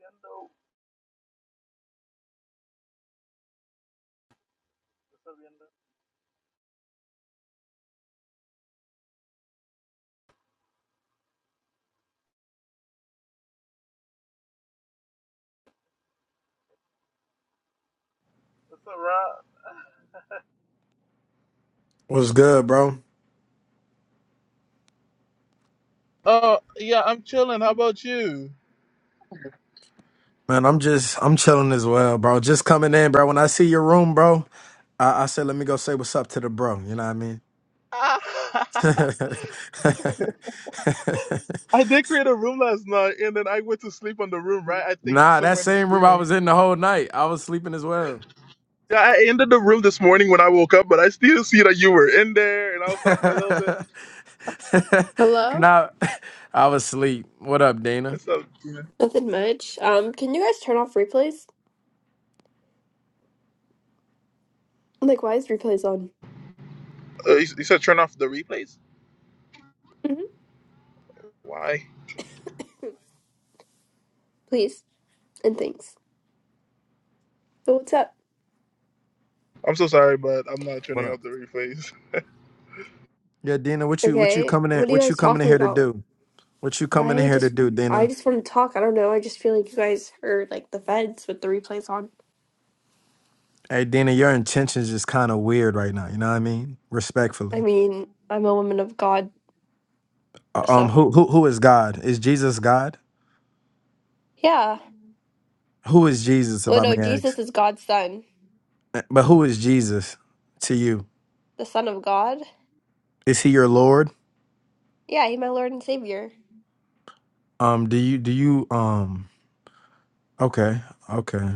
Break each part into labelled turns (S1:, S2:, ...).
S1: Yendo. What's up, Yendo? What's up, Rob?
S2: What's good, bro?
S1: Oh, yeah, I'm chilling. How about you?
S2: Man, I'm just I'm chilling as well, bro. Just coming in, bro. When I see your room, bro, I, I said let me go say what's up to the bro. You know what I mean?
S1: I did create a room last night and then I went to sleep on the room, right? I think
S2: nah, that
S1: somewhere in the
S2: same room I
S1: beginning.
S2: was in the whole night. I was sleeping as well.
S1: Yeah, I ended the room this morning when I woke up, but I still see that you were in there and I was talking a little bit.
S3: Hello?
S2: nah, I was asleep. What up, Dana?
S1: And so, you, know.
S3: Nothing much. Um, can you guys turn off replays? Like, why is replays on?
S1: uh, you you said turn off the replays?
S3: hmm
S1: Why?
S3: Please. And thanks. So what's up?
S1: I'm so sorry, but I'm not
S2: What
S1: turning
S2: up?
S1: off the replays.
S2: Yeah, Dina, what you what you
S3: Okay.
S2: coming in
S3: What are you
S2: what you
S3: guys
S2: coming in
S3: talking
S2: here to
S3: about?
S2: do? What you coming in
S3: I
S2: here to
S3: just,
S2: do,
S3: I
S2: Dina?
S3: just want to talk. I don't know. I just feel like you guys are like the feds with the replays on.
S2: Hey Dina, your intentions is kind of weird right now, you know what I mean? Respectfully.
S3: I mean, I'm a woman of God,
S2: Uh, Um,
S3: so
S2: who who who is God? Is Jesus God?
S3: yeah.
S2: Who is Jesus, if
S3: Well,
S2: I
S3: no,
S2: may
S3: Jesus
S2: ask?
S3: is God's son,
S2: Uh, But who is Jesus to you?
S3: the Son of God.
S2: Is he your Lord?
S3: Yeah, he's my Lord and Savior.
S2: Um, do you do you um? Okay, okay,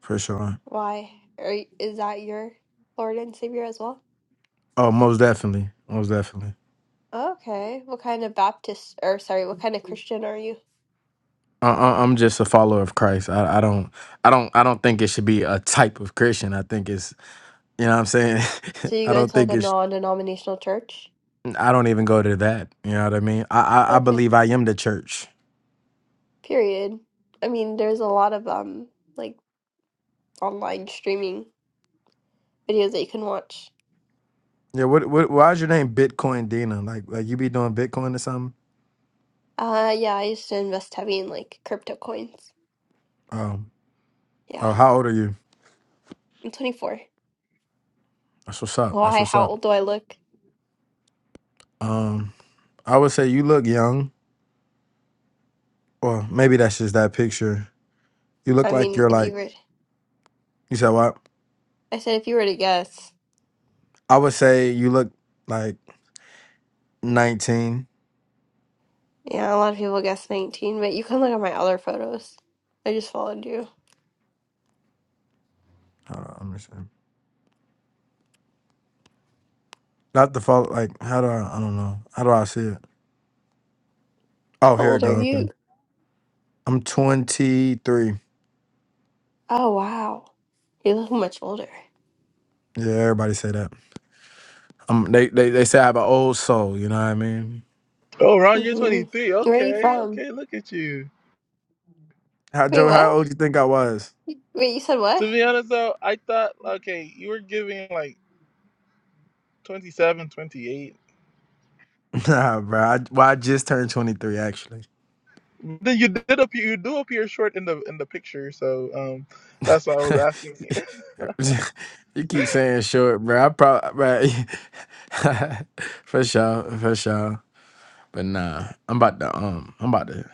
S2: for sure.
S3: Why? Are, is that your Lord and Savior as well?
S2: Oh, most definitely, most definitely.
S3: Okay. What kind of Baptist, or sorry, what kind of Christian are you?
S2: I, I, I'm just a follower of Christ. I, I don't I don't I don't think it should be a type of Christian. I think it's you know what I'm saying.
S3: So you
S2: I
S3: go
S2: don't
S3: to like
S2: think
S3: a
S2: it's
S3: non-denominational church?
S2: I don't even go to that. You know what I mean? I I, I
S3: Okay.
S2: believe I am the church.
S3: Period. I mean, there's a lot of um like online streaming videos that you can watch.
S2: Yeah, what what why is your name Bitcoin Dina? Like like you be doing Bitcoin or something?
S3: Uh yeah, I used to invest heavy in like crypto coins.
S2: Um
S3: Yeah.
S2: oh, how old are you?
S3: I'm 24.
S2: That's what's up. That's
S3: Why?
S2: what's
S3: How
S2: up.
S3: old do I look?
S2: Um I would say you look young. Or maybe that's just that picture. You look
S3: I
S2: like
S3: mean,
S2: you're
S3: if you
S2: like
S3: were
S2: you said what?
S3: I said if you were to guess.
S2: I would say you look like nineteen.
S3: Yeah, a lot of people guess 19, but you can look at my other photos. I just followed you.
S2: Hold on, I'm just saying. Not the fault like how do I I don't know. How do I see it? Oh
S3: How
S2: here it
S3: old are
S2: goes. Okay.
S3: you?
S2: I'm twenty three.
S3: Oh wow. You look much older.
S2: Yeah, everybody say that. Um they, they they say I have an old soul, you know what I mean?
S1: Oh, Ron, you're
S3: hmm
S1: 23.
S3: Where are you
S1: Okay,
S3: from?
S1: okay, look at you.
S2: How
S3: Wait,
S2: Joe, how
S3: what?
S2: old you think I was?
S3: Wait, you said what?
S1: To be honest, though, I thought, okay, you were giving like 27, 28.
S2: Nah, bro. I, well, I just turned 23, actually.
S1: Then you did appear, you do appear short in the in the picture, so um, that's why I was asking.
S2: you keep saying short, bro. I probably, for sure, for sure. But nah, I'm about to um, I'm about to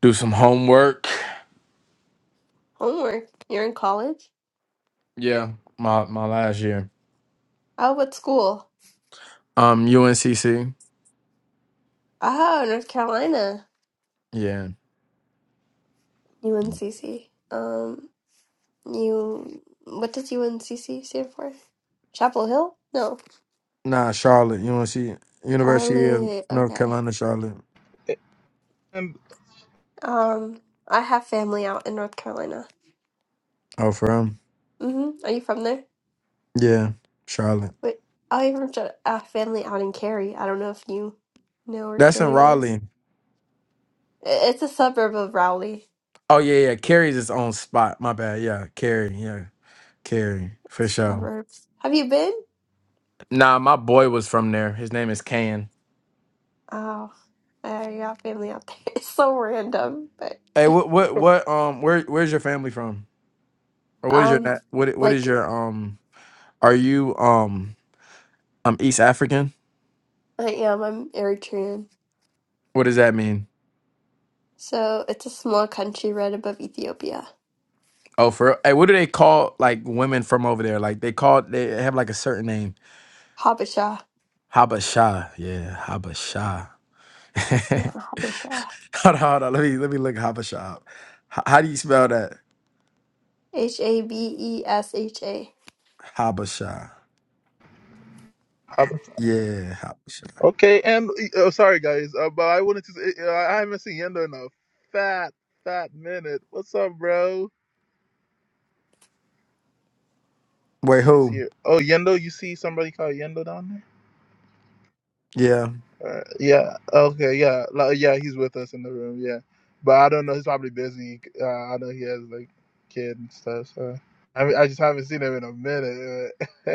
S2: do some homework.
S3: Homework. You're in college?
S2: Yeah, my my last year.
S3: Oh, what school?
S2: Um, UNCC.
S3: Oh, North Carolina.
S2: Yeah.
S3: UNCC. Um, you. What does UNCC stand for? Chapel Hill? No.
S2: Nah, Charlotte, UNC, University of
S3: Charlotte.
S2: North
S3: Okay.
S2: Carolina, Charlotte.
S1: And
S3: Um, I have family out in North Carolina.
S2: Oh, from
S3: hmm Are you from there?
S2: yeah, Charlotte.
S3: Wait, I even have a family out in Cary. I don't know if you know where
S2: That's in
S3: Cary is.
S2: Raleigh.
S3: I- It's a suburb of Raleigh.
S2: Oh yeah, yeah. Carrie's his own spot. My bad. Yeah, Carrie. Yeah. Cary, for sure.
S3: Suburbs. Have you been?
S2: Nah, my boy was from there. His name is Can.
S3: Oh, I got family out there. It's so random, but
S2: Hey, what what what um where where's your family from? Or what is your
S3: um,
S2: nat? what what is
S3: like
S2: your um are you um um East African?
S3: I am, I'm Eritrean.
S2: What does that mean?
S3: So it's a small country right above Ethiopia.
S2: Oh, for real? hey, what do they call like women from over there? Like they call they have like a certain name.
S3: Habesha.
S2: Habasha. Yeah, Habasha.
S3: Yeah, Habesha.
S2: hold on, hold on. Let me let me look Habasha up. H- how do you spell that?
S3: H A B E S H A.
S2: Habasha.
S1: um,
S2: Yeah, Habasha.
S1: okay, and oh, sorry guys, uh, but I wanted to. Say, uh, I haven't seen Yendo in a fat fat minute. What's up, bro?
S2: Wait,
S1: If he's
S2: who?
S1: here, oh Yendo, you see somebody called Yendo down
S2: Yeah.
S1: there? Uh, yeah. Okay. Yeah. Like, yeah, he's with us in the room. Yeah, but I don't know. He's probably busy. Uh, I know he has like kid and stuff. So I mean, I just haven't seen him in a minute.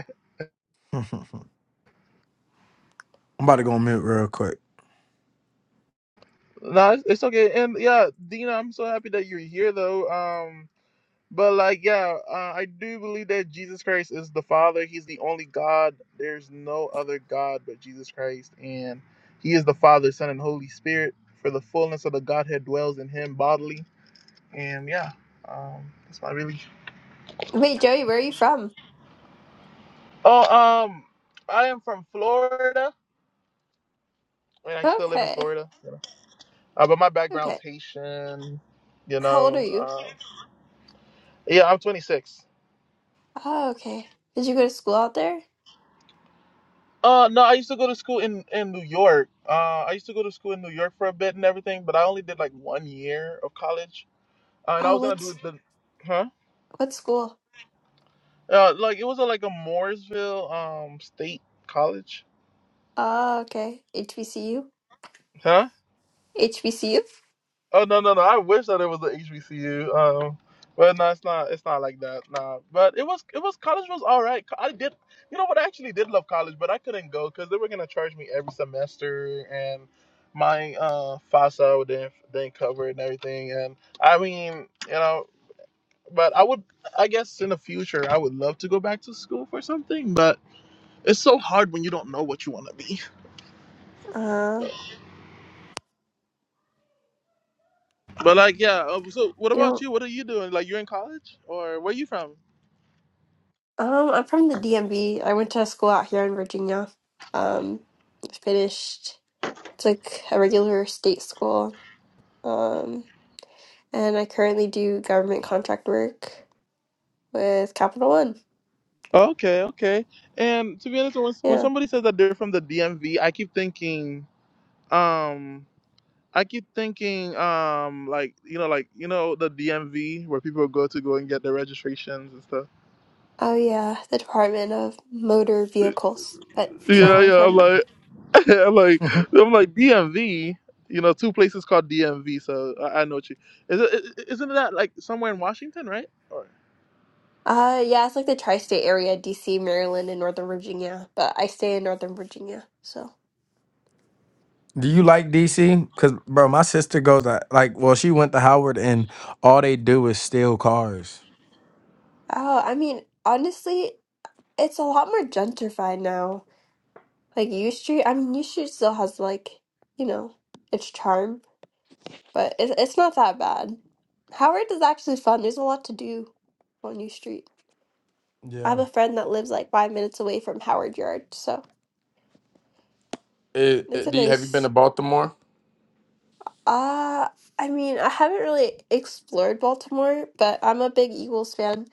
S2: I'm about to go on mute real quick.
S1: No, it's, it's okay. And yeah, Dina, I'm so happy that you're here though. Um, but like, yeah, uh, I do believe that Jesus Christ is the Father. He's the only God. There's no other God but Jesus Christ, and He is the Father, Son, and Holy Spirit. For the fullness of the Godhead dwells in Him bodily. And yeah, um, that's my really.
S3: Wait, Joey, where are you from?
S1: Oh, um, I am from Florida, and I still live in
S3: Okay.
S1: Florida. you know. Uh, but my
S3: Okay.
S1: background's Haitian. You
S3: How old are
S1: know,
S3: you?
S1: uh, yeah, I'm 26.
S3: Oh, okay. Did you go to school out there?
S1: Uh, no, I used to go to school in in New York. Uh, I used to go to school in New York for a bit and everything, but I only did like one year of college, uh, and I
S3: Oh,
S1: was gonna do
S3: what's
S1: the, huh?
S3: what school?
S1: Uh, like it was a, like a Mooresville um state college,
S3: Oh, okay. HBCU?
S1: huh?
S3: HBCU?
S1: Oh no no no! I wish that it was the HBCU. Um, but no, it's not. It's not like that. Nah. But it was. It was college was all right. Co- I did. You know what? I actually did love college, but I couldn't go because they were gonna charge me every semester, and my uh FAFSA didn't didn't cover it and everything. And I mean, you know, but I would. I guess in the future, I would love to go back to school for something, but it's so hard when you don't know what you want to be.
S3: Uh,
S1: But like, yeah. um, So, what
S3: you don't.
S1: about you? What are you doing? Like, you're in college, or where are you from?
S3: Um, I'm from the DMV. I went to school out here in Virginia. Um, finished, it's like a regular state school. Um, and I currently do government contract work with Capital One.
S1: Okay, okay. And to be honest, when, when
S3: Yeah.
S1: somebody says that they're from the DMV, I keep thinking, um, I keep thinking, um, like you know, like you know, the DMV where people go to go and get their registrations and stuff.
S3: Oh yeah, the Department of Motor Vehicles. But no,
S1: Yeah,
S3: I'm
S1: yeah. I'm
S3: from
S1: like, I'm like, I'm like DMV. You know, two places called DMV. So I, I know what you. Is it, i- i- isn't that like somewhere in Washington, right? Or,
S3: uh yeah, it's like the tri-state area, DC, Maryland, and Northern Virginia. But I stay in Northern Virginia, so.
S2: Do you like DC? Cause bro, my sister goes to, like, well, she went to Howard, and all they do is steal cars.
S3: Oh, I mean, honestly, it's a lot more gentrified now. Like U Street, I mean U Street still has like, you know, its charm, but it's it's not that bad. Howard is actually fun. There's a lot to do on U Street. I have
S2: Yeah.
S3: a friend that lives like five minutes away from Howard Yard, so
S2: It,
S3: it's
S2: it-
S3: a
S2: do you, have you been to
S3: nice.
S2: Baltimore?
S3: Uh, I mean, I haven't really explored Baltimore, but I'm a big Eagles fan,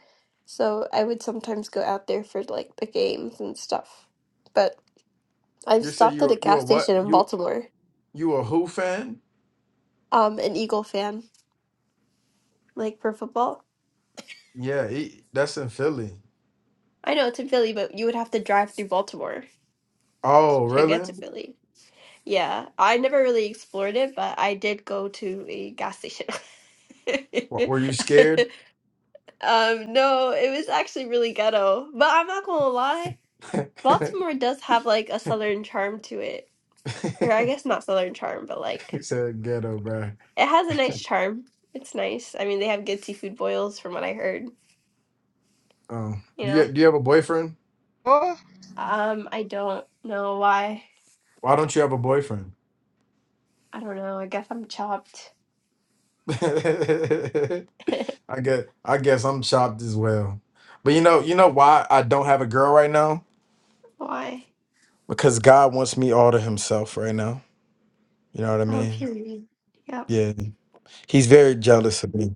S3: so I would sometimes go out there for like the games and stuff. But I've
S2: You say
S3: stopped at a
S2: you you a
S3: gas
S2: what?
S3: station in
S2: You
S3: Baltimore.
S2: you a Who fan?
S3: Um, an Eagle fan, like for football.
S2: Yeah, he, that's in Philly.
S3: I know it's in Philly, but you would have to drive through Baltimore
S2: Oh,
S3: to get
S2: really?
S3: to Philly. Yeah, I never really explored it, but I did go to a gas station.
S2: What, were you scared?
S3: Um, no, it was actually really ghetto. But I'm not gonna lie,
S2: he
S3: Baltimore does have like a southern charm to it. Or I guess not southern charm, but like
S2: said ghetto, bro.
S3: it has a nice charm. It's nice. I mean, they have good seafood boils from what I heard,
S2: Oh.
S3: you
S2: Do
S3: know.
S2: you do you have a boyfriend?
S1: Oh,
S3: Um, I don't know why.
S2: Why don't you have a boyfriend?
S3: I don't know. I guess I'm chopped.
S2: I guess I guess I'm shocked as well. But you know, you know why I don't have a girl right now?
S3: Why?
S2: Because God wants me all to himself right now. You know what I
S3: Oh,
S2: mean?
S3: period. Yep.
S2: Yeah. He's very jealous of me.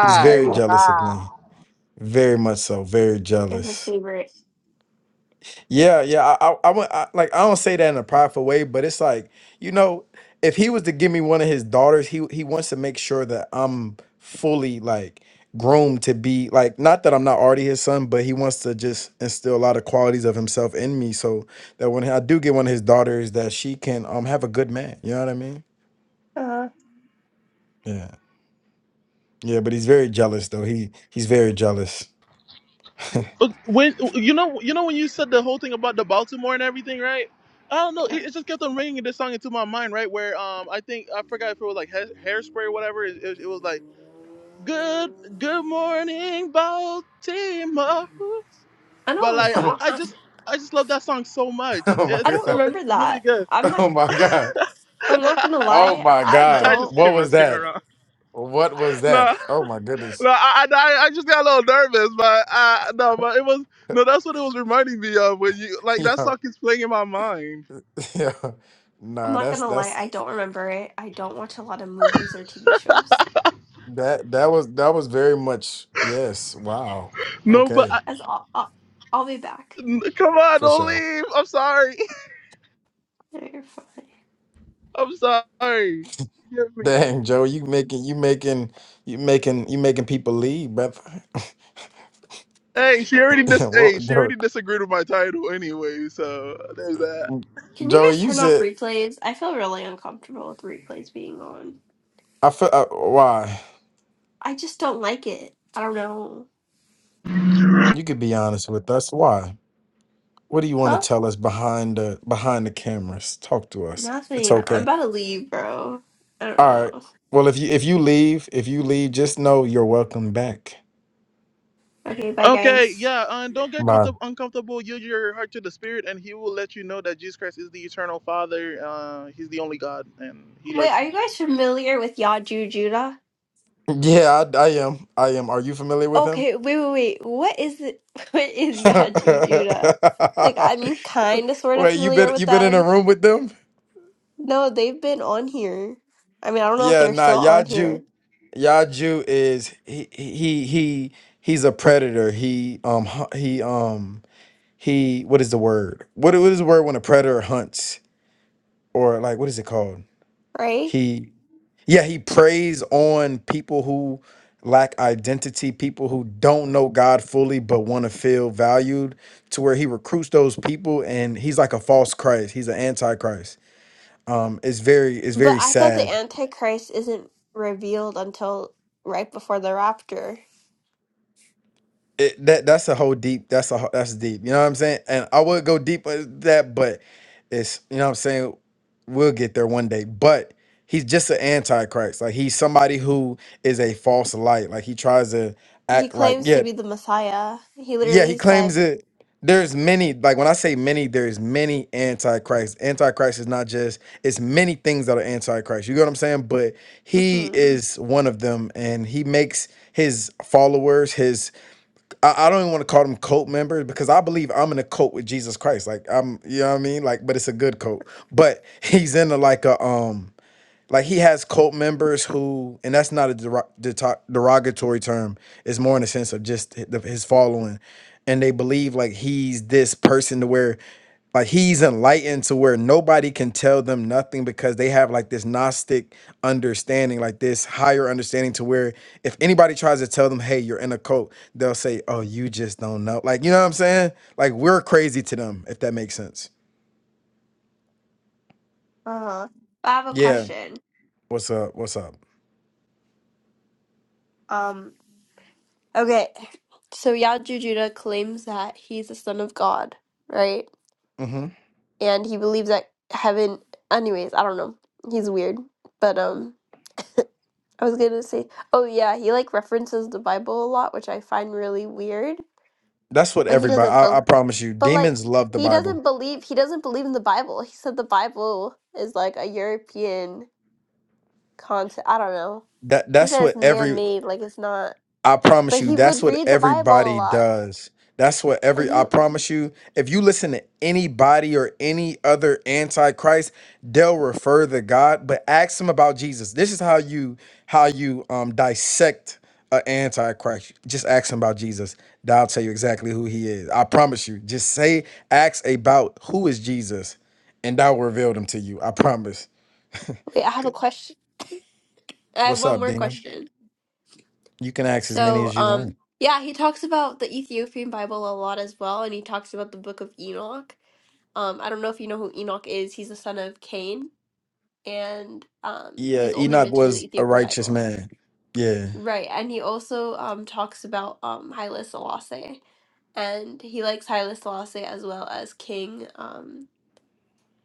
S2: He's very jealous of me. Very much so. Very
S3: They're his
S2: jealous.
S3: favorite.
S2: Yeah, yeah. I, I, I, wa- I like I don't say that in a prideful way, but it's like you know, if he was to give me one of his daughters, he he wants to make sure that I'm fully like groomed to be like not that I'm not already his son, but he wants to just instill a lot of qualities of himself in me, so that when I do get one of his daughters, that she can um have a good man. You know what I mean?
S3: Uh,
S2: Yeah, yeah. But he's very jealous though. He he's very jealous.
S1: But when you know you know when you said the whole thing about the Baltimore and everything, right? I don't know.
S3: yeah.
S1: It, it just kept on ringing this song into my mind, right? Where um, I think I forgot if it was like ha- hairspray or whatever. It, it, it was like good good morning Baltimore,
S3: I
S1: but
S3: don't.
S1: like
S3: I
S1: I,
S3: don't.
S2: oh
S1: I
S3: I,
S1: just I just love that song so much.
S2: oh my
S3: I
S1: It's
S3: don't
S2: god!
S1: so it's
S3: remember
S1: really
S3: that.
S1: good.
S3: I'm not.
S2: Oh my god!
S3: I'm not gonna
S2: Oh
S3: lie.
S2: my
S3: I
S1: I
S2: god!
S3: don't.
S1: just keep
S2: What was
S1: messing
S2: that?
S1: around.
S2: What was that?
S1: No.
S2: Oh my goodness.
S1: No, I, I, I just got a little nervous, but I, no, but it was no. That's what it was reminding me of when you like that
S2: Yeah,
S1: song is playing in my mind.
S2: yeah.
S3: I'm
S2: Nah,
S3: not
S2: that's
S3: gonna lie.
S2: that's
S3: I don't remember it. I don't watch a lot of movies or TV shows.
S2: that that was that was very much yes. Wow.
S1: No, but
S2: Okay,
S1: I,
S3: As I'll, I'll, I'll be back.
S1: n- come on,
S2: for
S1: don't
S2: sure.
S1: leave. I'm sorry.
S3: No, you're fine.
S1: I'm sorry. Forgive me.
S2: Dang, Joe, you making you making you making you making people leave, brother.
S1: Hey, she already
S2: Yeah,
S1: dis.
S2: well,
S1: Hey, she already
S2: Joe,
S1: disagreed with my title anyway, so there's that.
S3: Can you
S2: Joe,
S3: guys
S2: you
S3: turn off
S2: said
S3: replays? I feel really uncomfortable with replays being on.
S2: I feel uh, why?
S3: I just don't like it. I don't know.
S2: You could be honest with us. Why? What do you want to
S3: huh?
S2: tell us behind the behind the cameras? Talk to us. It's
S3: Nothing. I'm
S2: okay.
S3: about to leave, bro. I don't
S2: All right.
S3: know.
S2: Well, if you if you leave, if you leave, just know you're welcome back.
S3: Okay, bye,
S1: Okay,
S3: guys.
S1: yeah, and don't get
S2: Bye.
S1: comfortable, uncomfortable. Yield your heart to the Spirit, and He will let you know that Jesus Christ is the eternal Father. Uh, He's the only God, and He
S3: Wait,
S1: loves.
S3: are you guys familiar with Yaju Judah?
S2: Yeah, I, I am. I am. Are you familiar with him?
S3: Okay, wait, wait, wait. What is it? What is
S2: Wait,
S3: Yaju Judah? Like, I'm kind of sort of
S2: you
S3: familiar
S2: been you
S3: with
S2: been in a
S3: them.
S2: room with them?
S3: No, they've been on here. I mean, I don't know if
S2: Yeah,
S3: they're
S2: nah.
S3: still on here,
S2: Yaju, Yaju is he he he he's a predator. He um hu- he um he what is the word? What what is the word when a predator hunts or like what is it called?
S3: right?
S2: He. Yeah, he preys on people who lack identity, people who don't know God fully but want to feel valued, to where he recruits those people and he's like a false Christ. He's an antichrist. Um, it's very, it's
S3: But
S2: very
S3: I thought the
S2: sad.
S3: Antichrist isn't revealed until right before the rapture.
S2: It, that that's a whole deep. That's a ho- that's deep. You know what I'm saying? And I would go deep with that, but it's you know what I'm saying. We'll get there one day. But he's just an antichrist. Like he's somebody who is a false light. Like he tries to
S3: He
S2: act like
S3: claims
S2: yeah
S3: to be the Messiah. He
S2: Yeah, he
S3: literally said,
S2: claims it. There's many, like when I say many, there's many antichrists. Antichrist is not just, it's many things that are antichrist. You get what I'm saying? But he
S3: mm-hmm,
S2: is one of them and he makes his followers, his, I, I don't even want to call them cult members because I believe I'm in a cult with Jesus Christ. Like I'm, you know what I mean? Like, but it's a good cult. But he's into like a, um, like he has cult members who and that's not a derog- deto- derogatory term it's more in the sense of just hi- the- his following and they believe like he's this person to where like he's enlightened to where nobody can tell them nothing because they have like this gnostic understanding like this higher understanding to where if anybody tries to tell them hey you're in a cult they'll say oh you just don't know like you know what i'm saying like we're crazy to them if that makes sense
S3: uh-huh. I have a
S2: yeah
S3: question.
S2: what's up what's up
S3: Um, Okay, so Yajujuda claims that he's the son of God, right?
S2: Mm-hmm.
S3: And he believes that heaven. Anyways, I don't know. He's weird, but um, I was gonna say, oh yeah, he like references the Bible a lot, which I find really weird.
S2: That's what
S3: But he
S2: everybody.
S3: doesn't
S2: I, I
S3: believe.
S2: promise you,
S3: But like,
S2: demons love the
S3: he
S2: Bible.
S3: doesn't believe. He doesn't believe in the Bible. He said the Bible is like a European content. I don't know.
S2: That
S3: He
S2: that's
S3: said it's
S2: what every.
S3: man-made, like it's not.
S2: I promise
S3: But
S2: you,
S3: he
S2: that's
S3: would
S2: what
S3: read the Bible a
S2: everybody
S3: lot.
S2: does. That's what
S3: And
S2: every.
S3: you
S2: I
S3: know,
S2: promise you, if you listen to anybody or any other antichrist, they'll refer to God, but ask them about Jesus. This is how you how you um dissect an antichrist. Just ask them about Jesus. That'll tell you exactly who he is. I promise you. Just say, ask about who is Jesus, and that will reveal them to you. I promise.
S3: wait, I have a question. I have
S2: What's
S3: one
S2: up,
S3: more
S2: Dina?
S3: question.
S2: You can ask as many
S3: So,
S2: as you want.
S3: um, yeah, he talks about the Ethiopian Bible a lot as well, and he talks about the Book of Enoch. Um, I don't know if you know who Enoch is. He's the son of Cain, and um,
S2: Yeah,
S3: he's only
S2: Enoch
S3: mentioned in the
S2: was a
S3: Ethiopian
S2: righteous
S3: Bible,
S2: man. Yeah.
S3: right? And he also um talks about um Haile Selassie, and he likes Haile Selassie as well as King um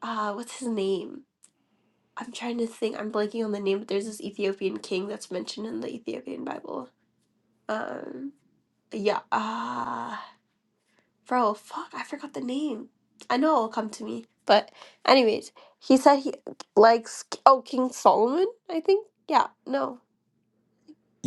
S3: uh what's his name? I'm trying to think. I'm blanking on the name, but there's this Ethiopian king that's mentioned in the Ethiopian Bible. Um. Yeah. Ah, bro, fuck, I forgot the name. I know it'll come to me. But anyways, he said he likes oh King Solomon, I think. Yeah, no.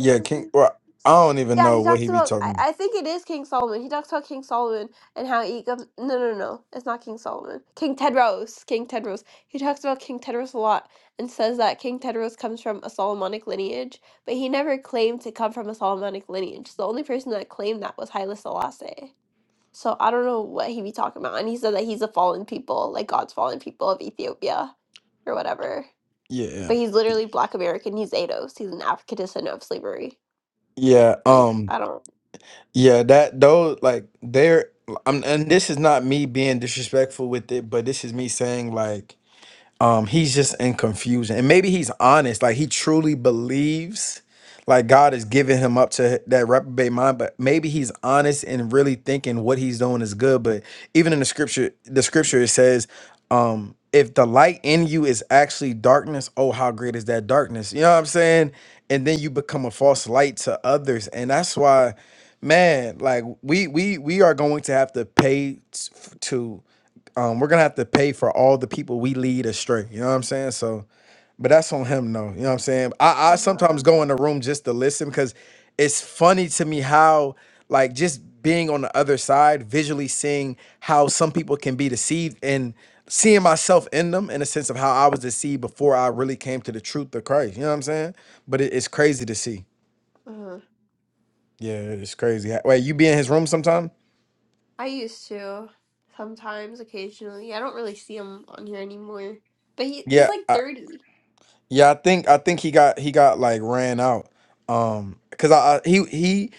S3: Is his
S2: King
S3: name?
S2: well, I don't even
S3: Yeah,
S2: know
S3: he
S2: what
S3: talks
S2: he be
S3: about. I,
S2: talking.
S3: I think it is King Solomon. He talks about King Solomon and how he. gov- No, no, no. It's not King Solomon. King Tedros. King Tedros. He talks about King Tedros a lot and says that King Tedros comes from a Solomonic lineage, but he never claimed to come from a Solomonic lineage. The only person that claimed that was Haile Selassie. So I don't know what he be talking about. And he said that he's a fallen people, like God's fallen people of Ethiopia or whatever.
S2: Yeah.
S3: But he's literally Black American. He's Ados. He's an African descendant of slavery.
S2: Yeah,
S3: Like
S2: um
S3: I don't.
S2: yeah, that those like they're I'm, and this is not me being disrespectful with it, but this is me saying like um he's just in confusion and maybe he's honest like he truly believes like god is giving him up to that reprobate mind but maybe he's honest and really thinking what he's doing is good but even in the scripture the scripture it says um if the light in you is actually darkness oh how great is that darkness you know what i'm saying and then you become a false light to others and that's why man like we we we are going to have to pay t- to um, we're gonna have to pay for all the people we lead astray. You know what I'm saying? So, but that's on him, though. You know what I'm saying? I, I
S3: Uh,
S2: sometimes go in the room just to listen because it's funny to me how, like, just being on the other side, visually seeing how some people can be deceived and seeing myself in them in a sense of how I was deceived before I really came to the truth of Christ. You know what I'm saying? But it, it's crazy to see.
S3: uh,
S2: Yeah, it's crazy. Wait, you be in his room sometime?
S3: I used to sometimes, occasionally. I don't really see him on here anymore. But he he's
S2: Yeah,
S3: like thirty.
S2: Yeah, I think I think he got he got like ran out. Um, cause I, I he he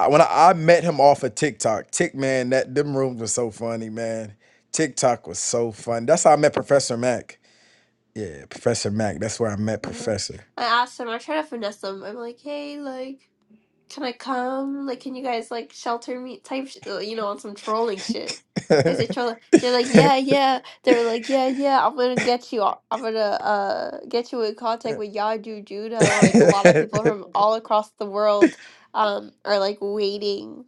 S2: I, when I, I met him off of TikTok, Tick man, that them rooms were so funny, man. TikTok was so fun. That's how I met Professor Mac. Yeah, Professor Mac. That's where I met
S3: Uh-huh.
S2: Professor.
S3: I asked him. I try to finesse him. I'm like, hey, like, can I come? Like, can you guys like shelter me? Type, sh- uh, you know, on some trolling shit. I say trolling. They're like, yeah, yeah. They were like, yeah, yeah. I'm gonna get you. o- I'm gonna uh get you in contact with Yadu Judah. Like a lot of people from all across the world um are like waiting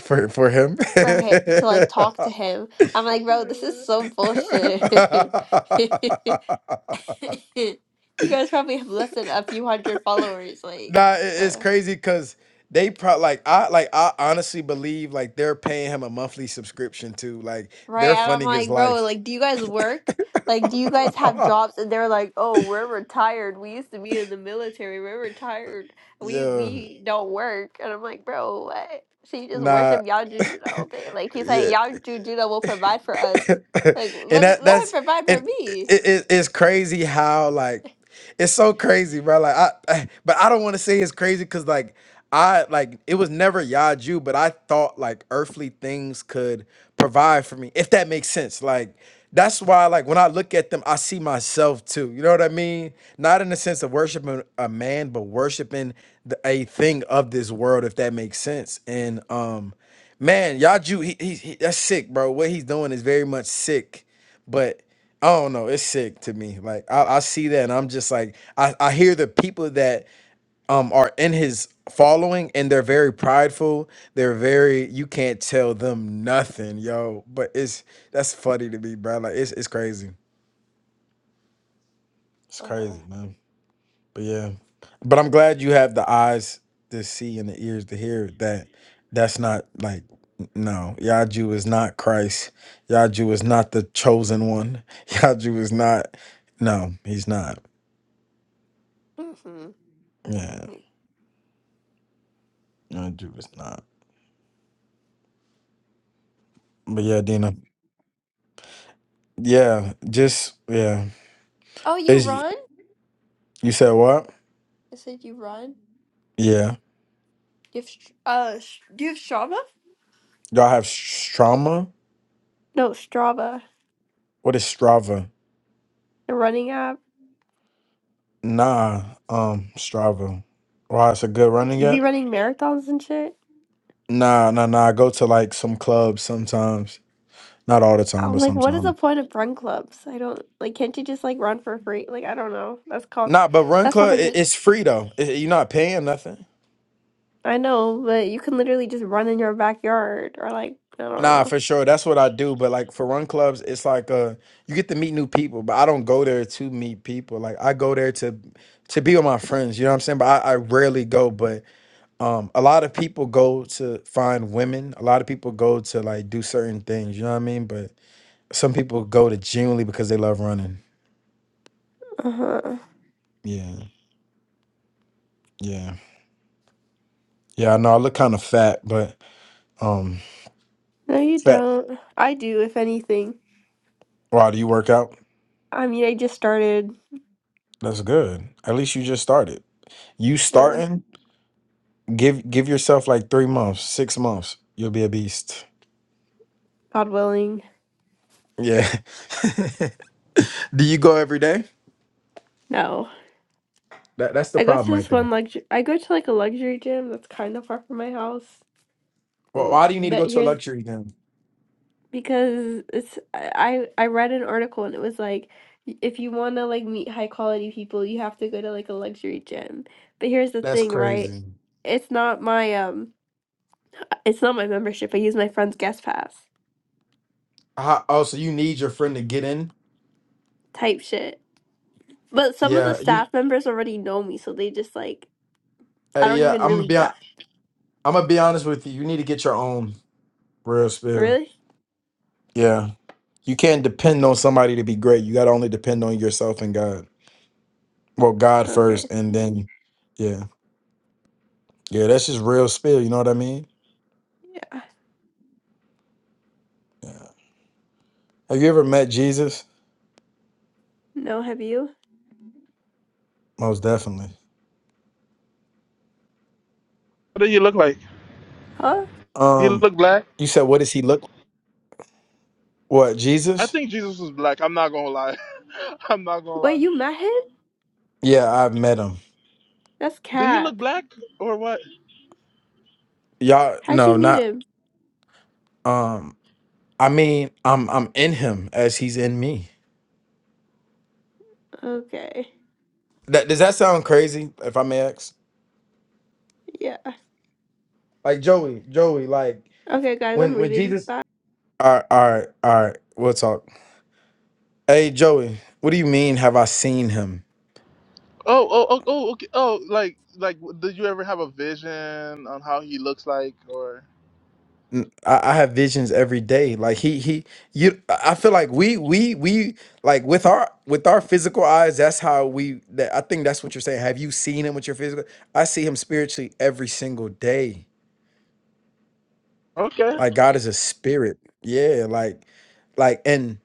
S2: for for him.
S3: for him to like talk to him. I'm like, bro, this is so bullshit. You guys probably have less than a few hundred followers, like,
S2: Nah, it- it's
S3: uh,
S2: crazy because they probably like I like I honestly believe like they're paying him a monthly subscription too. Like
S3: right?
S2: they're
S3: And I'm
S2: funding his
S3: like, bro,
S2: life.
S3: like, do you guys work? Like, do you guys have jobs? And they're like, oh, we're retired. We used to be in the military. We're retired. We
S2: yeah.
S3: we don't work. And I'm like, bro, what? So you just
S2: Nah.
S3: worship Yah Judah all day? Like, he's like,
S2: Yeah.
S3: Yah Judah will provide for us. Like,
S2: and
S3: let me
S2: that
S3: let him
S2: that's
S3: provide for
S2: and it,
S3: me.
S2: it, it's crazy how like it's so crazy, bro. Like I, I- but I don't want to say it's crazy because like I like it was never Yaju, but I thought like earthly things could provide for me, if that makes sense. Like that's why like when I look at them, I see myself too. You know what I mean? Not in the sense of worshiping a man, but worshiping the, a thing of this world, if that makes sense. And um, man, Yaju, he, he, he that's sick, bro. What he's doing is very much sick but I don't know. It's sick to me. Like I, I see that, and I'm just like I, I hear the people that um are in his following, and they're very prideful. They're very you can't tell them nothing, yo. But it's that's funny to me, bro. Like it's it's crazy. It's
S3: Uh-huh.
S2: crazy, man. But yeah, but I'm glad you have the eyes to see and the ears to hear that. That's not like n- no Yaju is not Christ. Yaju is not the chosen one. Yaju is not. No, he's not.
S3: hmm
S2: Yeah, Yaju is not. But yeah, Dina. Yeah, just yeah.
S3: Oh, you
S2: Is
S3: run?
S2: you said what?
S3: I said you run.
S2: Yeah,
S3: Do you have, Str- uh, Sh- do you have Strava?
S2: y'all have Strava.
S3: No, Strava,
S2: What is Strava?
S3: the running app.
S2: Nah, um, Strava. Wow, it's a good running
S3: You be
S2: app.
S3: running marathons and shit.
S2: Nah, nah, nah. I go to like some clubs sometimes. Not all the time,
S3: I'm
S2: but
S3: like, what is the
S2: sometimes.
S3: point of run clubs? I don't like. Can't you just like run for free? Like, I don't know. That's called.
S2: Nah, but Run
S3: That's
S2: Club, it,
S3: propaganda.
S2: it's free though. It- you're not paying nothing.
S3: I know, but you can literally just run in your backyard or like I don't
S2: Nah,
S3: know.
S2: for sure. That's what I do. But like for Run Clubs, it's like uh, you get to meet new people. But I don't go there to meet people. Like I go there to to be with my friends. You know what I'm saying? But I, I rarely go. But um, a lot of people go to find women. A lot of people go to like do certain things. You know what I mean? But some people go to genuinely because they love running.
S3: Uh huh.
S2: Yeah, yeah. Yeah, I know I look kind of fat, but um,
S3: No, you
S2: fat.
S3: don't. I do, if anything.
S2: Wow, do you work out?
S3: I mean, I just started.
S2: That's good. At least you just started. You
S3: uh,
S2: starting? Give give yourself like three months, six months. You'll be a beast.
S3: God willing.
S2: Yeah. do you go every day?
S3: No.
S2: That that's the
S3: I go to
S2: problem right
S3: this
S2: there.
S3: one luxury. I go to like a luxury gym that's kind of far from my house.
S2: Well,
S3: Mm,
S2: why do you need to
S3: But
S2: go to a
S3: here's
S2: luxury gym?
S3: because it's I I I read an article and it was like if you want to like meet high quality people, you have to go to like a luxury gym. But here's the
S2: That's
S3: thing, right?
S2: crazy.
S3: It's not my um it's not my membership. I use my friend's guest pass
S2: How, oh, so you need your friend to get in?
S3: type shit. But some of the
S2: Yeah. You.
S3: staff members already know me, so they just like
S2: Uh,
S3: I don't
S2: yeah.
S3: even
S2: I'm gonna
S3: really
S2: be. i
S3: bat.
S2: I'm gonna be honest with you. You need to get your own real spill.
S3: Really?
S2: Yeah. You can't depend on somebody to be great. You got to only depend on yourself and God. Well, God
S3: Okay.
S2: first, and then, yeah, yeah, that's just real spill. You know what I mean?
S3: Yeah.
S2: Yeah. Have you ever met Jesus?
S3: No, have you?
S2: Most definitely.
S1: What do you look like?
S3: Huh?
S1: You
S2: Um,
S1: look black.
S2: you said what does he look? What
S1: I
S2: Jesus?
S1: think Jesus was black. I'm not gonna lie. I'm not gonna lie.
S3: Wait, you met him?
S2: Yeah, I've met him.
S3: That's
S1: Did he look
S3: Cap.
S1: black or what?
S2: Y'all,
S3: How'd
S2: no,
S3: you meet
S2: not.
S3: him?
S2: Um, I mean, I'm I'm in him as he's in me.
S3: Okay.
S2: That does that sound crazy? If I may ask,
S3: Yeah.
S2: like Joey, Joey, like
S3: Okay, guys, I'm
S2: when when
S3: leaving.
S2: Jesus.
S3: Bye.
S2: All right, all right, all right. We'll talk. Hey Joey, what do you mean? Have I seen him?
S1: Oh, oh, oh, oh, okay. Oh, like, like, did you ever have a vision on how he looks like or?
S2: N- I, I have visions every day. Like he he you. I I feel like we we we like with our with our physical eyes. That's how we. That I think that's what you're saying. Have you seen him with your physical? I see him spiritually every single day.
S1: Okay.
S2: Like God is a spirit. Yeah. Like like and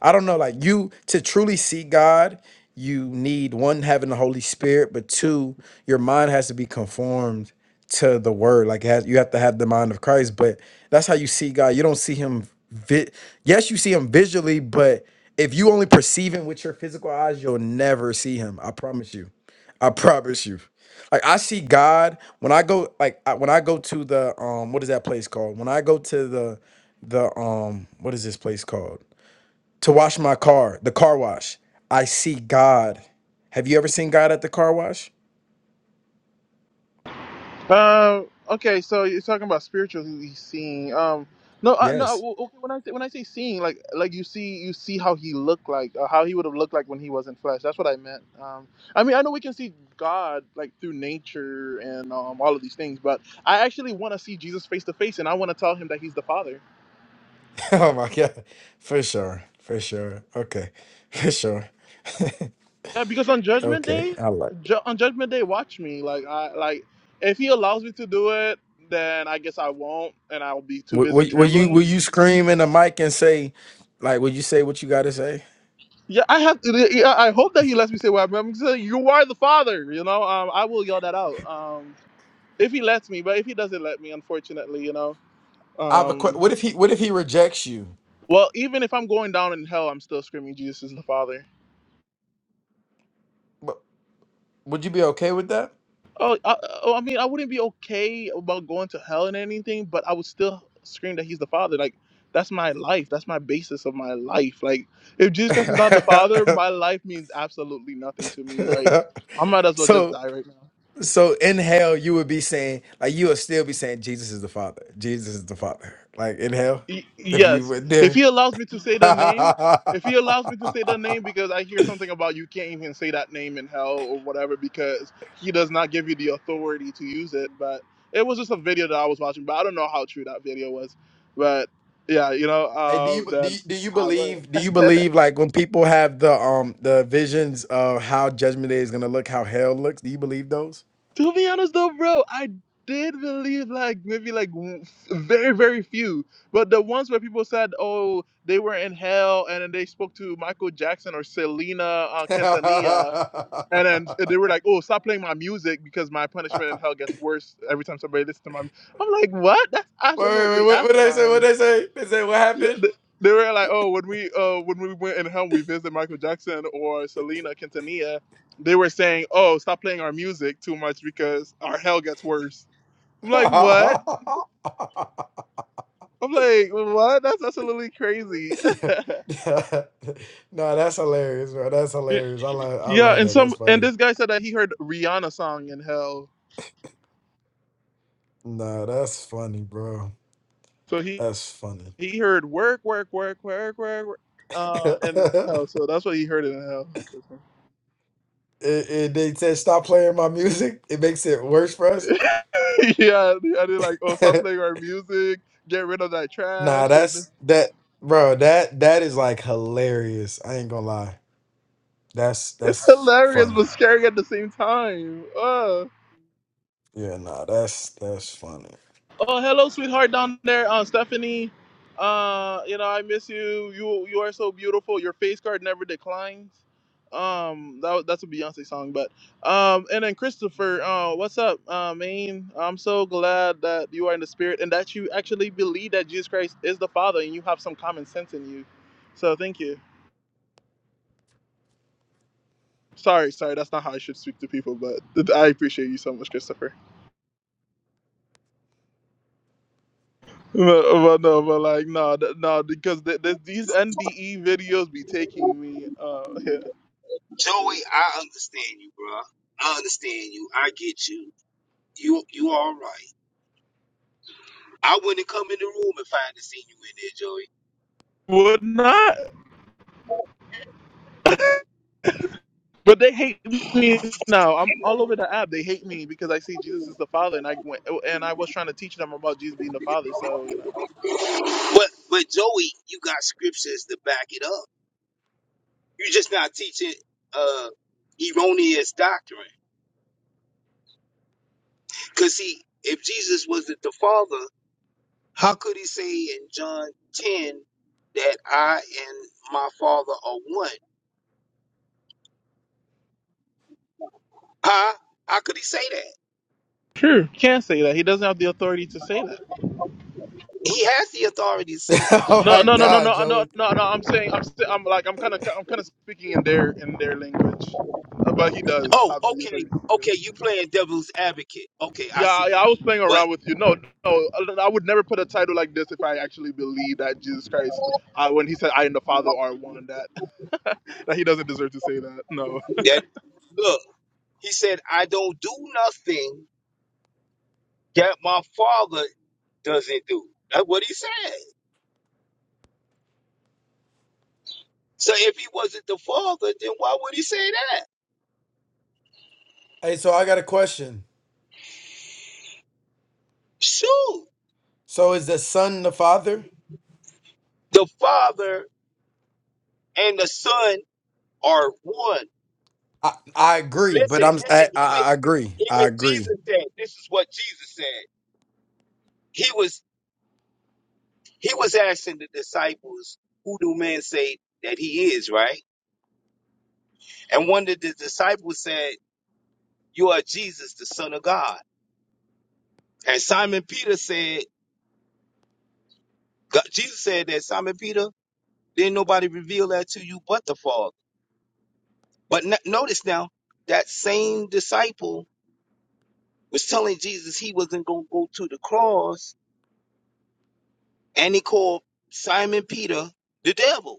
S2: I don't know, like you to truly see God, you need one having the Holy Spirit, but two, your mind has to be conformed to the Word. Like it has, you have to have the mind of Christ. But that's how you see God. You don't see Him. Vi- yes, you see Him visually, but if you only perceive Him with your physical eyes, you'll never see Him. I promise you. I promise you. Like I see God when I go like I, when I go to the um what is that place called? When I go to the the um what is this place called? to wash my car, the car wash. I see God. Have you ever seen God at the car wash?
S1: Uh, okay, so you're talking about spiritually seeing. Um, no, uh, no.
S2: Yes.
S1: w- Okay, when I say, when I say seeing, like like you see you see how he looked like, uh, how he would have looked like when he was in flesh. That's what I meant. Um, I mean, I know we can see God like through nature and um, all of these things, but I actually want to see Jesus face to face, and I want to tell him that he's the Father.
S2: oh my God. For sure. For sure. Okay. For sure.
S1: Yeah, because on Judgment
S2: Okay.
S1: Day,
S2: I like. it.
S1: ju- on Judgment Day, watch me. Like I like if he allows me to do it, then I guess I won't, and I'll be too
S2: Will,
S1: busy
S2: will, will you
S1: trembling.
S2: will you scream in the mic and say, like, will you say what you got to say?
S1: Yeah, I have. Yeah, I hope that he lets me say what I'm saying. You are the father, you know. Um, I will yell that out um, if he lets me. But if he doesn't let me, unfortunately, you know.
S2: I have a question.
S1: Um,
S2: What if he What if he rejects you?
S1: well, even if I'm going down in hell, I'm still screaming, "Jesus is the Father."
S2: Wh- Would you be okay with that?
S1: Oh, I, oh, I mean, I wouldn't be okay about going to hell and anything, but I would still scream that He's the Father. Like that's my life. That's my basis of my life. Like if Jesus Christ is not the Father, my life means absolutely nothing to me. Like I might as well just
S2: so
S1: die right now.
S2: So in hell, you would be saying, like, you would still be saying, Jesus is the Father. Jesus is the Father. Like in hell,
S1: Y-
S2: if you
S1: Yes.
S2: went
S1: If
S2: there.
S1: he allows me to say the name,
S2: hey,
S1: if he allows me to say the name because I hear something about you can't even say that name in hell or whatever because he does not give you the authority to use it. But it was just a video that I was watching, but I don't know how true that video was. But yeah, you know,
S2: do you
S1: uh,
S2: do you,
S1: then
S2: do you
S1: I
S2: believe? Do you
S1: would.
S2: believe like when people have the um the visions of how Judgment Day is gonna look, how hell looks? Do you believe those?
S1: To be honest though, bro, I did believe like maybe like w- very very few, but the ones where people said, oh, they were in hell, and then they spoke to Michael Jackson or Selena uh,
S2: wait, wait,
S1: Quintanilla, and then they were like, oh, stop playing my music because my punishment in hell gets worse every time somebody listens to my. I'm like, what? That's
S2: wait,
S1: absolutely
S2: what, what did I say? What
S1: asinine.
S2: did I say? They say what
S1: Yeah, th- they were like, oh, when we uh when we went and home, we visited Michael Jackson or Selena Quintanilla. They were saying, oh, stop playing our music too much because our hell gets worse. I'm like, what?
S2: happened?
S1: I'm like, what? That's absolutely crazy.
S2: Yeah. Yeah. No, that's hilarious, bro. That's
S1: yeah,
S2: hilarious. I love I
S1: yeah,
S2: love
S1: and
S2: that.
S1: some
S2: That's
S1: and
S2: funny.
S1: this guy said that he heard Rihanna song in hell.
S2: Nah, that's funny, bro.
S1: So he
S2: That's funny.
S1: he heard work, work, work, work, work, work uh, and
S2: it,
S1: hell. So that's what he heard in hell.
S2: it, they said stop playing my music. It makes it worse for us.
S1: yeah, and they're like, oh, stop playing our music, get rid of that
S2: nah,
S1: trash, and
S2: that's that bro, that that is like hilarious. I ain't gonna lie. That's
S1: it's
S2: that's
S1: hilarious but
S2: funny.
S1: scary at the same time. Oh,
S2: Yeah, nah, that's that's funny.
S1: Oh, hello, sweetheart down there, uh, Stephanie. Uh, you know, I miss you. You you are so beautiful. Your face card never declines. Um, that, wa- that's a Beyonce song, but um, and then Christopher, uh, what's up, uh, man? I'm so glad that you are in the spirit and that you actually believe that Jesus Christ is the Father and you have some common sense in you. So thank you. Sorry, sorry, that's not how I should speak to people, but th- I appreciate you so much, Christopher. But, but no, but like no, th- no, because th- th- these NDE videos be taking me. Uh, yeah.
S4: Joey, I understand you, bro. I understand you. I get you. You you all right. I wouldn't come in the room if I hadn't seen you in there,
S1: Would not, but they hate me now. I'm all over the app. They hate me because I see Jesus is the Father, and I went and I was trying to teach them about Jesus being the Father. So you know,
S4: Joey. But but Joey, you got scriptures to back it up. You're just not teaching uh erroneous doctrine. Cause see, if Jesus wasn't the Father, how could he say in John ten that I and my Father are one? Huh? How could he say that?
S1: sure, can't say that. He doesn't have the authority to say that.
S4: He has the authority to say that.
S2: oh
S1: No,
S2: my
S1: no, no, no,
S2: god,
S1: no, no,
S2: Joey.
S1: no, no. I'm saying, I'm, sti- I'm like, I'm kind of, I'm kind of speaking in their, in their language, Uh, but he does
S4: Oh,
S1: have the
S4: okay,
S1: authority to say
S4: okay. You
S1: that.
S4: playing devil's advocate? Okay, I
S1: Yeah,
S4: see
S1: yeah.
S4: now.
S1: I was playing
S4: But
S1: around with you. No, no, I I would never put a title like this if I actually believe that Jesus Christ, uh, when he said, "I and the Father are one," that that he doesn't deserve to say that. No.
S4: that look, he said, I don't do nothing that my father doesn't do. That's what he said. So if he wasn't the father, then why would he say that?
S2: Hey, so I got a question.
S4: Shoot,
S2: So is the son the father?
S4: the father and the son are one.
S2: I, I agree, but
S4: Listen,
S2: I'm
S4: listen.
S2: I, I
S4: Even
S2: I agree.
S4: even
S2: I
S4: Jesus
S2: agree.
S4: said, this is what Jesus said. He was he was asking the disciples, who do men say that he is, right? And one of the disciples said, You are Jesus, the Son of God. And Simon Peter said, God, Jesus said that Simon Peter, didn't nobody reveal that to you but the Father. But no- notice now, that same disciple was telling Jesus he wasn't going to go to the cross, and he called Simon Peter the devil.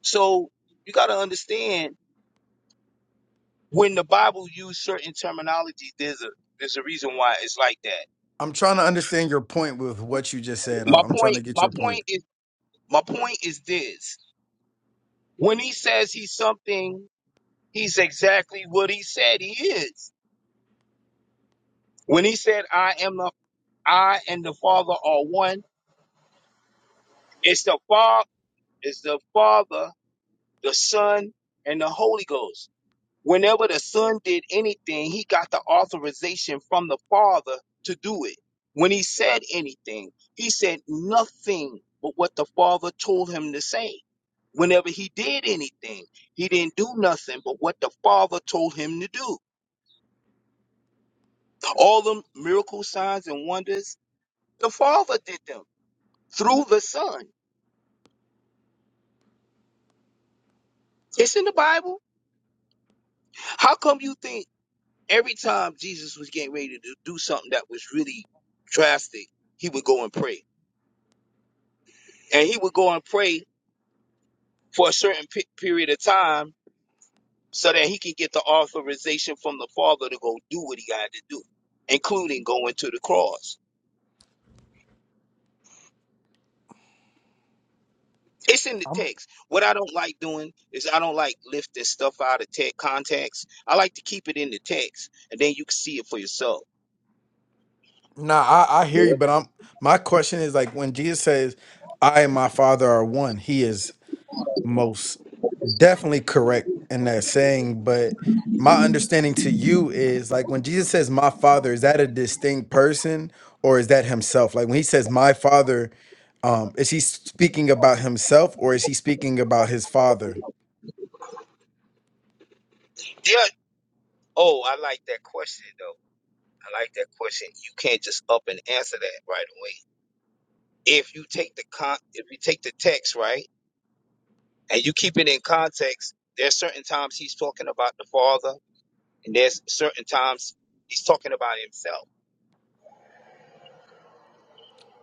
S4: So you got to understand when the Bible uses certain terminology, there's a there's a reason why it's like that.
S2: I'm trying to understand your point with what you just said. I'm,
S4: My
S2: I'm trying
S4: point,
S2: to get
S4: my
S2: your
S4: point
S2: point.
S4: is my point is this. When he says he's something, he's exactly what he said he is. When he said, I am the I and the Father are one, it's the Father, it's the Father, the Son, and the Holy Ghost. Whenever the Son did anything, he got the authorization from the Father to do it. When he said anything, he said nothing but what the Father told him to say. Whenever he did anything, he didn't do nothing but what the Father told him to do All the miracles, signs, and wonders, the Father did them through the Son. It's in the Bible. How come you think every time Jesus was getting ready to do something that was really drastic, he would go and pray? And he would go and pray for a certain pe- period of time so that he can get the authorization from the Father to go do what he had to do, including going to the cross. It's in the text. What I don't like doing is I don't like lifting stuff out of text context. I like to keep it in the text, and then you can see it for yourself.
S2: Nah, I, I
S4: Yeah.
S2: hear you, but I'm my question is like when Jesus says, "I and my Father are one," he is most definitely correct in that saying. But my understanding to you is like when Jesus says, "My Father," is that a distinct person or is that himself? Like when he says, "My Father," um, is he speaking about himself or is he speaking about his Father?
S4: Yeah. Oh, I like that question though. I like that question. You can't just up and answer that right away. If you take the con, if you take the text right, and you keep it in context, there's certain times he's talking about the father, and there's certain times he's talking about himself.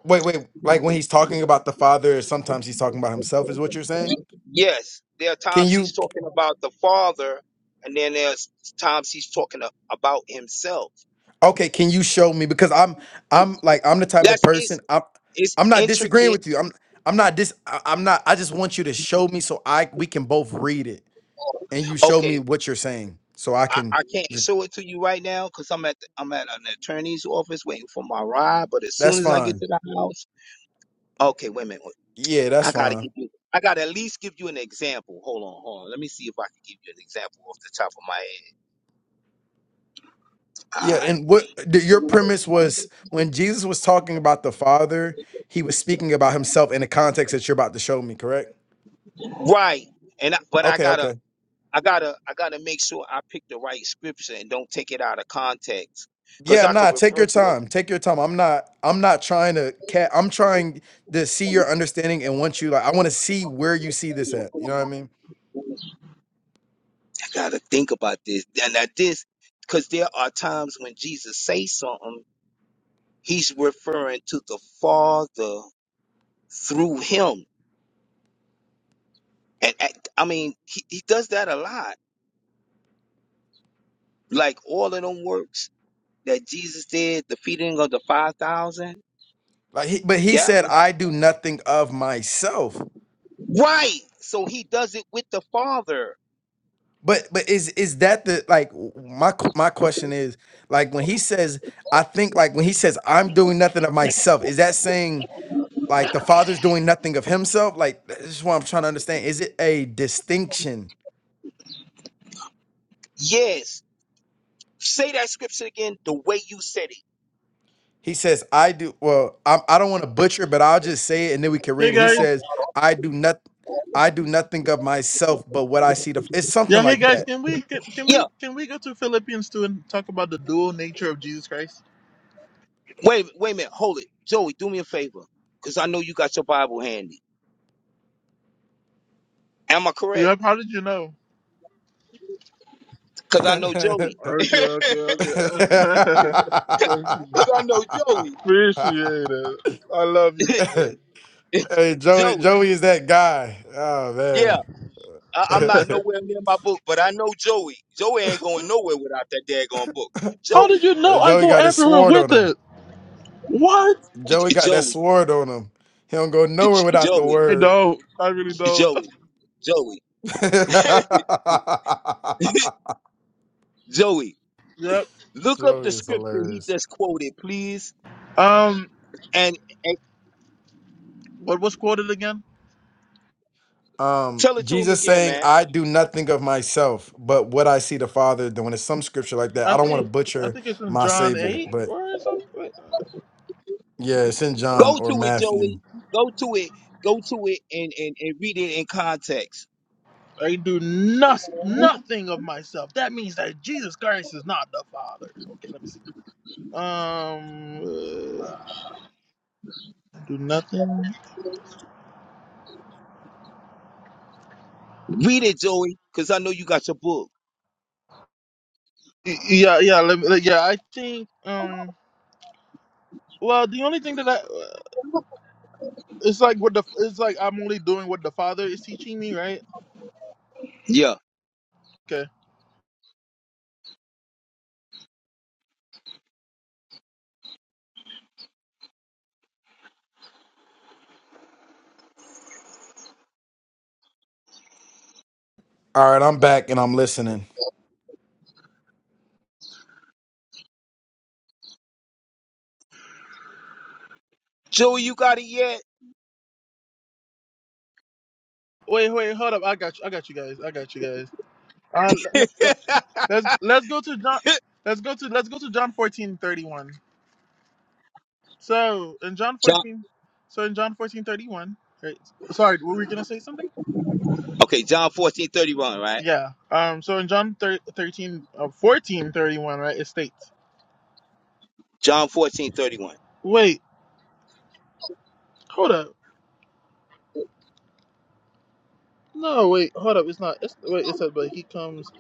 S2: Wait, wait. Like when he's talking about the father, sometimes he's talking about himself. Is what you're saying?
S4: Yes, there are
S2: Can
S4: times he's
S2: you?
S4: talking about the Father, and then there's times he's talking a- about himself.
S2: Okay. Can you show me? Because I'm, I'm like, I'm the type of
S4: That's it's
S2: person. I'm,
S4: it's
S2: I'm not disagreeing
S4: intricate.
S2: with you. I'm, I'm not dis. I- I'm not. I just want you to show me so I we can both read it, and you show me
S4: Okay,
S2: what you're saying, so I
S4: I,
S2: can
S4: I can't
S2: just.
S4: show it to you right now because I'm at the, I'm at an attorney's office waiting for my ride. But as
S2: That's
S4: soon as I get
S2: fine.
S4: to the house, okay, wait a minute. wait.
S2: Yeah, that's
S4: I gotta
S2: fine.
S4: give you. I gotta at least give you an example. Hold on, hold on. Let me see if I can give you an example off the top of my
S2: Yeah,
S4: head. Ah,
S2: and what the, your
S4: Right.
S2: premise was when Jesus was talking about the father, he was speaking about himself in the context that you're about to show me. Correct?
S4: Right, And I, but I
S2: Okay.
S4: gotta
S2: Okay.
S4: I gotta I gotta make sure I pick the right scripture and don't take it out of context. Cause
S2: Yeah,
S4: I could
S2: nah, take
S4: refer
S2: your
S4: to it.
S2: time. Take your time. I'm not I'm not trying to cat I'm trying to see your understanding and want you like I want to see where you see this at. You know what I mean?
S4: I gotta think about this. And that this because there are times when Jesus says something, he's referring to the Father through him. And act- I mean, he, he does that a lot. Like all of them works that Jesus did, the feeding of the five thousand.
S2: Like he, but he
S4: That
S2: said
S4: was
S2: I do nothing of myself.
S4: right. So he does it with the Father.
S2: But but is is that the like w- my q- my question is like when he says I think like when he says I'm doing nothing of myself, is that saying like the father's doing nothing of himself? Like that's just what I'm trying to understand. Is it a distinction?
S4: Yes. Say that scripture again the way you said it.
S2: He says, I do, well, I, I don't want to butcher, it, but I'll just say it and then we can
S1: Hey
S2: read it. He
S1: guys.
S2: says, I do not, I do nothing of myself, but what I see the, it's something
S1: Yeah. Hey
S2: like
S1: guys.
S2: that.
S1: Can we, can, can
S4: Yeah.
S1: we, can we go to Philippians two and talk about the dual nature of Jesus Christ?
S4: Wait, wait a minute. Hold it. Joey, do me a favor. Because I know you got your Bible handy. Am I correct?
S1: Yep. How did you know?
S4: Because I know Joey.
S1: Okay. Okay. Okay. Thank you.
S4: Because I know
S1: Appreciate it. I love you,
S4: Joey.
S1: brother.
S2: hey, Joey,
S4: Joey.
S2: Joey is that guy. Oh
S4: Yeah.
S2: man.
S4: I, I'm not nowhere near my book, but I know Joey. Joey ain't going nowhere without that daggone book.
S1: How
S4: Joey.
S1: did you know I
S2: Joey
S1: go
S2: got his
S1: everywhere
S2: sword on
S1: with
S2: him.
S1: it? What?
S2: Joey got that
S4: Joey.
S2: sword on him. He don't go nowhere
S4: J-
S2: without the
S4: Joey.
S1: I
S2: word.
S1: don't. I really don't.
S4: Joey. Joey. Joey,
S1: yep.
S4: look up
S2: Joey
S4: the
S2: is
S4: scripture he
S2: hilarious.
S4: just quoted, please,
S1: Um,
S4: and, and
S1: what was quoted again?
S2: um
S4: tell it to him
S2: jesus
S4: again,
S2: saying
S4: man.
S2: i do nothing of myself but what i see the father doing it's some scripture like that
S1: I
S2: i don't want to
S1: think I
S2: butcher
S1: think it's in
S2: my
S1: John
S2: savior
S1: eight
S2: but
S1: or something. Wait.
S2: yeah it's in john
S4: Go
S2: or
S4: to it,
S2: matthew
S4: Joey. Go to it. Go to it and, and, and read it in context.
S1: I do no- nothing of myself. That means that Jesus Christ is not the Father. Okay, let me see. Um, uh, I do nothing.
S4: Read it, Joey, because I know you got your book.
S1: Y- Yeah, yeah, let me, like, yeah. I think. Um, well, the only thing that I It's like what the it's like I'm only doing what the father is teaching me, right?
S4: Yeah.
S1: Okay.
S2: all right i'm back and i'm listening
S4: Joey, you got it yet?
S1: Wait, wait, hold up. I got you. I got you guys. I got you guys. Uh, let, let, let's let's go to John. Let's go to let's go to John fourteen thirty one. So in John
S4: John,
S1: fourteen, so in John fourteen thirty one. Right, sorry, were we gonna say something?
S4: okay, John fourteen thirty one, right?
S1: Yeah. Um. So in John thir- 13, uh, 14, thirty one, right? It states.
S4: John fourteen thirty one.
S1: Wait. Hold up. No, wait, hold up. It's not. It's wait. It said, but he comes.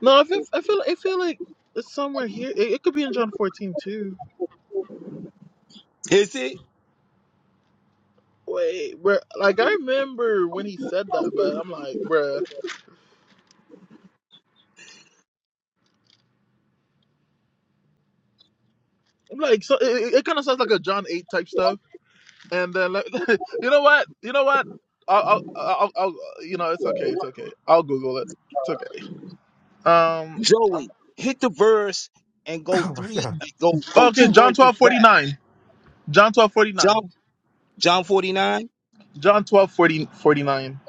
S1: No, I feel. I feel. I feel like it's somewhere here. It, it could be in John fourteen too.
S4: Is it?
S1: Wait, bruh. Like I remember when he said that, but I'm like, bruh. I'm like, so it, it kind of sounds like a John eight type stuff. And then, like, you know what? You know what? I'll, I'll, I'll, I'll, you know, it's okay. It's okay. I'll Google it. It's okay. Um. I'm-
S4: Joey, hit the verse and go
S2: oh my
S4: three,
S2: god
S4: go go
S1: okay.
S4: two
S1: John
S4: verses
S1: twelve forty
S4: back.
S1: nine. John twelve forty nine.
S4: John John 49,
S1: John twelve forty forty nine.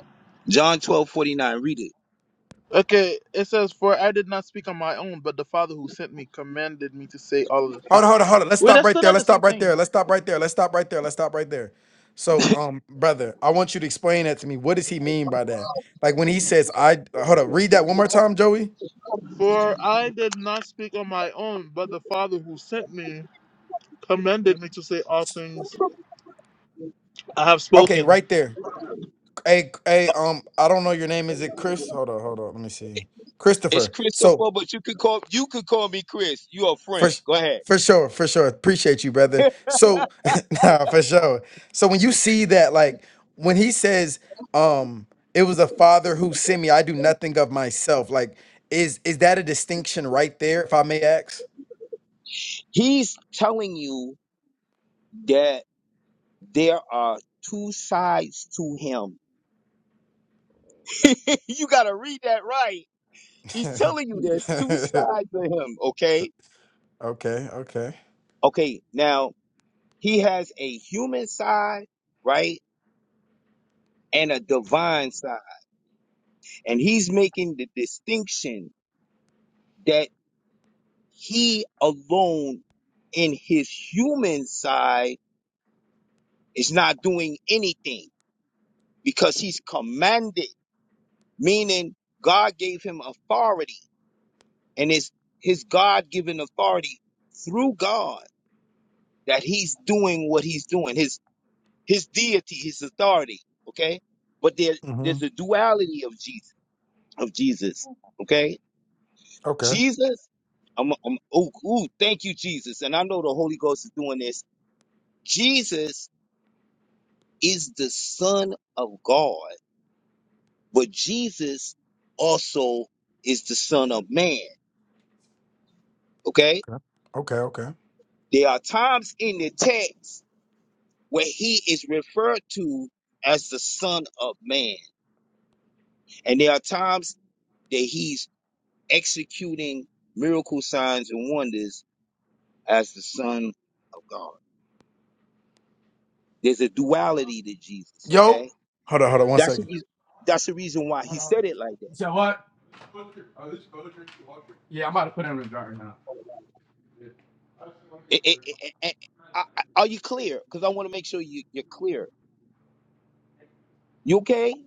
S4: John twelve forty nine. Read it.
S1: Okay, it says, For I did not speak on my own, but the Father who sent me commanded me to say all of the
S2: hold
S1: things.
S2: on hold on hold on let's
S1: Wait,
S2: stop
S1: that's
S2: right
S1: still
S2: there
S1: not
S2: let's
S1: the same
S2: stop right
S1: thing.
S2: there let's stop right there let's stop right there let's stop right there so um brother i want you to explain that to me what does he mean by that like when he says i hold up read that one more time joey
S1: For I did not speak on my own, but the Father who sent me commanded me to say all things I have
S2: okay
S1: spoken.
S2: right there Hey, hey, um, I don't know your name. Is it Chris? Hold on, hold on. Let me see.
S4: It's
S2: Christopher. So
S4: Christopher, but you could call you could call me Chris. You're a
S2: for
S4: friend.
S2: s-
S4: Go ahead.
S2: for sure, for sure. Appreciate you, brother. So nah, for sure. So when you see that, like when he says, um, it was a father who sent me, I do nothing of myself. Like, is is that a distinction right there, if I may ask?
S4: He's telling you that There are two sides to him. you got to read that right. He's telling you there's two
S2: okay,
S4: sides to him, okay?
S2: okay.
S4: Okay, now he has a human side, right? And a divine side. And he's making the distinction that he alone in his human side is not doing anything because he's commanded, meaning God gave him authority and it's his god-given authority through god that he's doing what he's doing his his deity his authority okay but there
S2: hmm
S4: there's a duality of jesus of jesus okay
S2: Okay.
S4: jesus i'm, I'm ooh, ooh thank you jesus and i know the holy ghost is doing this jesus is the son of god but jesus also is the son of man okay
S2: Okay. Okay. Okay.
S4: there are times in the text where he is referred to as the Son of Man. And there are times that he's executing miracle signs and wonders as the Son of God. There's a duality to Jesus,
S2: Yo.
S4: okay?
S2: Hold on, hold on, one
S4: That's the
S2: second.
S4: reason, that's the reason why he said it like that. It- it- it- it- I- I- are you clear? Because I want to make sure you, you're clear. You okay?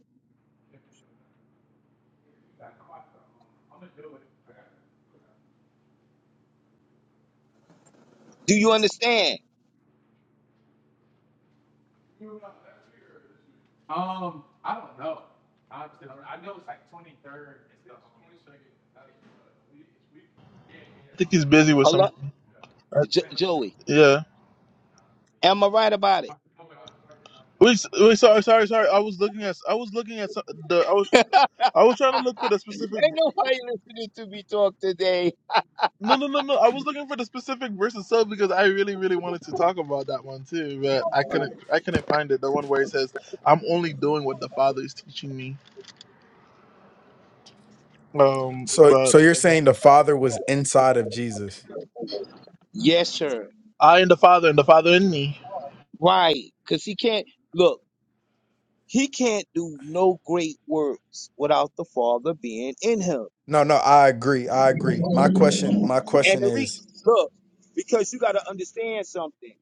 S4: Do you understand?
S1: I think he's busy with
S4: Allah,
S1: something. Uh,
S4: jo- Joey,
S1: yeah.
S4: am I right about it?
S1: Wait, s- wait, sorry, sorry, sorry. I was looking at, I was looking at some, the, I was, I was trying to look for the specific.
S4: Ain't nobody listening to me talk today.
S1: No, no, no, no. I was looking for the specific verse itself because I really, really wanted to talk about that one too, but I couldn't. I couldn't find it. The one where it says, "I'm only doing what the Father is teaching me." Um,
S2: So so
S1: but
S2: you're
S1: okay.
S2: saying the Father was inside of Jesus?
S4: Yes, sir.
S1: I and the Father, and the Father in me.
S4: Right, because he can't look. He can't do no great works without the Father being in him.
S2: No, no, I agree. I agree. My question my
S4: And
S2: question
S4: the reason,
S2: is
S4: look, because you got to understand something.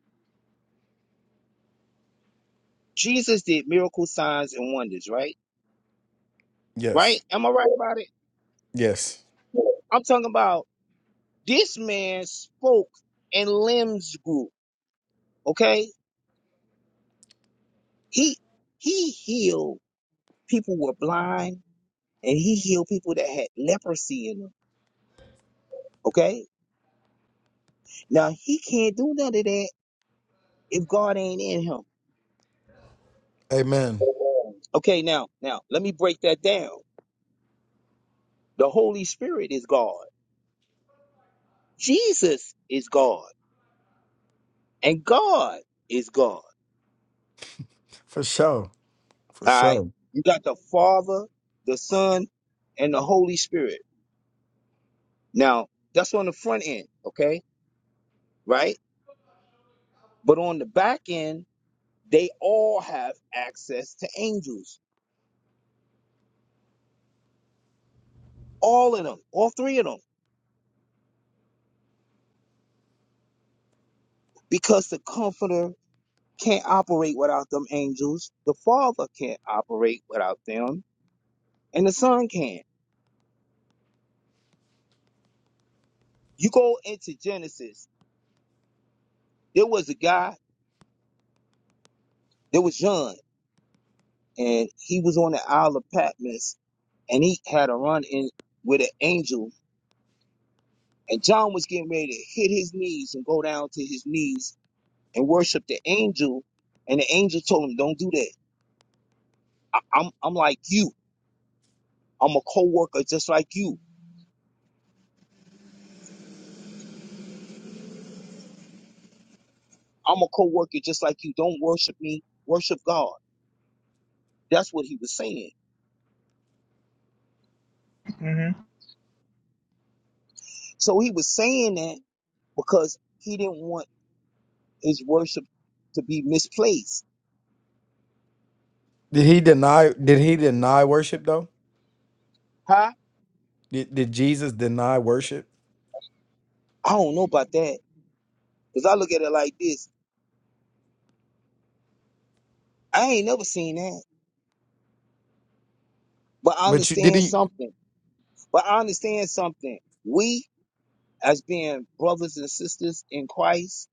S4: Jesus did miracle signs and wonders, right? Right?
S2: yes.
S4: Am I right about it?
S2: Yes.
S4: I'm talking about this man spoke and limbs grew. Okay, he he healed people who were blind, and he healed people that had leprosy in them. Okay, now he can't do none of that if God ain't in him.
S2: Amen.
S4: Okay, now, now, let me break that down. The Holy Spirit is God. Jesus is God. And God is God.
S2: For sure. For
S4: All right.
S2: sure.
S4: You got the Father, the Son, and the Holy Spirit. Now, that's on the front end. Okay. Right. But on the back end, they all have access to angels. All of them. All three of them. Because the Comforter can't operate without them angels. The Father can't operate without them. And the Son can. You go into Genesis. There was a guy. There was John, and he was on the Isle of Patmos, and he had a run in with an angel. And John was getting ready to hit his knees and go down to his knees and worship the angel. And the angel told him, "Don't do that. I, I'm I'm like you. I'm a co-worker just like you. I'm a co-worker just like you. Don't worship me. Worship God." That's what he was saying.
S1: hmm
S4: So he was saying that because he didn't want his worship to be misplaced.
S2: Did he deny did he deny worship though?
S4: Huh?
S2: Did, did Jesus deny worship?
S4: I don't know about that. Because I look at it like this. I ain't never seen that. But I
S2: But you did
S4: understand
S2: he
S4: something. But I understand something. We, as being brothers and sisters in Christ,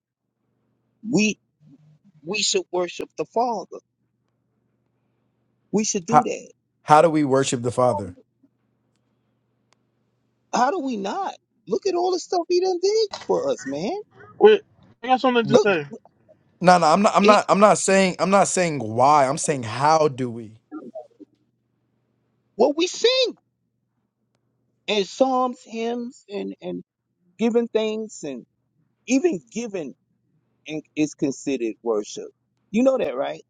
S4: we we should worship the Father. We should do
S2: how
S4: that.
S2: how do we worship the Father?
S4: How do we not? Look at all the stuff he done did for us, man.
S1: Wait, I got something to
S2: But
S4: Look,
S1: say.
S2: no, no, I'm not I'm
S4: it,
S2: not I'm not saying I'm not saying why. I'm saying how do we?
S4: what we sing and psalms, hymns, and and giving things, and even giving and is considered worship. You know that, right?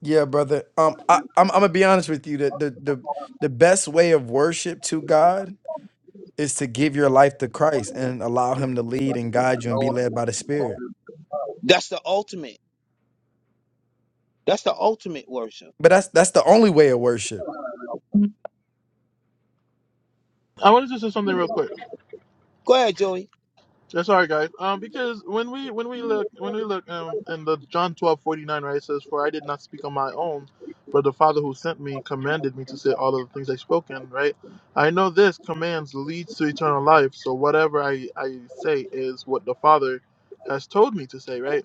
S2: Yeah, brother. Um I I'm, I'm gonna be honest with you. The the the the best way of worship to God is to give your life to Christ and allow him to lead and guide you and be led by the Spirit.
S4: That's the ultimate. That's the ultimate worship.
S2: But that's that's the only way of worship.
S1: I wanted to say something real quick.
S4: Go ahead, Joey.
S1: That's all right, guys. Um, because when we when we look when we look um in the John twelve forty nine right it says for I did not speak on my own, but the Father who sent me commanded me to say all of the things I spoken right. I know this commands leads to eternal life, so whatever I I say is what the Father has told me to say right.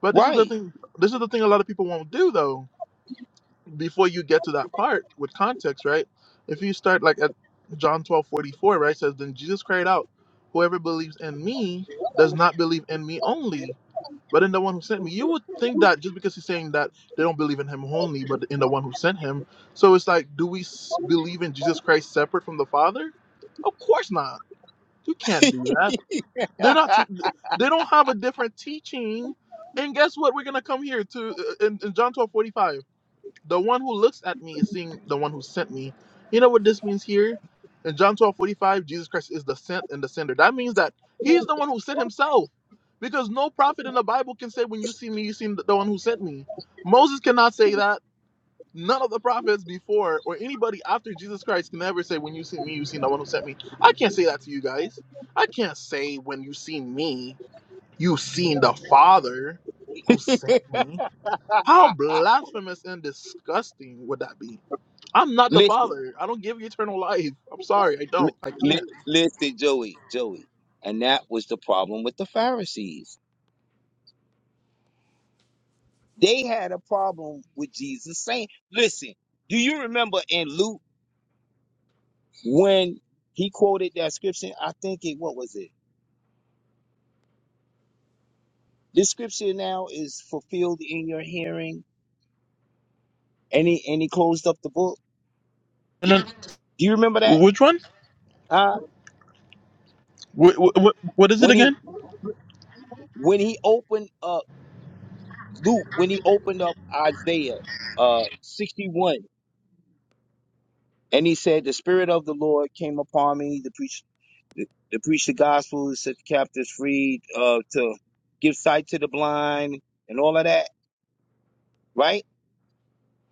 S1: But this is the
S4: Right.
S1: thing. This is the thing a lot of people won't do though before you get to that part with context, right? If you start like at John twelve forty four, right, says, Then Jesus cried out, Whoever believes in me does not believe in me only, but in the one who sent me. You would think that just because he's saying that they don't believe in him only, but in the one who sent him. So it's like, do we s- believe in Jesus Christ separate from the Father? Of course not. You can't do that. They're not. Te- they don't have a different teaching. And guess what? We're gonna come here to uh, in, in John twelve forty five. The one who looks at me is seeing the one who sent me. You know what this means here? In John twelve forty five, Jesus Christ is the sent and the sender. That means that he's the one who sent himself. Because no prophet in the Bible can say, When you see me, you see the one who sent me. Moses cannot say that. None of the prophets before or anybody after Jesus Christ can ever say, When you see me, you see the one who sent me. I can't say that to you guys. I can't say, When you see me, you've seen the Father who sent me how blasphemous and disgusting would that be? I'm not the
S4: listen,
S1: Father. I don't give you eternal life. I'm sorry. I
S4: li-
S1: don't. I can't.
S4: li- listen, Joey, Joey. And that was the problem with the Pharisees. They had a problem with Jesus saying, listen, do you remember in Luke when he quoted that scripture? I think it, what was it? This scripture now is fulfilled in your hearing. And he, and he closed up the book.
S1: And then,
S4: Do you remember that?
S1: which one?
S4: Huh?
S1: What, what, what is it
S4: When he,
S1: again?
S4: when he opened up. Luke, when he opened up Isaiah uh, 61, and he said, The Spirit of the Lord came upon me to preach to, to preach the gospel, to set the captives free, uh, to give sight to the blind, and all of that, right?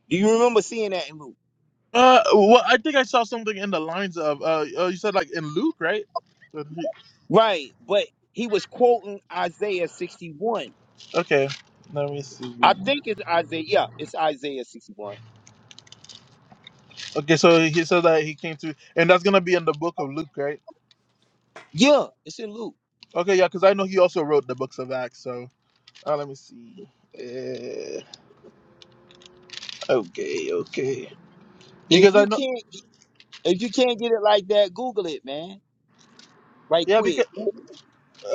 S4: Do you remember seeing that in Luke?
S1: Uh, well, I think I saw something in the lines of uh, oh, you said like in Luke, right? That he-
S4: Right, but he was quoting Isaiah 61.
S1: Okay, let me see.
S4: I think it's Isaiah. Yeah, it's Isaiah 61.
S1: Okay, so he said that he came to, and that's gonna be in the book of Luke, right?
S4: Yeah, it's in Luke.
S1: Okay, yeah, because I know he also wrote the books of Acts. So uh, let me see. Uh, okay, okay.
S4: If
S1: Because I
S4: you
S1: know,
S4: can't if you can't get it like that, Google it, man. Right
S1: yeah, because
S4: quick.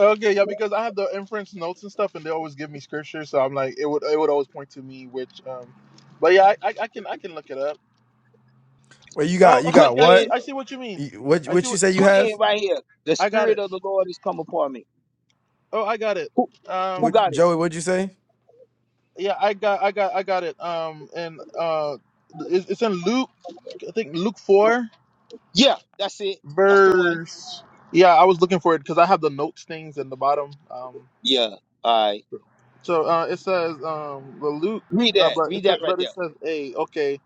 S1: okay, yeah, because I have the inference notes and stuff, and they always give me scripture, so I'm like, it would it would always point to me, which, um, but yeah, I, I, I can I can look it up.
S2: Well, you
S1: Oh,
S2: got you
S1: okay,
S4: Put
S2: got
S1: okay, I
S2: what?
S4: in
S1: see I see what you mean.
S2: You- What
S1: I see
S2: what you
S1: what
S2: say you
S4: Put in
S2: have?
S4: right here. The
S1: I got
S4: spirit
S1: it.
S4: of the Lord has come upon me.
S1: Oh, I got it.
S4: Who who
S2: What
S1: Um,
S4: got it?
S2: Joey? What'd you say?
S1: yeah, I got I got I got it. Um, and uh, it's it's in Luke, I think Luke four.
S4: Yeah, that's it. That's the one.
S1: verse. Yeah, I was looking for it because I have the notes things in the bottom. Um,
S4: Yeah. All right.
S1: so uh, it says um, the Luke,
S4: Read
S1: uh,
S4: that.
S1: but it,
S4: Read that
S1: sa-
S4: right
S1: but
S4: there.
S1: it says a okay,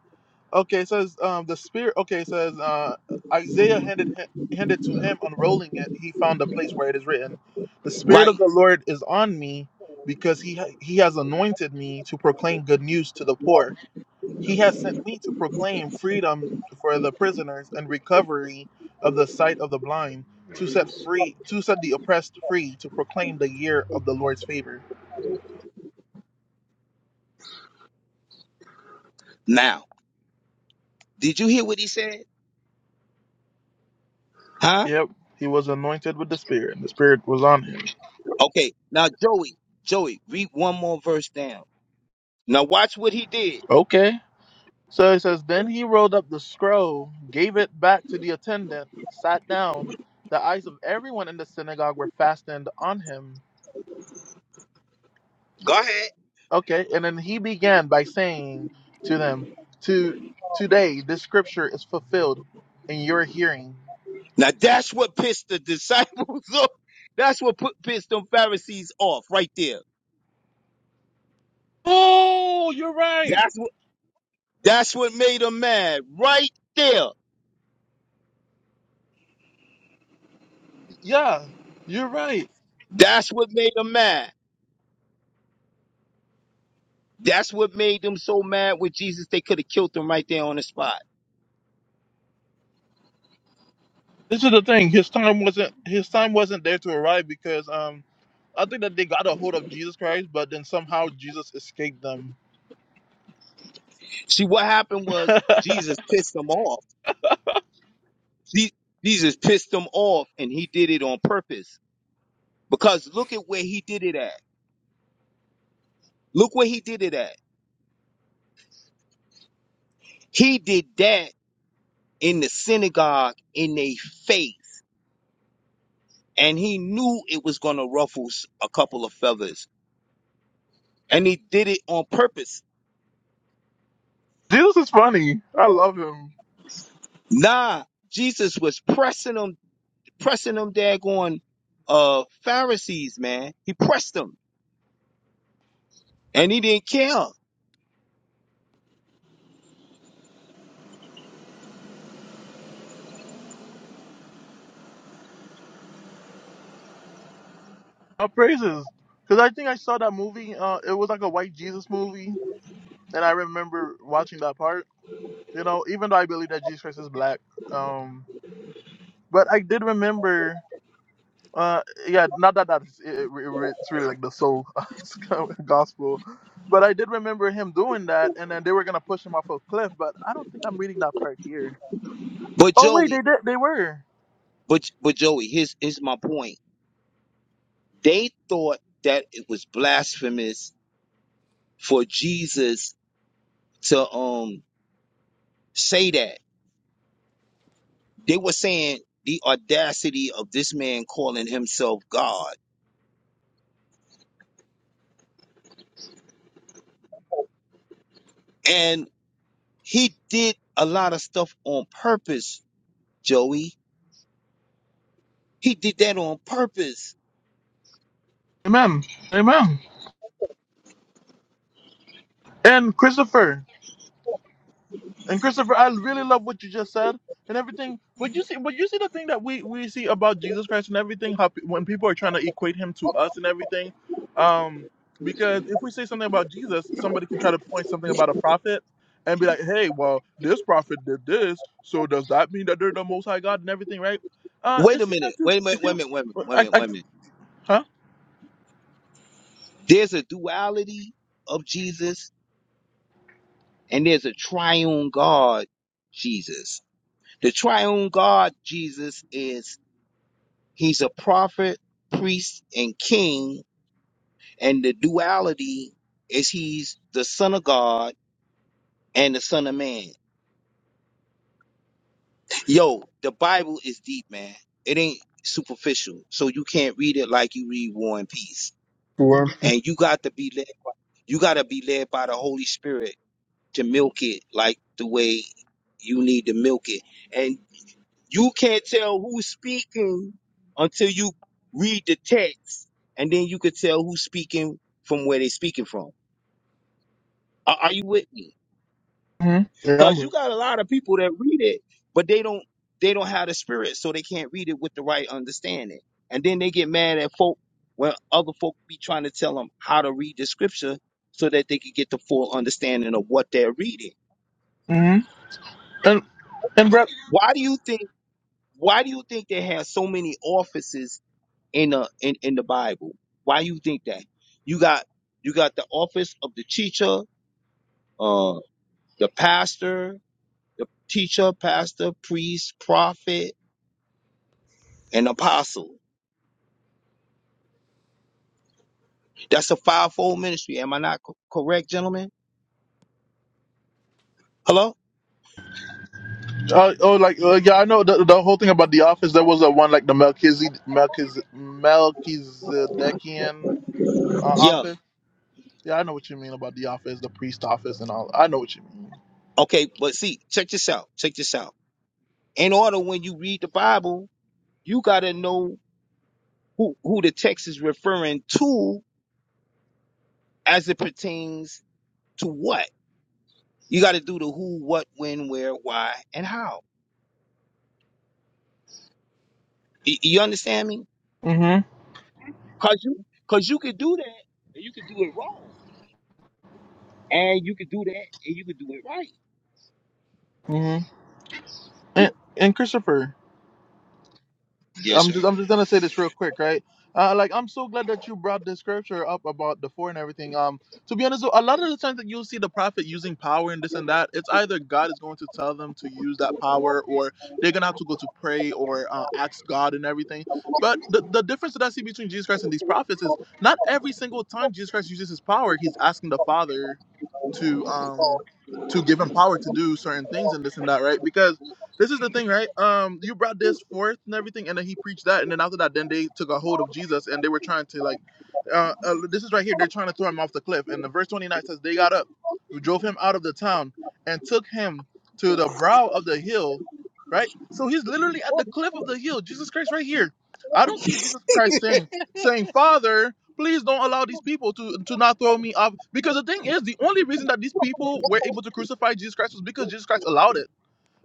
S1: okay. It says um, the spirit. Okay, it says uh, Isaiah handed hi- handed to him, unrolling it. He found a place where it is written, "The spirit of
S4: Right
S1: the Lord is on me, because he ha- he has anointed me to proclaim good news to the poor." He has sent me to proclaim freedom for the prisoners and recovery of the sight of the blind, to set free, to set the oppressed free, to proclaim the year of the Lord's favor.
S4: now. Did you hear what he said? Huh?
S1: Yep, he was anointed with the Spirit, and the Spirit was on him.
S4: Okay. Now Joey, Joey, read one more verse down. Now watch what he did.
S1: Okay. So it says, then he rolled up the scroll, gave it back to the attendant, sat down. The eyes of everyone in the synagogue were fastened on him.
S4: Go ahead.
S1: Okay, and then he began by saying to them, "To today, this scripture is fulfilled in your hearing."
S4: Now that's what pissed the disciples off. That's what put, pissed them Pharisees off right there.
S1: Oh, you're right.
S4: That's what that's what made them mad right there.
S1: Yeah, you're right.
S4: That's what made them mad. That's what made them so mad with Jesus. They could have killed him right there on the spot.
S1: This is the thing. His time wasn't his time wasn't there to arrive because um, I think that they got a hold of Jesus Christ, but then somehow Jesus escaped them.
S4: See, what happened was
S1: Jesus
S4: Jesus pissed them off. Je- Jesus pissed them off and he did it on purpose because look at where he did it at. Look where he did it at. He did that in the synagogue in their face and he knew it was going to ruffle a couple of feathers and he did it on purpose.
S1: is funny. I love him.
S4: Nah, Jesus was pressing them pressing them daggone uh Pharisees, man. He pressed them and he didn't care.
S1: I praise his because I think I saw that movie. Uh, it was like a white Jesus movie, and I remember watching that part. you know, even though I believe that Jesus Christ is black, um, but I did remember, uh, yeah, not that that's it, it, re- it's really like the soul gospel, but I did remember him doing that, and then they were gonna push him off a cliff, but I don't think I'm reading that part here.
S4: But
S1: Oh wait,
S4: Joey,
S1: they did, they were.
S4: but but Joey, here's here's my point. They thought that it was blasphemous for Jesus to um say that. They were saying the audacity of this man calling himself God. And he did a lot of stuff on purpose, Joey. He did that on purpose.
S1: Amen, amen. And Christopher, And Christopher, I really love what you just said and everything. But you see, but you see the thing that we we see about Jesus Christ and everything. How pe- when people are trying to equate him to us and everything, um, because if we say something about Jesus, somebody can try to point something about a prophet and be like, "Hey, well, this prophet did this, so does that mean that they're the Most High God and everything?" Right? Uh,
S4: Wait
S1: it
S4: a
S1: seems
S4: minute.
S1: like you.
S4: Wait a minute.
S1: It
S4: Wait a
S1: seems.
S4: minute. Wait a minute. Wait a
S1: I,
S4: minute.
S1: I,
S4: Wait a minute.
S1: huh?
S4: There's a duality of Jesus and there's a triune God, Jesus. The triune God, Jesus, is he's a prophet, priest, and king. And the duality is he's the son of God and the son of man. Yo, the Bible is deep, man. It ain't superficial. So you can't read it like you read War and Peace.
S1: Well,
S4: And you got to be led by, you got to be led by the Holy Spirit to milk it like the way you need to milk it. And you can't tell who's speaking until you read the text, and then you could tell who's speaking from where they're speaking from. Are, are you with me?
S1: hmm yeah,
S4: Because you
S1: I'm,
S4: got a lot of people that read it, but they don't they don't have the spirit, so they can't read it with the right understanding. And then they get mad at folk when other folk be trying to tell them how to read the scripture so that they can get the full understanding of what they're reading.
S1: hmm And and Brett.
S4: Why do you think? Why do you think they have so many offices in the in, in the Bible? Why you think that? You got you got the office of the teacher, uh, the pastor, the teacher, pastor, priest, prophet, and apostle. That's a fivefold ministry. Am I not co- correct, gentlemen? Hello?
S1: Uh, oh, like uh, yeah, I know the, the whole thing about the office. There was a one like the Melchizedek, Melchiz Melchizedekian uh,
S4: Yeah.
S1: office. Yeah, I know what you mean about the office, the priest office, and all. I know what you mean.
S4: Okay, but see, check this out. Check this out. In order when you read the Bible, you gotta know who, who the text is referring to as it pertains to what? You got to do the who, what, when, where, why, and how. Y- You understand me?
S1: Mm-hmm.
S4: Cause you, cause you could do that, and you could do it wrong, and you could do that, and you could do it right.
S1: Mm-hmm. And, and Christopher.
S4: Yes,
S1: I'm
S4: sir.
S1: just I'm just gonna say this real quick, right? Uh, like I'm so glad that you brought this scripture up about the four and everything. Um, to be honest, a lot of the times that you'll see the prophet using power and this and that, it's either God is going to tell them to use that power, or they're gonna have to go to pray or uh, ask God and everything. But the, the difference that I see between Jesus Christ and these prophets is not every single time Jesus Christ uses his power, he's asking the Father to um to give him power to do certain things and this and that, right? Because this is the thing, right? Um, you brought this forth and everything, and then he preached that, and then after that, then they took a hold of Jesus and they were trying to like, uh, uh this is right here. They're trying to throw him off the cliff, and the verse twenty nine says they got up, drove him out of the town, and took him to the brow of the hill, right? So he's literally at the cliff of the hill. Jesus Christ, right here. I don't see Jesus Christ saying, saying, Father, please don't allow these people to to not throw me off, because the thing is, the only reason that these people were able to crucify Jesus Christ was because Jesus Christ allowed it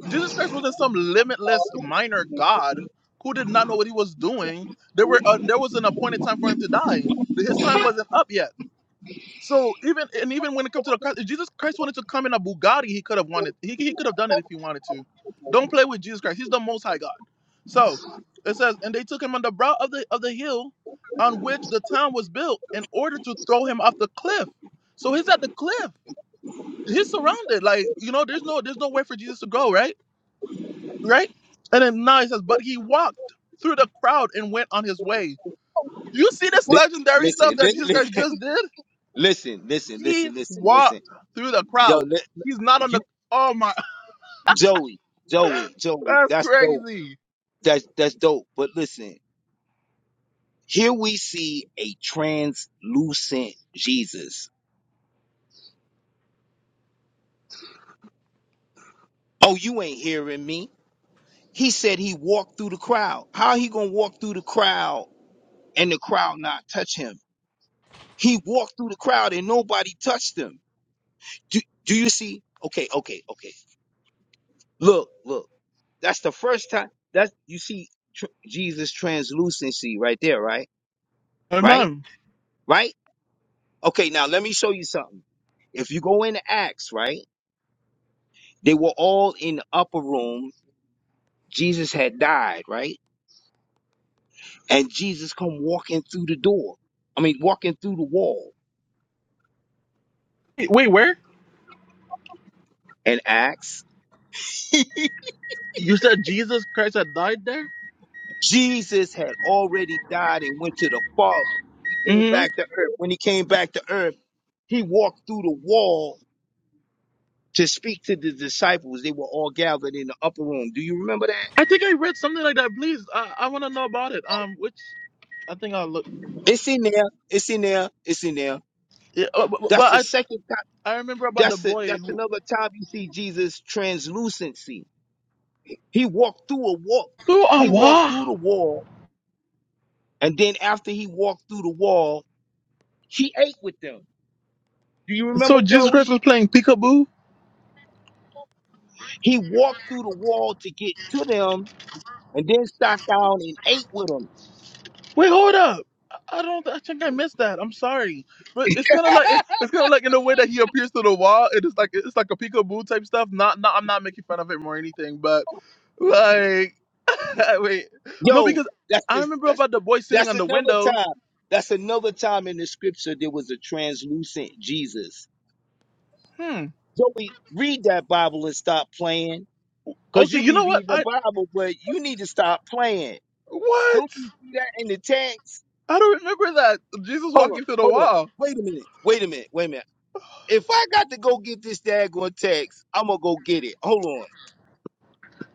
S1: Jesus Christ wasn't some limitless minor God who did not know what he was doing. There were uh, there was an appointed time for him to die. His time wasn't up yet. So even and even when it comes to the cross, if Jesus Christ wanted to come in a Bugatti, he could have wanted he, he could have done it if he wanted to. Don't play with Jesus Christ. He's the Most High God. So it says, and they took him on the brow of the of the hill on which the town was built in order to throw him off the cliff. So he's at the cliff. He's surrounded. Like you know, there's no there's no way for Jesus to go right right? And then now he says, but he walked through the crowd and went on his way. You see this
S4: Li-
S1: legendary stuff
S4: Listen,
S1: that
S4: li-
S1: Jesus
S4: li-
S1: Christ just did?
S4: listen, listen,
S1: He
S4: listen, listen, listen.
S1: walked through the
S4: Yo,
S1: crowd.
S4: li-
S1: He's not on
S4: you,
S1: the. Oh my,
S4: Joey, Joey, Joey.
S1: that's
S4: That's dope.
S1: crazy.
S4: That's that's dope. But listen, here we see a translucent Jesus. Oh, you ain't hearing me. He said he walked through the crowd. How he gonna walk through the crowd and the crowd not touch him. He walked through the crowd and nobody touched him. Do, do you see? Okay, okay, okay. Look, look. That's the first time. That's you see tr- Jesus translucency right there, right? Right?
S1: Amen.
S4: Right? Okay, now let me show you something. If you go into Acts, right? They were all in the upper room. Jesus had died, right? And Jesus come walking through the door. I mean, walking through the wall
S1: Wait, where?
S4: in Acts
S1: You said Jesus Christ had died there?
S4: Jesus had already died and went to the Father. He came
S1: hmm
S4: back to earth. When he came back to earth, he walked through the wall to speak to the disciples. They were all gathered in the upper room. Do you remember that?
S1: I think I read something like that. Please, I, I want to know about it. Um, which I think I'll look.
S4: It's in there. It's in there. It's in there.
S1: Yeah, uh, but,
S4: That's the
S1: but
S4: second time.
S1: I I remember about the
S4: That's the,
S1: boy
S4: that's
S1: who.
S4: another time you see Jesus translucency. He walked through a wall.
S1: who oh
S4: He walked
S1: wow!
S4: through the wall, and then after he walked through the wall, he ate with them. Do you
S1: So
S4: remember
S1: Jesus Christ
S4: Joey?
S1: was playing peekaboo
S4: He walked through the wall to get to them and then sat down and ate with them.
S1: Wait, hold up. I I don't. I think I missed that. I'm sorry, but it's kind of like it- it's kind of like in the way that he appears to the wall. It is like it's like a peekaboo type stuff. Not, not. I'm not making fun of him or anything, but like, wait, no,
S4: Yo,
S1: because
S4: that's
S1: I
S4: this,
S1: remember
S4: that's
S1: about the boy sitting
S4: that's
S1: on the
S4: another
S1: window.
S4: time. That's another time in the scripture there was a translucent Jesus.
S1: Hmm.
S4: Joey, read that Bible and stop playing. Cause
S1: Okay.
S4: you
S1: You
S4: be
S1: know what?
S4: reading the
S1: I
S4: Bible, but you need to stop playing.
S1: what?
S4: Don't you see that in the text?
S1: I don't remember that Jesus
S4: Hold up,
S1: walking through the
S4: hold up.
S1: wall.
S4: Wait a minute. Wait a minute. Wait a minute. If I got to go get this daggone text, I'm gonna go get it. Hold on.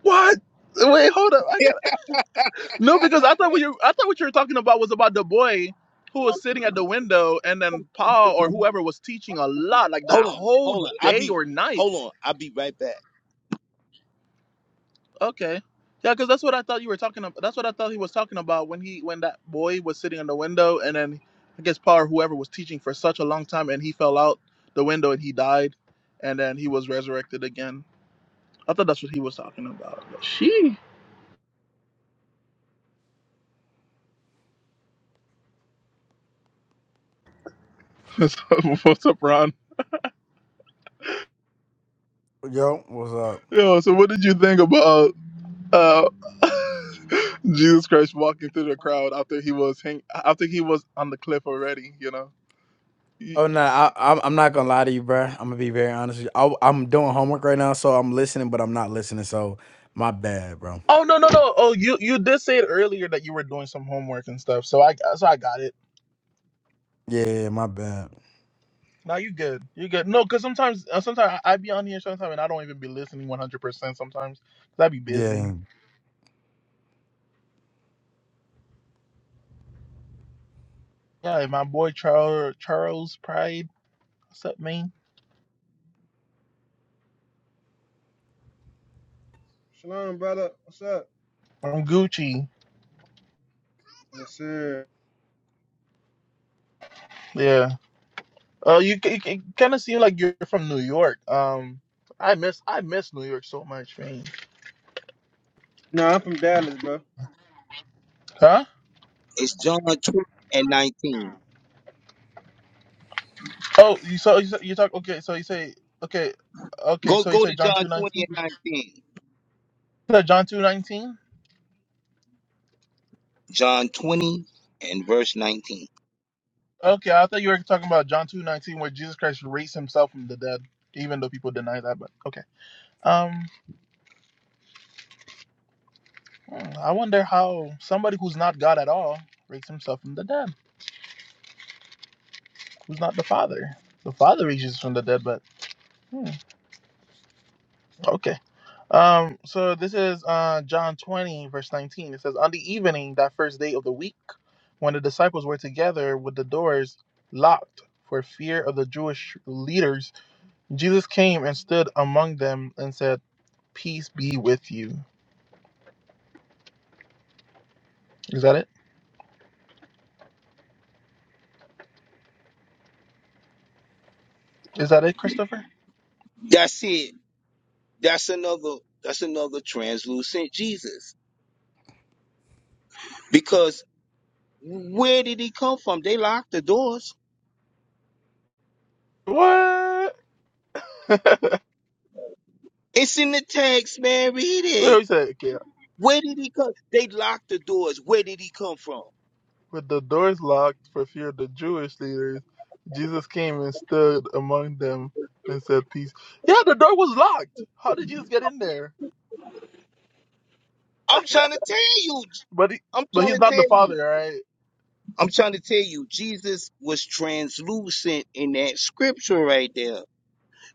S1: What? Wait, hold up. I got. No, because I thought what you I thought what you were talking about was about the boy who was sitting at the window and then Paul or whoever was teaching a lot, like that
S4: Hold on,
S1: whole
S4: hold on. I'll
S1: day
S4: be
S1: or night.
S4: hold on. I'll be right back.
S1: Okay. Yeah, because that's what I thought you were talking about. That's what I thought he was talking about when he when that boy was sitting in the window and then I guess Paul or whoever was teaching for such a long time and he fell out the window and he died and then he was resurrected again. I thought that's what he was talking about. But she what's up, Ron?
S2: Yo, what's up?
S1: Yo, so what did you think about? Uh, Jesus Christ walking through the crowd after he was hang- after he was on the cliff already. You know. He-
S2: Oh no, I, I'm I'm not gonna lie to you, bro. I'm gonna be very honest with you. I, I'm doing homework right now, so I'm listening, but I'm not listening. So my bad, bro.
S1: oh no no no! Oh, you you did say it earlier that you were doing some homework and stuff. So I so I got it.
S2: Yeah, my bad.
S1: Now you good. You good. No, because sometimes uh, sometimes I, I be on here sometimes and I don't even be listening one hundred percent Sometimes cause I be busy.
S2: Yeah.
S1: Yeah, and my boy Charles Charles Pride. What's up, man?
S5: Shalom, brother. What's up?
S1: I'm Gucci.
S5: Yes, sir.
S1: Yeah. Uh, you c- it, it kind of seems like you're from New York. Um, I miss I miss New York so much, man.
S5: No, I'm from Dallas, bro.
S1: Huh?
S4: It's John 20 and 19.
S1: Oh, you so you, so- you talk okay. So you say okay, okay.
S4: Go
S1: So you
S4: go
S1: say
S4: to
S1: John
S4: John
S1: two
S4: 20
S1: nineteen.
S4: and 19.
S1: You Said John two nineteen.
S4: John 20 and verse 19.
S1: Okay, I thought you were talking about John two nineteen, where Jesus Christ raised himself from the dead, even though people deny that. But okay. Um, hmm, I wonder how somebody who's not God at all raised himself from the dead, who's not the Father. The Father raises from the dead, but hmm, okay. Um, so this is uh, John 20, verse 19. It says, On the evening, that first day of the week, when the disciples were together with the doors locked for fear of the Jewish leaders, Jesus came and stood among them and said, 'Peace be with you. Is that it? Is that it, Christopher?
S4: That's it. That's another that's another translucent Jesus. Because where did he come from? They locked the doors.
S1: What? Wait,
S4: It's in the text, man. Read it.
S1: we said, okay.
S4: Where did he come? They locked the doors. Where did he come from?
S1: With the doors locked for fear of the Jewish leaders, Jesus came and stood among them and said, Peace. Yeah, the door was locked. How did Jesus get in there?
S4: I'm trying to tell you.
S1: But he,
S4: I'm
S1: but
S4: trying
S1: he's
S4: to
S1: not the
S4: tell you.
S1: father, right?
S4: I'm trying to tell you, Jesus was translucent in that scripture right there.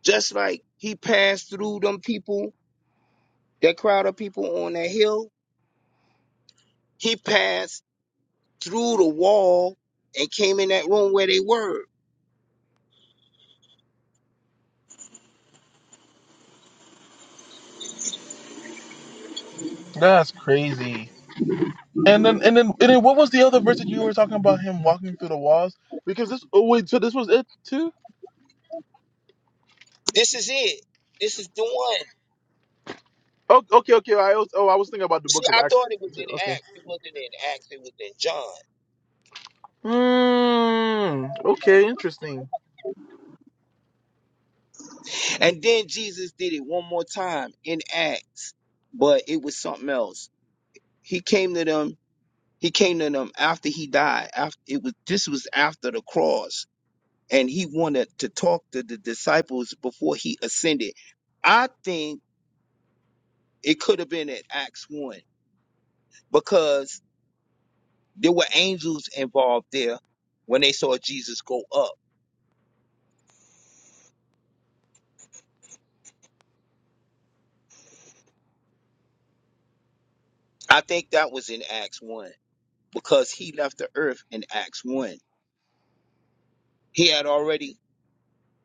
S4: Just like he passed through them people, that crowd of people on that hill, he passed through the wall and came in that room where they were.
S1: That's crazy. And then and then and then what was the other verse that you were talking about him walking through the walls? Because this oh wait, so this was it too?
S4: This is it. This is the one.
S1: Oh, okay, okay. I was oh I was thinking about the
S4: See,
S1: book of
S4: I
S1: Acts
S4: thought it was in
S1: too. Okay.
S4: Acts. It wasn't in Acts, it was in John.
S1: Hmm. Okay, interesting.
S4: And then Jesus did it one more time in Acts, but it was something else. He came to them He came to them after he died. After it was this was after the cross, and he wanted to talk to the disciples before he ascended. I think it could have been at Acts one because there were angels involved there when they saw Jesus go up. I think that was in Acts one because he left the earth in Acts one. He had already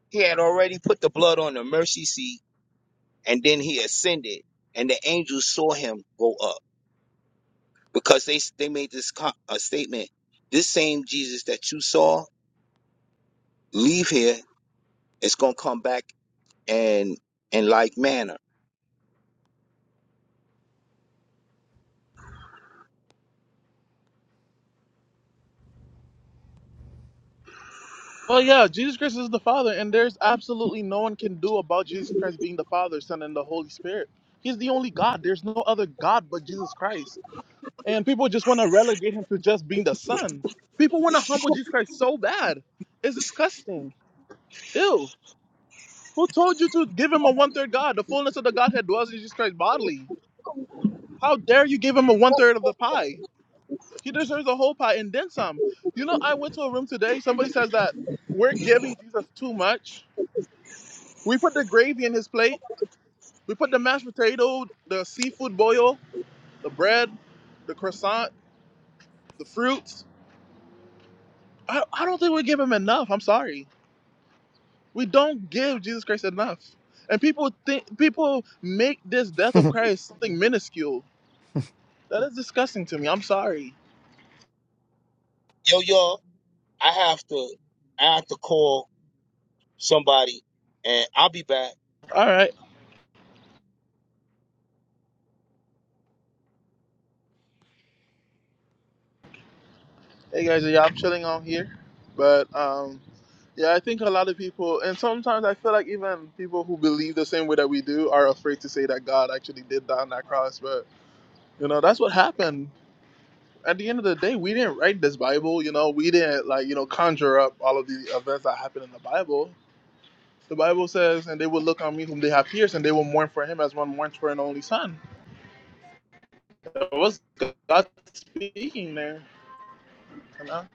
S4: he had already put the blood on the mercy seat, and then he ascended, and the angels saw him go up. because they they made this co- a statement. This same Jesus that you saw leave here is gonna come back and in like manner.
S1: Well, yeah, Jesus Christ is the Father, and there's absolutely no one can do about Jesus Christ being the Father, Son, and the Holy Spirit. He's the only God. There's no other God but Jesus Christ. and people just want to relegate him to just being the son. People want to humble Jesus Christ so bad. It's disgusting. Ew. Who told you to give him a one third God? The fullness of the Godhead dwells in Jesus Christ bodily. How dare you give him a one third of the pie? He deserves a whole pie and then some. You know, I went to a room today. Somebody says that we're giving Jesus too much. We put the gravy in his plate. We put the mashed potato, the seafood boil, the bread, the croissant, the fruits. I, I don't think we give him enough. I'm sorry. We don't give Jesus Christ enough. And people think people make this death of Christ something minuscule. That is disgusting to me. I'm sorry.
S4: Yo, y'all, I have to I have to call somebody, and I'll be back.
S1: All right. Hey guys, yeah, I'm chilling out here. But um yeah, I think a lot of people and sometimes I feel like even people who believe the same way that we do are afraid to say that God actually did die on that cross, but you know, that's what happened. At the end of the day, we didn't write this Bible, you know, we didn't like, you know, conjure up all of the events that happened in the Bible The Bible says, and they will look on me whom they have pierced, and they will mourn for him as one mourns for an only son. It was God speaking there. You know?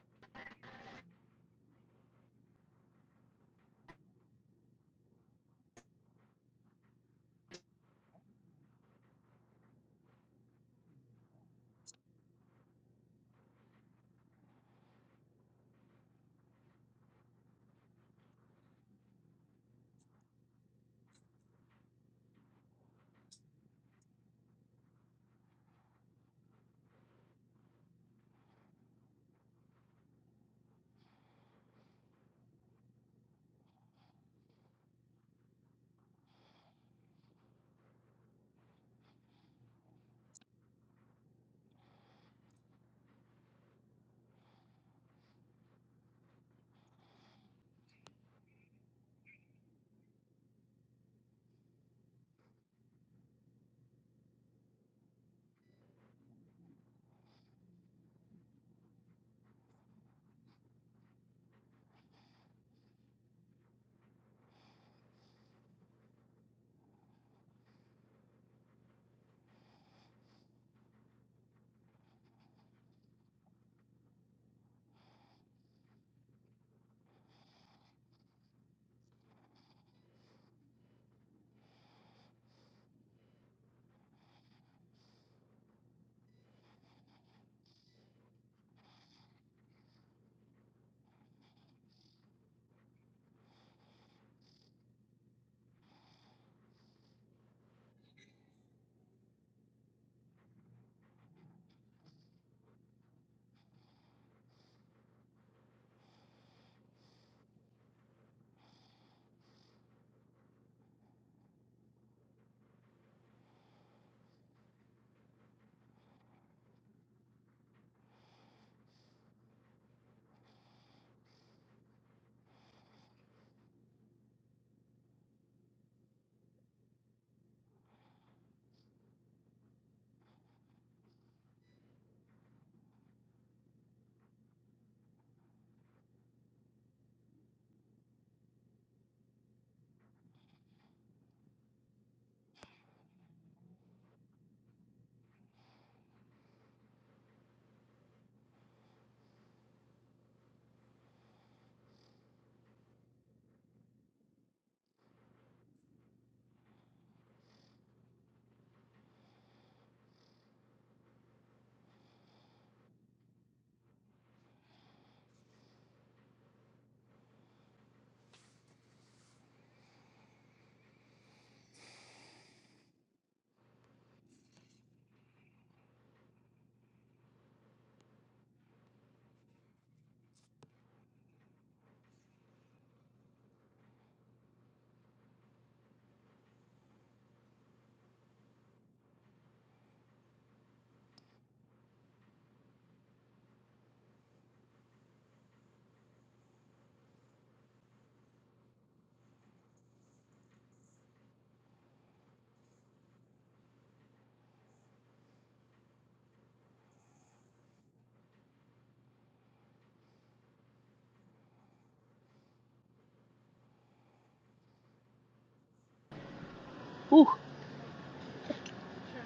S1: Whew,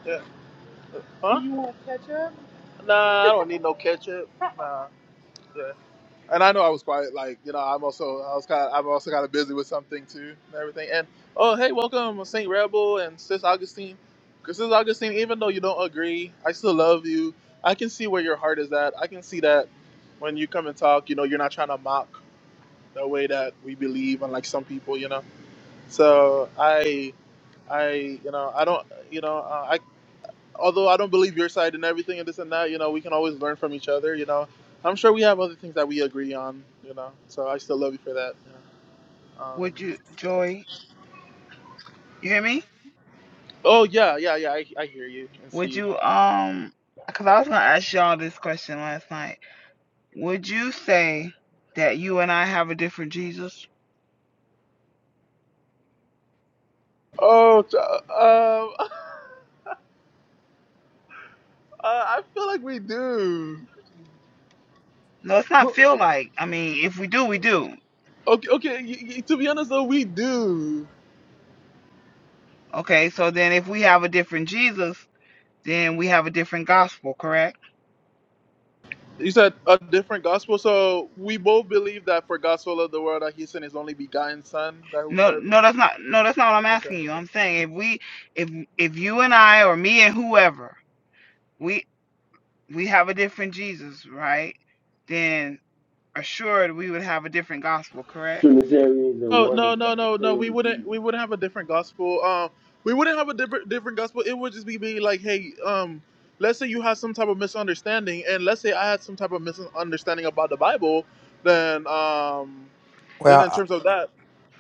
S1: yeah. Huh? You want ketchup? Nah, I don't need no ketchup. Nah, yeah. And I know I was quite like you know I'm also I was kind of, I've also kind of busy with something too and everything. And oh hey, welcome Saint Rebel and Sis Augustine. 'Cause Sis Augustine, even though you don't agree, I still love you. I can see where your heart is at. I can see that when you come and talk, you know, you're not trying to mock the way that we believe unlike some people you know so i i you know i don't you know uh, i although i don't believe your side and everything and this and that you know we can always learn from each other you know i'm sure we have other things that we agree on you know so i still love you for that you know? um,
S6: Would you, Joy, you hear me?
S1: oh yeah yeah yeah I, I hear you and see
S6: Would
S1: you
S6: you, um, because I was going to ask y'all this question last night. Would you say that you and I have a different Jesus?
S1: oh t- um uh, i feel like we do
S6: No, it's not feel like. I mean, if we do, we do.
S1: okay okay y- y- to be honest though we do
S6: Okay, so then if we have a different Jesus, then we have a different gospel, correct?
S1: You said a different gospel. So we both believe that for gospel of the world that he sent his only begotten son that
S6: No,
S1: whosoever.
S6: no, that's not. No, that's not what I'm
S1: Okay.
S6: asking you. I'm saying if we, if if you and I, or me and whoever, we we have a different Jesus, right? Then assured we would have a different gospel, correct?
S7: Trinitarians and
S1: No,
S7: oneness
S1: no, no,
S7: got the
S1: no, no. We
S7: same
S1: wouldn't.
S7: Jesus.
S1: We wouldn't have a different gospel. Um, we wouldn't have a different different gospel. It would just be be like, hey, um, let's say you had some type of misunderstanding, and let's say I had some type of misunderstanding about the Bible, then um, then
S2: Well,
S1: in
S2: I,
S1: terms of that,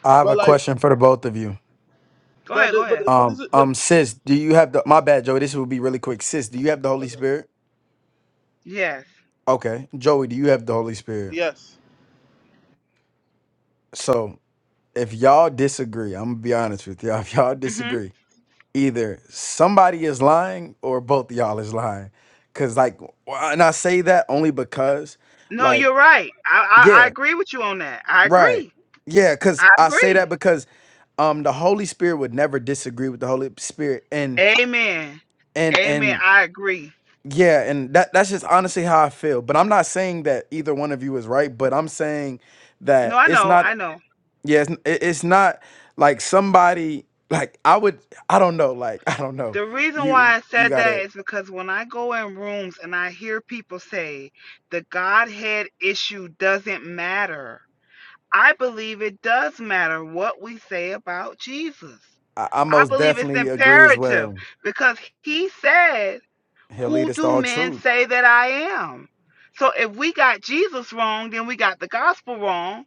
S2: I have
S1: but
S2: a
S1: like,
S2: question for the both of you.
S6: Go
S1: but
S6: ahead, go
S1: but
S6: ahead.
S1: but
S2: Um,
S1: this is but
S2: um, sis, do you have the? My bad, Joey. This will be really quick. Sis, do you have the Holy
S1: okay.
S2: Spirit?
S6: Yes.
S2: Okay, Joey, do you have the Holy Spirit?
S1: yes.
S2: So if y'all disagree, I'm gonna be honest with y'all. If y'all
S6: hmm
S2: disagree, either somebody is lying or both of y'all is lying. Cause like, and I say that only because,
S6: No,
S2: like,
S6: you're right. I, I I
S2: yeah,
S6: agree with you on that. I
S2: right,
S6: agree.
S2: yeah. Cause
S6: I
S2: I say
S6: agree.
S2: that because, um, the Holy Spirit would never disagree with the Holy Spirit, and
S6: Amen.
S2: and
S6: Amen.
S2: and
S6: I agree.
S2: yeah, and that that's just honestly how I feel. But I'm not saying that either one of you is right. But I'm saying
S6: No,
S2: that
S6: I
S2: it's
S6: know.
S2: not
S6: I know.
S2: Yeah, it's, it- it's not like somebody like I would I don't know like I don't know
S6: The reason why
S2: you
S6: I
S2: you
S6: said that
S2: gotta
S6: is because when I go in rooms and I hear people say the Godhead issue doesn't matter, I believe it does matter what we say about Jesus.
S2: I, I
S6: I
S2: most
S6: believe it's
S2: definitely agree as
S6: imperative
S2: well.
S6: because he said
S2: He'll
S6: Who
S2: lead us to
S6: do
S2: all
S6: men
S2: truth.
S6: say that I am? So if we got Jesus wrong, then we got the gospel wrong.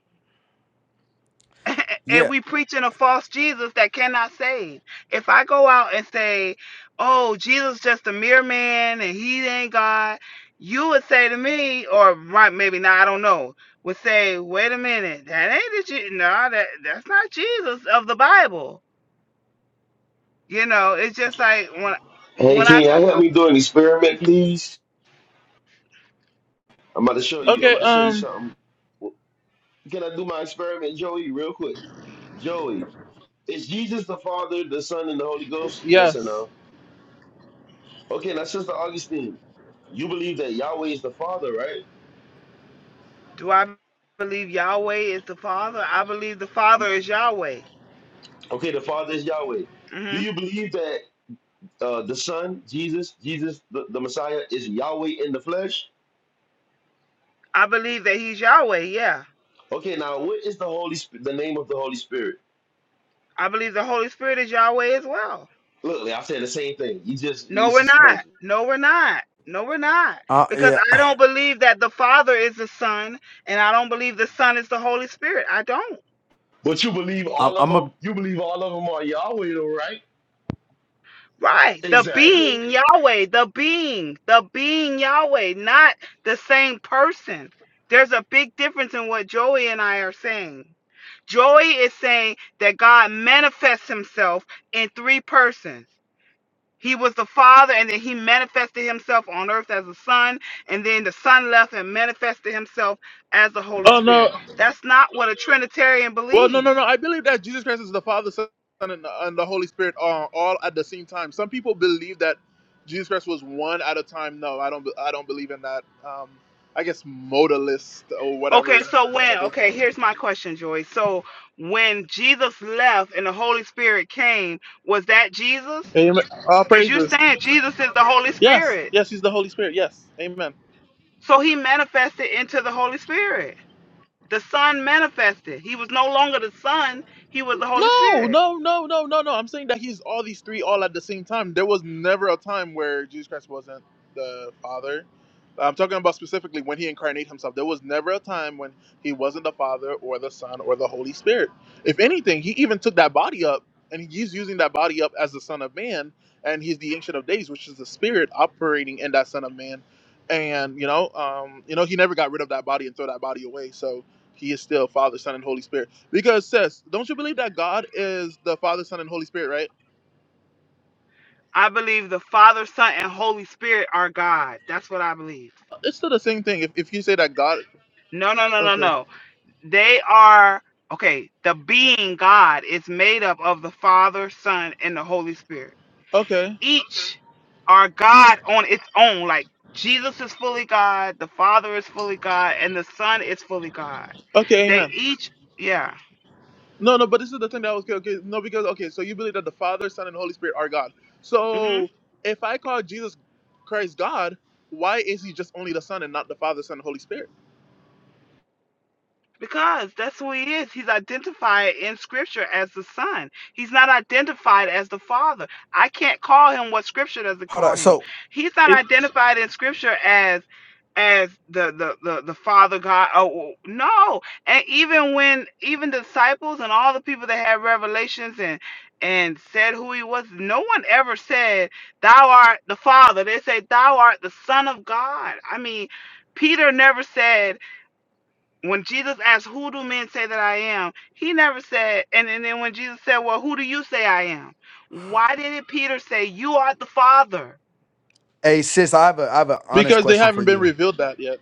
S6: and
S2: Yeah,
S6: we preaching a false Jesus that cannot save. If I go out and say, "Oh, Jesus just a mere man and he ain't God," you would say to me, or right, maybe not, I don't know, would say, "Wait a minute, that ain't the Je- no, that that's not Jesus of the Bible." You know, it's just like when
S7: Hey,
S6: when I
S7: can
S6: go.
S7: y'all help me do an experiment, please? I'm about to show you. I'm
S1: Okay.
S7: about to show you
S1: Um.
S7: something. Can I do my experiment, Joey, real quick? Joey, is Jesus the Father, the Son, and the Holy Ghost? Yes or
S1: Yes.
S7: no? Okay, now, Sister Augustine, you believe that Yahweh is the Father, right?
S6: Do I believe Yahweh is the Father? I believe the Father is Yahweh.
S7: Okay, the Father is Yahweh. Do
S6: hmm
S7: you believe that uh, the Son, Jesus, Jesus, the, the Messiah, is Yahweh in the flesh?
S6: I believe that He's Yahweh. Yeah.
S7: Okay, now, what is the Holy Spirit? The name of the Holy Spirit?
S6: I believe the Holy Spirit is Yahweh as well.
S7: Look, I said the same thing. You just,
S6: No,
S7: it's
S6: we're
S7: just
S6: not.
S7: crazy.
S6: No, we're not. No, we're not.
S2: uh,
S6: Because
S2: yeah.
S6: I don't believe that the Father is the Son, and I don't believe the Son is the Holy Spirit. I don't.
S7: But you believe
S2: I'm,
S7: all of
S2: I'm
S7: them.
S2: a
S7: You believe all of them are Yahweh, though, right?
S6: Right. The
S7: Exactly.
S6: being Yahweh, the being, the being Yahweh, not the same person. There's a big difference in what Joey and I are saying. Joy is saying that God manifests himself in three persons. He was the Father, and then he manifested himself on earth as the Son, and then the Son left and manifested himself as the Holy
S1: Oh
S6: Spirit.
S1: no.
S6: That's not what a Trinitarian
S1: Well, no, no,
S6: believes.
S1: no. I believe that Jesus Christ is the Father, Son, and the, and the Holy Spirit are all at the same time. Some people believe that Jesus Christ was one at a time. No, I don't. be- I don't believe in that. Um, I guess modalist or
S6: Okay,
S1: whatever.
S6: so when, okay, here's my question, Joy. So when Jesus left and the Holy Spirit came, was that Jesus?
S1: Amen. All
S6: Because you're
S1: praises.
S6: saying Jesus is the Holy
S1: Yes,
S6: Spirit.
S1: yes, he's the Holy Spirit. Yes, Amen.
S6: So he manifested into the Holy Spirit. The Son manifested. He was no longer the Son, he was the Holy
S1: No,
S6: Spirit.
S1: no, no, no, no, no. I'm saying that he's all these three all at the same time. There was never a time where Jesus Christ wasn't the Father. I'm talking about specifically when he incarnated himself. There was never a time when he wasn't the Father or the Son or the Holy Spirit. If anything, he even took that body up and he's using that body up as the Son of Man and he's the Ancient of Days, which is the Spirit operating in that Son of Man. And you know, um, you know, he never got rid of that body and throw that body away. So he is still Father, Son, and Holy Spirit. Because sis, don't you believe that God is the Father, Son, and Holy Spirit, right?
S6: I believe the Father, Son, and Holy Spirit are God. That's what I believe.
S1: It's still the same thing. If, if you say that God,
S6: No, no, no, no,
S1: okay,
S6: no. They are, okay, the being God is made up of the Father, Son, and the Holy Spirit.
S1: okay,
S6: Each are God on its own. Like Jesus is fully God, the Father is fully God, and the Son is fully God.
S1: okay,
S6: They
S1: Amen.
S6: each, yeah.
S1: No, no, but this is the thing that was okay. okay no, because okay, so you believe that the Father, Son, and Holy Spirit are God.
S6: mm-hmm.
S1: So if I call Jesus Christ God, why is He just only the Son and not the Father, Son, and Holy Spirit?
S6: Because that's who he is. He's identified in Scripture as the Son. He's not identified as the Father. I can't call him what Scripture doesn't
S2: hold
S6: call
S2: on.
S6: him.
S2: So,
S6: He's not
S1: It,
S6: identified in Scripture as as the the the, the Father God. Oh oh, no! And even when even disciples and all the people that had revelations and and said who he was, no one ever said, "Thou art the Father." They say, "Thou art the Son of God." I mean, Peter never said when Jesus asked, Who do men say that I am? He never said, and, and then when Jesus said, Well, who do you say I am? Why didn't Peter say, You are the Father?
S2: hey sis, I have a I have an honest
S1: because they
S6: I-
S2: question for
S1: haven't been
S2: you.
S1: revealed that yet.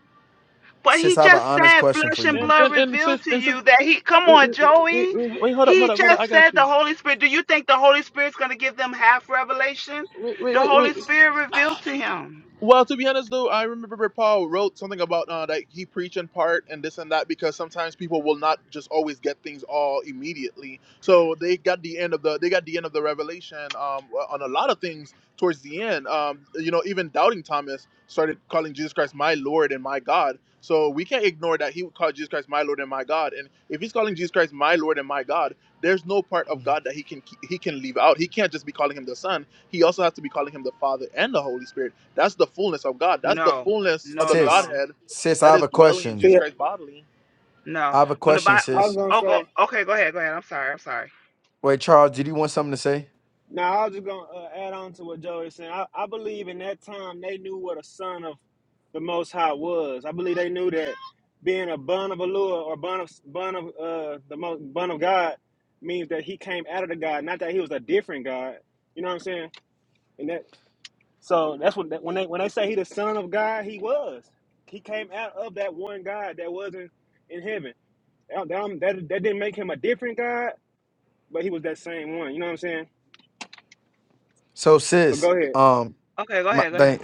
S6: But
S2: Sis,
S6: he
S2: I have an
S6: just
S2: honest
S6: said,
S2: question
S6: Flesh
S2: for
S6: and
S2: you.
S1: And
S6: blood
S1: and and sis,
S6: revealed to
S1: and sis,
S6: you that he, come
S1: wait,
S6: on,
S1: wait, wait,
S6: Joey.
S1: wait, wait, wait, hold up,
S6: He
S1: hold up, hold up. I
S6: just
S1: got
S6: said the
S1: you.
S6: Holy Spirit. Do you think the Holy Spirit's going to give them half revelation?
S1: Wait, wait,
S6: The
S1: wait,
S6: Holy
S1: wait.
S6: Spirit revealed to him.
S1: Well, to be honest, though, I remember Paul wrote something about uh, that he preached in part and this and that because sometimes people will not just always get things all immediately. So they got the end of the they got the end of the revelation um, well, on a lot of things towards the end. Um, you know, even doubting Thomas started calling Jesus Christ my Lord and my God. So we can't ignore that he would call Jesus Christ my Lord and my God. And if he's calling Jesus Christ my Lord and my God, there's no part of God that he can he can leave out. He can't just be calling him the Son. He also has to be calling him the Father and the Holy Spirit that's the fullness of God. That's the
S6: No,
S1: fullness of
S6: no,
S1: the
S6: no,
S2: Sis,
S6: no,
S1: Godhead
S2: sis, I
S1: that
S2: have
S1: is
S2: a
S1: dwelling in
S2: question.
S1: Jesus
S5: See,
S1: Christ bodily.
S2: I
S6: no.
S2: have a
S6: When the
S2: question,
S6: Bible,
S5: I was
S2: sis.
S5: gonna
S6: oh, go,
S5: say.
S6: okay, go ahead, go ahead. I'm sorry, I'm sorry.
S2: Wait, Charles, did you want something to say?
S5: Now I was just gonna uh, add on to what Joey said. I, I believe in that time they knew what a son of the Most High was. I believe they knew that being a bun of Allah or bun of bun of uh, the most bun of God means that he came out of the God, not that he was a different God. You know what I'm saying? And that so that's what that, when they when they say he the son of God, he was. He came out of that one God that wasn't in in heaven. That, that, that that didn't make him a different God, but he was that same one. You know what I'm saying?
S2: So,
S5: But
S2: sis,
S5: go ahead.
S2: um,
S6: Okay, go ahead, go
S2: my,
S6: ahead.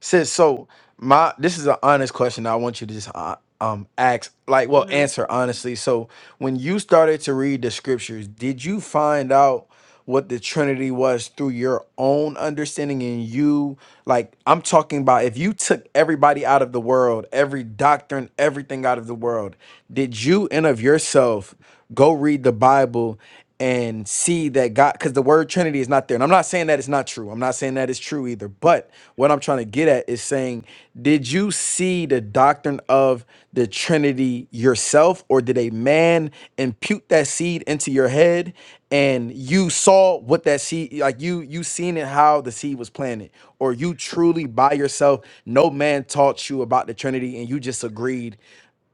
S2: Sis, so my this is an honest question. I want you to just uh, um ask, like, well,
S6: Mm-hmm.
S2: answer honestly. So when you started to read the scriptures, did you find out what the Trinity was through your own understanding and you like I'm talking about if you took everybody out of the world, every doctrine, everything out of the world, did you and of yourself go read the Bible and see that God, because the word Trinity is not there. And I'm not saying that it's not true. I'm not saying that it's true either. But what I'm trying to get at is saying, did you see the doctrine of the Trinity yourself, or did a man impute that seed into your head and you saw what that seed, like you you seen it how the seed was planted, or you truly by yourself, no man taught you about the Trinity and you just agreed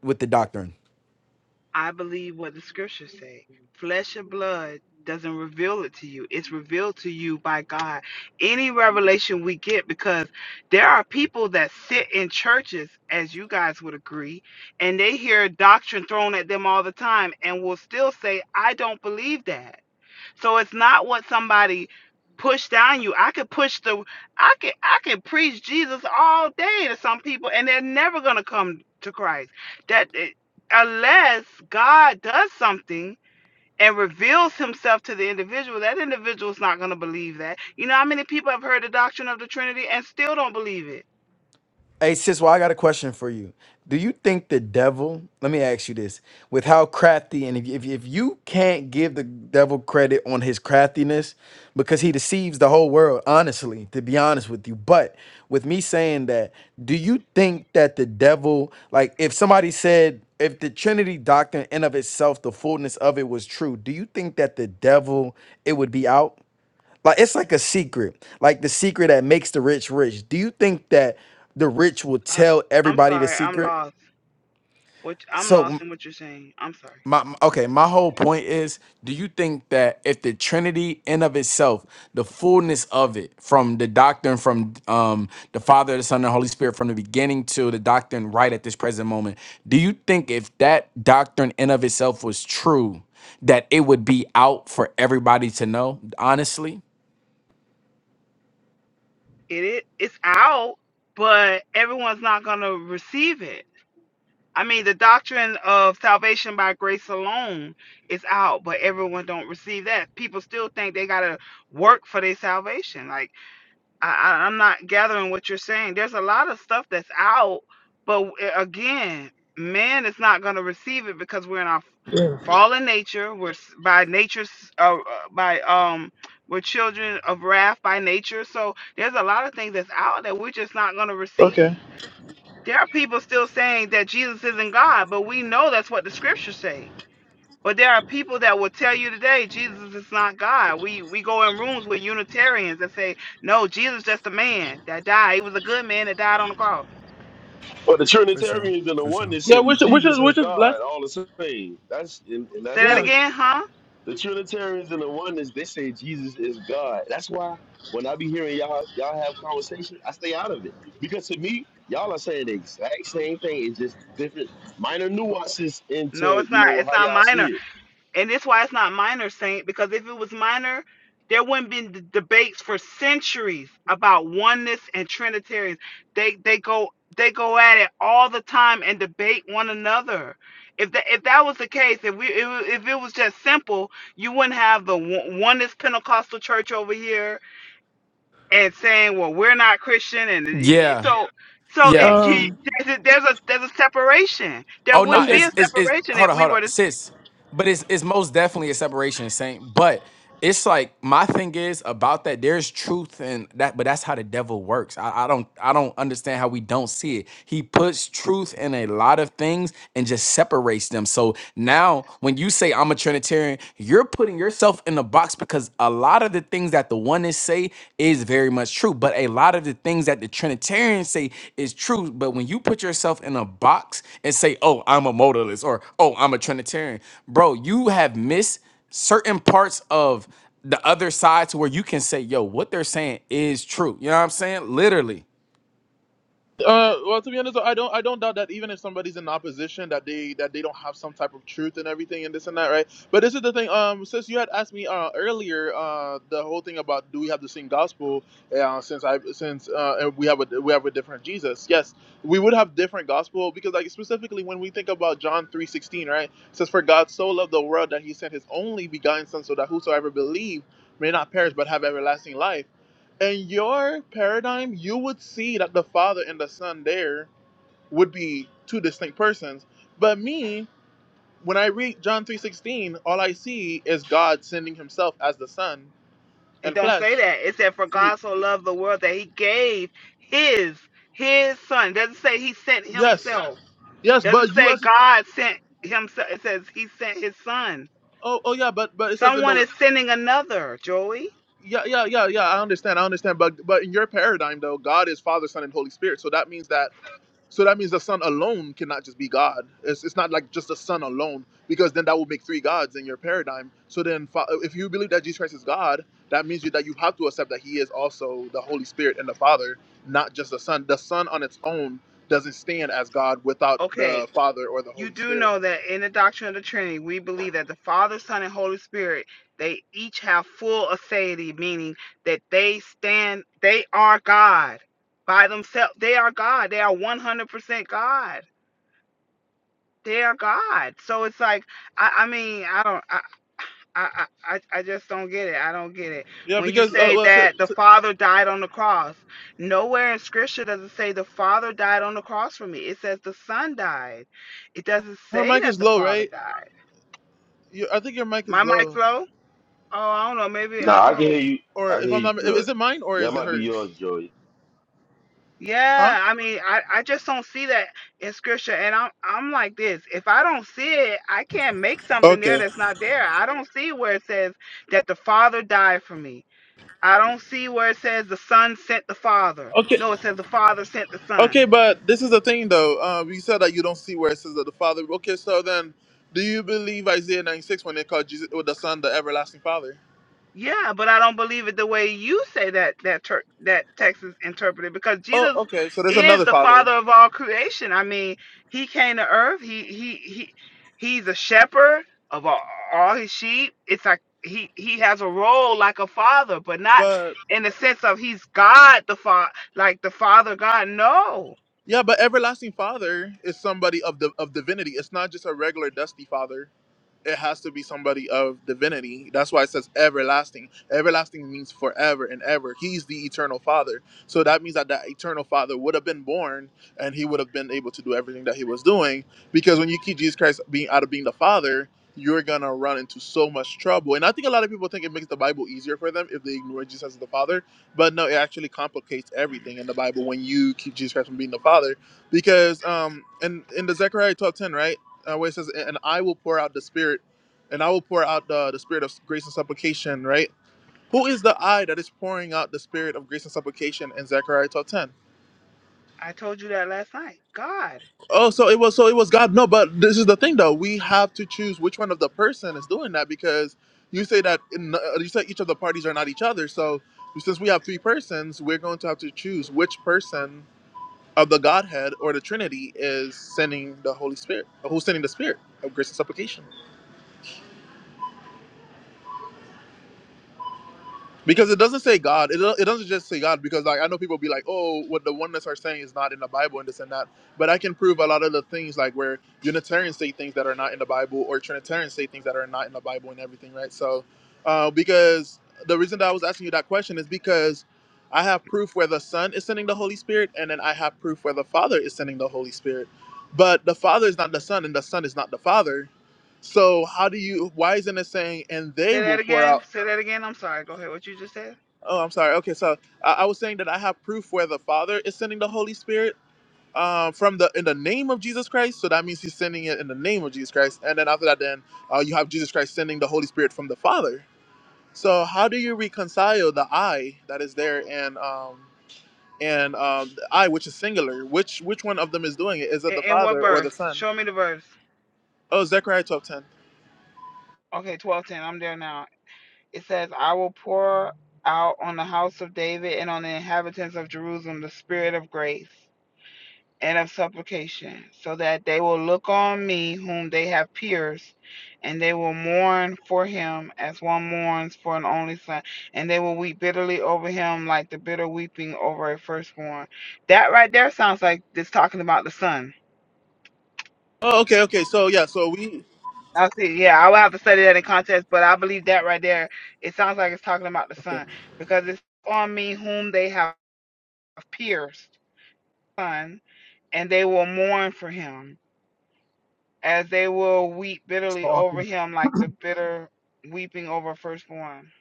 S2: with the doctrine?
S6: I believe what the scriptures say. Flesh and blood doesn't reveal it to you. It's revealed to you by God. Any revelation we get, because there are people that sit in churches, as you guys would agree, and they hear doctrine thrown at them all the time and will still say, I don't believe that. So it's not what somebody pushed down you. I could push the I could I could preach Jesus all day to some people and they're never going to come to Christ. That it- unless God does something and reveals himself to the individual, that individual's not going to believe that. You know how many people have heard the doctrine of the Trinity and still don't believe it?
S2: Hey sis, well, I got a question for you. Do you think the devil? Let me ask you this: with how crafty, and if if, if you can't give the devil credit on his craftiness, because he deceives the whole world, honestly, to be honest with you. But with me saying that, do you think that the devil, like, if somebody said if the Trinity doctrine in of itself, the fullness of it was true, do you think that the devil it would be out? Like it's like a secret, like the secret that makes the rich rich. Do you think that the rich will
S6: I,
S2: tell
S6: I'm
S2: everybody the
S6: sorry, I'm
S2: secret?
S6: lost. What I'm
S2: So
S6: lost
S2: m-
S6: in what you're saying. I'm sorry.
S2: my m- okay, my whole point is, do you think that if the Trinity in of itself, the fullness of it, from the doctrine from um the Father, the Son, and the Holy Spirit, from the beginning to the doctrine right at this present moment, do you think if that doctrine in of itself was true, that it would be out for everybody to know? Honestly,
S6: It, it it's out, but everyone's not going to receive it I mean, the doctrine of salvation by grace alone is out, but everyone don't receive that. People still think they gotta work for their salvation. Like I, I, I'm not gathering what you're saying. There's a lot of stuff that's out, but w- again, man is not gonna receive it because we're in our fallen nature. We're s- by nature, s- uh, uh, by um, we're children of wrath by nature. So there's a lot of things that's out that we're just not gonna receive.
S1: Okay.
S6: There are people still saying that Jesus isn't God, but we know that's what the scriptures say. But there are people that will tell you today Jesus is not God. We we go in rooms with Unitarians that say, No, Jesus just a man that died. He was a good man that died on the cross.
S7: But the Trinitarians and the oneness
S1: Yeah,
S7: say
S1: which which is
S7: Jesus is
S1: which is
S7: God,
S1: blessed.
S7: all the same. That's and, and
S6: Say
S7: that's
S6: that
S1: Yeah.
S7: what
S6: again, huh?
S7: the Trinitarians and the oneness they say Jesus is God. That's why when I be hearing y'all y'all have conversation, I stay out of it because to me y'all are saying the exact same thing. It's just different minor nuances
S6: No,
S7: into
S6: it's
S7: you
S6: not.
S7: know
S6: It's
S7: how
S6: not
S7: y'all
S6: minor.
S7: see it.
S6: And that's why it's not minor saint, because if it was minor, there wouldn't been d- debates for centuries about oneness and Trinitarians. They they go they go at it all the time and debate one another. If that if that was the case, if we if, if it was just simple, you wouldn't have the one- oneness Pentecostal church over here and saying, well, we're not Christian, and it- so.
S2: yeah,
S6: Yeah. So
S2: yeah.
S6: it, you,
S1: Um.
S6: there's a there's a there's a separation. There
S2: Oh no,
S6: wouldn't be
S1: Okay.
S6: a
S2: it's it's it's
S6: separation if
S2: hold on,
S6: we
S2: hold on,
S6: were to
S2: sis. But it's it's most definitely a separation, saint. But it's like my thing is about that. There's truth in that, but that's how the devil works. I, I don't I don't understand how we don't see it. He puts truth in a lot of things and just separates them. So now when you say I'm a Trinitarian, you're putting yourself in the box because a lot of the things that the oneness say is very much true, but a lot of the things that the Trinitarians say is true. But when you put yourself in a box and say, "Oh, I'm a modalist," or "Oh, I'm a Trinitarian," bro, you have missed certain parts of the other side to where you can say, "Yo, what they're saying is true." You know what I'm saying? Literally.
S1: Uh, well, to be honest, I don't, I don't doubt that even if somebody's in opposition, that they, that they don't have some type of truth and everything and this and that, right? But this is the thing. Um, since you had asked me uh, earlier, uh, the whole thing about do we have the same gospel? Uh, since I, since uh, we have a, we have a different Jesus. Yes, we would have different gospel because, like, specifically when we think about John three sixteen, right? It says, "For God so loved the world that He sent His only begotten Son, so that whosoever believe may not perish but have everlasting life." In your paradigm, you would see that the Father and the Son there would be two distinct persons. But me, when I read John 3:16, all I see is God sending himself as the Son
S6: It
S1: and
S6: don't say
S1: flesh.
S6: that. It said, "For God so loved the world that He gave His His Son." It doesn't say He sent
S1: Yes.
S6: Himself.
S1: Yes,
S6: doesn't
S1: but you
S6: say
S1: as
S6: God sent Himself. It says He sent His Son.
S1: Oh, oh yeah, but but it says in
S6: Someone
S1: the
S6: is sending another. Joey.
S1: yeah, yeah, yeah, yeah, I understand. I understand, but but in your paradigm though, God is Father, Son and Holy Spirit. So that means that So that means the Son alone cannot just be God. It's, it's not like just the Son alone, because then that would make three gods in your paradigm. So then, fa- if you believe that Jesus Christ is God, that means you, that you have to accept that He is also the Holy Spirit and the Father, not just the Son. The Son on its own doesn't stand as God without
S6: Okay,
S1: the Father or the
S6: you
S1: Holy
S6: do
S1: Spirit.
S6: know that in the doctrine of the Trinity, we believe that the Father, Son, and Holy Spirit they each have full aseity, meaning that they stand. They are God by themselves. They are God. They are one hundred percent God. They are God. So it's like I, I mean I don't I, I, I, I just don't get it. I don't get it.
S1: Yeah,
S6: When you
S1: because uh,
S6: say
S1: well, so,
S6: that the
S1: so
S6: Father died on the cross, nowhere in Scripture does it say the Father died on the cross for me. It says the Son died. It doesn't
S1: her
S6: say
S1: mic
S6: that
S1: is
S6: the
S1: low,
S6: Father
S1: right?
S6: died.
S1: You, I think your mic is
S6: My mic's
S1: low,
S6: low. Oh, I don't know. Maybe I
S7: Nah, I
S6: don't
S7: can
S6: know.
S7: hear you.
S1: or
S7: I can
S1: if
S7: hear
S1: I'm
S7: you
S1: not,
S7: good.
S1: is it mine or
S7: That
S1: is it
S7: might be
S1: hers?
S7: yours, Joey.
S1: Huh?
S6: Yeah, I mean, I, I just don't see that in scripture. And I'm I'm like this. If I don't see it, I can't make something there
S1: Okay.
S6: that's not there. I don't see where it says that the Father died for me. I don't see where it says the Son sent the Father.
S1: Okay.
S6: No, it says the Father sent the Son.
S1: Okay, but this is the thing though. Um, you said that you don't see where it says that the Father. Okay, so then, do you believe Isaiah 96 when they call Jesus with the Son the everlasting Father?
S6: Yeah, but I don't believe it the way you say that that ter- that
S1: Uh,
S6: text is interpreted because
S1: Oh,
S6: Jesus
S1: okay. So there's
S6: is
S1: another
S6: the father
S1: Father,
S6: of all creation. I mean, he came to earth. He he he he's a shepherd of all, all his sheep. It's like he he has a role like a father, but not
S1: but
S6: in the sense of he's God the father, like the father God. No.
S1: yeah, but everlasting Father is somebody of the of divinity. It's not just a regular dusty Father. it has to be somebody of divinity. That's why it says everlasting. Everlasting means forever and ever. He's the eternal Father. So that means that that eternal Father would have been born and he would have been able to do everything that he was doing. Because when you keep Jesus Christ being out of being the Father, you're gonna run into so much trouble. And I think a lot of people think it makes the Bible easier for them if they ignore Jesus as the Father. But no, it actually complicates everything in the Bible when you keep Jesus Christ from being the Father. Because um in, in the Zechariah twelve ten, right? uh, where it says, "And I will pour out the spirit, and I will pour out the the spirit of grace and supplication." Right? Who is the I that is pouring out the spirit of grace and supplication in Zechariah twelve ten?
S6: I told you that last night. God.
S1: Oh, so it was so it was God. No, but this is the thing though. We have to choose which one of the person is doing that because you say that in, uh, you said each of the parties are not each other. So since we have three persons, we're going to have to choose which person of the Godhead or the Trinity is sending the Holy Spirit, who's sending the Spirit of grace and supplication. Because it doesn't say God. It, do- it doesn't just say God. Because like I know people be like, oh, what the oneness are saying is not in the Bible and this and that. But I can prove a lot of the things like where Unitarians say things that are not in the Bible, or Trinitarians say things that are not in the Bible and everything, right? So, uh, because the reason that I was asking you that question is because I have proof where the Son is sending the Holy Spirit, and then I have proof where the Father is sending the Holy Spirit. But the Father is not the Son, and the Son is not the Father. So how do you? Why isn't it saying, and they
S6: Say that
S1: will pour
S6: again.
S1: out?
S6: Say that again. I'm sorry. Go ahead. What you just said?
S1: Oh, I'm sorry. Okay, so I, I was saying that I have proof where the Father is sending the Holy Spirit uh, from the in the name of Jesus Christ. So that means He's sending it in the name of Jesus Christ. And then after that, then uh, you have Jesus Christ sending the Holy Spirit from the Father. So how do you reconcile the I that is there and um, and um, the I which is singular? Which which one of them is doing it? Is it
S6: In,
S1: the
S6: in what
S1: Father or the
S6: verse?
S1: Son?
S6: Show me the verse.
S1: Oh, Zechariah 12:10.
S6: Okay, twelve ten. I'm there now. It says, "I will pour out on the house of David and on the inhabitants of Jerusalem the spirit of grace and of supplication, so that they will look on me whom they have pierced, and they will mourn for him as one mourns for an only son, and they will weep bitterly over him like the bitter weeping over a firstborn." That right there sounds like it's talking about the son.
S1: Oh, okay, okay. So yeah, so we.
S6: I see. Yeah, I would have to study that in context, but I believe that right there, it sounds like it's talking about the son because it's on me whom they have pierced, son, and they will mourn for him as they will weep
S8: It's
S6: bitterly over
S8: awesome.
S6: him like the bitter weeping over firstborn.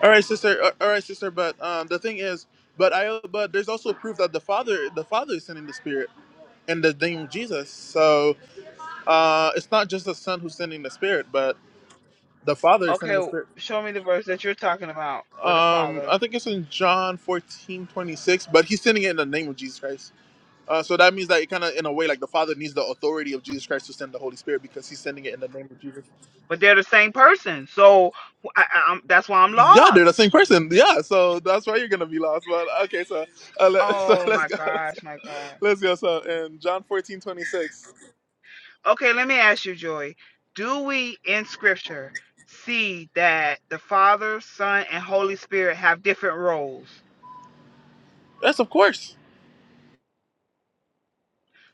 S1: All right, sister. uh, All right, sister. But um, the thing is, but I but there's also proof that the Father the Father is sending the Spirit in the name of Jesus. So uh, it's not just the Son who's sending the Spirit, but the Father is sending the
S6: Okay,
S1: Spirit.
S6: show me the verse that you're talking about with the
S1: Um,
S6: father.
S1: I think it's in John 14 26. but he's sending it in the name of Jesus Christ. Uh, so that means that it kind of, in a way, like the Father needs the authority of Jesus Christ to send the Holy Spirit because he's sending it in the name of Jesus.
S6: But they're the same person, so I, I, I'm, that's why I'm
S1: Yeah, they're
S6: lost.
S1: the same person. Yeah, so that's why you're gonna be lost. But okay, so uh, let, so
S6: Oh
S1: let's
S6: my
S1: go, let's go,
S6: gosh, my gosh.
S1: let's go. So in John fourteen twenty six, 26,
S6: Okay, let me ask you, Joy. Do we in scripture see that the Father, Son, and Holy Spirit have different roles?
S1: yes, of course.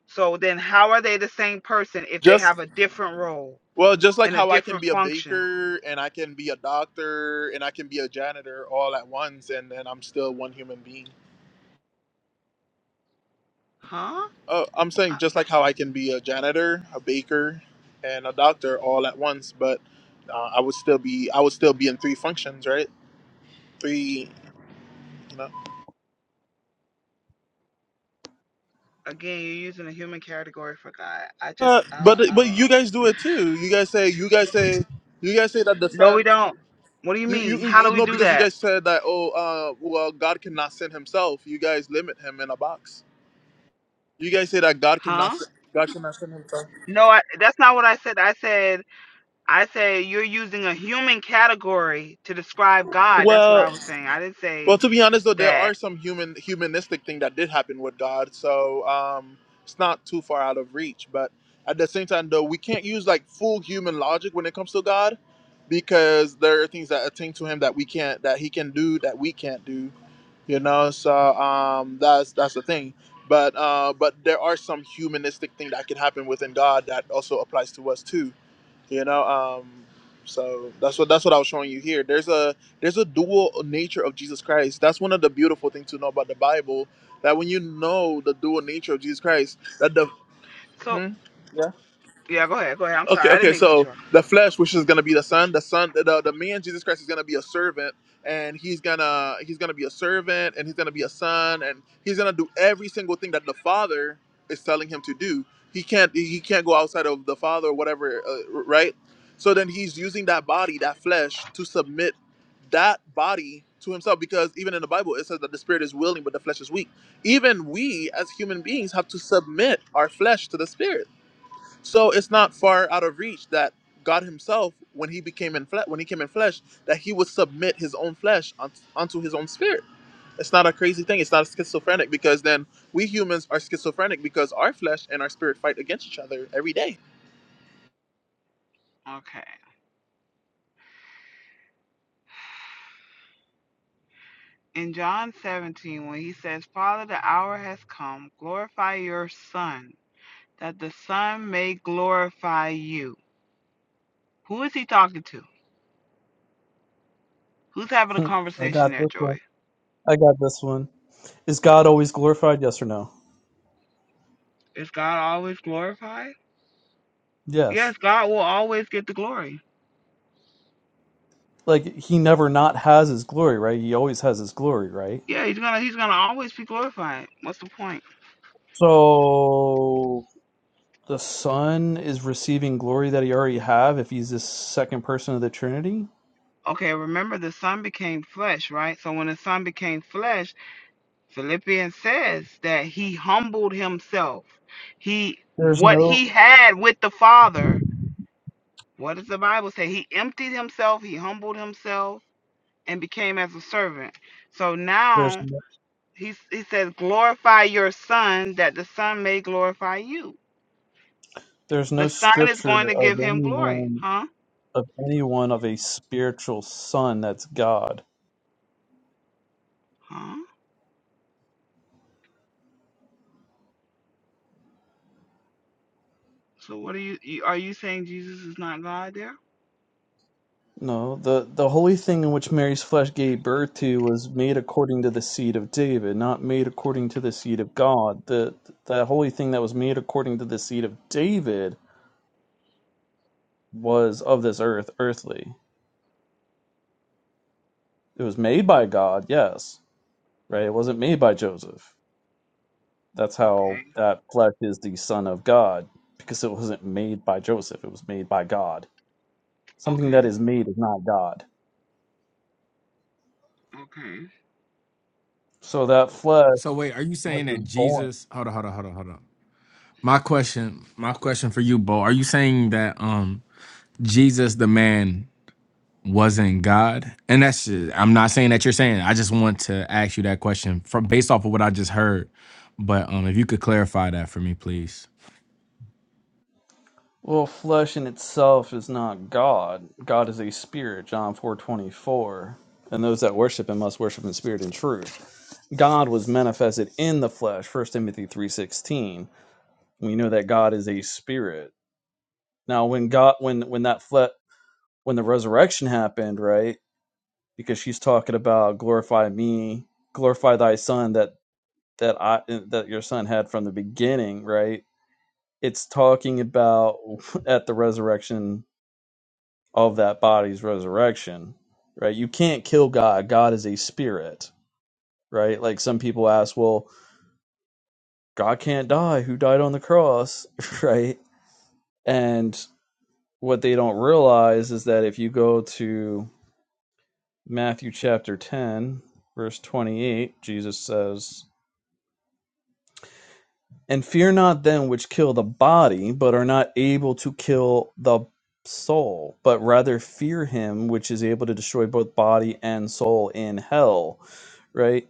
S6: So then how are they the same person if they
S1: Just
S6: have a different role
S1: well, just like
S6: and a
S1: how I can
S6: different
S1: be a
S6: function?
S1: baker and I can be a doctor and I can be a janitor all at once, and then I'm still one human being.
S6: Huh?
S1: Oh, I'm
S6: I-
S1: saying just like how I can be a janitor, a baker, and a doctor all at once, but uh, I would still be I would still be in three functions, right? Three, you know.
S6: Again, you're using a human category for God. I just
S1: Uh,
S6: I
S1: but
S6: don't I
S1: but
S6: don't
S1: you
S6: know.
S1: guys do it too. You guys say you guys say you guys say that the
S6: No, we
S1: son.
S6: don't. What do you
S1: You
S6: mean?
S1: you
S6: How
S1: you
S6: do we
S1: know
S6: do
S1: because you
S6: that?
S1: guys said that oh uh well God cannot send Himself. You guys limit Him in a box. You guys say that God cannot
S6: Huh?
S1: s- God cannot send Himself.
S6: No, I, that's not what I said. I said I said you're using a human category to describe God. That's what I
S1: Well,
S6: was saying. I didn't say
S1: Well, to be honest, though, there are
S6: that.
S1: some human humanistic thing that did happen with God, so um, it's not too far out of reach. But at the same time, though, we can't use like full human logic when it comes to God, because there are things that attain to Him that we can't, that He can do, that we can't do. You know, so um, that's that's the thing. But uh, but there are some humanistic thing that can happen within God that also applies to us too. You know, um, so that's what that's what I was showing you here. There's a there's a dual nature of Jesus Christ. That's one of the beautiful things to know about the Bible. That when you know the dual nature of Jesus Christ, that the
S6: So
S1: hmm?
S6: yeah, go ahead, go ahead. I'm
S1: Okay,
S6: sorry, I didn't
S1: okay.
S6: mean to cut
S1: So
S6: you off.
S1: the flesh, which is going to be the son, the son, the, the man Jesus Christ is going to be a servant, and he's gonna he's gonna be a servant, and he's gonna be a son, and he's gonna do every single thing that the Father is telling him to do. He can't he can't go outside of the Father or whatever, uh, right? So then he's using that body, that flesh, to submit that body to himself because even in the Bible it says that the spirit is willing but the flesh is weak. Even we as human beings have to submit our flesh to the spirit so it's not far out of reach that God Himself, when He became in flesh, when He came in flesh, that He would submit His own flesh un- unto His own spirit. It's not a crazy thing. It's not schizophrenic because then we humans are schizophrenic because our flesh and our spirit fight against each other every day.
S6: Okay. In John 17, when he says, Father, the hour has come, glorify your Son, that the Son may glorify you. Who is he talking to? Who's having a
S8: I
S6: conversation
S8: got
S6: there,
S8: this one.
S6: Joy?
S8: I got this one. Is God always glorified? Yes or no?
S6: Is God always glorified? Yes,
S8: Yes.
S6: God will always get the glory.
S8: Like he never not has his glory, right? He always has his glory, right?
S6: Yeah, he's gonna he's gonna always be glorified. What's the point?
S8: So the Son is receiving glory that he already have if he's this second person of the Trinity.
S6: Okay, remember the Son became flesh, right? So when the Son became flesh, Philippians says that he humbled himself. He
S8: There's
S6: what
S8: no
S6: he had with the Father, what does the Bible say? He emptied himself, he humbled himself and became as a servant. So
S8: there's
S6: now
S8: no,
S6: he, he says, glorify your son that the son may glorify you.
S8: there's
S6: The
S8: no
S6: son is
S8: scripture
S6: going to
S8: of
S6: give him glory.
S8: anyone
S6: Huh?
S8: of anyone of a spiritual son that's God.
S6: Huh? So what are you you- are you saying Jesus is not God there?
S8: No, the, the holy thing in which Mary's flesh gave birth to was made according to the seed of David, not made according to the seed of God. The the holy thing that was made according to the seed of David was of this earth, earthly. It was made by God, yes, right? It wasn't made by Joseph. That's how
S6: Okay.
S8: that flesh is the son of God, because it wasn't made by Joseph. It was made by God. Something
S6: Okay.
S8: that is made is not God.
S6: Okay.
S8: So that flesh
S2: So wait, are you saying
S8: was
S2: that
S8: born.
S2: Jesus? Hold on, hold on, hold on, hold on. My question, my question for you, Bo, are you saying that um Jesus, the man? wasn't God? And that's just, I'm not saying that you're saying. it. I just want to ask you that question from based off of what I just heard. But um, if you could clarify that for me, please.
S8: Well, flesh in itself is not God. God is a spirit, John four twenty four. And those that worship him must worship in spirit and truth. God was manifested in the flesh, First Timothy three sixteen. We know that God is a spirit. Now when God when when that fle- when the resurrection happened, right? Because she's talking about glorify me, glorify thy son that that I that your son had from the beginning, right? It's talking about at the resurrection of that body's resurrection, right? You can't kill God. God is a spirit, right? Like some people ask, well, God can't die. Who died on the cross, right? And what they don't realize is that if you go to Matthew chapter 10, verse 28, Jesus says, And fear not them which kill the body, but are not able to kill the soul, but rather fear him which is able to destroy both body and soul in hell right?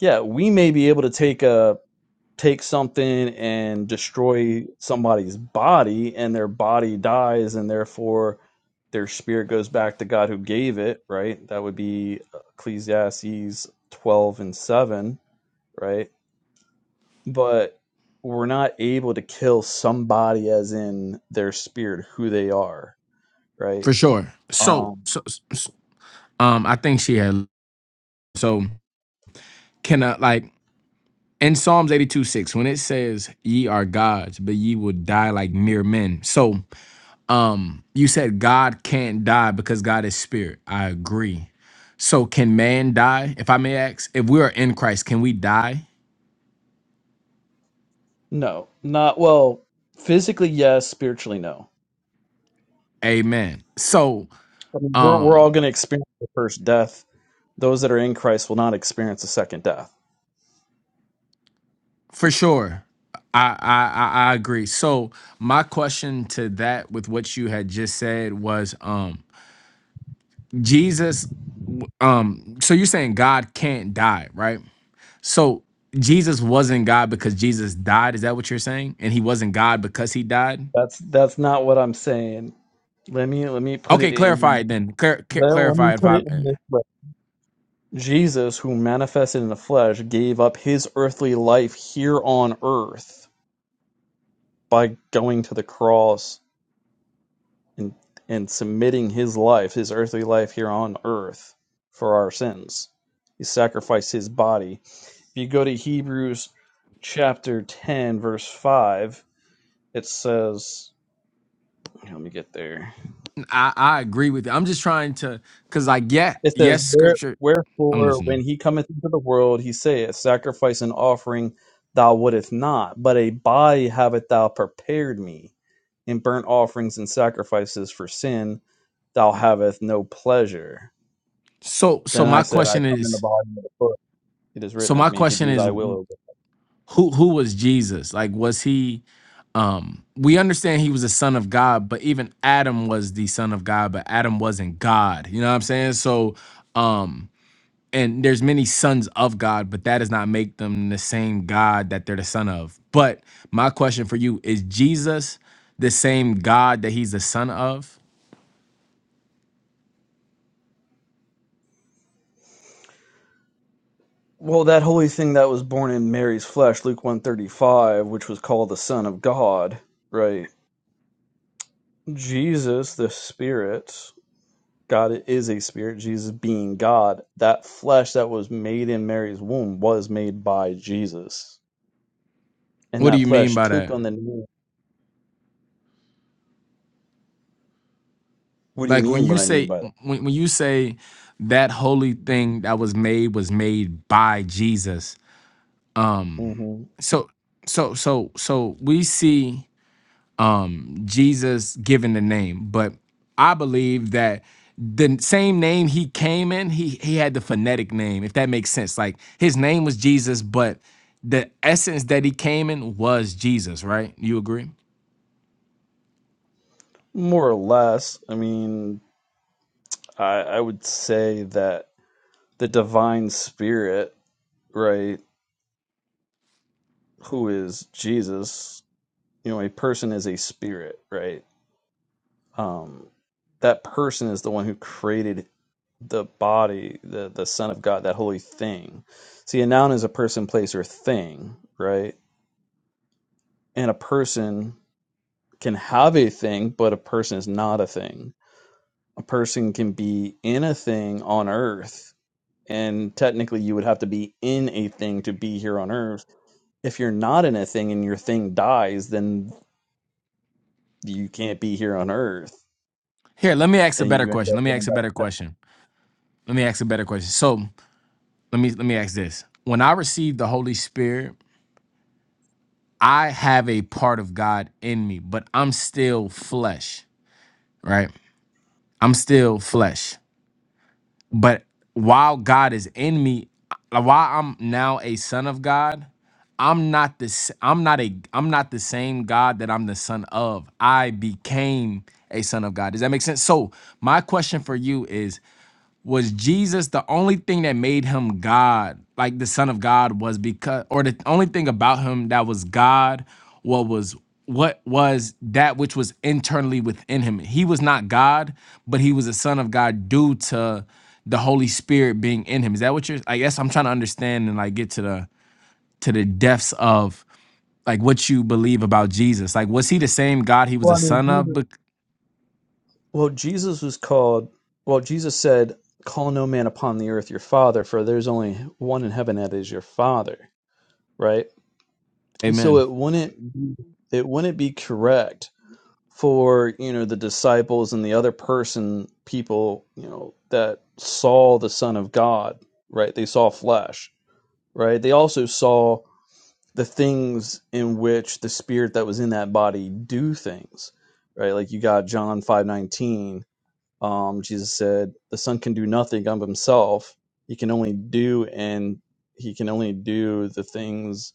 S8: yeah, we may be able to take a take something and destroy somebody's body and their body dies and therefore their spirit goes back to God who gave it, right? That would be Ecclesiastes 12 and 7, right? But we're not able to kill somebody as in their spirit who they are, right?
S2: For sure. So,
S8: Um
S2: so, so um, I think she had. So, can I like in Psalms 82, 6, when it says, "Ye are gods, but ye will die like mere men." So, um, you said God can't die because God is spirit. I agree. So, can man die? If I may ask, if we are in Christ, can we die?
S8: no, not well, physically yes, spiritually no.
S2: Amen. So,
S8: I mean, we're, we're all
S2: um,
S8: going to experience the first death Those that are in Christ will not experience a second death.
S2: for sure, I I I I agree. So, my question to that with what you had just said was, um, Jesus, w- um, so you're saying God can't die, right? So Jesus wasn't God because Jesus died. Is that what you're saying? And he wasn't God because he died.
S8: That's that's not what I'm saying. Let me let me put it
S2: Okay, clarify
S8: in
S2: it then. Clar- ca-
S8: let, let me
S2: clarify if
S8: put
S2: I,
S8: it in this way. Jesus, who manifested in the flesh, gave up his earthly life here on earth by going to the cross and and submitting his life, his earthly life here on earth for our sins. He sacrificed his body If you go to Hebrews chapter 10, verse 5, it says, let me get there.
S2: I I agree with you. I'm just trying to, cause like yeah,
S8: It says,
S2: yes,
S8: "Where-
S2: scripture. I'm
S8: Wherefore, when
S2: listening.
S8: he cometh into the world, he saith, Sacrifice and offering thou wouldest not, but a body haveth thou prepared me. In burnt offerings and sacrifices for sin thou havest no pleasure.
S2: So
S8: Then
S2: so
S8: I
S2: my
S8: said, I
S2: question
S8: come in the
S2: is.
S8: body of the foot. It is
S2: So
S8: written of
S2: my
S8: me to
S2: question
S8: do
S2: is
S8: thy will, O
S2: who who was Jesus? Like was he um we understand he was a son of God, but even Adam was the son of God, but Adam wasn't God. You know what I'm saying? So um and there's many sons of God, but that does not make them the same God that they're the son of. But my question for you is Jesus the same God that he's the son of?
S8: Well, that holy thing that was born in Mary's flesh, Luke 135, which was called the Son of God, right? Jesus, the Spirit, God is a spirit, Jesus being God, that flesh that was made in Mary's womb was made by Jesus. And
S2: What do you
S8: that
S2: mean
S8: flesh
S2: by
S8: took
S2: that?
S8: on the name. What do you
S2: Like when
S8: mean what
S2: you
S8: I mean
S2: say
S8: by
S2: when, when you say that holy
S8: that?
S2: thing that was made was made by Jesus.
S8: hmm
S2: So so so so we see um Jesus given the name, but I believe that the same name he came in, he he had the phonetic name, if that makes sense. Like his name was Jesus, but the essence that he came in was Jesus, right? You agree?
S8: More or less, I mean, I, I would say that the divine spirit, right, who is Jesus, you know a person is a spirit right um that person is the one who created the body the the son of god that holy thing see a noun is a person place or thing right and a person can have a thing but a person is not a thing a person can be in a thing on earth and technically you would have to be in a thing to be here on earth if you're not in a thing and your thing dies then you can't be here on earth
S2: Here, let me ask a
S8: and
S2: better
S8: you end
S2: question.
S8: up
S2: Let me
S8: going
S2: ask a better question. Let me ask a better question. So let me let me ask this when i receive the holy spirit i have a part of god in me but i'm still flesh right i'm still flesh but while god is in me uh, while i'm now a son of god i'm not this i'm not a i'm not the same god that i'm the son of i became a son of god does that make sense so my question for you is was Jesus the only thing that made him God, like the Son of God, was because, or the only thing about him that was God, what was what was that which was internally within him. He was not God, but he was a Son of God due to the Holy Spirit being in him. Is that what you're? I guess I'm trying to understand and like get to the to the depths of like what you believe about Jesus. Like, was he the same God he was
S8: Well,
S2: a
S8: I mean,
S2: son of?
S8: Jesus,
S2: Bec-
S8: Well, Jesus was called, well, Jesus said, Call no man upon the earth your father, for there's only one in heaven that is your father, right? And So
S2: Amen.
S8: it wouldn't be, it wouldn't be correct for, you know, the disciples and the other person, people, you know, that saw the Son of God, right? They saw flesh, right? They also saw the things in which the spirit that was in that body do things, right? Like you got John 5:19 Um, Jesus said, "The Son can do nothing of Himself; He can only do, and He can only do the things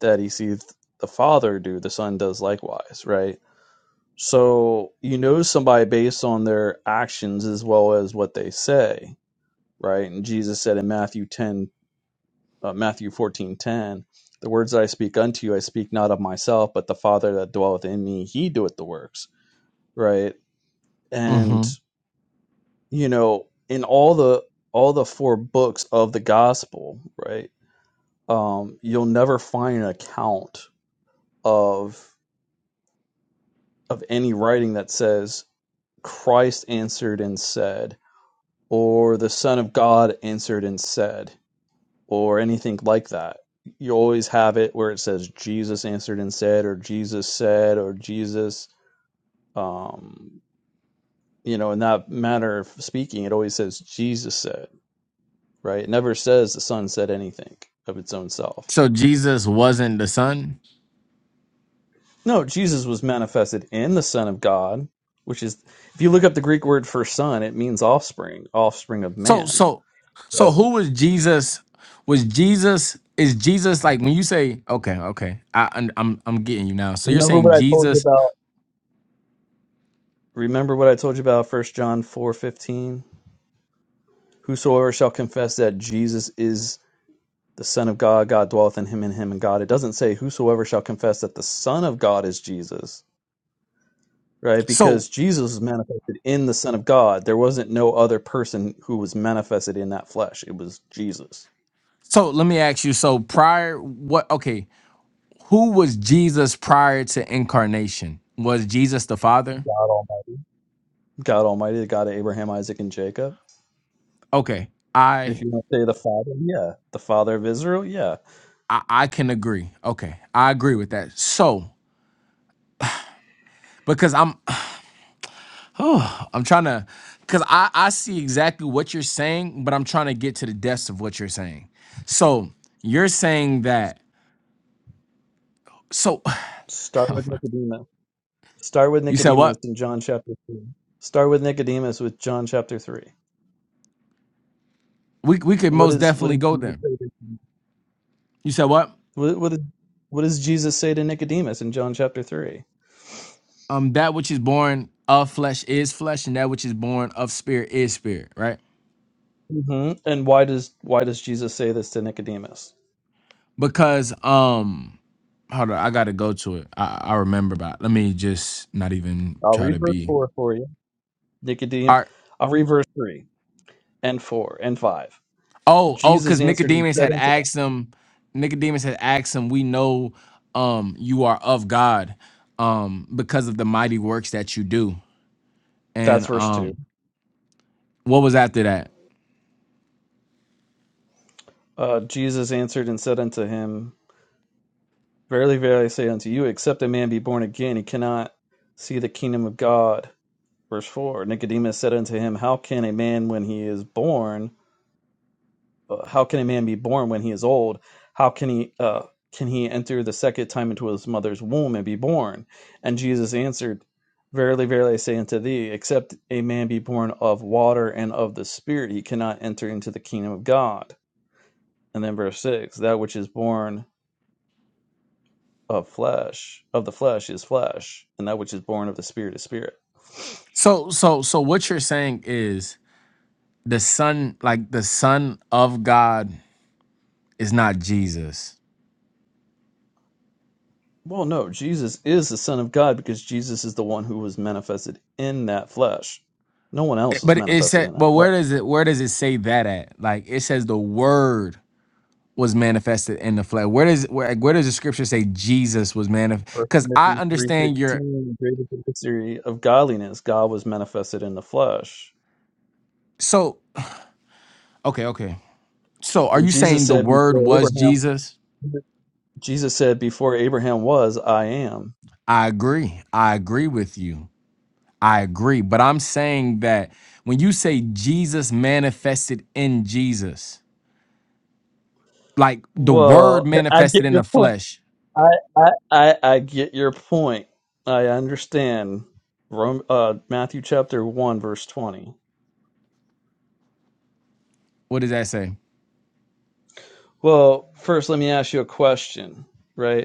S8: that He sees the Father do. The Son does likewise." Right. So you know somebody based on their actions as well as what they say. Right. And Jesus said in Matthew ten, uh, Matthew fourteen ten. The words that I speak unto you, I speak not of myself, but the Father that dwelleth in me, he doeth the works. Right. And
S2: hmm
S8: you know in all the all the four books of the gospel right um you'll never find an account of of any writing that says christ answered and said or the son of god answered and said or anything like that you always have it where it says jesus answered and said or jesus said or jesus um you know in that manner of speaking it always says jesus said right? It never says the Son said anything of its own self.
S2: So Jesus wasn't the son.
S8: No, Jesus was manifested in the Son of God, which is, if you look up the Greek word for son, it means offspring, offspring of
S2: So
S8: man.
S2: so so
S8: Right.
S2: who was Jesus? Was Jesus is Jesus like when you say okay okay I I'm I'm I'm getting you now. So you're
S8: Remember
S2: saying
S8: what I told you
S2: Jesus.
S8: about. Remember what I told you about First John four fifteen. Whosoever shall confess that Jesus is the Son of God, God dwelleth in him and him and God. It doesn't say whosoever shall confess that the Son of God is Jesus. right?
S2: So
S8: Because Jesus was manifested in the Son of God. There wasn't no other person who was manifested in that flesh. It was Jesus,
S2: so let me ask you. So prior what okay who was Jesus prior to incarnation? Was Jesus the Father?
S8: God Almighty, God Almighty, the God of Abraham, Isaac, and Jacob.
S2: Okay,
S8: If
S2: I
S8: you want to say the Father, yeah, the Father of Israel, yeah.
S2: I, I can agree. Okay, I agree with that. So because I'm Oh, I'm trying to, because I, I see exactly what you're saying, but I'm trying to get to the depths of what you're saying. So you're saying that, so
S8: Start with Nicodemus. Start with
S2: you said
S8: Nicodemus
S2: what?
S8: in John chapter three. Start with Nicodemus with John chapter three.
S2: We, we could
S8: What
S2: most
S8: is what
S2: definitely
S8: is
S2: go
S8: Jesus
S2: there.
S8: say to,
S2: You said what?
S8: what, what is what does Jesus say to Nicodemus in John chapter 3
S2: Um, that which is born of flesh is flesh, and that which is born of spirit is spirit, right?
S8: hmm And why does why does Jesus say this to Nicodemus?
S2: Because, um, hold on, I gotta go to it. I, I remember about, let me just not even
S8: I'll
S2: try
S8: read
S2: to
S8: verse
S2: be.
S8: 4 for you. Nicodemus, I'll read verse 3 and 4 and 5.
S2: Oh, oh,
S8: Jesus
S2: because
S8: answered and
S2: Nicodemus
S8: said
S2: had
S8: unto them,
S2: asked him. Nicodemus had asked him, "We know um, you are of God um, because of the mighty works that you do."
S8: that's
S2: And
S8: verse 2.
S2: um, what was after that?
S8: Uh, Jesus answered and said unto him, Verily, verily, I say unto you, except a man be born again, he cannot see the kingdom of God. Verse 4 Nicodemus said unto him, How can a man, when he is born, uh, how can a man be born when he is old? How can he uh, can he enter the second time into his mother's womb and be born? And Jesus answered, Verily, verily, I say unto thee, except a man be born of water and of the Spirit, he cannot enter into the kingdom of God. And then verse six: That which is born of flesh, of the flesh, is flesh, and that which is born of the Spirit is spirit.
S2: So, so, so, what you're saying is the son, like the son of God, is not Jesus.
S8: Well, no, Jesus is the Son of God because Jesus is the one who was manifested in that flesh. No one
S2: It-
S8: else was
S2: But it
S8: manifested
S2: said,
S8: in that
S2: but
S8: flesh.
S2: where does it where does it say that at? Like it says the word was manifested in the flesh. Where does where, where does the scripture say Jesus was manifest?
S8: 1
S2: Because I
S8: Timothy three
S2: understand your
S8: sixteen, greater the mystery of godliness, God was manifested in the flesh.
S2: So, okay, okay. So, are
S8: And
S2: you
S8: Jesus
S2: saying the
S8: said
S2: word
S8: before
S2: was
S8: Abraham
S2: Jesus?
S8: Jesus said before Abraham was, I am.
S2: I agree. I agree with you. I agree. But I'm saying that when you say Jesus manifested in Jesus, like the word
S8: Well, I get
S2: manifested in
S8: your
S2: the
S8: point.
S2: flesh,
S8: I I I, I get your point. I understand. Rome, uh, Matthew chapter one verse twenty.
S2: what does that say?
S8: Well, first let me ask you a question, right?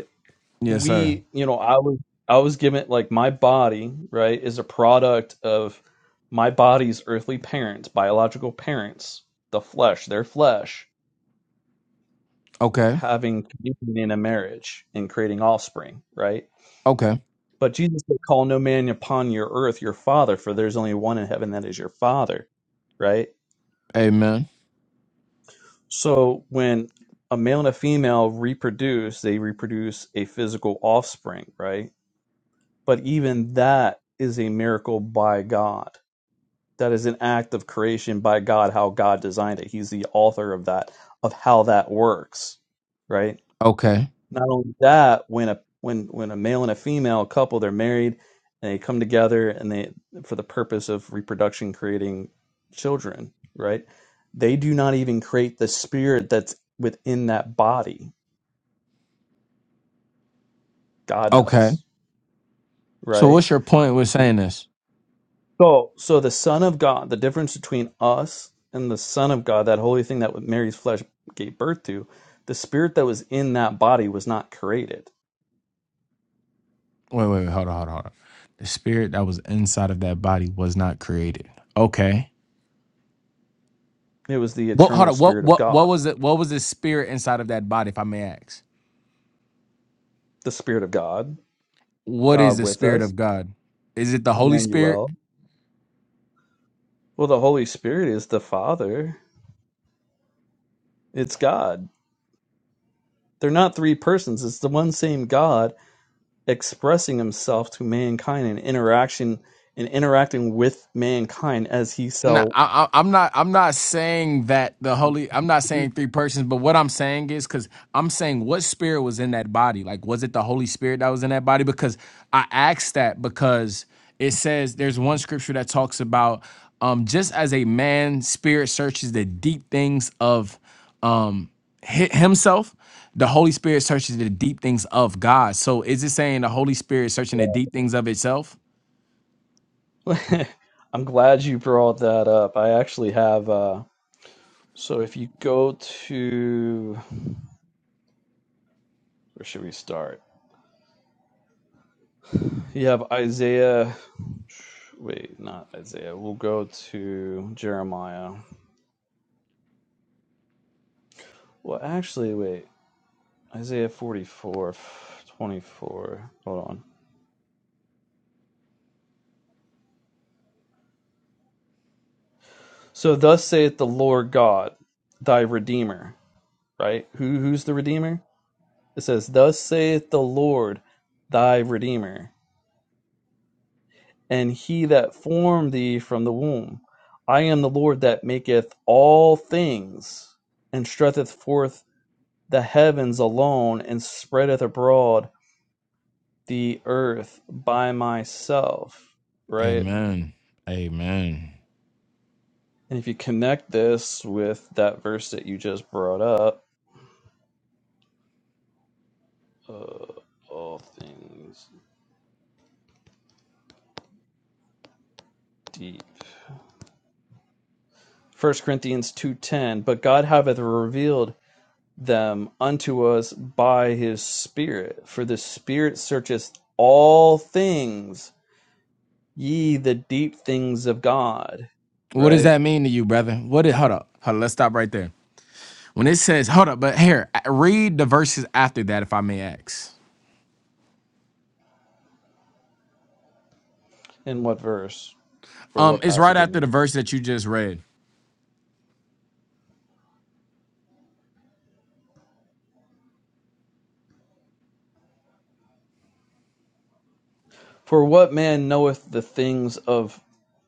S2: Yes, sir.
S8: we you know i was i was given like my body right is a product of my body's earthly parents biological parents the flesh their flesh
S2: Okay.
S8: having communion in a marriage and creating offspring right
S2: Okay.
S8: but jesus said call no man upon your earth your father for there's only one in heaven that is your father right
S2: Amen.
S8: so when a male and a female reproduce they reproduce a physical offspring right but even that is a miracle by god That is an act of creation by God, how God designed it. He's the author of that, of how that works, right?
S2: Okay.
S8: Not only that, when a when when a male and a female couple they're married and they come together and they for the purpose of reproduction, creating children, right? They do not even create the spirit that's within that body. God
S2: Okay.
S8: does,
S2: So,
S8: right?
S2: what's your point with saying this?
S8: So, so the Son of God, the difference between us and the Son of God, that holy thing that Mary's flesh gave birth to, the spirit that was in that body was not created.
S2: Wait, wait, wait. Hold on, hold on, hold on. The spirit that was inside of that body was not created. Okay.
S8: It was the
S2: What hold
S8: eternal
S2: on, what
S8: spirit of
S2: what what
S8: God,
S2: was it what was the spirit inside of that body, if I may ask?
S8: the spirit of God,
S2: What is
S8: God
S2: the
S8: with
S2: spirit
S8: us,
S2: of God? Is it the Holy Spirit?
S8: Emmanuel. Well, the Holy Spirit is the Father. It's God. They're not three persons. It's the one same God expressing himself to mankind in interaction and interacting with mankind as he
S2: No,
S8: shall.
S2: I, I, I'm not. I'm not saying that the holy. I'm not
S8: do.
S2: saying three persons. But what I'm saying is, because I'm saying what spirit was in that body. Like, was it the Holy Spirit that was in that body? Because I asked that because it says there's one scripture that talks about um, just as a man spirit searches the deep things of um hi- himself the holy spirit searches the deep things of god so is it saying the holy spirit searching the deep things of itself
S8: I'm glad you brought that up. I actually have uh so if you go to where should we start? You have Isaiah wait, not Isaiah. We'll go to Jeremiah. Well, actually, wait. Isaiah 44, 24. Hold on. So thus saith the Lord God, thy redeemer, right? Who who's the redeemer? It says, "Thus saith the Lord, thy redeemer." and he that formed thee from the womb. I am the Lord that maketh all things, and stretcheth forth the heavens alone, and spreadeth abroad the earth by myself. Right?
S2: amen amen
S8: And if you connect this with that verse that you just brought up, uh, all things deep. First Corinthians 2.10, But God hath revealed them unto us by his Spirit. For the Spirit searcheth all things, ye the deep things of God.
S2: What does
S8: Right?
S2: that mean to you, brother? What did hold up? Hold up, let's stop right there. When it says hold up, but here, I- read the verses after that, if I may ask.
S8: In what verse or
S2: Um,
S8: what
S2: it's right
S8: passage, I
S2: after the
S8: mean?
S2: verse that you just read.
S8: For what man knoweth the things of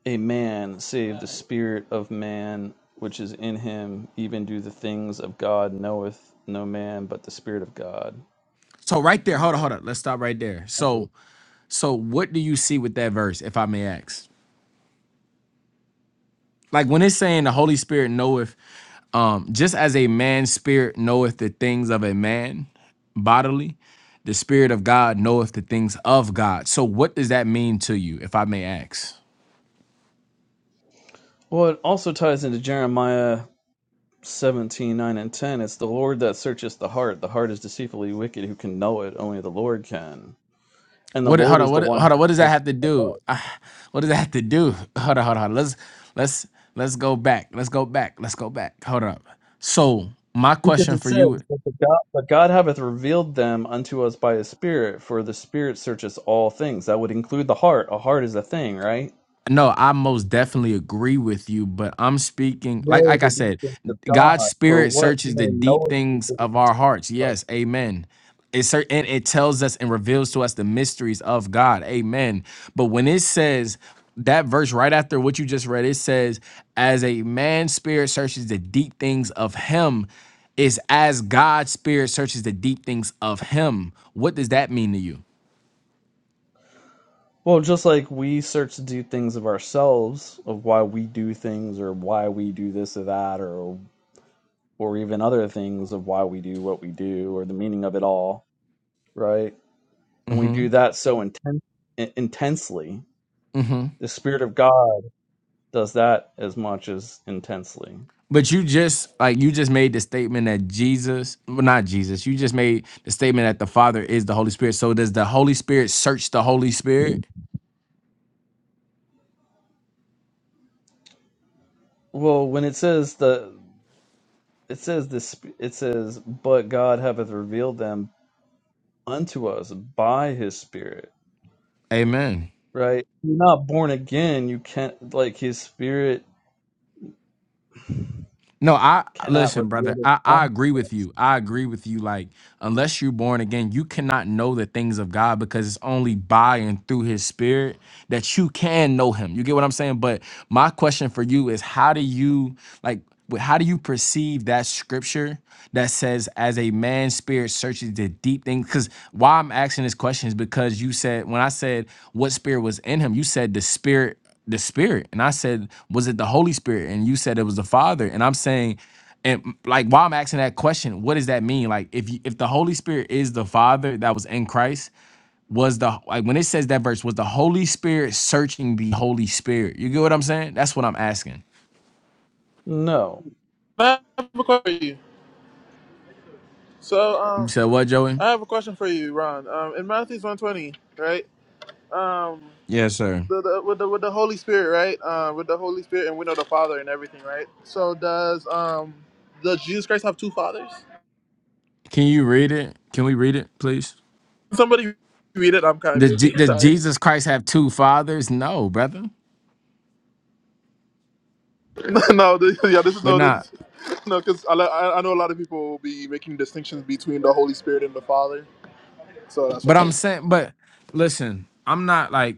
S8: a man, save the Spirit of man which is in him? Even do the things of God knoweth no man but the Spirit of God.
S2: So right there, hold up, hold up. Let's stop right there. So so what do you see with that verse, if I may ask? Like when it's saying the Holy Spirit knoweth, um, just as a man's spirit knoweth the things of a man bodily, the spirit of God knoweth the things of God. So what does that mean to you, if I may ask?
S8: Well, it also ties into Jeremiah 17, 9, and 10. It's the Lord that searcheth the heart. The heart is deceitfully wicked. Who can know it? Only the Lord can. And the
S2: What?
S8: Lord
S2: Hold on.
S8: is the
S2: What?
S8: one
S2: Hold on. What does
S8: who
S2: that
S8: searcheth
S2: have to
S8: the heart.
S2: do? Ah, What does that have to do? Hold on. Hold on. Let's let's let's go back. Let's go back. Let's go back. Hold up. So my
S8: Because
S2: question
S8: it
S2: for you.
S8: says, but, the God, but God hath revealed them unto us by his Spirit, for the Spirit searcheth all things. That would include the heart. A heart is a thing, right?
S2: No, I most definitely agree with you, but I'm speaking
S8: Yea,
S2: like like I
S8: the deep
S2: said,
S8: things of
S2: God's
S8: God. For
S2: spirit
S8: what
S2: searches the
S8: man
S2: deep
S8: knoweth the
S2: things
S8: things
S2: of
S8: of
S2: our hearts.
S8: God?
S2: Yes, amen. It cer- and it tells us and reveals to us the mysteries of God. Amen. But when it says that verse right after what you just read, it says, as a man's spirit searches the deep things of him, is as God's spirit searches the deep things of him. What does that mean to you?
S8: well, just like we search to do things of ourselves, of why we do things or why we do this or that, or or even other things of why we do what we do or the meaning of it all, right? And we do
S2: Mm-hmm.
S8: that so inten- intensely.
S2: Mm-hmm.
S8: The Spirit of God does that as much as intensely.
S2: But you just like you just made the statement that Jesus, well, not Jesus. You just made the statement that the Father is the Holy Spirit. So does the Holy Spirit search the Holy Spirit?
S8: Well, when it says the it says this it says but God hath revealed them unto us by his spirit,
S2: Amen.
S8: right? If you're not born again, you can't like his spirit
S2: No, I
S8: cannot
S2: listen, brother.
S8: reveal
S2: I,
S8: it.
S2: I agree with you. I agree with you. Like, unless you're born again, you cannot know the things of God because it's only by and through His Spirit that you can know Him. You get what I'm saying? But my question for you is, how do you like? wh- How do you perceive that scripture that says, "As a man's spirit searches the deep things"? Because why I'm asking this question is because you said when I said what spirit was in him, you said the spirit the spirit and i said was it the holy spirit and you said it was the father and i'm saying and like while i'm asking that question what does that mean like if you, if the holy spirit is the father that was in christ was the like when it says that verse was the holy spirit searching the holy spirit you get what i'm saying that's what i'm asking
S8: No.
S1: I have a question for you. So
S2: you
S1: um,
S2: said what joey
S1: I have a question for you, Ron. Um, in Matthew's one twenty, right? Um,
S2: yes sir
S1: the, the, with the with the Holy Spirit, right? Uh, with the Holy Spirit, and we know the Father and everything, right? So does um, does Jesus Christ have two fathers?
S2: can you read it can we read it please
S1: Somebody read it. I'm kind of
S2: does, Je-
S1: busy.
S2: does
S1: Sorry.
S2: jesus christ have two fathers no brother
S1: no, this, yeah, this is
S2: but
S1: no,
S2: not
S1: this no, because I, li- I I know a lot of people will be making distinctions between the Holy Spirit and the Father, so that's why.
S2: but i'm
S1: I'm-
S2: saying but listen i'm not like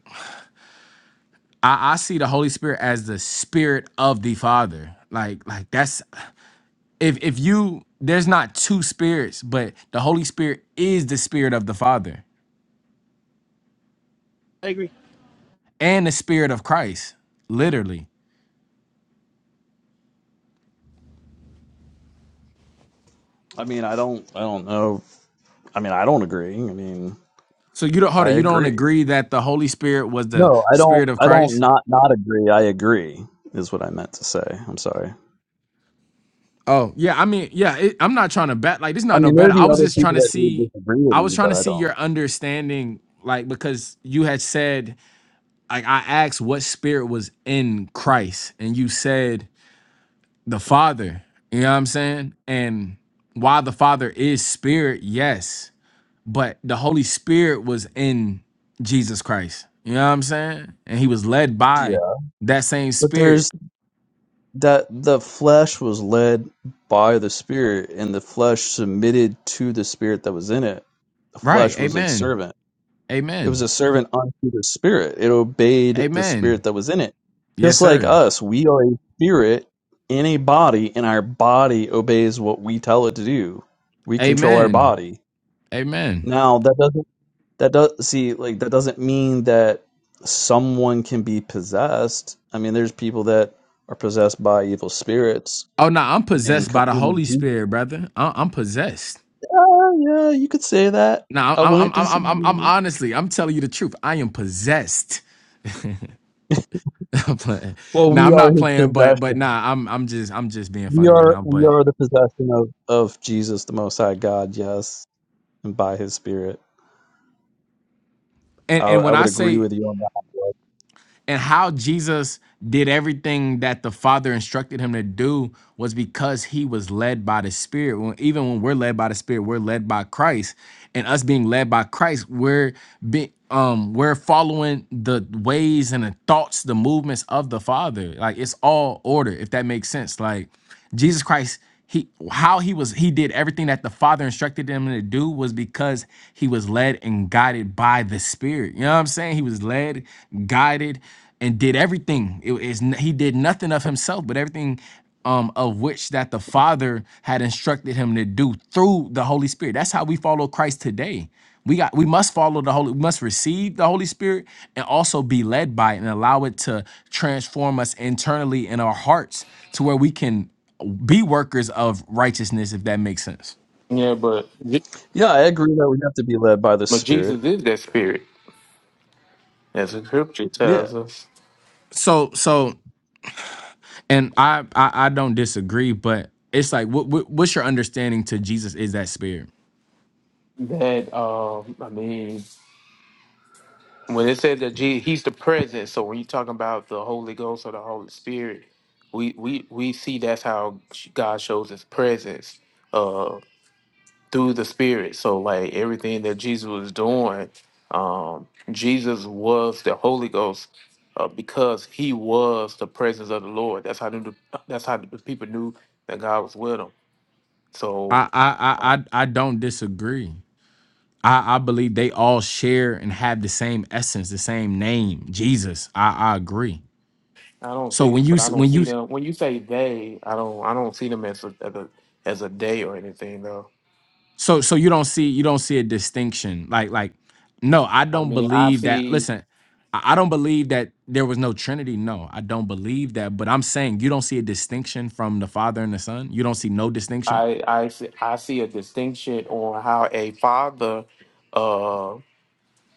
S2: I, I see the Holy Spirit as the spirit of the Father. Like, like that's if if you there's not two spirits, but the Holy Spirit is the spirit of the Father
S1: I agree.
S2: and the spirit of Christ, literally.
S8: I mean, I don't I don't know. I mean, I don't agree. I mean,
S2: So you don't hold
S8: I
S2: on, you don't
S8: agree.
S2: agree that the Holy Spirit was the
S8: No, I don't.
S2: spirit of
S8: I don't
S2: Christ?
S8: not not agree. I agree is what I meant to say. I'm sorry.
S2: Oh, yeah, I mean, yeah, it, I'm not trying to bet like this is
S8: I
S2: not no
S8: mean, there are
S2: better. I
S8: the
S2: was
S8: other
S2: just trying
S8: people
S2: to
S8: that do
S2: see
S8: disagree with
S2: I was
S8: you,
S2: trying
S8: but
S2: to
S8: I
S2: see
S8: don't.
S2: your understanding like because you had said like I asked what spirit was in Christ and you said the Father. You know what I'm saying? And while the Father is spirit, yes, but the Holy Spirit was in Jesus Christ. You know what I'm saying? And he was led by
S8: Yeah,
S2: that same
S8: but
S2: spirit.
S8: there's that the flesh was led by the spirit, and the flesh submitted to the spirit that was in it. The
S2: Right.
S8: flesh was a
S2: Amen.
S8: servant. It was
S2: Amen.
S8: a servant unto the spirit. It obeyed the spirit
S2: Amen.
S8: that was in it.
S2: Yes,
S8: Just like
S2: sir.
S8: us, we are a spirit in a body, and our body obeys what we tell it to do. We
S2: A-
S8: control our body
S2: Amen.
S8: Now that doesn't that does see like that doesn't mean that someone can be possessed. I mean, there's people that are possessed by evil spirits
S2: Oh no, I'm
S8: and
S2: possessed
S8: co-
S2: by the
S8: you know,
S2: Holy
S8: demons.
S2: Spirit, brother. I- I'm possessed.
S8: Oh, yeah, you could say that.
S2: No, I'm,
S8: I
S2: I'm, I'm,
S8: wouldn't
S2: I'm, I'm, I'm
S8: disagree.
S2: honestly, I'm telling you the truth. I am possessed. I'm playing.
S8: Well,
S2: Nah,
S8: we
S2: I'm
S8: are
S2: not
S8: his
S2: playing, but
S8: possession.
S2: but nah, I'm I'm just I'm just being
S8: We
S2: funny right
S8: are
S2: now.
S8: we
S2: But
S8: are the possession of of Jesus, the Most High God. Yes, and by His Spirit, I,
S2: and and
S8: I
S2: when I
S8: would agree
S2: say
S8: with you on that.
S2: and how Jesus did everything that the Father instructed him to do was because he was led by the Spirit. When, even when we're led by the Spirit, we're led by Christ, and us being led by Christ, we're be, um we're following the ways and the thoughts, the movements of the Father. Like it's all order, if that makes sense. Like. Jesus Christ, he how he was he did everything that the Father instructed him to do was because he was led and guided by the Spirit. You know what I'm saying? He was led, guided, and did everything. It is he did nothing of himself, but everything um, of which that the Father had instructed him to do through the Holy Spirit. That's how we follow Christ today. We got we must follow the Holy, we must receive the Holy Spirit and also be led by it and allow it to transform us internally in our hearts to where we can be workers of righteousness, if that makes sense.
S9: Yeah, but Je-
S8: Yeah, I agree that we have to be led by the
S9: but
S8: Spirit.
S9: Jesus is that spirit, as the scripture
S8: Yeah.
S9: tells us.
S2: So so and I I, I don't disagree, but it's like what, what what's your understanding to Jesus is that spirit?
S9: That um, I mean, when it says that Je- he's the presence, so when you're talking about the Holy Ghost or the Holy Spirit, we we we see that's how God shows His presence uh, through the Spirit. So like everything that Jesus was doing, um, Jesus was the Holy Ghost. Uh, because he was the presence of the Lord. That's how the, that's how the people knew that God was with them. So
S2: I I I I I don't disagree. I, I believe they all share and have the same essence, the same name, Jesus. I, I agree.
S9: I don't
S2: So
S9: think,
S2: when you
S9: but I
S2: s-
S9: don't
S2: when
S9: see
S2: you
S9: them. When you say they, I don't, I don't see them as a, as a as a day or anything though.
S2: So so you don't see you don't see a distinction. Like like no, I
S9: I
S2: don't
S9: mean, I
S2: believe that.
S9: see,
S2: Listen, I I don't believe that there was no Trinity. No, I don't believe that. But I'm saying you don't see a distinction from the Father and the Son. You don't see no distinction.
S9: I I see, I see a distinction on how a father uh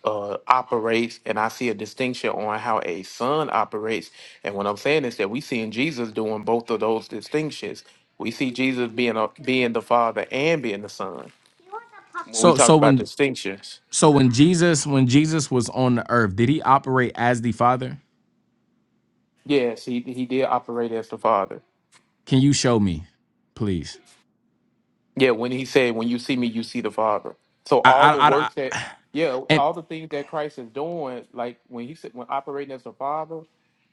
S9: uh operates, and I see a distinction on how a son operates. And what I'm saying is that we see in Jesus doing both of those distinctions. We see Jesus being a, being the father and being the son. When we
S2: So
S9: talk
S2: so
S9: about
S2: when
S9: distinctions,
S2: so when Jesus when Jesus was on the earth, did he operate as the Father?
S9: yes, he he did operate as the father.
S2: Can you show me, please?
S9: Yeah, when he said, "When you see me, you see the Father." So all
S2: I
S9: the
S2: I I, I-
S9: work that, yeah,
S2: and
S9: all the things that Christ is doing, like when he said, when operating as the Father,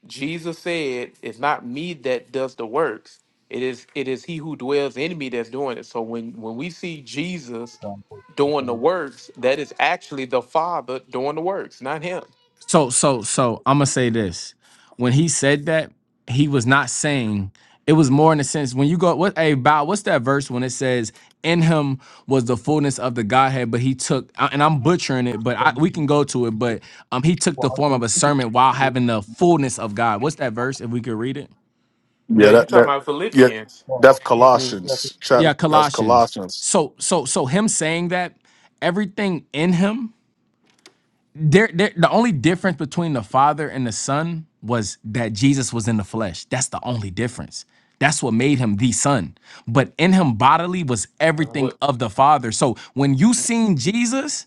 S9: Jesus said, "It's not me that does the works; it is it is He who dwells in me that's doing it." So when when we see Jesus
S8: Um,
S9: doing the works, that is actually the Father doing the works, not Him.
S2: So so so I'm gonna say this. When he said that, he was not saying it was more in the sense when you go what hey Bow, what's that verse when it says in him was the fullness of the Godhead, but he took I- and I'm butchering it, but I,
S8: um,
S2: we can go to it, but um he took the form of a
S8: Colossians
S2: servant while having the fullness of God. What's that verse if we could read it?
S9: Yeah,
S10: Yeah,
S9: you
S10: that
S9: talking
S10: that
S9: about
S10: yeah,
S9: Philippians?
S8: Well,
S10: that's
S8: Philippians chapter
S10: Colossians
S8: two.
S10: chap.
S2: Yeah,
S10: That's
S2: Colossians.
S10: Colossians.
S2: So so so him saying that everything in him there, there the only difference between the father and the son was that jesus was in the flesh that's the only difference that's what made him the son but in him bodily was everything
S9: What?
S2: of the father so when you seen jesus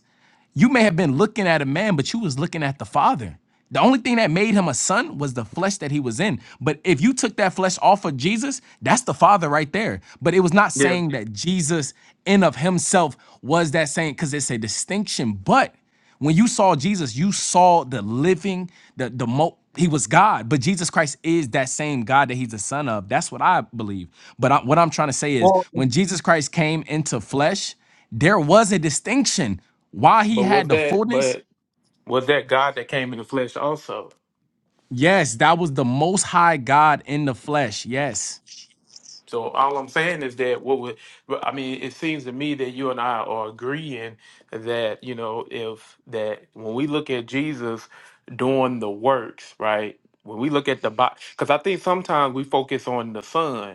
S2: you may have been looking at a man, but you was looking at the Father. The only thing that made him a son was the flesh that he was in. But if you took that flesh off of Jesus, that's the Father right there. But it was not
S9: Yeah,
S2: saying that Jesus in of himself was that saying because it's a distinction. But when you saw Jesus, you saw the living, the the mo he was God, but Jesus Christ is that same God that he's the son of. That's what I believe. But I, what I'm trying to say is
S8: Well,
S2: when Jesus Christ came into flesh, there was a distinction. While he
S9: but was
S2: had the
S9: that
S2: fullness,
S9: but was that God that came in the flesh also?
S2: yes, that was the most high God in the flesh. Yes.
S9: So all I'm saying is that what would well, I mean? It seems to me that you and I are agreeing that you know if that when we look at Jesus doing the works, right? When we look at the body, because I think sometimes we focus on the Son,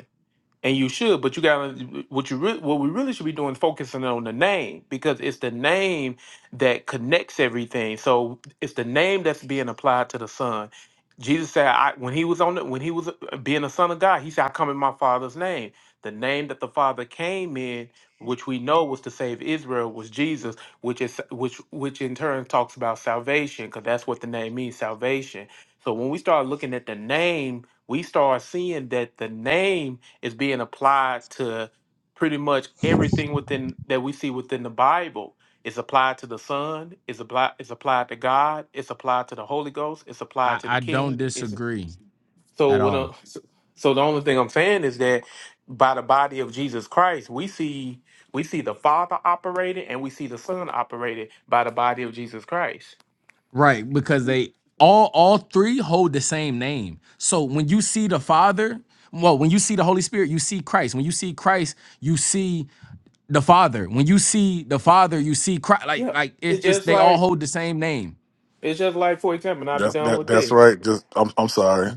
S9: and you should but you got to what you re- what we really should be doing is focusing on the name because it's the name that connects everything so it's the name that's being applied to the son jesus said I, when he was on the, when he was uh, being a son of god he said i come in my father's name the name that the father came in which we know was to save israel was jesus which is which which in turn talks about salvation because that's what the name means salvation so when we start looking at the name we start seeing that the name is being applied to pretty much everything within that we see within the Bible. It's applied to the Son. It's applied. It's applied to God. It's applied to the Holy Ghost. It's
S2: I,
S9: applied to the
S2: I don't
S9: King. Is
S2: disagree
S9: so.
S2: at
S9: What? i
S2: all.
S9: So so the only thing I'm saying is that by the body of Jesus Christ, we see we see the Father operated and we see the Son operated by the body of Jesus Christ.
S2: Right, because they all all three hold the same name. So when you see the Father, well, when you see the Holy Spirit, you see Christ. When you see Christ, you see the Father. When you see the Father, you see Christ. Like
S9: Yeah,
S2: like it,
S9: it's
S2: it's
S9: just
S2: they all
S9: like
S2: hold the same name.
S9: it's just like for example, and I'll be
S10: That's
S9: done
S10: that
S9: with
S10: that's
S9: this.
S10: right. Just I'm I'm sorry.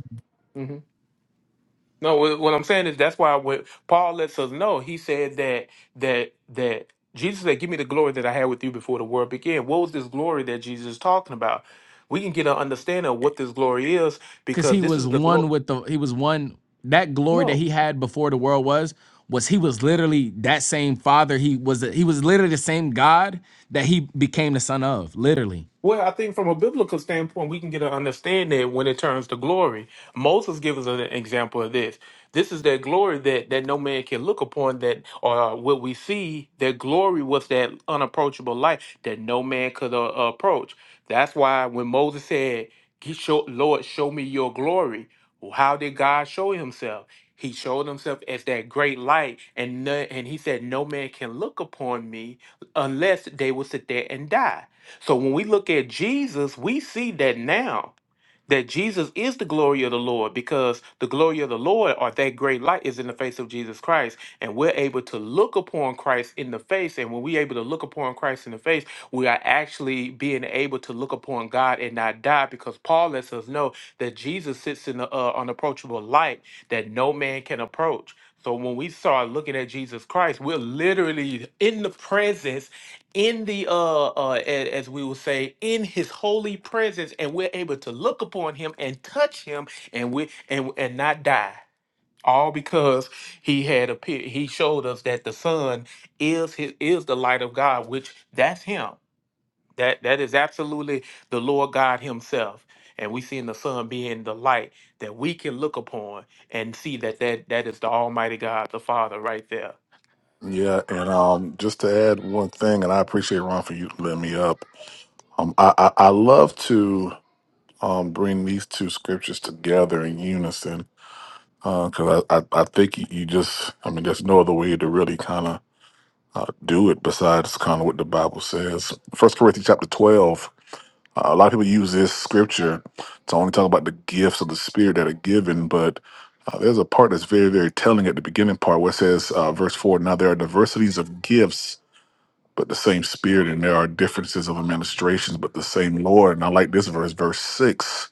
S9: No, wh- what I'm saying is that's why when Paul lets us know, he said that that that Jesus said, "Give me the glory that I had with you before the world began." What was this glory that Jesus is talking about? We can get an understanding of what this glory is
S2: because
S9: because
S2: he
S9: this
S2: was
S9: is the
S2: one
S9: glory.
S2: with the he was one that glory that he had before the world was was he was literally that same father he was he was literally the same god that he became the son of literally
S9: Well, I think from a biblical standpoint, we can get an understanding when it turns to glory. Moses gives us an example of this. This is that glory that, that no man can look upon, that or uh, what we see, that glory was that unapproachable light that no man could uh, approach. That's why when Moses said, "He show, Lord, show me your glory, well, how did God show himself? He showed himself as that great light, and, no- and he said, No man can look upon me unless they will sit there and die. So when we look at Jesus, we see that now that Jesus is the glory of the Lord because the glory of the Lord or that great light is in the face of Jesus Christ. And we're able to look upon Christ in the face. And when we're able to look upon Christ in the face, we are actually being able to look upon God and not die because Paul lets us know that Jesus sits in the uh, unapproachable light that no man can approach. So when we start looking at Jesus Christ, we're literally in the presence in the uh uh a- as we will say in his holy presence and we're able to look upon him and touch him and we and and not die all because he had appeared, he showed us that the son is his is the light of god which that's him that that is absolutely the lord god himself and we see in the sun being the light that we can look upon and see that that that is the almighty god the father right there
S10: Yeah, and um, just to add one thing, and I appreciate Ron for you letting me up. Um, I I, I love to um bring these two scriptures together in unison because I, I I think you you just I mean there's no other way to really kind of uh, do it besides kind of what the Bible says. First Corinthians chapter twelve. Uh, a lot of people use this scripture to only talk about the gifts of the Spirit that are given, but uh, there's a part that's very, very telling at the beginning part where it says, uh, verse 4 Now there are diversities of gifts, but the same Spirit, and there are differences of administrations, but the same Lord. And I like this verse, verse 6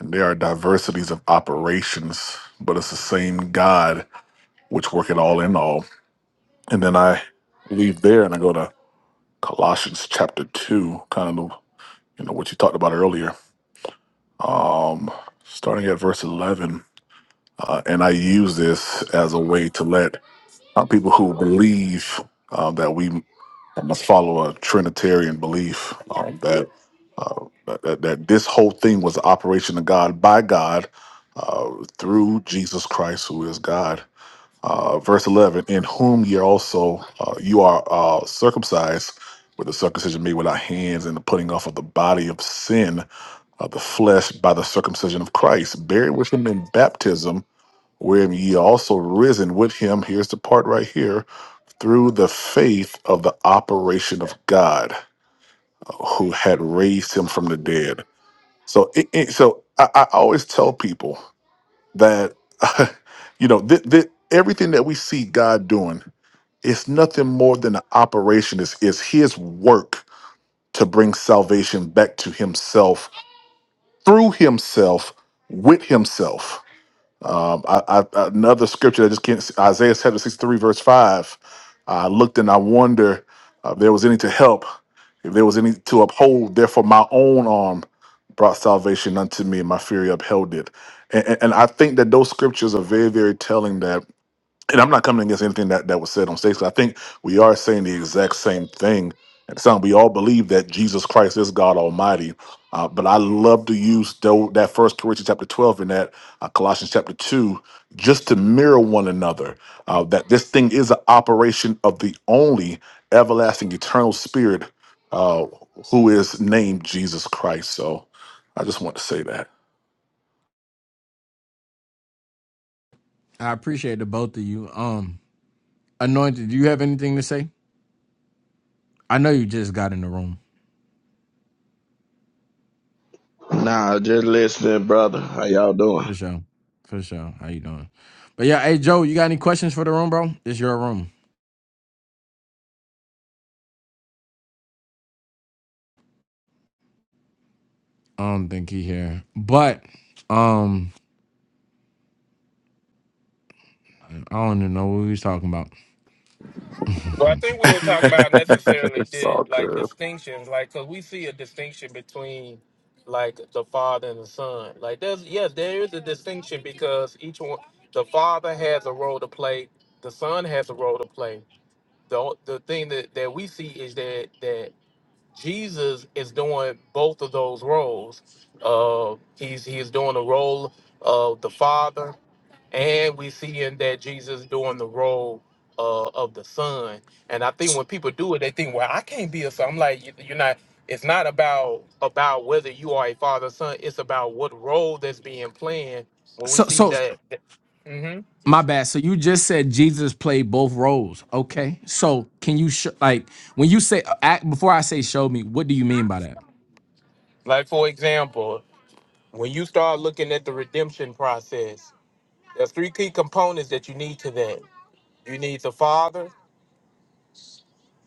S10: And there are diversities of operations, but it's the same God which worketh all in all. And then I leave there and I go to Colossians chapter 2, kind of, you know, what you talked about earlier um, starting at verse 11. Uh, and I use this as a way to let uh, people who believe uh, that we must follow a Trinitarian belief um, that, uh, that that this whole thing was the operation of God by God uh, through Jesus Christ, who is God uh, verse 11 in whom ye also uh, you are uh, circumcised with the circumcision made without hands and the putting off of the body of sin of the flesh by the circumcision of christ buried with him in baptism wherein ye are also risen with him here's the part right here through the faith of the operation of god uh, who had raised him from the dead so it, it- so I, I always tell people that you know th- th- everything that we see God doing is nothing more than an operation. Is is His work to bring salvation back to Himself through Himself with Himself. Um, I, I, another scripture that just can't Isaiah chapter 63, verse 5. I looked and I wonder uh, if there was any to help, if there was any to uphold. Therefore, my own arm brought salvation unto me, and my fury upheld it. And, and, and I think that those scriptures are very, very telling that and I'm not coming against anything that, that was said on stage 'cause I think we are saying the exact same thing. And so we all believe that Jesus Christ is God Almighty. Uh, but I love to use tho- that first Corinthians chapter 12 and that uh, Colossians chapter 2 just to mirror one another uh, that this thing is an operation of the only everlasting eternal spirit uh, who is named Jesus Christ. So I just want to say that.
S2: i appreciate the both of you um anointed do you have anything to say i know you just got in the room
S11: Nah, just listening, brother. How y'all doing?
S2: for sure for sure how you doing but yeah hey joe you got any questions for the room bro it's your room i don't think he here but um i don't even know what we was talking about
S9: Well, I think we were talking about necessarily
S10: It's
S9: the
S10: all
S9: like
S10: good.
S9: distinctions, like because we see a distinction between like the father and the son. Like there's yes, there is a distinction because each one, the father has a role to play, the son has a role to play. The o- the thing that that we see is that that Jesus is doing both of those roles. Uh, he's he's doing the role of the father and we see in that Jesus doing the role uh, of the son. And I think when people do it, they think, "Well, I can't be a son." I'm like, "You- "You're not." It's not about about whether you are a father or son. It's about what role that's being played. When we
S2: so
S9: see
S2: so
S9: that, hmm
S2: My bad. So you just said Jesus played both roles. Okay. So can you sh- like when you say uh, act before I say show me, what do you mean by that?
S9: like for example, when you start looking at the redemption process, there's three key components that you need to that. You need the father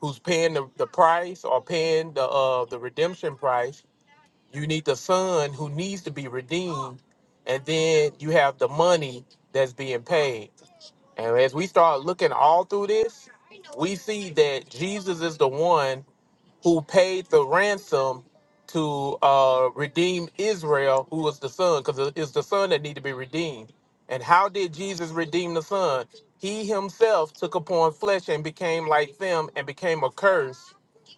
S9: who's paying the, the price or paying the uh, the redemption price You need the son who needs to be redeemed, and then you have the money that's being paid. And as we start looking all through this, we see that Jesus is the one who paid the ransom to uh, redeem Israel, who was the son, because it's the son that need to be redeemed. And how did Jesus redeem the son? He himself took upon flesh and became like them and became a curse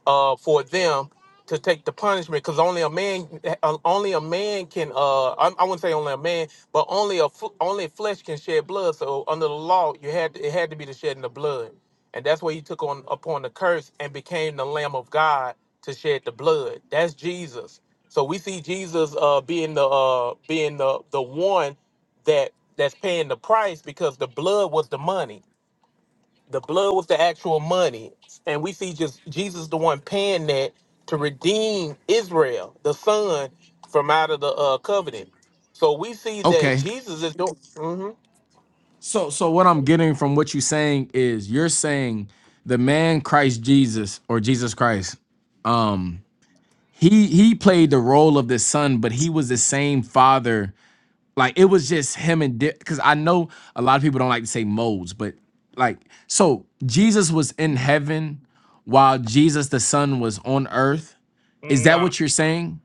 S9: uh, for them to take the punishment because only a man uh, only a man can uh I, I wouldn't say only a man but only a f- only flesh can shed blood so under the law you had it had to be the shedding of blood and that's where he took on upon the curse and became the Lamb of God to shed the blood. That's Jesus. So we see Jesus uh, being the uh, being the the one that that's paying the price because the blood was the money. The blood was the actual money, and we see just Jesus the one paying that to redeem Israel, the son, from out of the uh, covenant. So we see that
S2: Okay.
S9: Jesus is doing. hmm
S2: So so what I'm getting from what you're saying is you're saying the man Christ Jesus or Jesus Christ um he he played the role of the son, but he was the same father Like it was just him and because I know a lot of people don't like to say modes, but like so Jesus was in heaven while Jesus the Son was on earth. Is that
S9: Nah,
S2: what you're saying?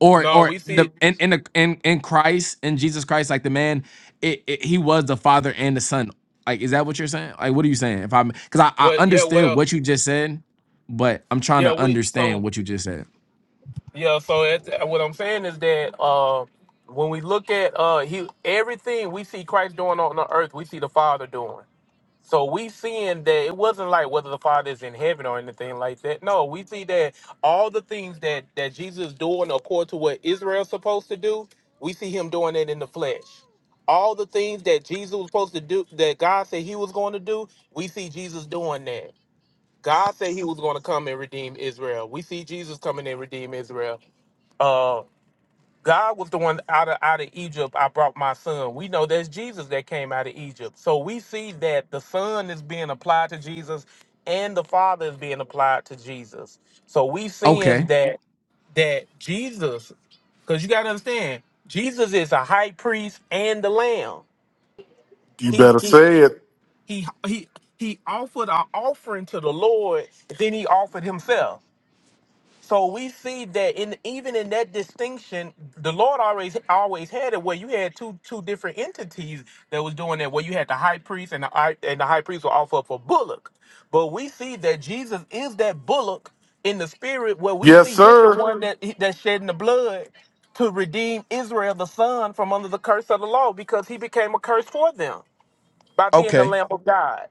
S2: Or
S9: no,
S2: or
S9: we
S2: the
S9: see
S2: in in the, in, in Christ in Jesus Christ, like the man, it, it, he was the Father and the Son. Like is that what you're saying? Like what are you saying? If I'm because I I
S9: what? Yeah,
S2: understood
S9: what up?
S2: what you just said, but I'm trying
S9: Yeah,
S2: to
S9: we so
S2: understand what you just said.
S9: Yeah, so it, what I'm saying is that uh, when we look at uh, he, everything we see Christ doing on the earth, we see the Father doing. So we seeing that it wasn't like whether the Father is in heaven or anything like that. No, we see that all the things that that Jesus is doing according to what Israel's supposed to do, we see him doing it in the flesh. All the things that Jesus was supposed to do, that God said he was going to do, we see Jesus doing that. God said he was going to come and redeem Israel. We see Jesus coming and redeem Israel uh God was the one out of out of Egypt I brought my son. We know that's Jesus that came out of Egypt. So we see that the son is being applied to Jesus and the father is being applied to Jesus. So we seeing
S2: Okay.
S9: that that Jesus cuz you got to understand Jesus is a high priest and the lamb.
S10: You
S9: He
S10: better
S9: he
S10: say it.
S9: he he he offered an offering to the Lord, then he offered himself. So we see that in even in that distinction, the Lord always always had it where you had two two different entities that was doing that. Where you had the high priest and the high- and the high priest will offer up a bullock, but we see that Jesus is that bullock in the spirit, where we
S10: Yes,
S9: see he's the
S10: sir.
S9: one that that shedding the blood to redeem Israel, the son, from under the curse of the law, because he became a curse for them by being the
S2: Okay.
S9: Lamb of God.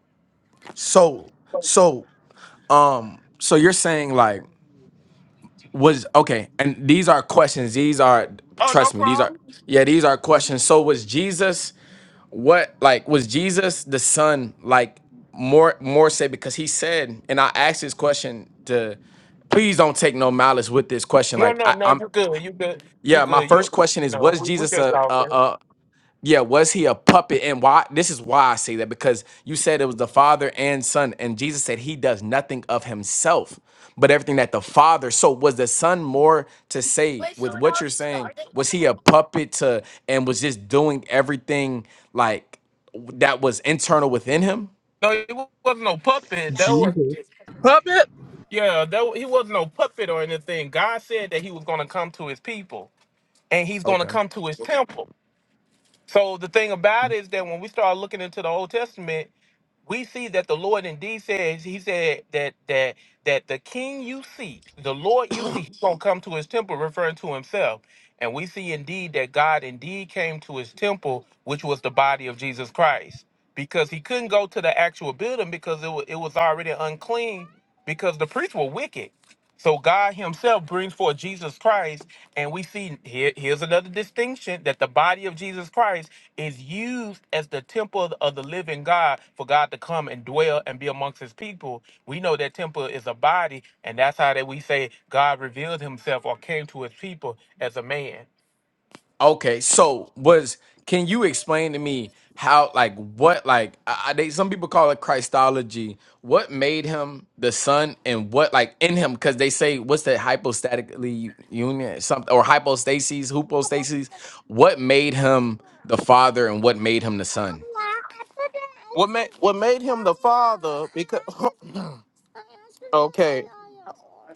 S2: So so um so you're saying like was okay and these are questions these are
S9: Oh, no
S2: trust me these are
S9: problem.
S2: yeah these are questions so was jesus what like was jesus the son like more more say because he said and i asked this question to please don't take no malice with this question
S9: No,
S2: like
S9: no,
S2: I,
S9: no.
S2: i'm
S9: You good? You good? You
S2: yeah my
S9: good? You
S2: first question is
S9: no.
S2: was
S9: We we
S2: jesus
S9: just
S2: a, a,
S9: talking.
S2: a yeah, was he a puppet? And why? This is why I say that because you said it was the Father and Son, and Jesus said he does nothing of himself, but everything that the Father. So was the Son more to say with what you're saying? Was he a puppet to and was just doing everything like that was internal within him?
S9: No, he wasn't no puppet. That
S8: Jesus,
S1: Puppet.
S9: yeah, that he wasn't no puppet or anything. God said that he was gonna come to his people and he's gonna come to his temple. So the thing about it is that when we start looking into the Old Testament, we see that the Lord indeed says He said that that that the King you seek, the Lord you seek, He's gonna come to His temple, referring to Himself. And we see indeed that God indeed came to His temple, which was the body of Jesus Christ, because He couldn't go to the actual building because it was, it was already unclean because the priests were wicked. So God Himself brings forth Jesus Christ, and we see here, here's another distinction that the body of Jesus Christ is used as the temple of of the living God for God to come and dwell and be amongst His people. We know that temple is a body, and that's how that we say God revealed Himself or came to His people as a man.
S2: Okay, so was can you explain to me how like what like I, I- they some people call it Christology. What made him the son and what like in him because they say what's that hypostatically union something or hypostasis, hypostasis. What made him the father and what made him the son?
S9: What made what made Him the Father? Because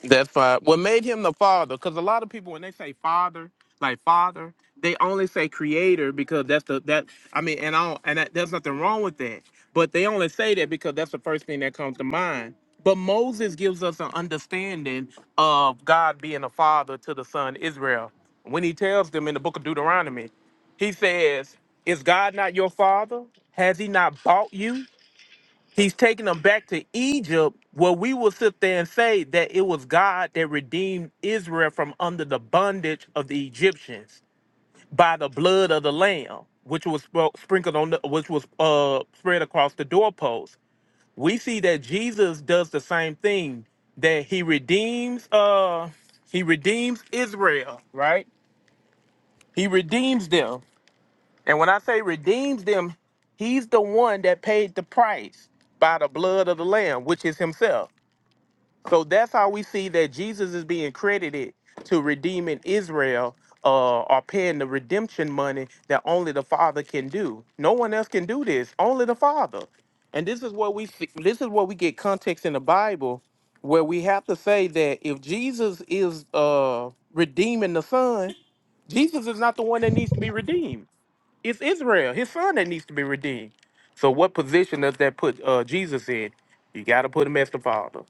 S9: That's fine. What made him the father? Because a lot of people, when they say father, like father, they only say creator because that's the that. I mean, and I don't, and that, there's nothing wrong with that. But they only say that because that's the first thing that comes to mind. But Moses gives us an understanding of God being a father to the son Israel. When he tells them in the book of Deuteronomy, he says, "Is God not your father? Has he not bought you?" He's taking them back to Egypt, where we will sit there and say that it was God that redeemed Israel from under the bondage of the Egyptians by the blood of the Lamb, which was spr- sprinkled on, the, which was uh, spread across the doorpost. We see that Jesus does the same thing; that he redeems, uh, he redeems Israel, right? He redeems them, and when I say redeems them, he's the one that paid the price by the blood of the Lamb, which is Himself So that's how we see that Jesus is being credited to redeeming Israel uh, or paying the redemption money that only the Father can do. No one else can do this. Only the Father. And this is what we see, this is what we get context in the Bible where we have to say that if Jesus is uh, redeeming the Son, Jesus is not the one that needs to be redeemed. It's Israel, his son, that needs to be redeemed. So what position does that put uh, Jesus in? You got to put him as the Father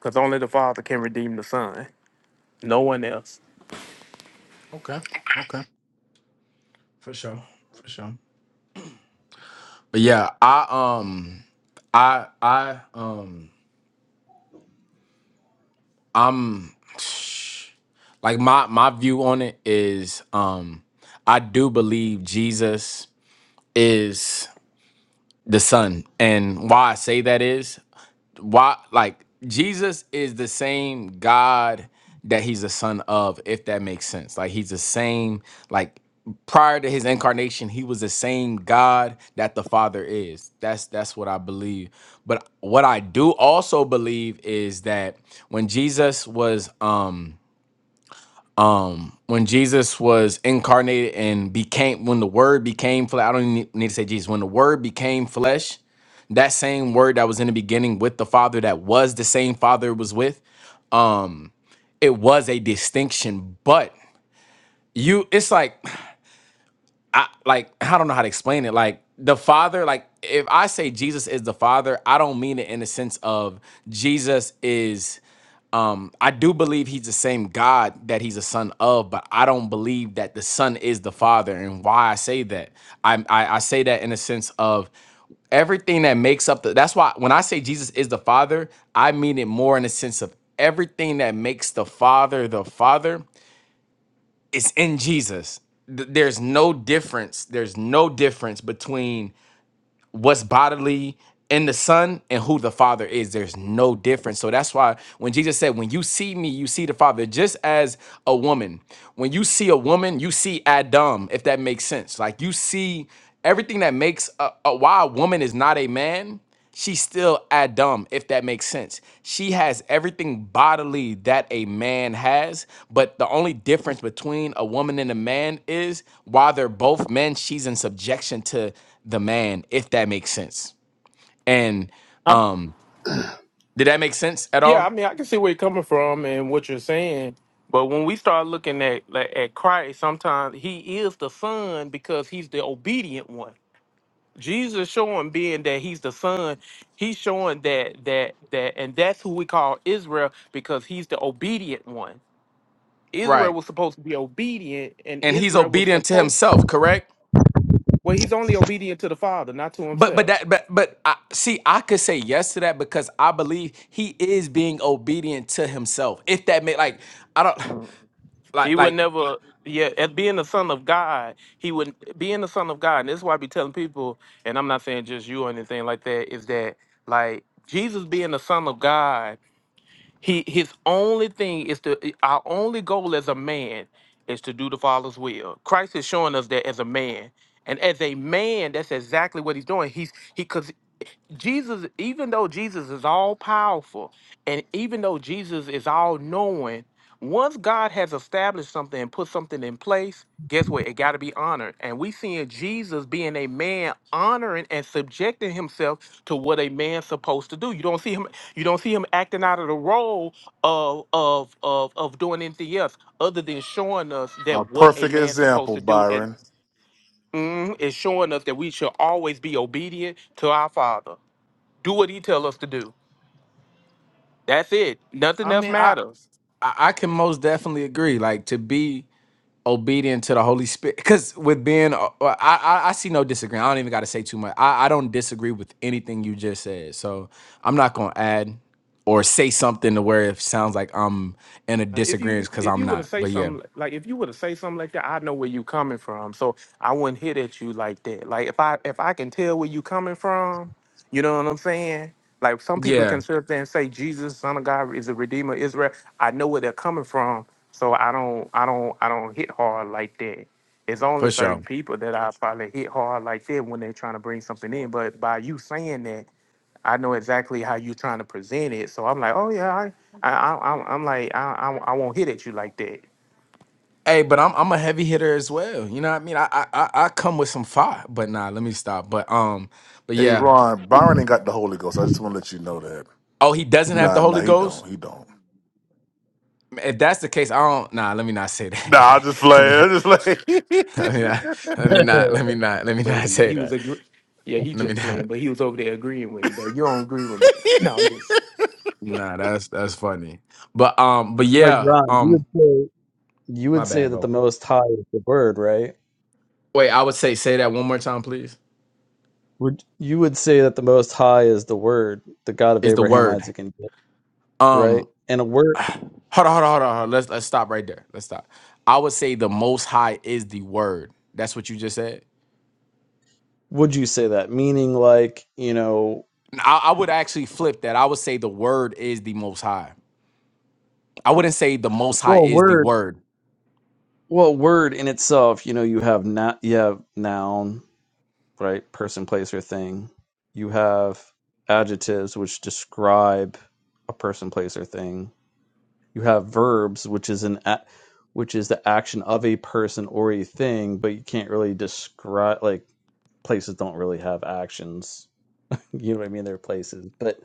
S9: because only the Father can redeem the Son. No one else.
S2: Okay. Okay. For sure. For sure. But yeah, I um I I um I'm like my my view on it is um I do believe Jesus is the son. And why I say that is why like Jesus is the same God that he's the son of, if that makes sense. Like he's the same, like prior to his incarnation, he was the same God that the Father is. That's that's what I believe. But what I do also believe is that when Jesus was um um when jesus was incarnated and became when the word became flesh i don't even need need to say jesus when the word became flesh that same word that was in the beginning with the father that was the same father it was with um it was a distinction but you it's like i like i don't know how to explain it like the father like if i say jesus is the father i don't mean it in the sense of jesus is um, I do believe he's the same God that he's a son of, but I don't believe that the son is the father. And why I say that, I I, I say that in a sense of everything that makes up the. That's why when I say Jesus is the father, I mean it more in a sense of everything that makes the father the father is in Jesus. Th- There's no difference. There's no difference between what's bodily in the son and who the father is there's no difference so that's why when jesus said when you see me you see the father just as a woman when you see a woman you see adam if that makes sense like you see everything that makes a, a- why a woman is not a man She's still Adam, if that makes sense. She has everything bodily that a man has, but the only difference between a woman and a man is while they're both men, she's in subjection to the man, if that makes sense. And
S9: i
S2: um, did that make sense at
S9: yeah, I
S2: all?
S9: mean, I can see where you're coming from and what you're saying, but when we start looking at like, at Christ, sometimes He is the Son because He's the obedient one. Jesus showing being that He's the Son, He's showing that that that, and that's who we call Israel because He's the obedient one. Israel
S2: Right.
S9: was supposed to be obedient, and
S2: And he's
S9: Israel was
S2: obedient to
S9: supposed.
S2: himself, correct?
S9: Well, he's only obedient to the Father, not to
S2: But but
S9: himself.
S2: that but but I, see, I could say yes to that because I believe he is being obedient to himself. If that made like I don't
S9: He
S2: like
S9: would
S2: like
S9: never, yeah, as being the son of God, he would being the son of God, and this is why I be telling people, and I'm not saying just you or anything like that, is that like Jesus being the son of God, he his only thing is to our only goal as a man is to do the Father's will. Christ is showing us that as a man. And as a man, that's exactly what he's doing. He's he because Jesus, even though Jesus is all powerful and even though Jesus is all knowing, once God has established something and put something in place, guess what? It got to be honored. And we seeing Jesus being a man honoring and subjecting himself to what a man's supposed to do. You don't see him you don't see him acting out of the role of of of of doing anything else other than showing us
S10: A
S9: that what a
S10: perfect
S9: man's supposed
S10: example,
S9: to do and
S10: Byron.
S9: mm, it's showing us that we should always be obedient to our father do what he tell us to do. That's it. Nothing
S2: I
S9: else
S2: mean, I,
S9: matters.
S2: I, I can most definitely agree. Like to be obedient to the Holy Spirit, because with being, uh, well, I, I I see no disagreement. I don't even got to say too much. I, I don't disagree with anything you just said, so I'm not gonna add or say something to where it sounds like I'm in a
S9: Uh, If
S2: disagreement
S9: you
S2: because
S9: if
S2: I'm
S9: you were to
S2: not.
S9: say
S2: But yeah,
S9: something like if you were to say something like that, I know where you coming from, so I wouldn't hit at you like that. Like if I if I can tell where you coming from, you know what I'm saying? Like some people
S2: yeah,
S9: can sit up there and say Jesus, Son of God, is a Redeemer, of Israel. I know where they're coming from, so I don't I don't I don't hit hard like that. It's only
S2: for
S9: certain
S2: sure.
S9: people that I probably hit hard like that when they're trying to bring something in. But by you saying that, I know exactly how you're trying to present it. So I'm like, oh yeah, I, I, I I'm I'm like, I, I, I won't hit at you like that.
S2: Hey, but I'm I'm a heavy hitter as well. You know what I mean? I I I I come with some fire, but nah, let me stop. But um, but
S10: Hey,
S2: yeah.
S10: Ron, Byron ain't got the Holy Ghost. I just want to let you know that.
S2: Oh, he doesn't have the
S10: Nah, nah,
S2: Holy
S10: he
S2: Ghost.
S10: don't. He don't.
S2: If that's the case, I don't. Nah, let me not say
S10: Nah, I
S2: that.
S10: just
S2: let
S10: play.
S2: me
S10: I
S2: not.
S10: just
S2: Let me not.
S10: play.
S2: Let me not. Let me not. Let me
S9: But
S2: not say
S9: he was
S2: that.
S9: agree. Yeah, he
S2: Let me
S9: just
S2: not.
S9: playing, but he was over there agreeing with me that you don't agree with me. No, I'm just.
S2: Nah, that's that's funny. But um, but
S8: like
S2: yeah.
S8: Ron, you would
S2: Um,
S8: say you
S2: my
S8: would say
S2: bad,
S8: that the
S2: bro.
S8: Most High is the Word, right?
S2: Wait, I would say say that one more time, please.
S8: Would you would say that the Most High is the Word, the God of
S2: Is the
S8: Abraham,
S2: word
S8: Isaac, and Jacob, right?
S2: um?
S8: And a word,
S2: Hold on, hold on, hold on. Hold on. Let's let's stop right there. Let's stop. I would say the Most High is the word. That's what you just said.
S8: would you say that? Meaning, like you know,
S2: I, I would actually flip that. I would say the word is the Most High. I wouldn't say the Most High
S8: well,
S2: is the
S8: word,
S2: word.
S8: well, word in itself, you know, you have not, you have noun, right? Person, place, or thing. You have adjectives which describe a person, place, or thing you have verbs which is an a- which is the action of a person or a thing but you can't really describe like places don't really have actions you know what i mean they're places but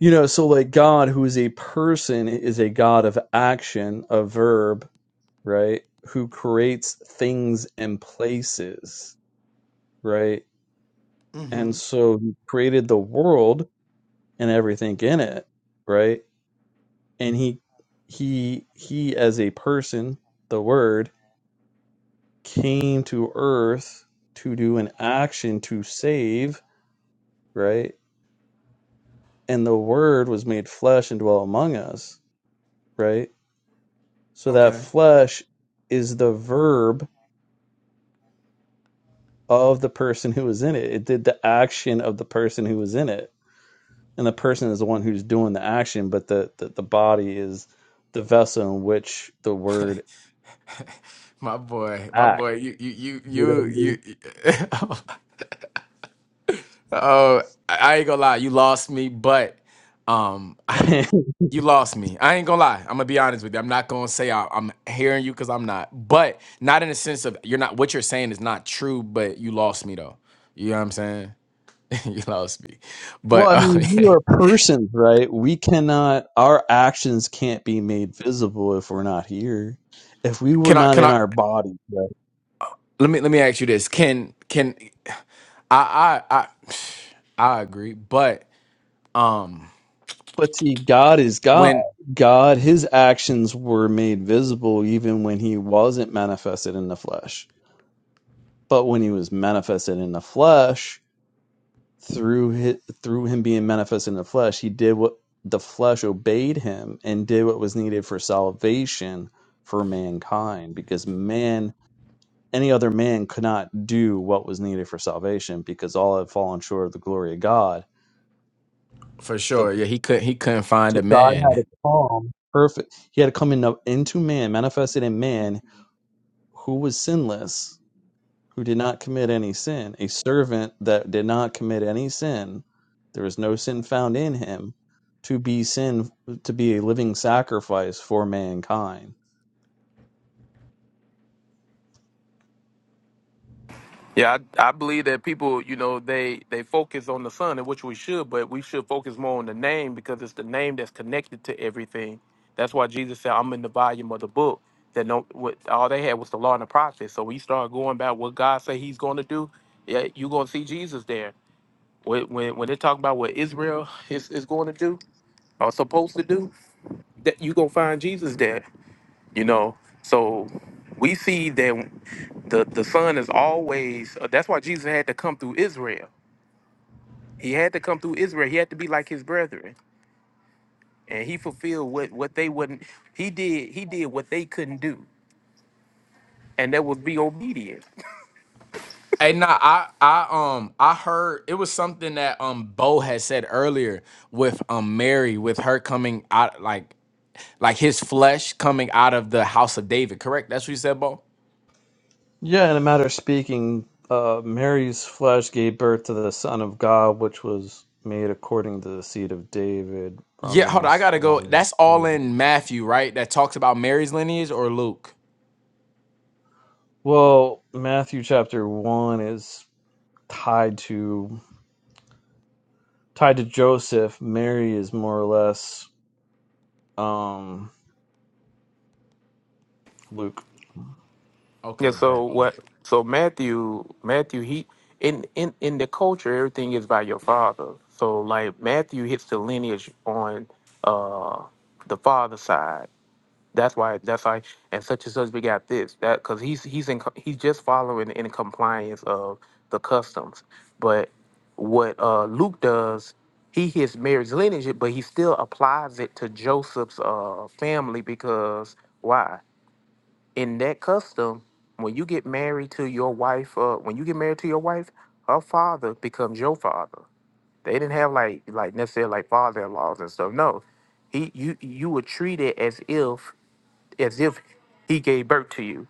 S8: you know so like god who is a person is a god of action a verb right who creates things and places right and so he created the world and everything in it right and he he he as a person the word came to earth to do an action to save, right? And the word was made flesh and dwelt among us, right? So that flesh is the verb of the person who was in it. It did the action of the person who was in it. And the person is the one who's doing the action, but the, the, the body is the vessel in which the word
S2: My boy, my
S8: acts.
S2: boy, you, you, you,
S8: You know
S2: you,
S8: what
S2: you. oh, I I ain't gonna lie, you lost me, but um,
S8: I mean?
S2: you lost me. I ain't gonna lie. I'm gonna be honest with you. I'm not gonna say I, I'm hearing you because I'm not, but not in the sense of you're not. What you're saying is not true, but you lost me though. You know what I'm saying? you lost me. But
S8: Well, I
S2: uh,
S8: mean, we are persons, right? We cannot, our actions can't be made visible if we're not here, if we were
S2: can I?
S8: not
S2: Can
S8: in
S2: I?
S8: our body. Right?
S2: Let me let me ask you this. Can can I I I I agree, but um,
S8: But see, God is God.
S2: when
S8: God, his actions were made visible even when he wasn't manifested in the flesh. But when he was manifested in the flesh, through his, through him being manifested in the flesh, he did what the flesh obeyed him and did what was needed for salvation for mankind because man any other man could not do what was needed for salvation because all had fallen short of the glory of God.
S2: For
S8: The
S2: sure. Yeah, he couldn't he couldn't find
S8: so
S2: a
S8: God had
S2: man.
S8: to come perfect. He had to come in, uh, into man, manifested in man, who was sinless, who did not commit any sin, a servant that did not commit any sin. There was no sin found in him to be sin, to be a living sacrifice for mankind.
S9: Yeah, I, I believe that people, you know, they they focus on the son, and which we should, but we should focus more on the name because it's the name that's connected to everything. That's why Jesus said, "I'm in the volume of the book." That no, what all they had was the law and the prophets. So we start going back what God said He's going to do. Yeah, you gonna see Jesus there When when, when they talk about what Israel is, is going to do or supposed to do, that you gonna find Jesus there. You know, so we see that the the Son is always. Uh, that's why Jesus had to come through Israel. He had to come through Israel. He had to be like his brethren, and he fulfilled what what they wouldn't. He did he did what they couldn't do, and that was be obedient.
S2: Hey nah, I I um I heard it was something that um Bo had said earlier with um Mary, with her coming out like like his flesh coming out of the house of David, correct? That's what you said, Bo?
S8: Yeah, in a matter of speaking, uh, Mary's flesh gave birth to the Son of God, which was made according to the seed of David.
S2: Yeah, hold on, I
S8: Romans
S2: gotta go.
S8: 1.
S2: That's all in Matthew, right? That talks about Mary's lineage or Luke?
S8: Well, Matthew chapter 1 is tied to tied to Joseph. Mary is more or less um, Luke.
S9: Yeah,
S2: Okay,
S9: so
S2: bet.
S9: what so Matthew Matthew he in in in the culture everything is by your father. So like Matthew hits the lineage on uh the father side. That's why that's why and such and such we got this. That cuz he's he's in co- he's just following in compliance of the customs. But what uh Luke does, he hits Mary's lineage but he still applies it to Joseph's uh family because why? in that custom, when you get married to your wife, uh, when you get married to your wife, her father becomes your father. They didn't have like like necessarily like father in laws and stuff. No, he you you were treated as if as if he gave birth to you.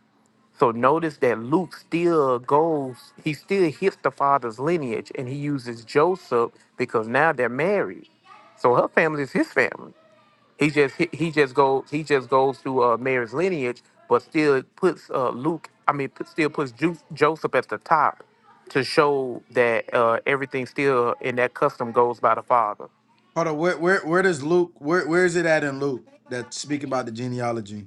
S9: So notice that Luke still goes, he still hits the father's lineage, and he uses Joseph because now they're married. So her family is his family. He just he, he just goes he just goes through uh, Mary's lineage, but still puts uh, Luke. I mean, put, still puts Ju- Joseph at the top to show that uh, everything still in that custom goes by the father.
S2: Hold on, where where where does Luke where where is it at in Luke that speak about the genealogy?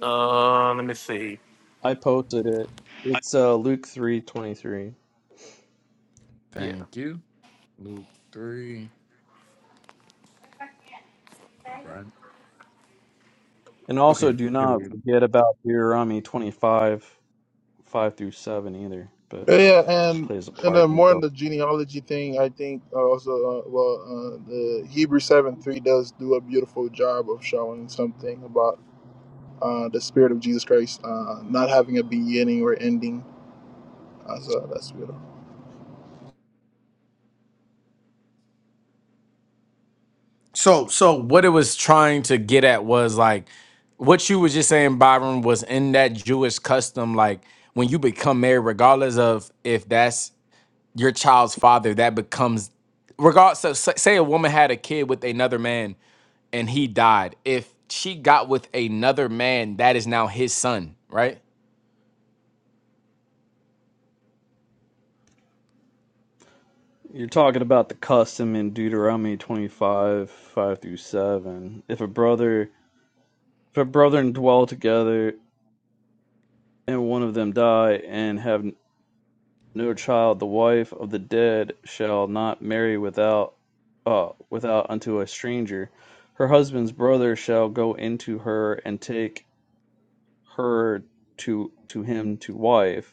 S9: Uh, let me see.
S8: I posted it. It's uh, Luke 3:23.
S9: Yeah.
S2: Thank you. Luke three.
S8: And also
S2: Okay,
S8: do not forget about Deuteronomy 25, 5 five through 7 either, but
S1: Yeah, and
S8: plays a
S1: and
S8: part
S1: then
S8: in
S1: more on
S8: both.
S1: the genealogy thing, I think uh, also uh, well uh, the Hebrew seven three does do a beautiful job of showing something about uh, the spirit of Jesus Christ uh, not having a beginning or ending. Uh, so that's beautiful.
S2: So, so what it was trying to get at was like what you was just saying, Byron, was in that Jewish custom, like when you become married, regardless of if that's your child's father, that becomes regardless. So, sa- say a woman had a kid with another man, and he died. If she got with another man, that is now his son, right?
S8: You're talking about the custom in Deuteronomy 25, 5 through 7. If a brother, if a brethren dwell together and one of them die and have no child, the wife of the dead shall not marry without, uh, without unto a stranger. Her husband's brother shall go into her and take her to, to him to wife.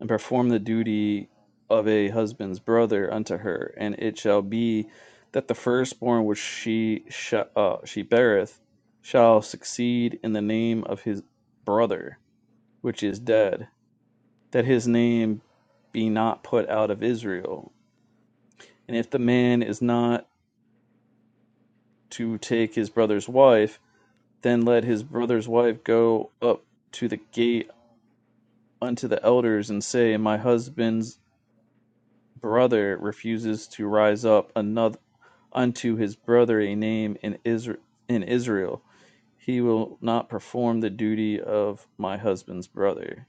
S8: and perform the duty of a husband's brother unto her, and it shall be that the firstborn which she sh- uh, she beareth shall succeed in the name of his brother which is dead, that his name be not put out of Israel. And if the man is not to take his brother's wife, then let his brother's wife go up to the gate unto the elders and say, My husband's brother refuses to rise up another. unto his brother a name in Isra in Israel, he will not perform the duty of my husband's brother.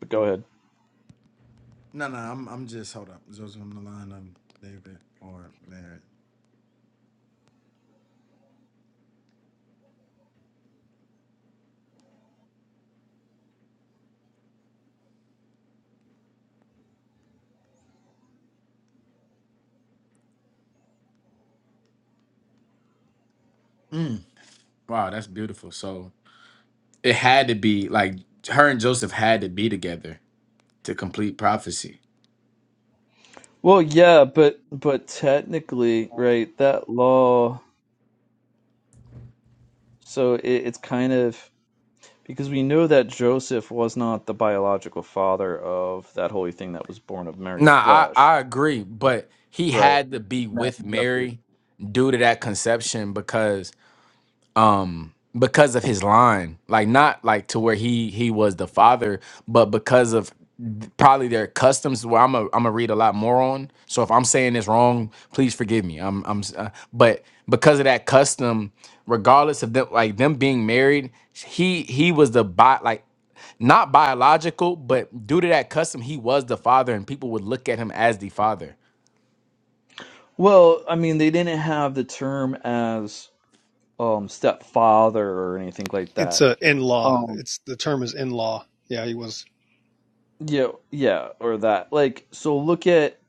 S8: But go ahead.
S2: No, no, I'm I'm just hold up. Joseph, I'm the line. I'm David or Mary. Wow, that's beautiful. So It had to be like her and Joseph had to be together to complete prophecy.
S8: Well, yeah, but but technically, right, that law, so it, it's kind of because we know that Joseph was not the biological father of that holy thing that was born of Mary's
S2: Nah, I,
S8: flesh.
S2: I agree, but he
S8: Right.
S2: had to be with
S8: Matthew chapter.
S2: Mary due to that conception because um because of his line like not like to where he he was the father but because of th- probably their customs where I'm a, I'm gonna read a lot more on so if I'm saying this wrong please forgive me I'm I'm s- uh, but because of that custom regardless of them like them being married he he was the bot like not biological but due to that custom he was the father and people would look at him as the father
S8: Well, I mean, they didn't have the term as um stepfather or anything like
S12: It's
S8: that.
S12: a in law.
S8: um.
S12: It's the term is in law. Yeah, he was.
S8: Yeah, yeah, or that. Like, so look at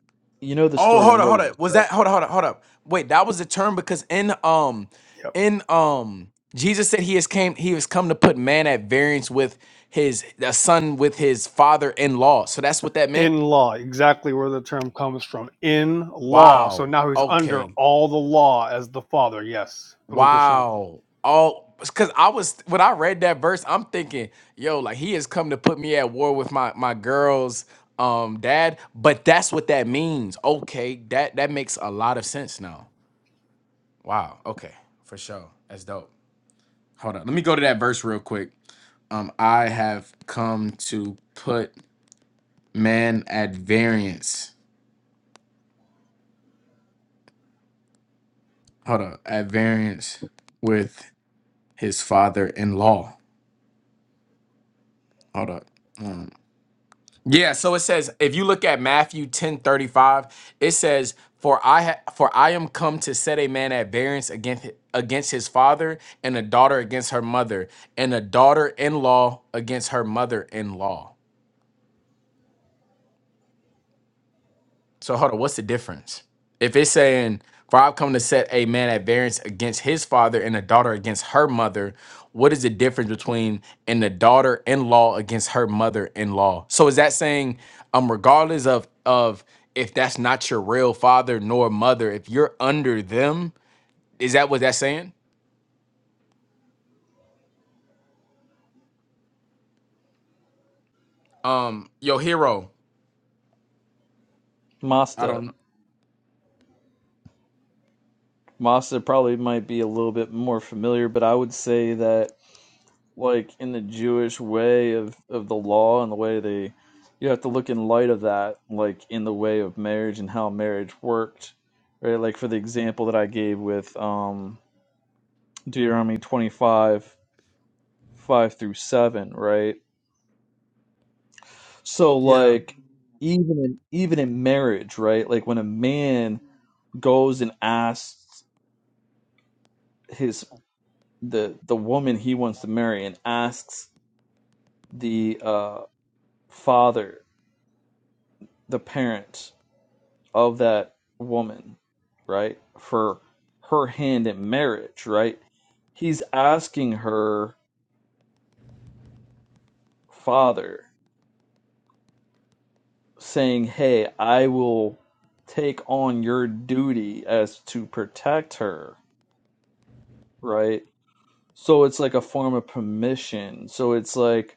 S8: you know the
S2: Oh,
S8: story of
S2: hold up, hold
S8: Moses,
S2: up. Was
S8: right?
S2: that hold up, hold up, hold up. Wait, that was the term because in um
S12: Yep.
S2: in um Jesus said he has came he has come to put man at variance with his a son with his father in law. So that's what that meant?
S12: In law, exactly where the term comes from. In law. So
S2: Wow.
S12: now he's under
S2: Okay.
S12: all the law as the father. Yes. Baruch Hashem.
S2: Wow. Oh, because I was when I read that verse, I'm thinking, yo, like he has come to put me at war with my my girl's um dad. But that's what that means. Okay, that that makes a lot of sense now. Wow. Okay, for sure. That's dope. hold on. Let me go to that verse real quick. Um, I have come to put man at variance. Hold up, at variance with his father in law. Hold up. Um, yeah. So it says, if you look at Matthew ten thirty five, it says, "For I ha- for I am come to set a man at variance against against his father, and a daughter against her mother, and a daughter in law against her mother in law." So hold on, what's the difference? If it's saying, for I've come to set a man at variance against his father and a daughter against her mother, what is the difference between and the daughter in law against her mother in law? So is that saying, um, regardless of of if that's not your real father nor mother, if you're under them, is that what that's saying? Um, your hero. I
S8: Masta.
S2: don't know.
S8: Masta probably might be a little bit more familiar, but I would say that like in the Jewish way of of the law and the way they you have to look in light of that, like in the way of marriage and how marriage worked, right? Like for the example that I gave with um Deuteronomy 25, 5 through 7, right? So like even in even in marriage, right? Like when a man goes and asks his the the woman he wants to marry and asks the uh father, the parent of that woman, right? For her hand in marriage, right? He's asking her father saying, "Hey, I will take on your duty as to protect her, right? so it's like a form of permission so it's like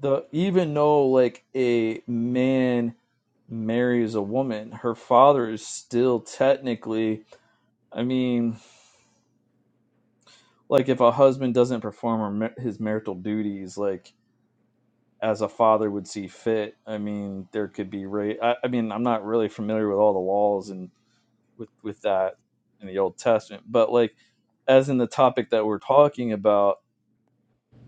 S8: the even though like a man marries a woman her father is still technically i mean like if a husband doesn't perform her ma- his marital duties like as a father would see fit i mean there could be ra I, I mean i'm not really familiar with all the laws and with with that in the old testament but like as in the topic that we're talking about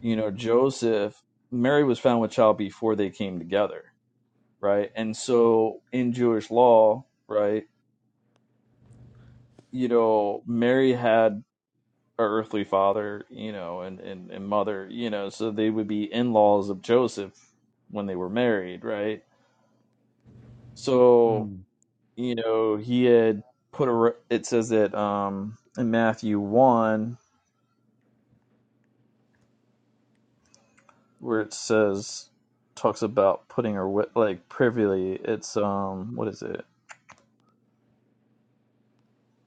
S8: you know, Joseph, Mary was found with child before they came together, right? And so in Jewish law, right, you know, Mary had an earthly father, you know, and, and, and mother, you know, so they would be in laws of Joseph when they were married, right? So, you know, he had put a, re- it says that um, in Matthew 1, where it says, talks about putting her, wi- like, privily, it's, um, what is it?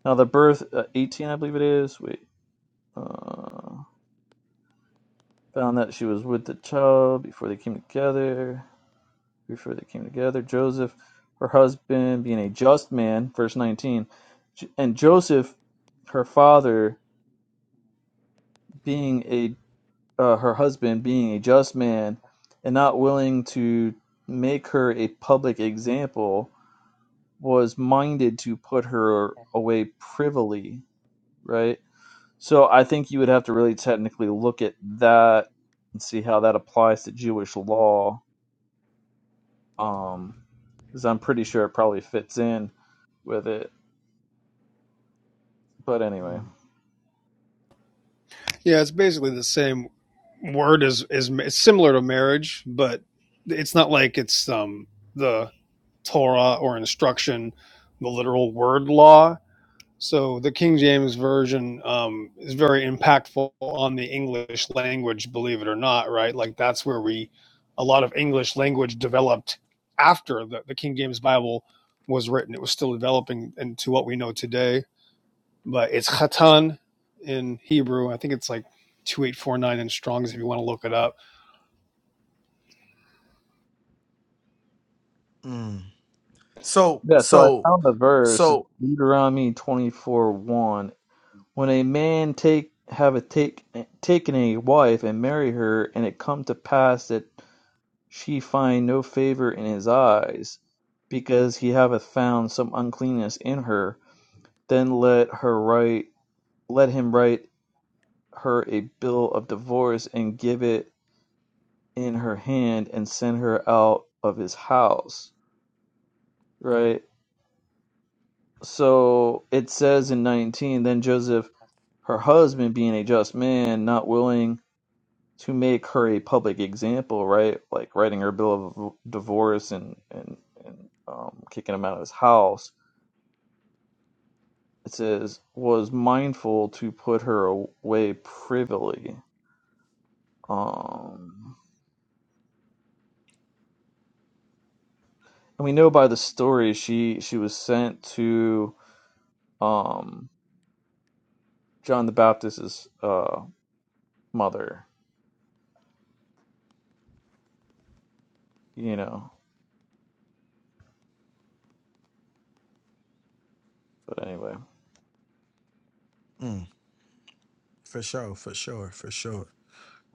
S8: Now the birth, uh, 18, I believe it is. Wait. Uh, found that she was with the child before they came together. Before they came together, Joseph, her husband, being a just man, verse 19, and Joseph, her father, being a uh, her husband, being a just man, and not willing to make her a public example, was minded to put her away privily. Right So I think you would have to really technically look at that and see how that applies to Jewish law, um, because I'm pretty sure it probably fits in with it. But anyway,
S12: Yeah, it's basically the same word as is similar to marriage, but it's not like it's um the Torah or instruction, the literal word law. So the King James version um, is very impactful on the English language, believe it or not, right? Like that's where we a lot of English language developed after the, the King James Bible was written. It was still developing into what we know today, but it's Chatan in Hebrew. I think it's like two eight four nine in Strong's. If you want to look it up,
S2: Mm. So,
S8: yeah. So I
S2: so,
S8: found the verse it's
S2: so
S8: Deuteronomy 24, 1. When a man take have a take taken a wife and marry her, and it come to pass that she find no favor in his eyes, because he hath found some uncleanness in her, then let her write let him write her a bill of divorce and give it in her hand and send her out of his house, right? So it says in 19, then Joseph, her husband, being a just man, not willing to make her a public example, right? Like writing her bill of divorce and, and, and um, kicking him out of his house. It says, was mindful to put her away privily. Um, And we know by the story she she was sent to um John the Baptist's uh mother, you know. But anyway.
S2: for sure, for sure, for sure.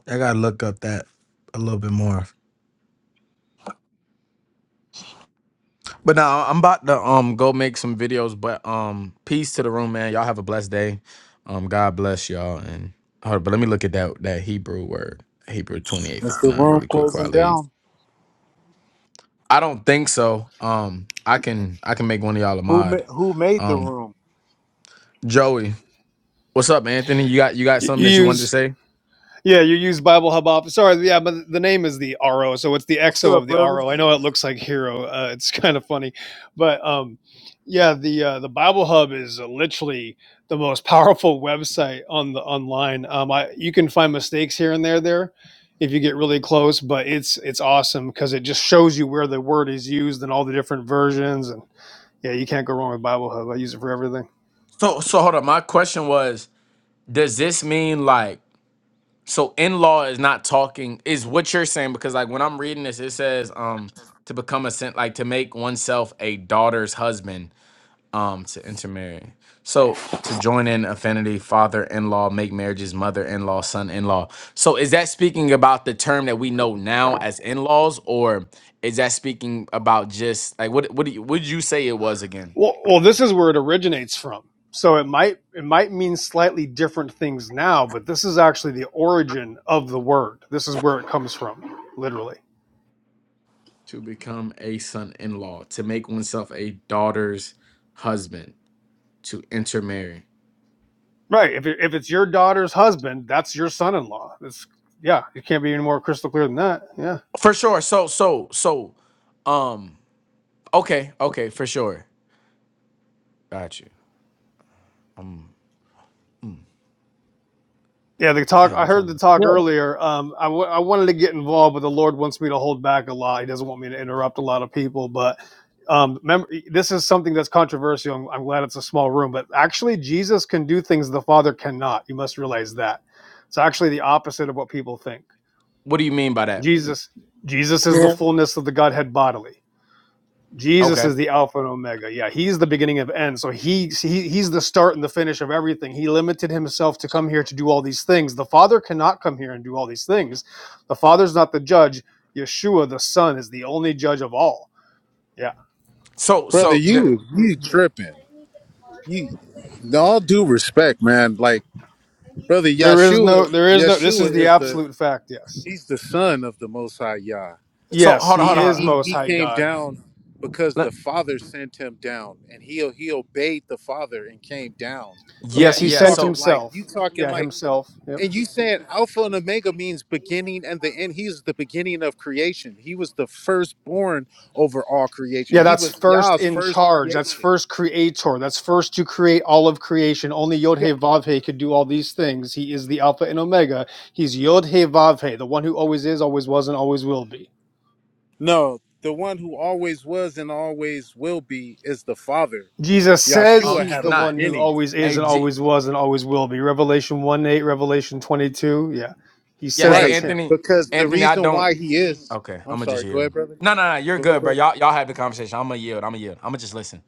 S2: I gotta look up that a little bit more. But now I'm about to um go make some videos. But um, peace to the room, man. Y'all have a blessed day. Um, God bless y'all. And hold up, but let me look at that that Hebrew word, Hebrew twenty eight
S13: That's
S2: fifty
S13: the
S2: nine,
S13: room
S2: really quick before I
S13: closing
S2: leave.
S13: down.
S2: I don't think so. Um, I can I can make one of y'all a
S13: Who
S2: mod.
S13: ma- who made the
S2: Um,
S13: room?
S2: Joey, what's up, Anthony? You got you got something
S12: you
S2: that you wanted to
S12: use
S2: say?
S12: Yeah, you use Bible Hub Office. Sorry, yeah, but the name is the RO, so it's the
S13: What's
S12: XO of
S13: up,
S12: the
S13: brother?
S12: RO. I know it looks like Hero. Uh, it's kind of funny, but um, yeah, the uh, the Bible Hub is uh, literally the most powerful website on the online. Um, I you can find mistakes here and there there if you get really close, but it's it's awesome because it just shows you where the word is used and all the different versions. And yeah, you can't go wrong with Bible Hub. I use it for everything.
S2: So so hold up. My question was, does this mean like? So in law is not talking is what you're saying because like when I'm reading this, it says um to become a sin like to make oneself a daughter's husband um to intermarry. So to join in affinity, father in law, make marriages, mother in law, son in law. So is that speaking about the term that we know now as in laws, or is that speaking about just like what what do you, would you say it was again?
S12: Well, well, this is where it originates from. So it might it might mean slightly different things now, but this is actually the origin of the word. This is where it comes from, literally.
S2: To become a son in law, to make oneself a daughter's husband, to intermarry.
S12: Right. If it, if it's your daughter's husband, that's your son-in-law. It's yeah. It can't be any more crystal clear than that. Yeah.
S2: For sure. So so so um okay, okay, for sure. Got you.
S12: Yeah, the talk. I heard the talk
S8: Yeah,
S12: earlier. Um, I, w- I wanted to get involved, but the Lord wants me to hold back a lot. He doesn't want me to interrupt a lot of people. But um, mem- this is something that's controversial. I'm, I'm glad it's a small room. But actually, Jesus can do things the Father cannot. You must realize that. It's actually the opposite of what people think.
S2: What do you mean by that?
S12: Jesus, Jesus is the
S13: Yeah,
S12: fullness of the Godhead bodily. Jesus
S2: Okay.
S12: is the Alpha and Omega. Yeah, he's the beginning of end. So he, he he's the start and the finish of everything. He limited himself to come here to do all these things. The Father cannot come here and do all these things. The Father's not the judge. Yeshua, the Son, is the only judge of all. Yeah.
S2: So
S13: brother,
S2: so the
S13: you you tripping? You in all due respect, man. Like brother
S12: There is no
S13: Yeshua,
S12: there is no this is
S13: Yeshua
S12: the
S13: is the
S12: absolute fact, yes.
S13: he's the son of the Most High Yah.
S2: so
S12: Yes,
S2: hold on,
S12: he
S2: hold on,
S13: He
S2: hold
S12: is
S2: on.
S13: he
S12: most
S13: he
S12: high
S13: came
S12: God.
S13: down because the
S2: Let-
S13: Father sent him down, and he he obeyed the Father and came down.
S2: yeah,
S12: Yes, he
S13: You
S2: yeah.
S12: sent
S2: So
S13: talking like you
S12: himself.
S13: talking
S12: Yeah,
S13: like
S12: himself. Yep.
S13: And you said Alpha and Omega means beginning and the end. He's the beginning of creation. He was the firstborn over all creation.
S12: Yeah,
S13: He
S12: that's
S13: was
S12: first
S13: Yah's
S12: in
S13: first
S12: charge. That's
S13: creation.
S12: first creator. That's first to create all of creation. Only Yod
S13: Yeah.
S12: He Vav He could do all these things. He is the Alpha and Omega. He's Yod He Vav He, the one who always is, always was, and always will be.
S13: No, the one who always was and always will be is the Father.
S12: Jesus says
S13: Yahshua
S2: oh
S12: he's
S13: had a
S12: the
S2: not
S12: one who
S13: beginning.
S12: always is
S2: hey
S12: and
S2: G,
S12: always was and always will be. Revelation 1 8, Revelation 22. Yeah. He
S2: yeah,
S12: says
S2: hey
S13: Right.
S12: that's him.
S2: Anthony,
S13: Because the
S2: Anthony, I
S13: reason
S2: don't
S13: why he is,
S2: Okay,
S13: I'm
S2: I'ma just
S13: sorry, go ahead,
S2: yield.
S13: brother.
S2: No, no, no, you're
S13: Go ahead,
S2: good, bro.
S13: brother.
S2: Y'all y'all have the conversation. I'ma yield, I'ma yield. I'ma just listen.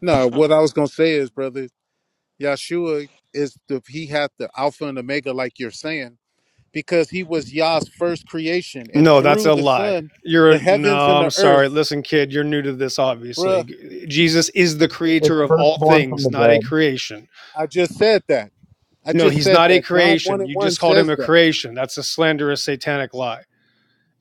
S13: No, what I was going to say is, brother, Yahshua is the, he had the Alpha and Omega, like you're saying because he was Yah's first creation. And
S12: No, that's
S13: through
S12: a
S13: the
S12: lie.
S13: Son,
S12: You're
S13: the
S12: a,
S13: heavens
S12: no,
S13: and
S12: I'm
S13: the
S12: sorry.
S13: earth,
S12: Listen, kid, you're new to this,
S13: bruh,
S12: obviously. Jesus is the
S8: it's
S12: creator of all
S8: firstborn from
S12: things,
S8: the
S12: not a
S8: dead.
S12: creation.
S13: I just said that. I
S12: No,
S13: just
S12: he's
S13: said
S12: not a
S13: that. John 1
S12: creation.
S13: and
S12: You
S13: 1
S12: just called him
S13: says
S12: a
S13: that.
S12: creation. That's a slanderous satanic lie.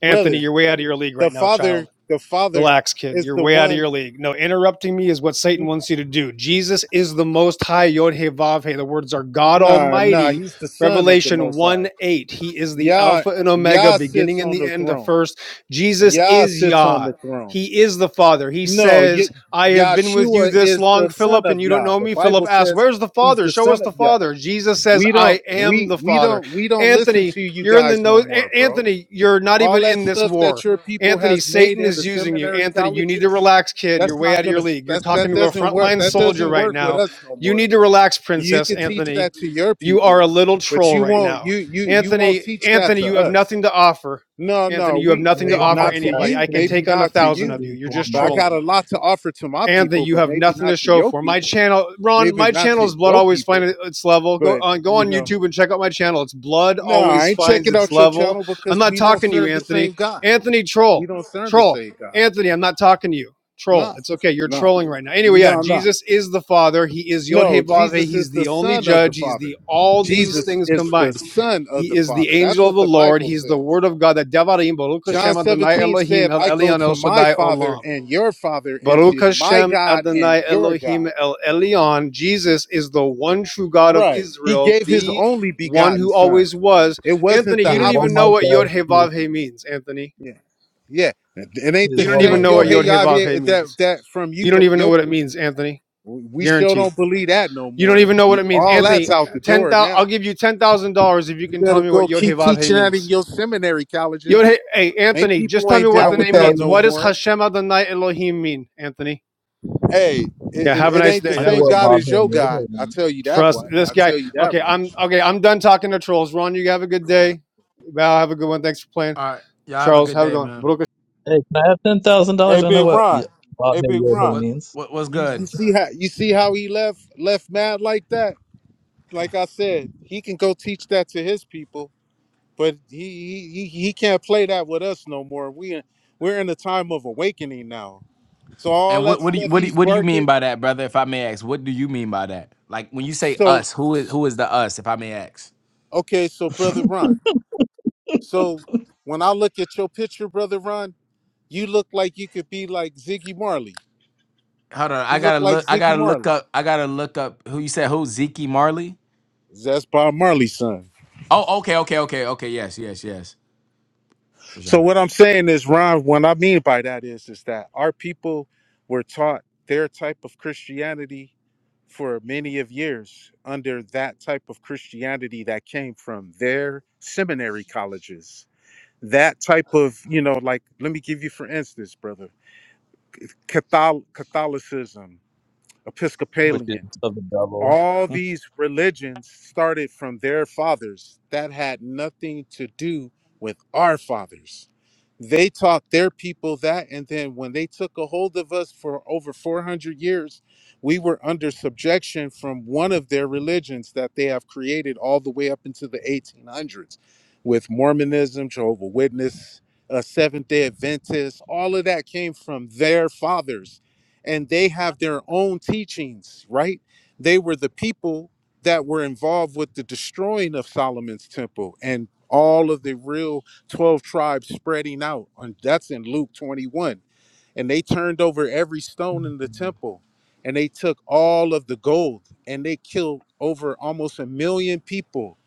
S12: Anthony,
S13: Brother,
S12: you're way out of your league
S13: the
S12: right now,
S13: Father,
S12: child.
S13: the Father
S12: Relax, kid.
S13: is
S12: You're
S13: the
S12: way out of your
S13: one.
S12: league. No, interrupting me is what Satan
S13: n-
S12: wants you to do. Jesus is the Most High, Yod He Vav He. The words are God
S13: Nah, nah,
S12: Almighty.
S13: he's the Son of the
S12: Revelation
S13: Most High.
S12: 1 8. He is the
S13: Yah,
S12: Alpha and Omega,
S13: Yah sits
S12: beginning and
S13: on
S12: the
S13: the
S12: end, the
S13: throne.
S12: first. Jesus
S13: Yah
S12: is
S13: sits on
S12: Yah.
S13: the throne.
S12: He is the Father. He
S13: No,
S12: says,
S13: Ye-
S12: I have been with you
S13: Yahshua
S12: this
S13: is
S12: long,
S13: the Son
S12: Philip, and
S13: of
S12: you don't
S13: Yah.
S12: know
S13: The
S12: me. Philip
S13: Bible
S12: asks,
S13: says
S12: Where's the
S13: he's
S12: Father?
S13: the
S12: Show us
S13: Son of
S12: the
S13: Yah.
S12: Father. Jesus says,
S13: We don't
S12: I am
S13: we
S12: the
S13: we
S12: Father.
S13: don't we don't listen
S12: Anthony,
S13: to you
S12: you're in the
S13: guys
S12: no.
S13: no more, bro.
S12: Anthony, you're not
S13: All
S12: even
S13: that
S12: in this
S13: stuff
S12: war.
S13: that your people
S12: Anthony,
S13: has made
S12: Satan
S13: in the
S12: is using you.
S13: seminary
S12: Anthony, you need to
S13: colleges,
S12: relax, kid. You're
S13: that's
S12: way out
S13: not
S12: of
S13: gonna
S12: your league. You're
S13: that's
S12: talking
S13: that
S12: to a
S13: doesn't work
S12: frontline
S13: that
S12: soldier
S13: doesn't
S12: right
S13: work with
S12: now.
S13: us no
S12: You
S13: more.
S12: need to relax,
S13: You
S12: Princess
S13: can teach
S12: Anthony.
S13: that to your
S12: You are
S13: people,
S12: a little
S13: but
S12: troll
S13: you
S12: right
S13: won't
S12: now.
S13: you you you won't
S12: Anthony,
S13: teach that
S12: Anthony,
S13: to
S12: you have nothing
S13: us.
S12: to offer.
S13: No, no,
S12: Anthony, you have
S13: we
S12: nothing
S8: And
S12: to
S13: eh,
S8: one
S12: offer
S8: like
S13: not to
S8: guy,
S12: anybody. I
S13: you,
S12: can
S8: please,
S13: maybe
S12: take on a
S13: not to
S12: thousand
S13: you,
S12: of you.
S8: please,
S12: You're
S8: one
S12: just
S13: but I
S8: like.
S13: got
S12: trolling.
S13: a lot to offer to my
S12: Anthony,
S13: people,
S12: you
S13: but
S12: have
S13: maybe
S12: nothing
S13: not
S12: to
S13: to
S12: show
S13: your
S12: for my
S13: people,
S12: channel. Ron,
S13: maybe
S12: my
S13: not
S12: channel is
S13: to
S12: Blood
S13: your
S12: Always
S13: people,
S12: Finds Its Level. Go
S13: but
S12: on, go
S13: you
S12: on
S13: know.
S12: YouTube and check out my channel. It's Blood
S13: No, I
S12: Always
S13: ain't
S12: Finds
S13: checking
S12: Its
S13: out your
S12: Level.
S13: channel
S12: I'm
S13: because
S12: not
S13: we don't
S12: talking to you,
S13: serve the
S12: Anthony.
S13: same God.
S12: Anthony,
S13: We
S12: troll,
S13: don't serve the
S12: troll.
S13: same God.
S12: Anthony, I'm not talking to you. Troll.
S13: No,
S12: It's okay. You're
S13: no,
S12: trolling right now. Anyway, yeah,
S13: no, no.
S12: Jesus is the Father. He is Yod He
S13: No,
S12: Vav He.
S13: Jesus
S12: He's
S13: is the
S12: the only
S13: Son of the
S12: judge. He's the
S13: Father.
S12: all these
S13: Jesus
S12: things
S13: is the
S12: combined.
S13: Son of
S12: He
S13: the
S12: is the
S13: Father. That's
S12: angel of
S13: what
S12: the
S13: the
S12: Lord.
S13: Bible
S12: He's the
S13: says.
S12: Word of God. The Devarim, Baruch
S13: John
S12: Hashem, Adonai
S13: 17
S12: Elohim,
S13: said,
S12: El
S13: I go
S12: Elyon
S13: to
S12: El
S13: my
S12: Shaddai
S13: Father
S12: Olam.
S13: and your Father and
S12: Baruch
S13: to my
S12: Hashem
S13: God and
S12: Adonai
S13: your
S12: Elohim
S13: God.
S12: El Elyon. Jesus is the one true God of
S13: Right. He
S12: Israel,
S13: gave his
S12: the
S13: only
S12: one
S13: begotten
S12: who
S13: Son.
S12: always was.
S13: It wasn't
S12: Anthony,
S13: the
S8: Hey,
S12: you don't
S8: one
S12: even know
S8: like
S13: opposite.
S12: what
S8: guy,
S12: Yod He
S8: please,
S12: Vav He means, Anthony.
S13: Yeah. Yeah. It ain't
S8: please,
S13: the
S12: You don't
S8: one
S12: even
S8: like
S13: same
S12: know
S13: yo
S12: what
S8: guy.
S13: hey
S12: Yod He Vav He
S13: Javier that
S12: means.
S13: that from
S12: You
S13: you
S12: don't
S13: but
S12: even know
S13: your
S12: what it means,
S13: people.
S12: Anthony.
S13: We we sure
S12: Guaranteed.
S13: don't believe that no
S12: You don't
S13: more.
S12: even know what
S13: You-
S12: it means.
S13: All that's
S12: Anthony,
S13: out the
S12: ten
S13: door
S12: thousand I'll
S13: now.
S12: give you ten thousand dollars if you
S13: You
S12: can tell
S13: better
S12: me what
S13: go
S12: Yod He
S13: keep
S12: Vav He
S13: teaching that in
S12: means.
S13: your seminary
S12: Yod He,
S13: colleges.
S12: hey
S13: Ain't
S12: Anthony, just
S13: people
S12: tell me
S13: ain't
S8: I
S12: what
S13: down
S12: the
S8: can
S13: with
S12: name
S13: that
S8: tell
S12: means.
S8: you.
S13: no
S12: What does
S13: more.
S12: Hashem Adonai Elohim mean, Anthony?
S13: Hey,
S12: Yeah,
S13: it, it,
S12: have a
S13: it
S12: nice
S13: ain't the
S12: day.
S8: I
S12: That
S8: know
S13: same
S12: was
S8: what
S13: God
S12: easy.
S8: Bob
S13: as
S8: Hey
S13: your God.
S8: Yodhay
S13: I
S8: means.
S13: tell you that
S12: Trust
S13: much.
S12: this
S13: I
S12: guy.
S13: tell you that
S12: Okay, I'm
S13: much.
S12: okay. I'm done talking to trolls. Ron, you have a good day. Val, have a good one. Thanks for playing.
S2: All right. Y'all have a
S12: Charles,
S2: good
S12: have a
S2: day,
S12: good
S2: man.
S12: one.
S8: Hey, can I have ten thousand dollars?
S13: Hey,
S8: I know
S13: Big
S8: what yeah,
S13: Ron.
S8: Bob
S13: Hey,
S8: Hey
S13: Big
S8: Yodhay
S13: Ron.
S2: What
S8: means,
S2: what what's
S13: You, you
S2: good?
S13: see how you see how he left left mad like that? Like I said, he can go teach that to his people but he he he he can't play that with us no more. We in- we're in a time of awakening now. So all
S2: And what
S13: that
S2: what do you
S13: stuff
S2: what do you,
S13: he's
S2: what do you mean
S13: barking.
S2: by that, brother? If I may ask, what do you mean by that? Like when you say
S13: So
S2: us, who is who is the us? If I may ask.
S13: okay, so brother Ron. So when I look at your picture, brother Ron, you look like you could be like Ziggy Marley.
S2: Hold on, I
S13: You look
S2: gotta
S13: like
S2: look. I
S13: Ziggy
S2: gotta look
S13: Marley.
S2: up. I gotta look up who you said who Zeke Marley.
S13: That's Bob Marley's son.
S2: Oh, okay, okay, okay, okay. Yes, yes, yes, for
S13: So
S2: sure.
S13: what I'm saying is, Ron, what I mean by that is, is that our people were taught their type of Christianity for many of years under that type of Christianity that came from their seminary colleges. That type of, you know, like let me give you for instance, brother, Catholic, Catholicism,
S8: which is
S13: Episcopalian
S8: of the devil.
S13: all
S8: hey,
S13: these religions started from their fathers that had nothing to do with our fathers they taught their people that and then when they took a hold of us for over 400 years we were under subjection from one of their religions that they have created all the way up into the 1800s with mormonism jehovah witness uh, seventh day Adventists. all of that came from their fathers and they have their own teachings right they were the people that were involved with the destroying of Solomon's temple and all of the real 12 tribes spreading out. And that's in Luke 21. And they turned over every stone in the temple and they took all of the gold and they killed over almost a million people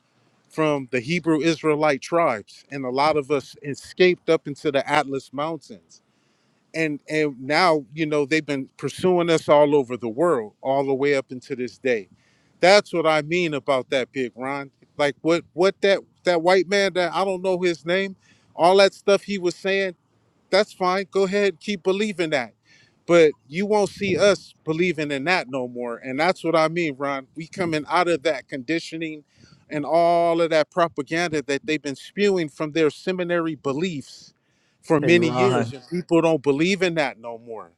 S13: from the Hebrew Israelite tribes. And a lot of us escaped up into the Atlas Mountains and and now you know they've been pursuing us all over the world all the way up into this day that's what i mean about that big ron like what what that that white man that i don't know his name all that stuff he was saying that's fine. Go ahead, keep believing that. But you won't see us believing in that no more. And that's what I mean, Ron. We coming out of that conditioning and all of that propaganda that they've been spewing from their seminary beliefs for many
S8: Ron.
S13: years. And people don't believe in that no more.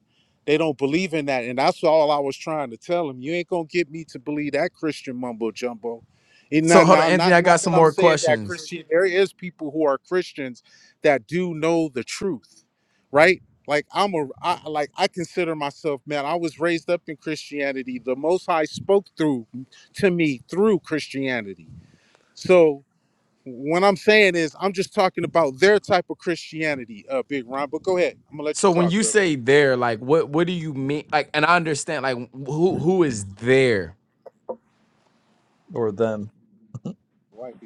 S13: They don't believe in that. And that's all I was trying to tell them. You ain't gonna get me to believe that Christian mumbo jumbo. And
S2: So
S13: now,
S2: hold on,
S13: now
S2: Anthony.
S13: not
S2: I
S13: not
S2: got some
S13: that I'm
S2: more
S13: saying that
S2: questions.
S13: Christian there is people who are Christians that do know the truth, right? Like I'm a I, like I consider myself, man. I was raised up in Christianity. The Most High spoke through to me through Christianity. So what I'm saying is, I'm just talking about their type of Christianity, uh, Big Ron. But go ahead, I'm gonna let
S2: So
S13: you
S2: when
S13: talk,
S2: you
S13: brother.
S2: say there, like what what do you mean? Like, and I understand like who who is there,
S8: Or them?
S13: Right.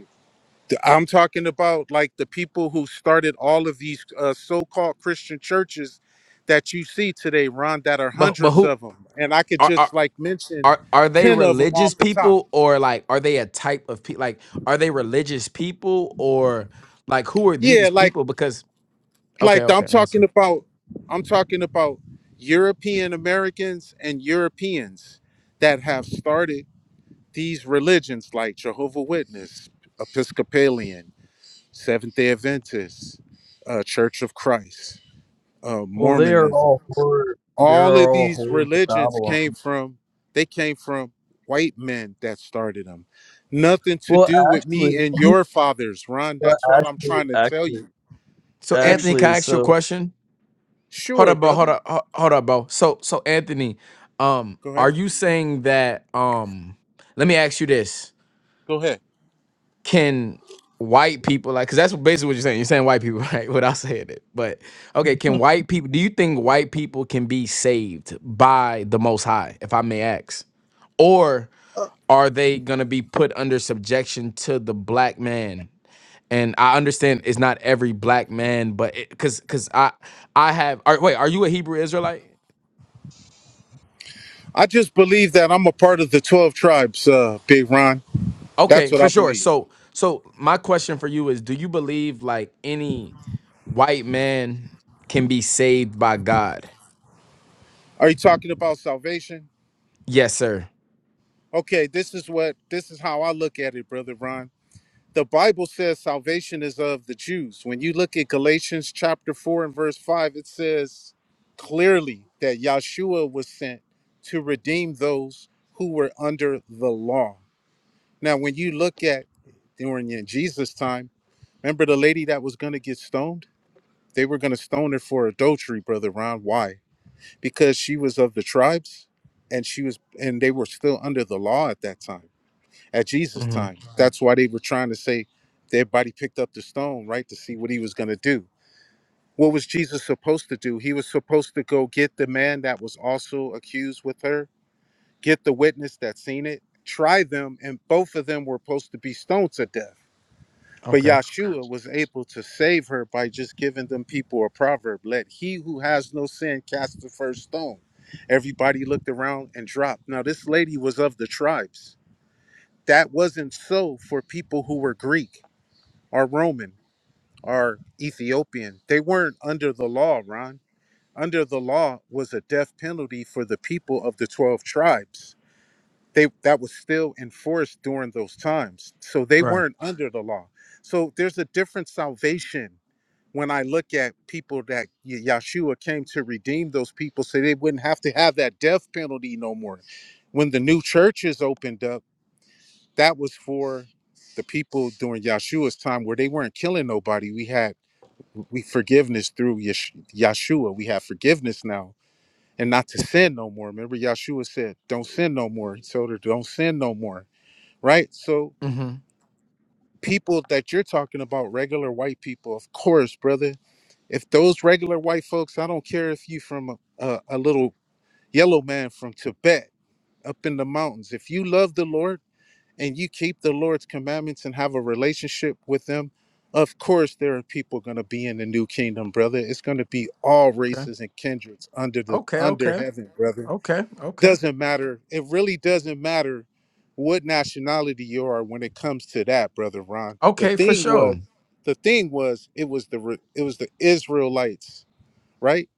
S13: Th- I'm talking about like the people who started all of these uh, so-called Christian churches that you see today, Ron. That are
S2: but but
S13: hundreds
S2: who?
S13: of them, and I could
S2: are are
S13: just like mention
S2: are are they
S13: ten of them
S2: religious
S13: off the top.
S2: people or like are they a type of people like are they religious people or like who are these
S13: Yeah, like
S2: people because okay
S13: like I'm
S2: okay i'm
S13: talking
S2: listening
S13: about. I'm talking about European Americans and Europeans that have started these religions, like Jehovah Witness, Episcopalian, Seventh Day Adventist, uh, Church of Christ, uh,
S8: Well, they are
S13: Mormonism.
S8: all horror. They
S13: all
S8: are
S13: of
S8: all
S13: these
S8: holes of
S13: religions
S8: Babylon.
S13: came from they came from white men that started them nothing to
S8: Well,
S13: do with me
S8: actually,
S13: and your fathers ron that's what i'm
S8: actually,
S13: trying to tell
S8: actually,
S13: you
S2: so
S13: and
S2: anthony can
S8: actually.
S2: i ask you a
S8: So,
S2: question hold
S13: sure
S2: up bro hold
S13: brother
S2: up ho- hold up bro so so anthony um
S13: go
S2: are
S13: ahead
S2: you saying that um let me ask you this
S13: go ahead
S2: can white people like because that's basically what you're saying you're saying white people right without saying it but okay can white people do you think white people can be saved by the most high if i may ask or are they gonna be put under subjection to the black man and i understand it's not every black man but because because i i have are, wait are you a hebrew israelite
S13: i just believe that i'm a part of the 12 tribes uh big ron that's
S2: Okay,
S13: what i
S2: for sure.
S13: believe
S2: So, so my question for you is: Do you believe like any white man can be saved by God?
S13: are you talking about salvation
S2: Yes, sir.
S13: okay this is what this is how i look at it brother ron the Bible says salvation is of the Jews. When you look at Galatians chapter 4 and verse 5, it says clearly that Yahshua was sent to redeem those who were under the law. Now, when you look at during in Jesus' time, remember the lady that was going to get stoned? They were going to stone her for adultery, brother Ron. Why? Because she was of the tribes and she was and they were still under the law at that time at Jesus'
S2: hmm
S13: time. That's why they were trying to say everybody picked up the stone, right, to see what he was going to do. What was Jesus supposed to do? He was supposed to go get the man that was also accused with her, get the witness that seen it, try them, and both of them were supposed to be stoned to death. But
S2: Okay.
S13: Yahshua was able to save her by just giving them people a proverb let he who has no sin cast the first stone. Everybody looked around and dropped. Now, this lady was of the tribes that wasn't so for people who were Greek or Roman or Ethiopian. They weren't under the law, Ron. Under the law was a death penalty for the people of the 12 tribes. They that was still enforced during those times. So they
S2: Right.
S13: weren't under the law. So there's a different salvation when I look at people that Ye- Yahshua came to redeem those people so they wouldn't have to have that death penalty no more. When the new church is opened up, that was for the people during Yeshua's time where they weren't killing nobody. We had we forgiveness through Yesh- Yeshua. We have forgiveness now and not to sin no more. Remember Yeshua said, don't sin no more. He told her, don't sin no more. Right? So
S2: hmm
S13: people that you're talking about, regular white people, of course, brother, if those regular white folks, I don't care if you from a, a, a little yellow man from Tibet up in the mountains, if you love the Lord, and you keep the Lord's commandments and have a relationship with them, of course, there are people going to be in the new kingdom, brother. It's going to be all
S2: Okay.
S13: races and kindreds under the
S2: Okay.
S13: under
S2: Okay.
S13: heaven, brother.
S2: Okay. Okay.
S13: Doesn't matter. It really doesn't matter what nationality you are when it comes to that, brother Ron. The
S2: Okay. For
S13: thing
S2: sure.
S13: was, the thing was, it was the re- it was the Israelites, right?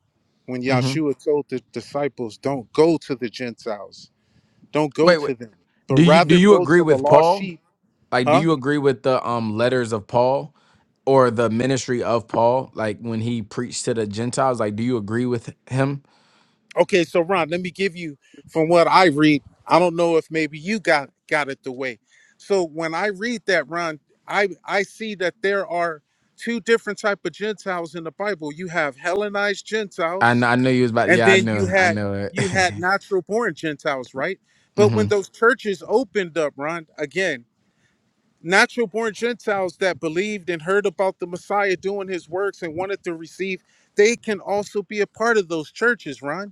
S13: When
S2: hmm
S13: Yahshua told the disciples, "Don't go to the Gentiles, don't go
S2: Wait. Wait.
S13: to them, but
S2: Do you do
S13: rather
S2: you
S13: go
S2: agree
S13: to the
S2: with
S13: lost
S2: Paul?
S13: sheep."
S2: Like, do
S13: Huh?
S2: you agree with the um letters of Paul or the ministry of Paul? Like when he preached to the Gentiles, like, do you agree with him?
S13: Okay, so Ron, let me give you from what I read. I don't know if maybe you got got it the way. So when I read that, Ron, I I see that there are two different type of Gentiles in the Bible. You have Hellenized
S2: I know,
S13: Gentiles,
S2: I know you was about.
S13: and
S2: Yeah, I
S13: then you
S2: know. I
S13: had
S2: know it.
S13: you had natural born Gentiles, right? But
S2: hmm
S13: when those churches opened up, Ron, again, natural born Gentiles that believed and heard about the Messiah doing his works and wanted to receive, they can also be a part of those churches, Ron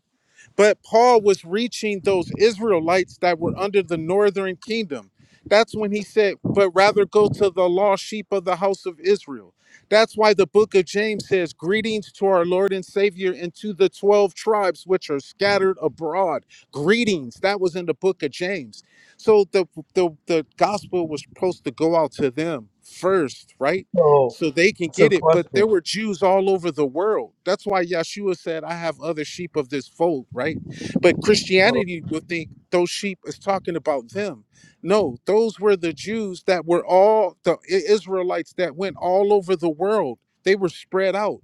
S13: but Paul was reaching those Israelites that were under the northern kingdom. That's when he said, but rather go to the lost sheep of the house of Israel. That's why the book of James says, Greetings to our Lord and Savior and to the 12 tribes which are scattered abroad. Greetings. That was in the book of James. So the, the, the gospel was supposed to go out to them first, right?
S8: so,
S13: so they can
S8: so,
S13: get it. But there
S8: question.
S13: were Jews all over the world. That's why Yeshua said, I have other sheep of this fold, right? But Christianity would think those sheep is talking about them. No, those were the Jews that were all the I- Israelites that went all over the world. They were spread out.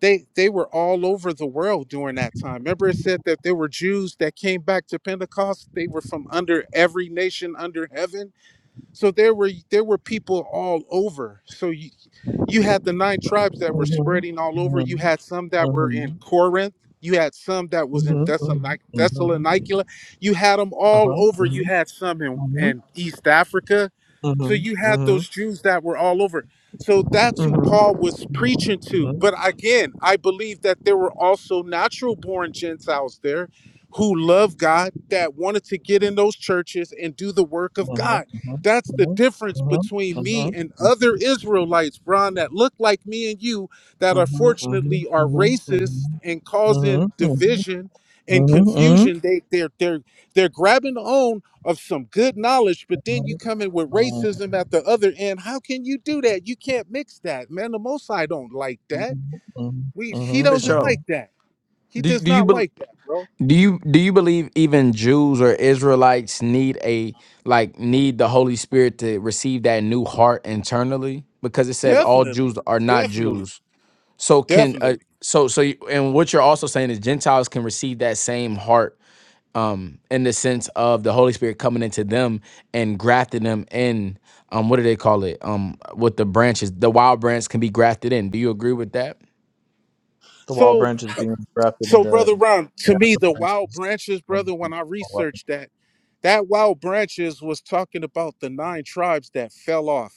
S13: They, they were all over the world during that time. Remember, it said that there were Jews that came back to Pentecost. They were from under every nation under heaven so there were there were people all over so you, you had the nine tribes that were spreading all over. You had some that were in Corinth. You had some that was in Thessalonic- Thessalonica. You had them all over. You had some in, in East Africa. So you had those Jews that were all over. So that's who Paul was preaching to. But again, I believe that there were also natural born Gentiles there who loved God that wanted to get in those churches and do the work of God. That's the difference between me and other Israelites, Bron. that look like me and you, that unfortunately are racist and causing division and confusion. They they're they're they're grabbing on of some good knowledge, but then you come in with racism at the other end. How can you do that? You can't mix that, man. The most I don't like that.
S8: Mm-hmm,
S13: We he
S2: for
S8: mm-hmm,
S13: doesn't
S8: hmm
S2: sure.
S13: like that. He
S2: Do
S13: does
S2: do you
S13: not
S2: bel
S13: like that, bro.
S2: do you do you believe even Jews or Israelites need a like need the Holy Spirit to receive that new heart internally? Because it says all Jews
S13: Definitely,
S2: are not
S13: definitely,
S2: Jews. So can uh,
S13: definitely.
S2: so so you, and what you're also saying is Gentiles can receive that same heart um in the sense of the Holy Spirit coming into them and grafting them in um what do they call it um with the branches the wild branch can be grafted in. Do you agree with that?
S8: The wall
S13: So.
S8: branch is being grafted
S13: So,
S8: into
S13: brother Ron, to me,
S8: natural
S13: the wild
S8: branches.
S13: branches,
S8: Um,
S13: brother, when I
S8: all up.
S13: researched that, that wild branches was talking about the nine tribes that fell off,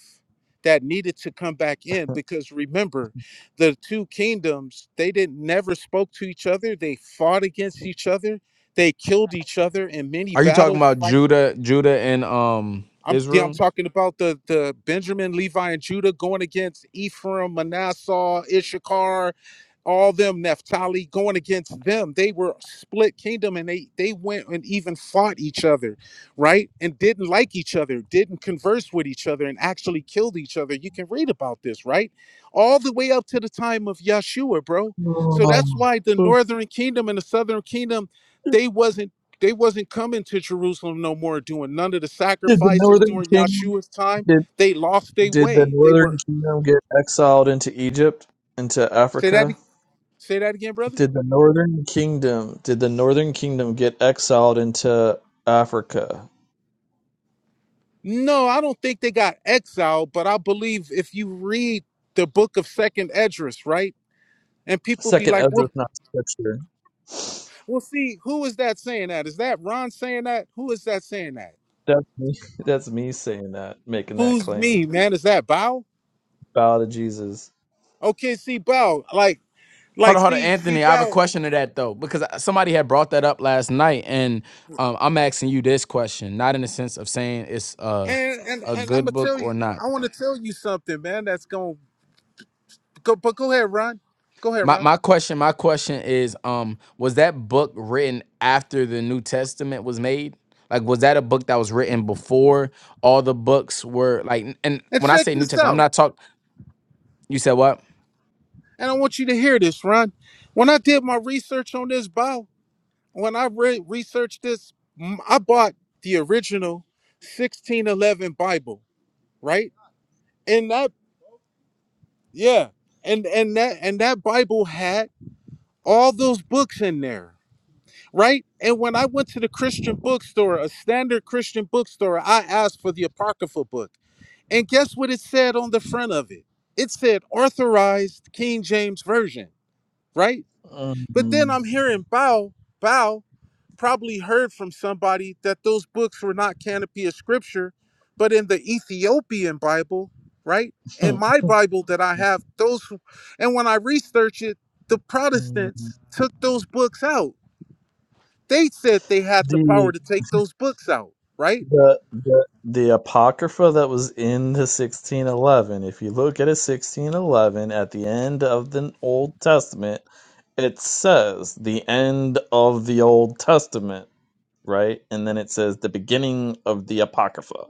S13: that needed to come back in. Because remember, the two kingdoms, they didn't never spoke to each other. They fought against each other. They killed each other in many
S2: Are you talking
S13: battles
S2: about Judah, Judah and um
S13: I'm yeah, I'm
S2: Israel?
S13: talking about the the Benjamin, Levi, and Judah going against Ephraim, Manasseh, Issachar, all them Naphtali going against them. They were split kingdom and they they went and even fought each other, right? And didn't like each other, didn't converse with each other, and actually killed each other. You can read about this, right? All the way up to the time of Yeshua, bro. So
S8: Oh.
S13: that's why the northern kingdom and the southern kingdom they wasn't they wasn't coming to Jerusalem no more, doing none of the
S8: Did the
S13: sacrifices
S8: Northern
S13: during
S8: Kingdom
S13: Yahshua's time.
S8: did
S13: They lost their
S8: did the
S13: way. They
S8: Northern
S13: were
S8: Kingdom get exiled into Egypt, into
S13: say that
S8: Africa?
S13: say that again, brother.
S8: Did the Northern Kingdom did the Northern Kingdom get exiled into Africa?
S13: No, I don't think they got exiled, but I believe if you read the book of Second Esdras, right? And people be
S8: Second
S13: like, well,
S8: Ezra's not scripture.
S13: well, see, who is that saying that? Is that Ron saying that? Who is that saying that?
S8: That's me. That's me saying that, making that
S13: Who's
S8: claim.
S13: me, man? Is that Bow?
S8: Bow to Jesus.
S13: Okay, see, Bow, like,
S2: Hold
S13: like,
S2: on, hold on,
S13: see, see,
S2: Anthony. I have a
S13: Bow,
S2: question to that though, because I- somebody had brought that up last night, and um, I'm asking you this question, not in the sense of saying it's uh,
S13: and and
S2: a
S13: and I'm gonna
S2: good book
S13: tell
S2: or
S13: you,
S2: not.
S13: I want to tell you something, man. That's gonna Go, but go ahead, Ron. Go ahead,
S2: My
S13: Ron.
S2: my question, my question is, um, was that book written after the New Testament was made? Like, was that a book that was written before all the books were like? And
S13: And
S2: when I
S13: check
S2: say New
S13: this
S2: Testament, I'm
S13: out.
S2: not talking. You said what?
S13: And I want you to hear this, Ron. When I did my research on this bow, when I re- researched this, mm, I bought the original 1611 Bible, right? And that, yeah, and and that and that Bible had all those books in there, right? And when I went to the Christian bookstore, a standard Christian bookstore, I asked for the Apocrypha book. And guess what it said on the front of it? It said authorized King James Version, right? But
S8: Mhm.
S13: then I'm hearing Bow, Bow probably heard from somebody that those books were not canopy of scripture, but in the Ethiopian Bible, right? In
S8: Mm,
S13: my
S8: mm,
S13: Bible that I have, those, and when I researched it, the
S8: mm, mm.
S13: Protestants took those books out. They said they had the
S8: The
S13: power to take those books out, right?
S8: the the the apocrypha that was in the sixteen eleven. If you look at a sixteen eleven at the end of the Old Testament, it says the end of the Old Testament, right? And then it says the beginning of the apocrypha.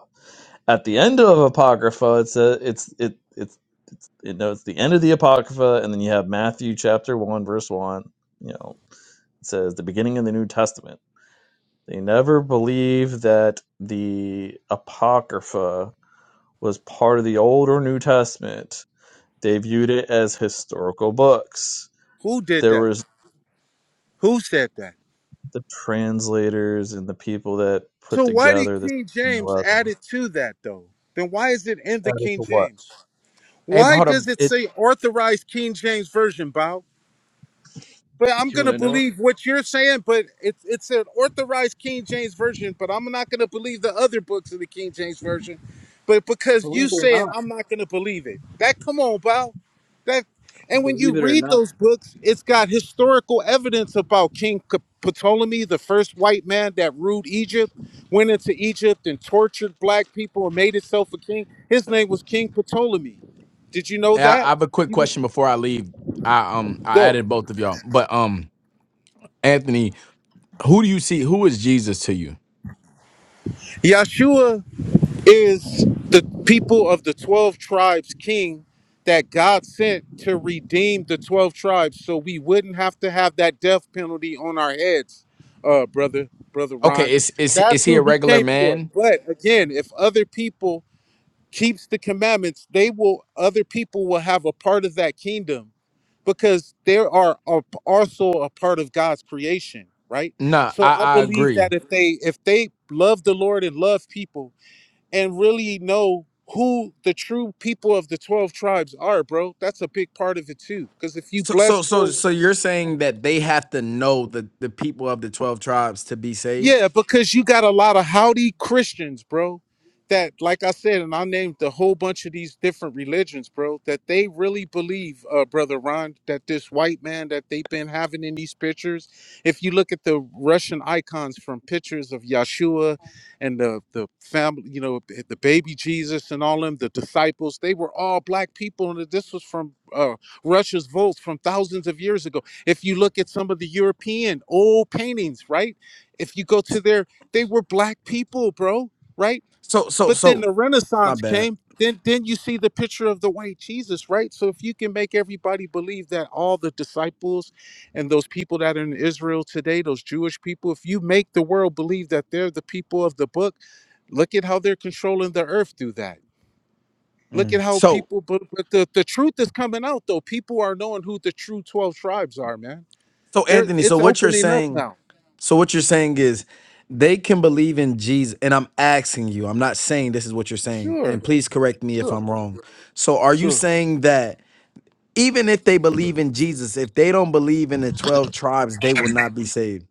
S8: At the end of apocrypha, it's a it's it it's it's it notes the end of the apocrypha, and then you have Matthew chapter one verse one. You know, it says the beginning of the New Testament They never believed that the Apocrypha was part of the Old or New Testament. They viewed it as historical books.
S13: Who did
S8: There
S13: that?
S8: was
S13: Who said that?
S8: the translators and the people that put
S13: So why did
S8: together this
S13: King James
S8: 11.
S13: add it to that though? Then why is it in the
S8: That is
S13: King
S8: a what?
S13: James?
S2: Hey,
S13: Why
S2: hold up.
S13: does it
S8: It,
S13: say authorized King James version, Bow? But I'm
S8: you want
S13: gonna
S8: to know?
S13: believe what you're saying, but it's it's an authorized King James version, but I'm not gonna believe the other books of the King James version. But because you said I'm not gonna believe it. That come on, Bow. That and when you read those books, it's got historical evidence about King P- Ptolemy, the first white man that ruled Egypt, went into Egypt and tortured black people and made himself a king. His name was King Ptolemy. Did you know
S2: And I, I
S13: that?
S2: have a quick question before I leave. I um I
S13: Go.
S2: added both of y'all, but um Anthony, who do you see? Who is Jesus to you?
S13: Yeshua. is the people of the 12 tribes king that God sent to redeem the 12 tribes so we wouldn't have to have that death penalty on our heads, uh, brother, brother Ron.
S2: Okay, is is is
S13: That's
S2: he
S13: who
S2: a
S13: he
S2: regular
S13: came for.
S2: man?
S13: But again, if other people keeps the commandments, they will other people will have a part of that kingdom because they are a- also a part of God's creation, right?
S2: No,
S13: So
S2: I
S13: I
S2: I
S13: believe
S2: agree.
S13: that if they if they love the Lord and love people and really know who the true people of the 12 tribes are, bro. That's a big part of it too. Because if you
S2: So so
S13: bless
S2: so
S13: those
S2: so you're saying that they have to know the the people of the twelve tribes to be saved?
S13: Yeah, because you got a lot of howdy Christians, bro. That, like I said, and I named a whole bunch of these different religions, bro, that they really believe, uh, Brother Ron, that this white man that they've been having in these pictures, if you look at the Russian icons from pictures of Yeshua and the, the family, you know, the the baby Jesus and all them, the disciples, they were all black people. And this was from uh, Russia's vaults from thousands of years ago. If you look at some of the European old paintings, right? If you go to
S2: S-
S13: their, they were black people, bro, right?
S2: So so
S13: But then
S2: so
S13: the
S2: my
S13: Renaissance
S2: bad.
S13: came. Then, then you see the picture of the white Jesus, right? So if you can make everybody believe that all the disciples and those people that are in Israel today, those Jewish people, if you make the world believe that they're the people of the book, look at how they're controlling the earth through that. Look at
S2: Mm.
S13: how
S2: So,
S13: people, but, but the, the truth is coming out though. People are knowing who the true 12 tribes are, man.
S2: so
S13: They're,
S2: Anthony,
S13: it's
S2: so what you're
S13: opening up
S2: saying,
S13: now.
S2: so what you're saying is they can believe in Jesus, and I'm asking you, I'm not saying this is what you're saying,
S13: Sure,
S2: and please correct me if
S13: sure,
S2: I'm wrong. So, are you
S13: sure.
S2: saying that even if they believe in Jesus, if they don't believe in the 12 tribes, they will not be saved?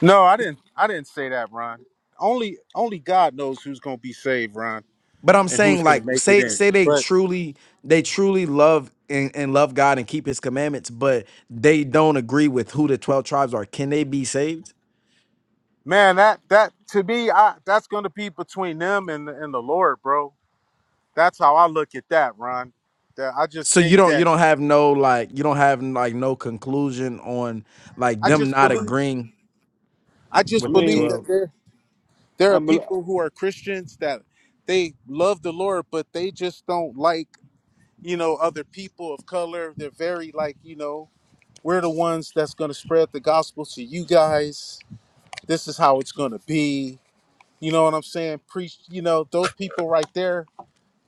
S13: No, I didn't. I didn't say that, Ron. Only, only God knows who's gonna be saved, Ron,
S2: But I'm
S13: and who's
S2: saying, like,
S13: gonna make it
S2: say
S13: in.
S2: say they
S13: But
S2: truly they truly love and, and love God and keep His commandments, but they don't agree with who the 12 tribes are. Can they be saved?
S13: man, that that to me, I that's gonna be between them and and the Lord, bro. That's how I look at that, Ron. That I just
S2: So you
S13: think
S2: don't you
S13: that
S2: don't have no like you don't have like no conclusion on like
S13: I
S2: them
S13: just
S2: not
S13: believe.
S2: agreeing
S13: I
S5: I
S2: with
S13: just
S2: the
S13: believe
S5: mean,
S13: that
S2: 12.
S13: there there
S5: I
S13: are
S5: bel
S13: people who are Christians that they love the Lord, but they just don't like you know other people of color. They're very like you know we're the ones that's gonna spread the gospel to you guys this is how it's gonna be. You know what I'm saying? Preach. You know those people right there.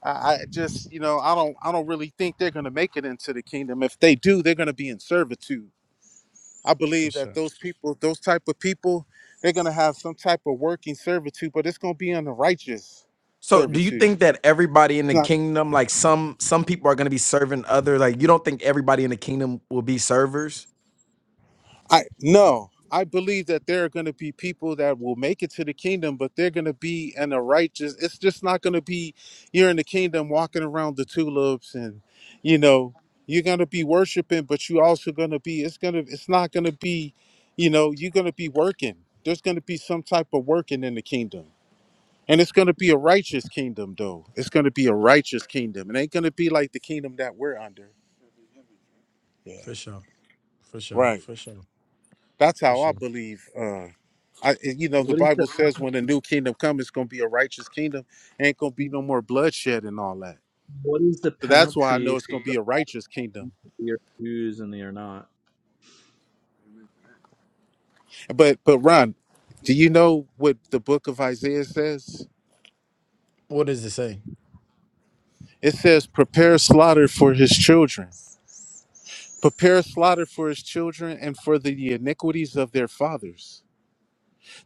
S13: I, I just, you know, I don't, I don't really think they're gonna make it into the kingdom. If they do, they're gonna be in servitude. I believe that those people, those type of people, they're gonna have some type of working servitude, but it's gonna be on the righteous
S2: So do you
S13: servitude.
S2: think that everybody in
S13: It's
S2: the
S13: not.
S2: kingdom like some some people are going to be serving other like you don't think everybody in the kingdom will be servers?
S13: I no, I believe that there are going to be people that will make it to the kingdom, but they're going to be in a righteous. It's just not going to be you're in the kingdom walking around the tulips, and you know you're going to be worshiping, but you also going to be. It's gonna. It's not going to be. You know, you're going to be working. There's going to be some type of working in the kingdom. And it's going to be a righteous kingdom, though. It's going to be a righteous kingdom. It ain't going to be like the kingdom that we're under. Yeah.
S2: For sure. For sure.
S13: Right.
S2: For sure.
S13: That's
S2: For
S13: how I
S2: sure.
S13: believe. Uh, I, and, you know, the
S8: What is the
S13: Bible says when the new kingdom comes, it's going to be a righteous kingdom. Ain't going to be no more bloodshed and all that.
S8: what is the
S13: So that's why I
S8: penalty
S13: know it's
S8: for
S13: going to
S8: some
S13: be a righteous kingdom.
S8: of the are Jews and they are not?
S13: But, but Ron, do you know what the book of Isaiah says?
S2: What does it say?
S13: It says, prepare slaughter for his children. Prepare slaughter for his children and for the iniquities of their fathers,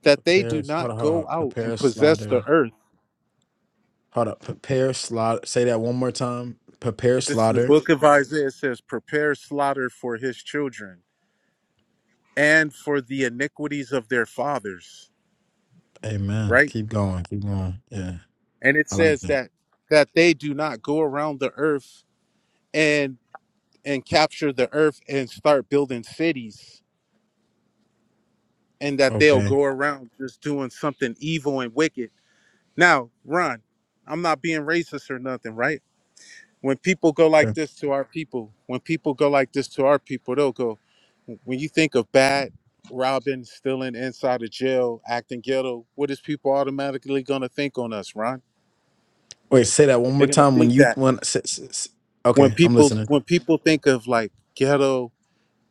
S13: that they
S2: Prepare.
S13: do
S2: Hold on.
S13: not
S2: Hold on. hold
S13: go
S2: on.
S13: out
S2: Prepare
S13: and possess the
S2: slaughter.
S13: earth.
S2: Hold up. Prepare slaughter. Say that one more time. Prepare
S13: This is the
S2: slaughter.
S13: book of Isaiah. It says, prepare slaughter for his children and for the iniquities of their fathers
S2: Amen.
S13: right
S2: Keep going. Keep going. Yeah.
S13: and it
S2: I like
S13: says
S2: that.
S13: that that they do not go around the earth and and capture the earth and start building cities and that they'll
S2: Okay.
S13: go around just doing something evil and wicked now ron i'm not being racist or nothing right when people go like this to our people when people go like this to our people they'll go when you think of bad robbing stealing inside of jail acting ghetto what is people automatically going to think on us ron
S2: Wait, say that one more
S13: They're gonna
S2: time. When
S13: think
S2: you
S13: that
S2: when s- s- s-
S13: when
S2: okay, I'm
S13: people
S2: listening.
S13: when people think of like ghetto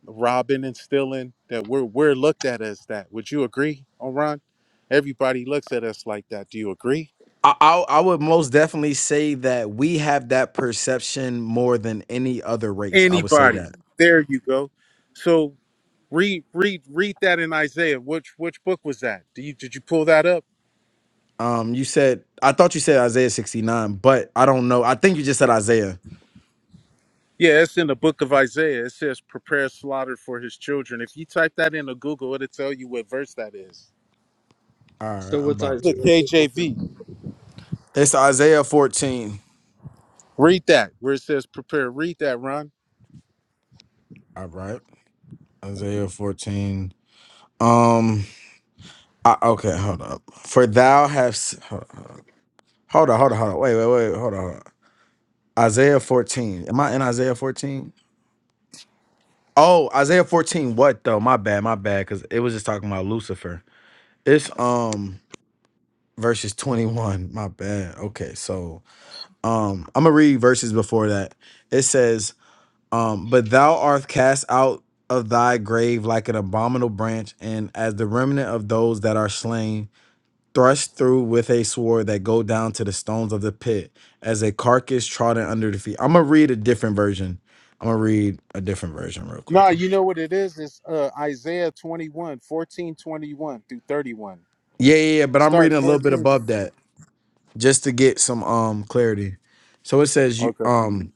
S13: robbing and stealing, that we're we're looked at as that. Would you agree, Oran? Everybody looks at us like that. Do you agree?
S2: I, I I would most definitely say that we have that perception more than any other race. I would say
S13: Anybody.
S2: that.
S13: There you go. So read read read that in Isaiah. Which which book was that? Do you did you pull that up?
S2: Um, you said I thought you said Isaiah sixty nine, but I don't know. I think you just said Isaiah.
S13: Yeah, it's in the book of Isaiah. It says prepare slaughter for his children. If you type that into Google, it'll tell you what verse that is.
S2: All right,
S8: So
S2: I'm
S8: what's
S2: about
S13: The
S2: to.
S8: Isaiah 53
S13: KJV.
S2: It's Isaiah fourteen.
S13: Read that where it says prepare. Read that, Ron.
S2: All right, Isaiah fourteen. Um, I, okay, hold up. For thou hast hold on, hold on, hold on, hold on. Wait, wait, wait, hold on. Hold on. Isaiah fourteen. Am I in Isaiah fourteen? Oh, Isaiah 14, what though? My bad, my bad, because it was just talking about Lucifer. It's um verses 21. My bad. Okay, so um I'm gonna read verses before that. It says, um, but thou art cast out of thy grave like an abominable branch, and as the remnant of those that are slain, thrust through with a sword that go down to the stones of the pit, as a carcass trodden under the feet. I'm gonna read a different version. I'm gonna read a different version real quick.
S13: Nah, you know what it is? It's uh, Isaiah 21, 14, 21 through 31.
S2: Yeah, yeah, yeah, but I'm
S13: Start
S2: reading a little bit
S13: 14.
S2: above that just to get some um clarity. So it says you
S13: Okay.
S2: um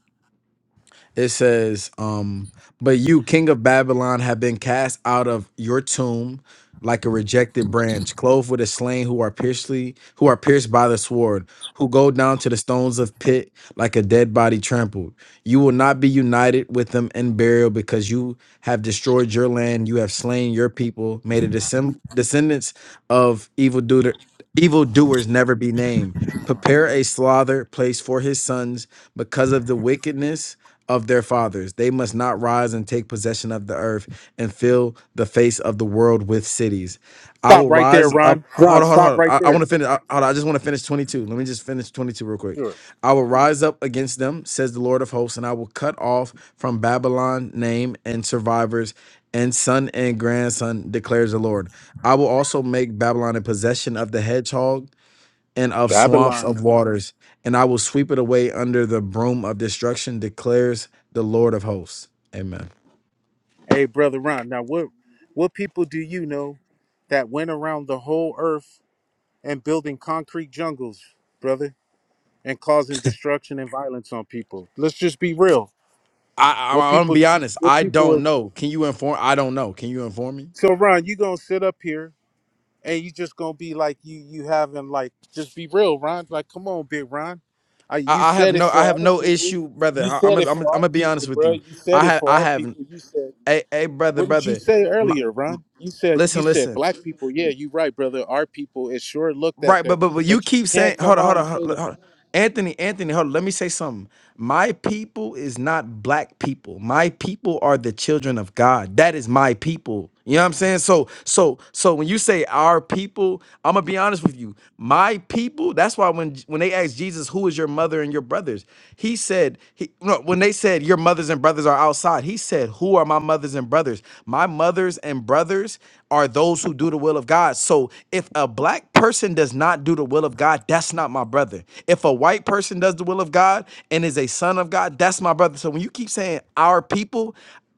S2: it says, um, but you, king of Babylon, have been cast out of your tomb like a rejected branch, clothed with a slain who are piercedly, who are pierced by the sword, who go down to the stones of pit like a dead body trampled. You will not be united with them in burial because you have destroyed your land, you have slain your people, made a descend- descendants of evildoer evildoers never be named. Prepare a slaughter place for his sons because of the wickedness of their fathers. They must not rise and take possession of the earth and fill the face of the world with cities. I
S13: Stop
S2: will
S13: right there,
S2: rise up.
S13: Ron. Ron,
S2: Hold on, hold on.
S13: stop
S2: Hold
S13: right
S2: on. I, want
S13: there.
S2: to finish. I, hold on, I just want to finish 22. Let me just finish 22 real quick.
S13: Sure.
S2: I will rise up against them, says the Lord of hosts, and I will cut off from Babylon name and survivors and son and grandson, declares the Lord. I will also make Babylon a possession of the hedgehog and of swamps
S13: Babylon.
S2: of waters, and I will sweep it away under the broom of destruction, declares the Lord of hosts. Amen.
S13: Hey, brother Ron. Now, what what people do you know that went around the whole earth and building concrete jungles, brother, and causing destruction and violence on people? Let's just be real.
S2: I,
S13: What
S2: I I'm gonna
S13: people
S2: be
S13: do?
S2: honest.
S13: What
S2: I
S13: people
S2: don't
S13: are?
S2: know. Can you inform? I don't know. Can you inform me?
S13: So, Ron, you gonna sit up here and you just gonna be like you you having like just be real, Ron. Like, come on, big Ron. I, you
S2: I, I have
S13: said it
S2: no. I
S13: for
S2: have
S13: our
S2: no
S13: people.
S2: issue, brother.
S13: You
S2: I, I'm. gonna-
S13: said
S2: I'm.
S13: it
S2: gonna-
S13: for
S2: I'm
S13: our
S2: gonna be honest
S13: people,
S2: with
S13: bro.
S2: you.
S13: You
S2: I
S13: said it
S2: have.
S13: for
S2: I
S13: our
S2: have.
S13: people. You said
S2: Hey, hey, brother,
S13: what did you
S2: brother.
S13: say
S2: My,
S13: earlier,
S2: m-
S13: Ron? You said you
S2: listen,
S13: said
S2: listen.
S13: black people. Yeah, you right, brother. Our people. It sure looked at
S2: Right, but
S13: that,
S2: but but you
S13: but you
S2: keep saying,
S13: can't
S2: hold
S13: come
S2: on,
S13: out
S2: hold
S13: and
S2: on, hold
S13: say
S2: on.
S13: that.
S2: hold on. Anthony, Anthony, hold on. Let me say something. My people is not black people. My people are the children of God. That is my people. You know what I'm saying? So so so when you say our people, I'm gonna be honest with you. My people. That's why when when they asked Jesus, "Who is your mother and your brothers?" He said, he, no, when they said your mothers and brothers are outside, he said, "Who are my mothers and brothers?" My mothers and brothers are those who do the will of God. So if a black person does not do the will of God, that's not my brother. If a white person does the will of God and is a son of God, that's my brother. So when you keep saying our people,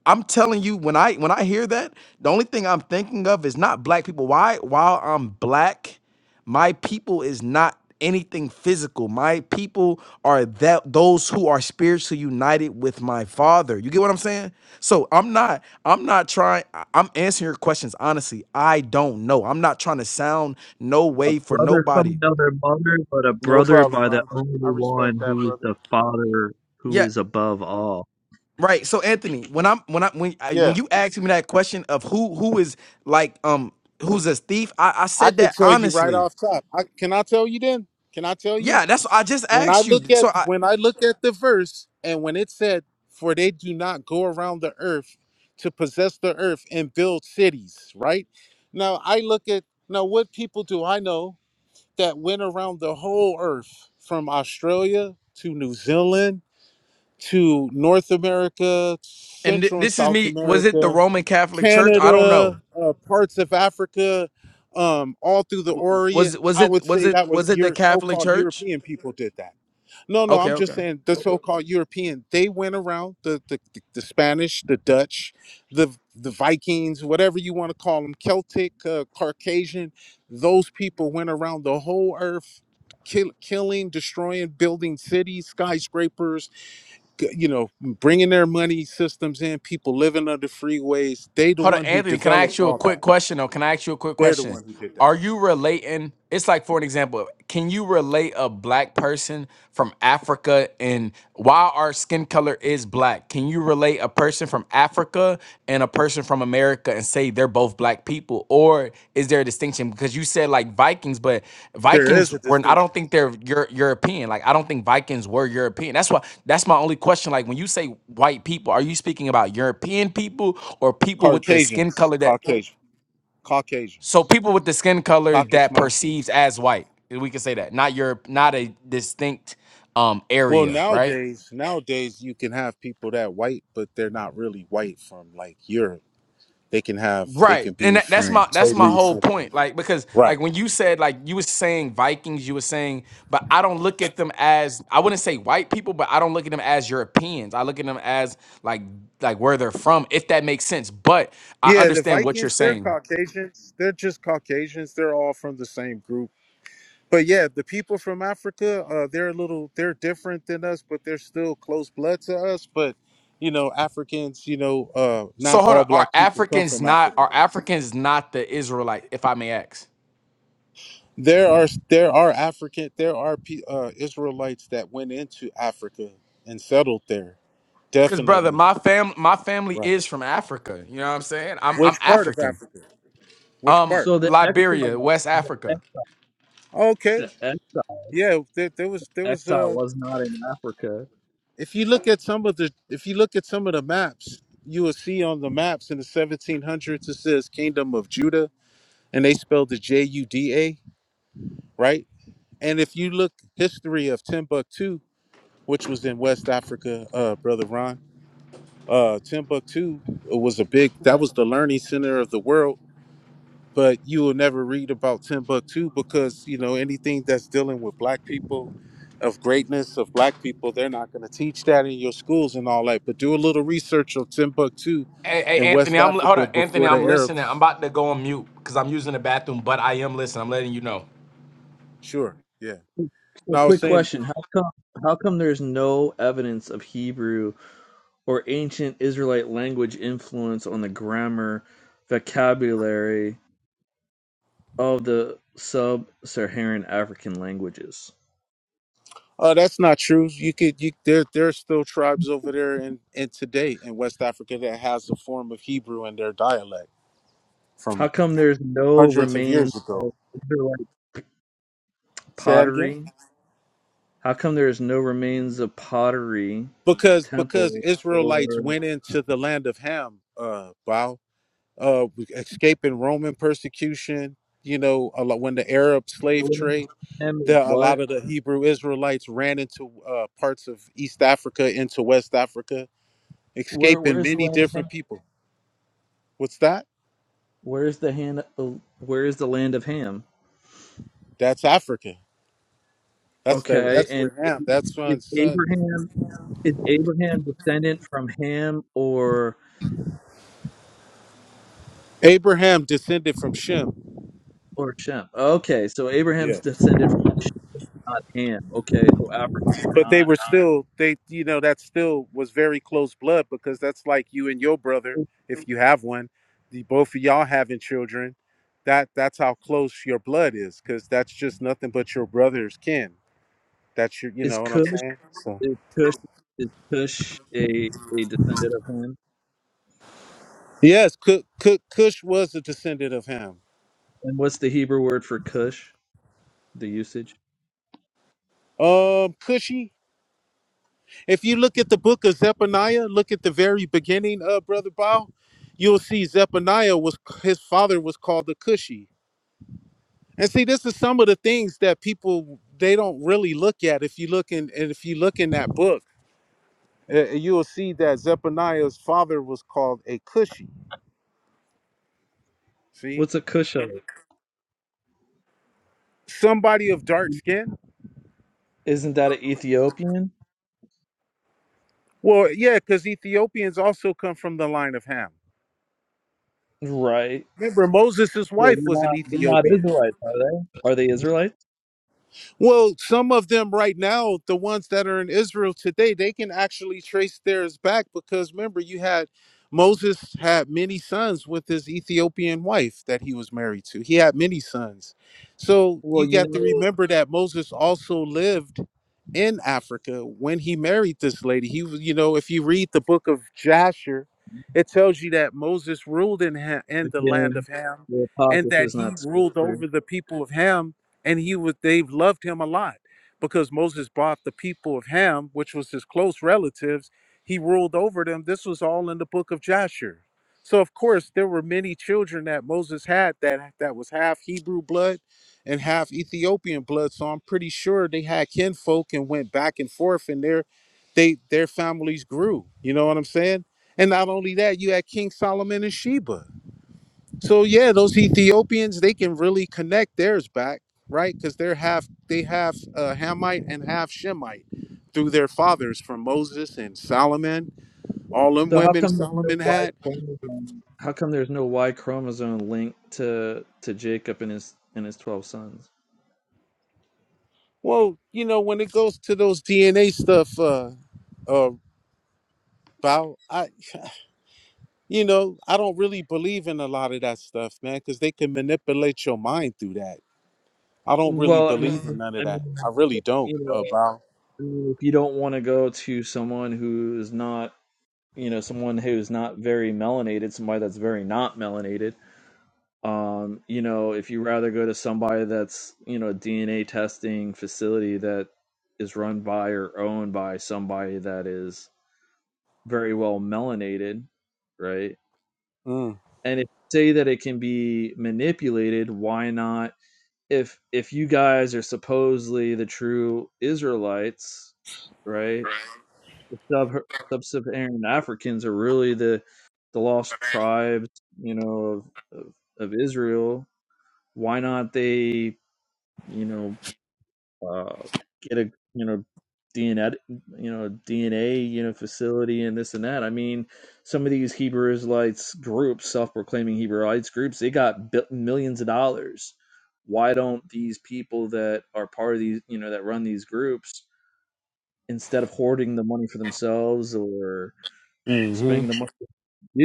S2: I'm telling you, when I when I hear that, the only thing I'm thinking of is not black people. Why? While I'm black. My people is not anything physical. My people are that those who are spiritually united with my father. You get what I'm saying? So I'm not I'm not trying I- I'm answering your questions honestly. I don't know. I'm not trying to sound no
S8: A
S2: way for
S8: brother from
S2: nobody.
S8: another mother, but a
S13: No
S8: brother
S13: problem,
S8: by the
S13: Ron. I
S8: only one
S13: respect that,
S8: who is
S13: brother.
S8: the Father who
S2: Yeah,
S8: is above all.
S2: right. So Anthony, when I'm when I when I, when
S13: Yeah,
S2: you asked me that question of who who is like um who's a thief, I, I
S13: I
S2: said
S13: could
S2: that
S13: tell you right
S2: honestly.
S13: off top. I, can I tell you then? Can I tell you?
S2: Yeah, that's I just
S13: when I
S2: asked you.
S13: look at
S2: So I
S13: when I look at the verse and when it said, "For they do not go around the earth to possess the earth and build cities," right? Now I look at now what people do I know that went around the whole earth from Australia to New Zealand to North America,
S2: and th-
S13: Central and
S2: this is
S13: South
S2: me was it the
S13: America,
S2: roman catholic church i don't know
S13: Canada, uh, parts of Africa, um, all through the
S2: W- was
S13: Orient.
S2: was
S13: I
S2: it
S13: would
S2: was
S13: say
S2: it
S13: that
S2: was
S13: was
S2: it the
S13: your
S2: catholic
S13: so-called
S2: church
S13: European people did that no, no,
S2: okay
S13: I'm
S2: okay
S13: just saying the so-called European. They went around the the, the, the Spanish, the Dutch, the the Vikings, whatever you want to call them, Celtic, uh, Caucasian. Those people went around the whole earth, kill, killing, destroying, building cities, skyscrapers. g- You know, bringing their money systems in. People living under freeways. They the
S2: hold on
S13: one who
S2: anthony can i ask
S13: developed
S2: you a
S13: all
S2: quick
S13: that.
S2: question though can i ask you a quick
S13: They're the
S2: question
S13: one who did
S2: are
S13: that.
S2: you relating it's like for an example can you relate a black person from africa and while our skin color is black can you relate a person from africa and a person from america and say they're both black people or is there a distinction because you said like vikings but
S13: There is
S2: vikings
S13: a
S2: were i
S13: distinction.
S2: don't think they're Euro- european like i don't think vikings were european that's why that's my only question like when you say white people are you speaking about european people or people with the skin
S13: Caucasians,
S2: color that
S13: Caucasian,
S2: so
S13: Caucasians,
S2: people with the skin color
S13: Caucasus
S2: that
S13: Mountains.
S2: perceives as white we can say that not europe not a distinct um
S13: Well,
S2: area right
S13: nowadays, nowadays you can have people that white, but they're not really white from like Europe. They can have, they
S2: Right.
S13: can
S2: And
S13: be
S2: that, that's
S13: from
S2: my that's my
S13: totally
S2: whole
S13: something.
S2: point. Like because
S13: Right.
S2: like when you said like you was saying Vikings, you were saying, but I don't look at them as I wouldn't say white people, but I don't look at them as Europeans. I look at them as like like where they're from, if that makes sense. But I
S13: Yeah, the
S2: understand what you're
S13: Vikings, they're
S2: saying.
S13: Caucasians. They're just Caucasians. They're all from the same group. But yeah, the people from Africa, uh, they're a little, they're different than us, but they're still close blood to us. But you know, Africans, you know, uh,
S2: So
S13: not
S2: hold
S13: all
S2: on, are
S13: black people come
S2: Africans
S13: from
S2: not
S13: Africa.
S2: are Africans not the Israelite, if I may ask?
S13: There are there are African there are pe- uh, Israelites that went into Africa and settled there.
S2: Cause brother,
S13: Definitely.
S2: my fam my family
S13: Right.
S2: is from Africa. You know what I'm saying? I'm I'm
S13: Which part of
S2: African.
S13: Africa? Which
S2: Um
S13: part?
S8: So the
S2: Liberia,
S8: exile,
S2: West
S8: the, ex-
S2: Africa.
S13: Okay.
S8: the exile,
S13: Yeah. There, there was there was
S8: exile
S13: uh
S8: was not in Africa.
S13: if you look at some of the if you look at some of the maps you will see on the maps in the 1700s it says Kingdom of Judah and they spelled the J U D A right and if you look history of Timbuktu which was in West Africa uh brother Ron uh Timbuktu was a big that was the learning center of the world but you will never read about Timbuktu because you know anything that's dealing with black people of greatness of black people they're not going to teach that in your schools and all that but do a little research on Timbuktu
S2: Hey, hey,
S13: in
S2: Anthony,
S13: West
S2: I'm hold
S13: Africa
S2: on. Anthony,
S13: before the
S2: I'm listening. I'm
S13: Arabs
S2: about to go on mute because I'm using the bathroom, but I am listening. I'm letting you know.
S13: sure yeah
S8: So
S13: no I was
S8: quick
S13: saying
S8: question: How come? How come there's no evidence of Hebrew or ancient Israelite language influence on the grammar, vocabulary of the sub-Saharan African languages?
S13: oh that's not true you could you there there's still tribes over there in and today in West Africa that has a form of Hebrew in their dialect
S8: How
S13: from
S8: come there's no
S13: hundreds of
S8: remains
S13: years ago
S8: of Israelite
S13: Say that again.
S8: pottery How come there is no remains of pottery,
S13: because because
S8: temple, or
S13: Israelites went into the land of Ham, uh, Bao, uh, escaping Roman persecution. You know, a lot, when the Arab slave trade,
S8: Ham is
S13: the, a lot
S8: what?
S13: of the Hebrew Israelites ran into uh, parts of East Africa, into West Africa,
S8: Where
S13: escaping
S8: where's the
S13: many
S8: land of Ham?
S13: different people. What's that?
S8: Where's the hand? Where is the land of Ham?
S13: That's Africa. That's the
S8: Okay,
S13: that's
S8: and
S13: where Ham. That's
S8: is
S13: son son.
S8: Abraham is Abraham descendant from Ham or
S13: Abraham descended from Shem.
S8: or Shem? Okay, so Abraham's
S13: Yeah.
S8: descended from not Ham. Okay, so Abraham's
S13: but they
S8: not
S13: were still they you know that still was very close blood because that's like you and your brother if you have one the both of y'all having children that that's how close your blood is because that's just nothing but your brother's kin that's your you
S8: is
S13: know what i'm
S8: Cush
S13: saying so
S8: is Cush is Cush a a descendant of Ham?
S13: yes Cu- Cu- cush was a descendant of him
S8: And what's the Hebrew word for Cush? the usage.
S13: um cushy if you look at the book of zephaniah look at the very beginning of brother Bao, you'll see zephaniah was his father was called the cushy And see, this is some of the things that people they don't really look at. If you look in, and if you look in that book, uh, you'll see that Zephaniah's father was called a Cushi. See,
S8: What's a Cushite?
S13: somebody of dark skin.
S8: Isn't that an Ethiopian?
S13: Well, yeah, because Ethiopians also come from the line of Ham.
S8: Right.
S13: Remember, Moses'
S8: So
S13: wife
S8: they're
S13: was an
S8: not they're not
S13: Ethiopian.
S8: Israelites, are they? Are they Israelites?
S13: Well, some of them right now, the ones that are in Israel today, they can actually trace theirs back because remember, you had Moses had many sons with his Ethiopian wife that he was married to. He had many sons. So
S8: Well,
S13: you
S8: you
S13: got to
S8: know,
S13: remember that Moses also lived in Africa when he married this lady. He was, you know, if you read the book of Jasher, it tells you that Moses ruled in Ham, in the land
S8: again,
S13: of Ham,
S8: the
S13: and
S8: apocrypha
S13: that
S8: is
S13: he
S8: not
S13: ruled
S8: scripture.
S13: over the people of Ham, and he was they loved him a lot because Moses brought the people of Ham, which was his close relatives, he ruled over them. This was all in the book of Jasher. So of course there were many children that Moses had that that was half Hebrew blood and half Ethiopian blood. So I'm pretty sure they had kinfolk and went back and forth, and their they their families grew. You know what I'm saying? And not only that, you had King Solomon and Sheba. So yeah, those Ethiopians they can really connect theirs back, right? Because they're half they have uh, Hamite and half Shemite through their fathers from Moses and Solomon. All them
S8: So how
S13: women
S8: come there's no
S13: Solomon
S8: Y
S13: had.
S8: chromosome? How come there's no Y chromosome linked to to Jacob and his and his twelve sons?
S13: Well, you know when it goes to those DNA stuff, uh, uh, Bao, I, you know, I don't really believe in a lot of that stuff, man, because they can manipulate your mind through that. I don't really
S8: Well, I mean,
S13: believe in none of
S8: I
S13: that. I
S8: mean,
S13: really don't,
S8: you know,
S13: uh, Bao.
S8: I mean, if you don't want to go to someone who's not, you know, someone who's not very melanated, somebody that's very not melanated Um, you know, if you rather go to somebody that's, you know, a DNA testing facility that is run by or owned by somebody that is very well melanated, right?
S13: Mm.
S8: And if you say that it can be manipulated, why not? If if you guys are supposedly the true Israelites, right? The sub sub-Saharan Africans are really the the lost tribes, you know, of of, of Israel. Why not they you know, uh, get a, you know, DNA, you know, DNA, you know, facility and this and that. I mean, some of these Hebrew Israelites groups, self-proclaiming Hebrewites groups, they got bi- millions of dollars. Why don't these people that are part of these, you know, that run these groups, instead of hoarding the money for themselves or
S13: hmm
S8: spending the money to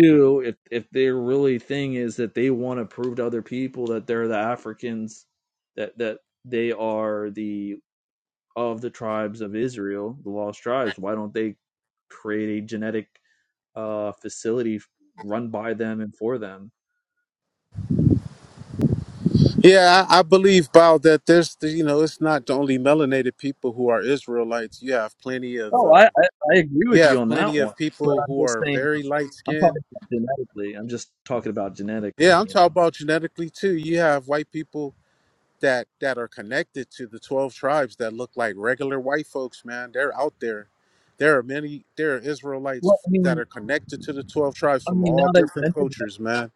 S8: do, if if their really thing is that they want to prove to other people that they're the Africans that that they are the of the tribes of Israel, the lost tribes, why don't they create a genetic uh, facility run by them and for them?
S13: Yeah, I, I believe, Bao, that there's, the, you know, it's not the only melanated people who are Israelites. You have plenty of,
S8: Oh,
S13: uh,
S8: I, I, I agree
S13: you
S8: with you
S13: have
S8: on
S13: plenty
S8: that one,
S13: of
S8: but
S13: people
S8: I'm
S13: who
S8: just
S13: are
S8: saying
S13: very light
S8: I'm
S13: skinned.
S8: talking about genetically. I'm just talking about genetically,
S13: Yeah, I'm
S8: you
S13: talking
S8: know.
S13: about genetically too. You have white people that that are connected to the 12 tribes that look like regular white folks man they're out there there are many there are
S8: Well,
S13: israelites
S8: I
S13: that
S8: mean,
S13: are connected to the 12 tribes
S8: I
S13: from
S8: mean,
S13: all
S8: now that you
S13: different
S8: mentioned that,
S13: cultures man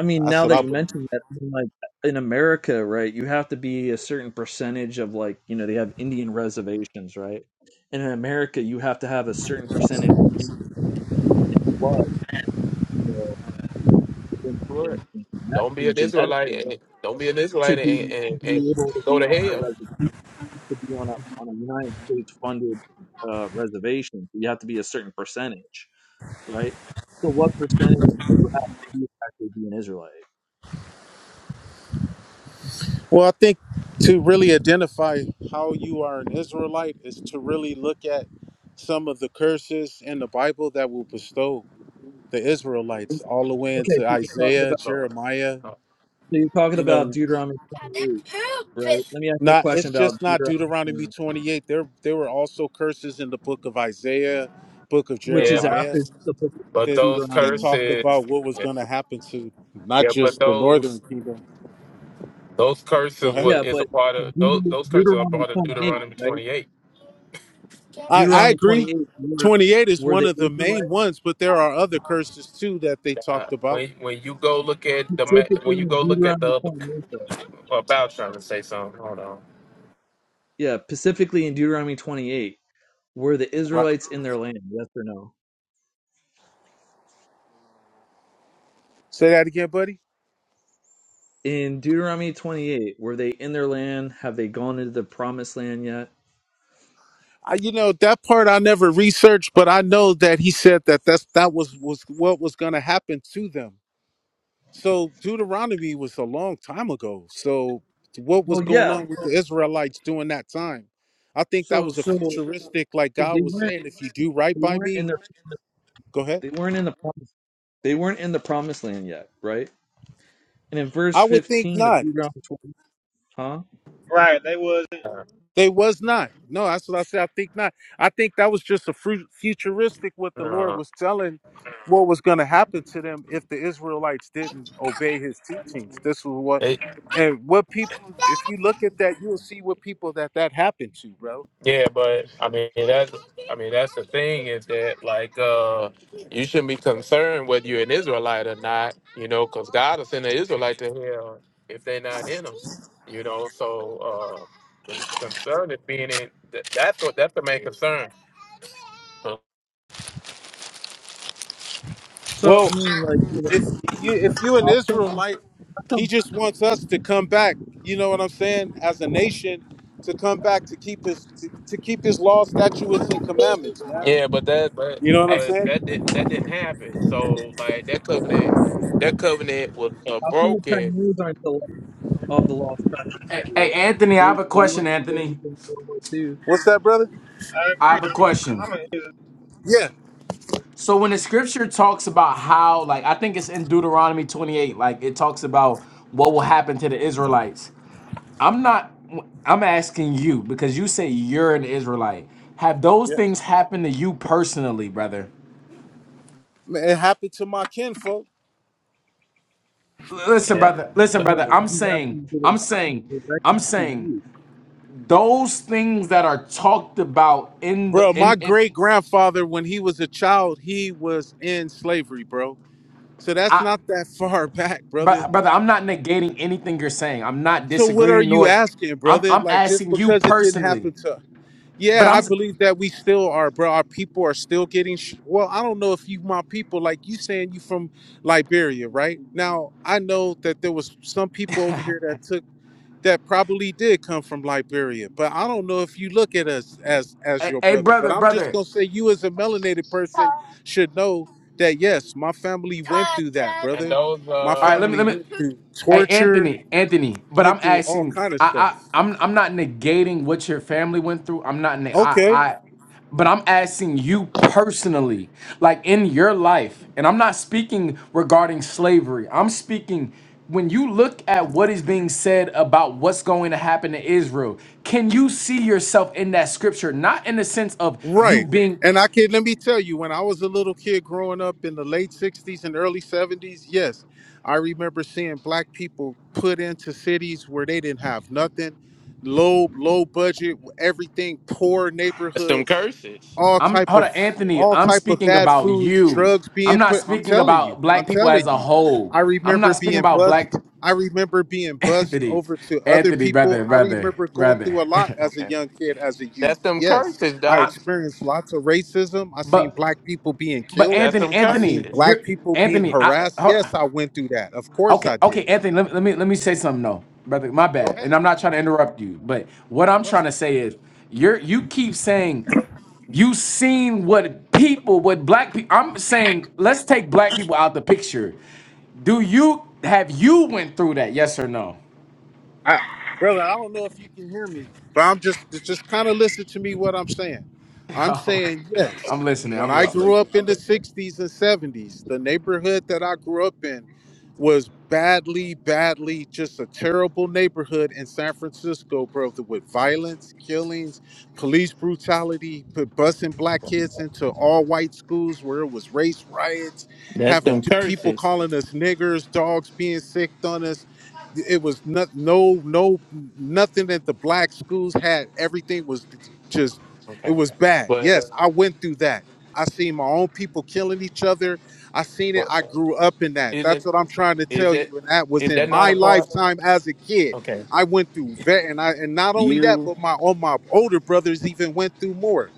S8: I mean,
S13: that's
S8: now
S13: what
S8: that
S13: i
S8: you
S13: believe
S8: mentioned that, I mean, like in America, right? You have to be a certain percentage of like, you know, they have Indian reservations, right? And in America, you have to have a certain percentage of Indian blood. well, in,
S9: What?
S8: in, in, genet-
S9: Don't be
S8: in
S9: an Israelite.
S8: genetically
S9: And, don't be an
S8: to
S9: Israelite and,
S8: be,
S9: and,
S8: to
S9: and
S8: be able to
S9: go
S8: be
S9: to
S8: on a
S9: hell.
S8: reservation, to be on a on a United States funded uh, reservation, you have to be a certain percentage, right? So, what percentage do you have to be to actually be an Israelite?
S13: well i think to really identify how you are an israelite is to really look at some of the curses in the bible that will bestow the israelites all the way
S8: Okay,
S13: into
S8: so you're talking
S13: isaiah
S8: about
S13: jeremiah
S8: so you're talking
S13: you
S8: about
S13: know
S8: Deuteronomy 28, right? Let me ask you a
S13: Not
S8: question
S13: it's
S8: about
S13: just not
S8: Deuteronomy
S13: Deuteronomy
S8: 28,
S13: 28. There there were also curses in the book of Isaiah, book of
S8: which
S9: Yeah,
S8: is
S9: but,
S13: Jeremiah
S8: after the book of
S9: but
S13: that
S9: those
S13: that
S8: Deuteronomy.
S13: talked
S9: curses.
S13: about what was going to happen to not
S9: Yeah, but
S13: just the northern
S9: those
S13: kingdom.
S9: those
S13: Go
S9: curses
S13: ahead.
S9: was
S8: Yeah,
S9: is a
S8: but
S9: part of those
S8: Deut-
S9: those curses are
S8: Deuteronomy
S9: part of
S8: 28,
S9: Deuteronomy
S8: right?
S9: 28.
S13: I I
S8: Deuteronomy
S13: agree.
S8: 28 were,
S13: 28 is
S8: were
S13: one
S8: the
S13: of the main
S8: Israelites,
S13: ones, but there are other curses too that they
S9: Uh,
S13: talked about.
S9: when when you go look at the ma-
S8: specifically
S9: when you
S8: in
S9: go look at the
S8: Deuteronomy
S9: other
S8: 28, though.
S9: about trying to say something. Hold on.
S8: Yeah, specifically in Deuteronomy 28, were the
S13: Right.
S8: Israelites in their land? Yes or no?
S13: Say that again, buddy.
S8: In Deuteronomy 28, were they in their land? Have they gone into the promised land yet?
S13: I, you know that part I never researched, but I know that he said that that's that was was what was going to happen to them So Deuteronomy was a long time ago. So what was
S8: Well,
S13: going
S8: yeah.
S13: on with the Israelites during that time? I think that
S8: So, so,
S13: was a
S8: so
S13: futuristic, like
S8: they
S13: God was
S8: weren't.
S13: saying, if you do right
S8: They
S13: by
S8: weren't in
S13: me,
S8: their.
S13: go ahead.
S8: They weren't in the. Promised, they weren't in the promised land yet, right? And in verse
S13: I would think
S8: 15 of
S13: not.
S8: Deuteronomy 28, huh?
S5: Right, they wasn't.
S13: They was not. No, that's what I said. I think not. I think that was just a fru- futuristic what the Lord
S9: No.
S13: was telling what was going to happen to them if the Israelites didn't obey his teachings. This was what,
S9: It,
S13: and what people, if you look at that, you'll see what people that that happened to, bro
S9: yeah, but I mean that's I mean that's the thing is that like uh you shouldn't be concerned whether you're an Israelite or not. You know, because God will send an Israelite to hell if they're not in them. You know, so uh the concern is being in that, that's what that's the main concern.
S8: So I
S13: Well,
S8: mean, like you
S13: if
S8: know,
S13: you if you an
S8: how come?
S13: Israelite,
S8: How
S13: he
S8: come?
S13: just wants us to come back. You know what I'm saying? As a nation, to come back to keep his to, to keep his laws, statutes, and commandments,
S9: yeah.
S13: man. You know what I'm
S2: Hey,
S9: but that
S13: saying?
S9: did that didn't happen. So like that covenant, that covenant was uh,
S8: How come the
S9: broken.
S8: Chinese aren't the of the lost tribes
S2: hey,
S8: of
S2: hey, Anthony, I
S8: They,
S2: have a
S8: they
S2: question,
S8: weren't slaves
S2: Anthony.
S8: in World War II.
S13: What's that, brother?
S5: I
S2: I
S5: agree.
S2: have a question.
S5: I'm a,
S13: Yeah,
S2: So when the scripture talks about how, like, I think it's in Deuteronomy 28, like it talks about what will happen to the Israelites. I'm not I'm asking you because you say you're an Israelite. Have those
S13: yeah.
S2: things happened to you personally, brother?
S13: Man, it happened to my kinfolk,
S2: Listen,
S9: Yeah,
S2: brother. Listen,
S9: but
S2: brother.
S8: No,
S2: I'm
S8: he's
S2: saying,
S8: asking, did
S2: I'm
S8: it happen
S2: saying,
S8: directly
S2: I'm
S8: to
S2: saying.
S8: you?
S2: those things that are talked about in the
S13: bro.
S2: in,
S13: My
S2: in
S13: great grandfather, when he was a child, he was in slavery, bro. So that's
S2: I
S13: not that far back, brother.
S2: but brother, I'm not negating anything you're saying. I'm not
S13: So what are
S2: disagreeing
S13: you
S2: nor
S13: asking,
S2: I'm
S13: brother?
S2: I'm
S13: Like just
S2: asking you
S13: because it didn't
S2: personally.
S13: happen to
S2: But
S13: Yeah,
S2: I'm
S13: I
S2: s-
S13: believe that we still are, bro. Our people are still getting. Sh- well, I don't know if you, my people, like you saying you from Liberia, right? Now I know that there was some people over here that took that probably did come from Liberia, but I don't know if you look at us as as
S2: hey,
S13: your
S2: hey
S13: brother. But
S2: brother,
S13: I'm just
S2: brother.
S13: gonna say you, as a melanated person, should know that yes, my family went through that, brother.
S9: those
S13: My
S2: All right, let
S9: uh,
S2: me
S13: family
S2: let me
S13: went through
S2: Hey,
S13: torture,
S2: Anthony, Anthony, but I'm
S13: went through all
S2: asking.
S13: kind of stuff.
S2: I, I, I'm, I'm not negating what your family went through. I'm not. Ne- I,
S13: Okay.
S2: I, but I'm asking you personally, like in your life, and I'm not speaking regarding slavery. I'm speaking when you look at what is being said about what's going to happen to Israel. Can you see yourself in that scripture? Not in the sense of you
S13: Right.
S2: being.
S13: And I can let me tell you, when I was a little kid growing up in the late 60s and early 70s, yes, I remember seeing black people put into cities where they didn't have nothing, low, low budget, everything, poor
S9: that's them
S13: neighborhoods,
S9: curses.
S13: all
S2: I'm
S13: type
S2: hold
S13: of
S2: on, Anthony.
S13: all
S2: I'm
S13: type of
S2: speaking
S13: bad
S2: about
S13: foods,
S2: you.
S13: drugs
S2: I'm
S13: being
S2: not
S13: put. I'm
S2: speaking
S13: telling you,
S2: about
S13: I'm
S2: black people as
S13: telling
S2: a
S13: you.
S2: whole.
S13: I
S2: I'm not
S13: remember
S2: speaking
S13: being
S2: about black
S13: bussed. I remember being bussed
S2: Anthony.
S13: over to other
S2: Anthony,
S13: people.
S2: brother,
S13: I
S2: brother,
S13: remember going
S2: brother.
S13: through a lot as a
S9: Okay,
S13: young kid, as a youth.
S9: that's them
S13: Yes
S9: curses,
S13: I
S2: I,
S9: doc.
S13: experienced lots of racism. I seen
S2: but
S13: black people being
S2: but
S13: killed.
S9: That's
S2: Anthony,
S9: them
S13: I seen
S2: Anthony,
S9: curses.
S13: black
S2: you're
S13: people being
S2: Anthony. I
S13: harassed.
S2: hold
S13: Yes,
S2: on.
S13: I went through that. Of course
S2: Okay,
S13: I
S2: okay,
S13: did.
S2: Anthony. Let, me- let me let me say something though, brother. My
S13: Go
S2: bad.
S13: ahead.
S2: And I'm not trying to interrupt you, but what I'm trying to say is, you're you keep saying you seen what people, what black people. I'm saying, let's take black people out the picture. Do you have you went through that? Yes or no?
S13: I, brother, I don't know if you can hear me, but I'm just just, kind of listen to me what I'm saying. I'm
S2: Oh,
S13: saying yes.
S2: I'm listening.
S13: When
S2: I'm
S13: I
S2: listening.
S13: grew up in the '60s and '70s, the neighborhood that I grew up in was badly, badly, just a terrible neighborhood in San Francisco, brother, with violence, killings, police brutality, put busing black kids into all white schools where it was race riots,
S9: That's
S13: having
S9: them
S13: t- people
S9: curses.
S13: calling us niggers, dogs being sicked on us it was not, no no nothing that the black schools had everything was just it
S9: Okay,
S13: was bad
S9: but
S13: yes i went through that i seen my own people killing each other i seen it
S9: but
S13: i grew up in that
S9: isn't
S13: that's what i'm trying to
S9: is
S13: tell
S9: it
S13: you and that was
S9: is
S13: in
S9: that not
S13: my
S9: a part?
S13: lifetime as a kid
S9: Okay,
S13: i went through that and i and not only that
S9: you
S13: but my all my older brothers even went through more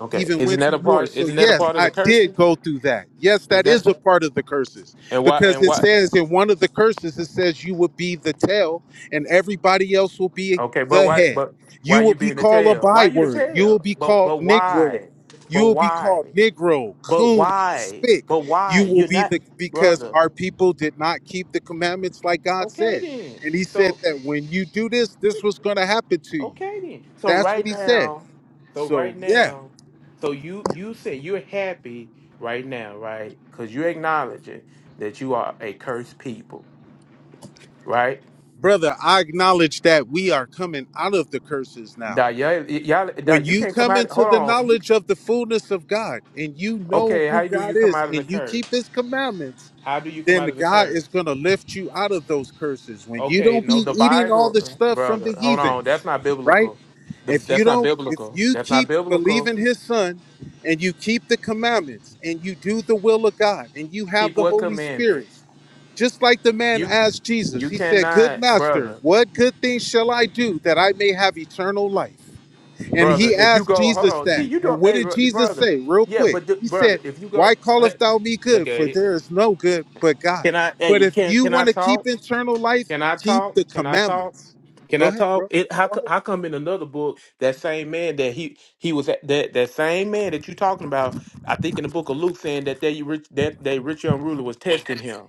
S9: okay?
S13: even
S9: Isn't
S13: went
S9: that
S13: through
S9: a
S13: more.
S9: part?
S13: So,
S9: Isn't that a
S13: yes,
S9: part of
S13: I
S9: the
S13: did
S9: curses?
S13: go through that. Yes,
S9: Is
S13: that
S9: that
S13: is a part of the curses
S9: and why
S13: because
S9: and
S13: it
S9: why?
S13: says in one of the curses, it says you will be the tail and everybody else will be
S9: Okay, but
S13: the
S9: why?
S13: head.
S9: But
S13: You
S9: why
S13: will
S9: you
S13: be
S9: being the
S13: called a
S9: tail? Why you the
S13: byword. You will
S9: tail?
S13: be
S9: But
S13: called
S9: but
S13: Negro.
S9: why?
S13: You
S9: But
S13: will be
S9: why?
S13: called Negro,
S9: But
S13: coon,
S9: why?
S13: spick.
S9: But why?
S13: You will
S9: You're
S13: be
S9: not
S13: the because
S9: brother.
S13: our people did not keep the commandments like God
S9: Okay
S13: said.
S9: then.
S13: And he said
S9: So
S13: that when you do this, this was going to happen to you.
S9: okay then. So
S13: That's what
S9: right
S13: he said.
S9: now. So
S13: So,
S9: right
S13: yeah.
S9: now. So you you say you're happy right now, right? Because you're acknowledging that you are a cursed people, right?
S13: Brother, I acknowledge that we are coming out of the curses now.
S9: Now, y'all, y'all, now,
S13: When
S9: you
S13: you
S9: can't come
S13: come
S9: out.
S13: into
S9: Hold
S13: the
S9: on. You,
S13: knowledge of the fullness of God and you know
S9: okay,
S13: who
S9: how do
S13: God
S9: you come
S13: is
S9: out of the
S13: and you
S9: curse?
S13: keep his commandments,
S9: How do you come
S13: then
S9: out
S13: the
S9: of the
S13: God is
S9: curse?
S13: going to lift you out of those curses. When you
S9: Okay,
S13: don't
S9: no,
S13: be
S9: the
S13: eating all the
S9: Bible,
S13: stuff from
S9: brother.
S13: the
S9: Hold on, that's
S13: heathens,
S9: not
S13: right?
S9: biblical. The,
S13: If you
S9: that's not
S13: don't if
S9: biblical.
S13: you
S9: That's not
S13: keep
S9: biblical.
S13: believing his son and you keep the commandments and you do the will of God and you have
S9: Keep
S13: the
S9: what
S13: Holy Spirit,
S9: commandments.
S13: just like the man
S9: You
S13: asked Jesus,
S9: you
S13: he said, Good
S9: cannot,
S13: master,
S9: brother,
S13: what good thing shall I do that I may have eternal life? And
S9: brother.
S13: he
S9: If you
S13: asked
S9: go, hold
S13: Jesus
S9: on. See,
S13: that.
S9: you
S13: And
S9: don't.
S13: what
S9: Hey,
S13: did
S9: bro-
S13: Jesus
S9: brother.
S13: say, real
S9: Yeah,
S13: quick?
S9: but the,
S13: He said,
S9: brother, if you
S13: Why
S9: go, hey,
S13: callest thou me
S9: look
S13: good?
S9: at.
S13: For there is no good but God.
S9: Can I?
S13: But
S9: Hey,
S13: if
S9: can
S13: you
S9: can I
S13: want to keep
S9: talk?
S13: eternal life,
S9: Can I
S13: keep
S9: talk?
S13: the
S9: Can I talk?
S13: commandments.
S9: Can
S13: Go
S9: I
S13: ahead,
S9: talk?
S13: bro.
S9: It how
S13: Go
S9: co-
S13: ahead.
S9: how come in another book that same man that he he was at, that that same man that you talking about? I think in the book of Luke saying that they rich that they rich young ruler was testing him.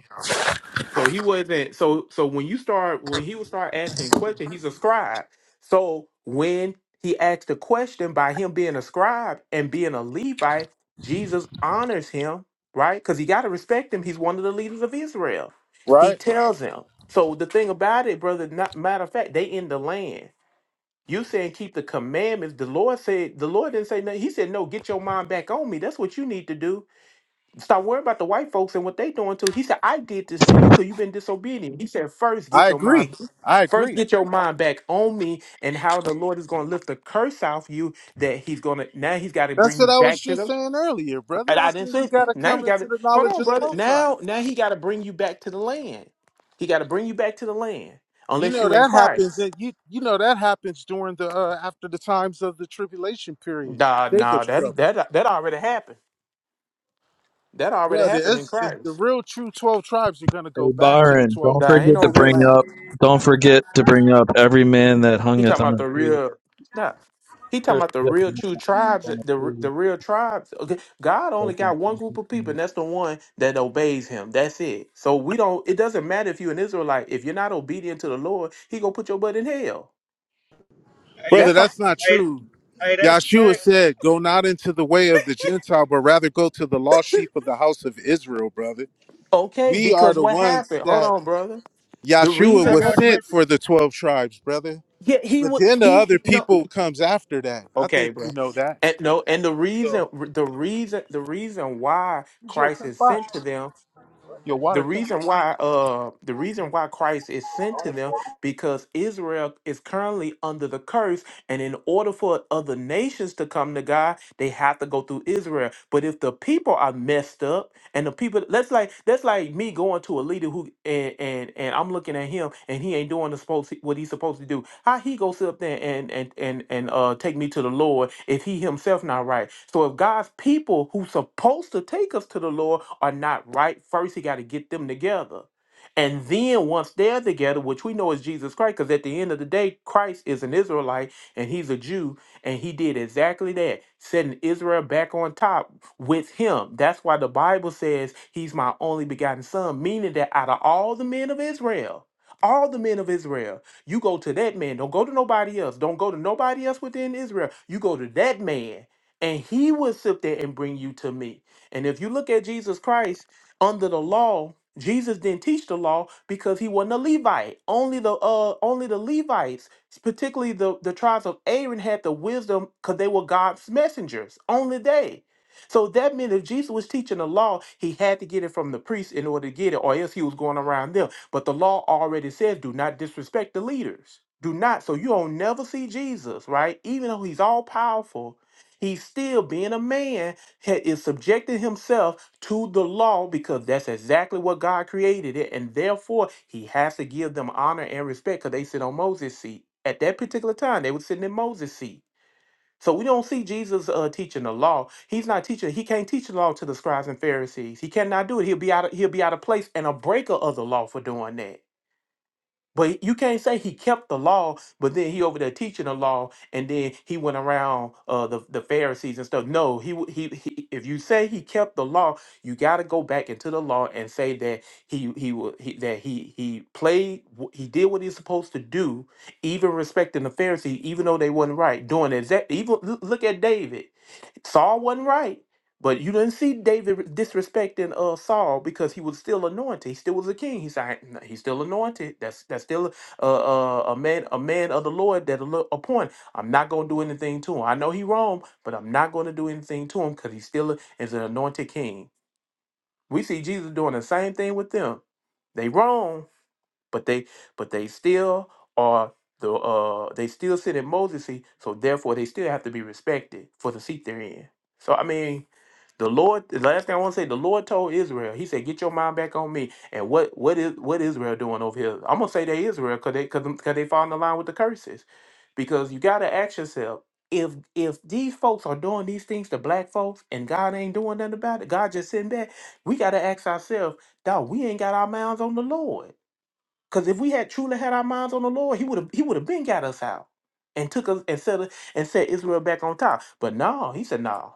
S9: So he wasn't so so when you start when he would start asking questions, he's a scribe. So when he asked a question by him being a scribe and being a Levite, Jesus honors him, right? Because he gotta respect him. He's one of the leaders of Israel. He
S13: Right?
S9: tells him. So the thing about it, brother, not, matter of fact, they in the land. You saying keep the commandments. The Lord said the Lord didn't say nothing. He said, No, get your mind back on me. That's what you need to do Stop worrying about the white folks and what they doing too. He said, I did this to you because you've been disobedient. He said, first get
S13: I
S9: your
S13: agree.
S9: mind
S13: I
S9: first
S13: agree.
S9: get your mind back on me and how the Lord is gonna lift the curse off you that he's gonna now he's gotta
S13: That's
S9: bring you
S13: what I was
S9: back to
S13: just
S9: the
S13: saying earlier, brother.
S9: and
S13: I
S9: I
S13: said,
S9: didn't
S13: You
S9: say
S13: got to
S9: now he
S13: come into
S9: gotta
S13: the
S9: hold
S13: knowledge
S9: on,
S13: of the
S9: brother.
S13: Most High.
S9: Now now he gotta bring you back to the land. He gotta bring you back to the land.
S13: You
S9: Unless
S13: know
S9: you in
S13: that happens. That
S9: Christ.
S13: you you know that happens during the uh, after the times of the tribulation period,
S9: Nah, nah,
S13: Jacob's
S9: that
S13: trouble,
S9: that that already happened. That already
S13: brother.
S9: happened in
S13: It's the, the
S9: Christ.
S13: real true twelve tribes are gonna go
S8: Hey,
S13: back to the
S8: Byron, don't
S13: twelve
S9: There
S13: to
S9: ain't
S8: forget
S9: no
S8: to
S13: to the
S9: real.
S8: bring
S13: land,
S8: up, don't forget to bring up every man that
S9: He
S8: hungeth
S9: talking
S8: on
S9: about
S8: a
S9: the
S8: tree.
S9: real. Nah, he talking
S8: Cursed
S9: about the
S8: is the
S9: real
S8: man
S9: true
S8: that
S9: tribes. The
S8: hangeth
S9: the real tribes. Okay, God
S8: on
S9: only
S8: a
S9: got one group of people,
S8: tree.
S9: and that's the one that obeys Him. That's it. So we don't. It doesn't matter if you're an Israelite. If you're not obedient to the Lord, He gonna put your butt in hell.
S5: hey,
S13: brother.
S9: That's all.
S13: That's not
S5: hey,
S13: true.
S5: hey, that's
S13: Yahshua
S5: facts.
S13: said, "Go not into the way of the Gentile, but rather go to the lost sheep of the house of Israel, brother."
S9: okay.
S13: We are
S9: Because
S13: the
S9: what
S13: ones
S9: happened? Hold
S13: that
S9: on, brother. The
S13: Yahshua
S5: I
S9: reason
S13: was
S5: got
S9: that
S5: a
S13: sent
S5: question.
S13: for the twelve tribes, brother.
S9: yeah, he
S13: But
S9: would
S13: then the
S9: he
S13: other
S9: no
S13: people comes after that. I
S9: okay,
S13: think
S9: bro.
S13: you know that.
S9: And no, and the
S13: So
S9: reason the reason the reason why
S13: who's your
S9: Christ is
S13: crackpot?
S9: sent to them
S13: Your
S9: the
S13: water cup.
S9: reason why uh the reason why Christ is sent to them because Israel is currently under the curse and in order for other nations to come to God they have to go through Israel but if the people are messed up and the people that's like that's like me going to a leader who and and, and I'm looking at him and he ain't doing the supposed what he's supposed to do. How he go sit up there and and and and uh take me to the Lord if he himself not right. So if God's people who supposed to take us to the Lord are not right, first he got to get them together. And then once they're together, which we know is Jesus Christ, because at the end of the day, Christ is an Israelite and he's a Jew, and he did exactly that, setting Israel back on top with him. That's why the Bible says he's my only begotten son, meaning that out of all the men of Israel, all the men of Israel, you go to that man. Don't go to nobody else. Don't go to nobody else within Israel. You go to that man, and he will sit there and bring you to me. And if you look at Jesus Christ under the law, Jesus didn't teach the law because he wasn't a Levite. Only the uh only the Levites particularly the, the tribes of Aaron had the wisdom because they were God's messengers. Only they. So that meant if Jesus was teaching the law, he had to get it from the priest in order to get it, or else he was going around them. But the law already says, do not disrespect the leaders. Do not. So you don't never see Jesus, right? Even though he's all powerful, he's still being a man, ha- is subjecting himself to the law because that's exactly what God created it. And therefore, he has to give them honor and respect because they sit on Moses' seat. At that particular time, they were sitting in Moses' seat. So we don't see Jesus uh, teaching the law. He's not teaching. He can't teach the law to the scribes and Pharisees. He cannot do it. He'll be out. Of, he'll be out of place and a breaker of the law for doing that. But you can't say he kept the law, but then he over there teaching the law, and then he went around uh, the the Pharisees and stuff. No, he, w- he he. If you say he kept the law, you got to go back into the law and say that he he, wa- he that he he played wh- he did what he's supposed to do, even respecting the Pharisees, even though they wasn't right doing exact. Even l- look at David, Saul wasn't right, but you didn't see David disrespecting uh Saul because he was still anointed. He still was a king. He's like, "Nah, he's still anointed. That's that's still a a, a man a man of the Lord that the Lord appoint. I'm not gonna do anything to him. I know he wrong, but I'm not gonna do anything to him because he still is an anointed king. We see Jesus doing the same thing with them. They wrong, but they but they still are the uh they still sit in Moses' seat, so therefore they still have to be respected for the seat they're in. So I mean, the Lord the last thing I want to say, the Lord told Israel, He said, Get your mind back on me. And what what is what Israel doing over here? I'm gonna say they Israel cause they cause, 'em- cause they fall in the line with the curses. Because you gotta ask yourself, if if these folks are doing these things to black folks and God ain't doing nothing about it, God just sitting back, we gotta ask ourselves, dog, we ain't got our mouths on the Lord. Because if we had truly had our minds on the Lord, he would have he would have been got us out and took us and set us, and set Israel back on top. But no, he said no.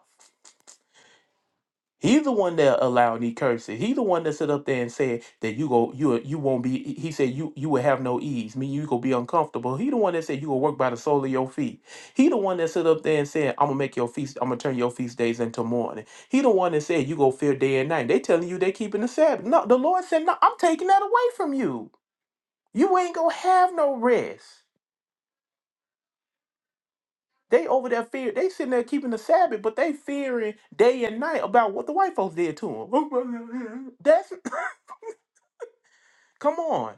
S9: He's the one that allowed these curses. He's the one that sit up there and said that you go you you won't be. He said you you will have no ease. Me, you go be uncomfortable. He the one that said you will work by the sole of your feet. He the one that sit up there and said I'm gonna make your feast. I'm gonna turn your feast days into mourning. He the one that said you go fear day and night. They telling you they keeping the Sabbath. No, the Lord said no. I'm taking that away from you. You ain't gonna have no rest. They over there fear. They sitting there keeping the Sabbath, but they fearing day and night about what the white folks did to them. That's come on.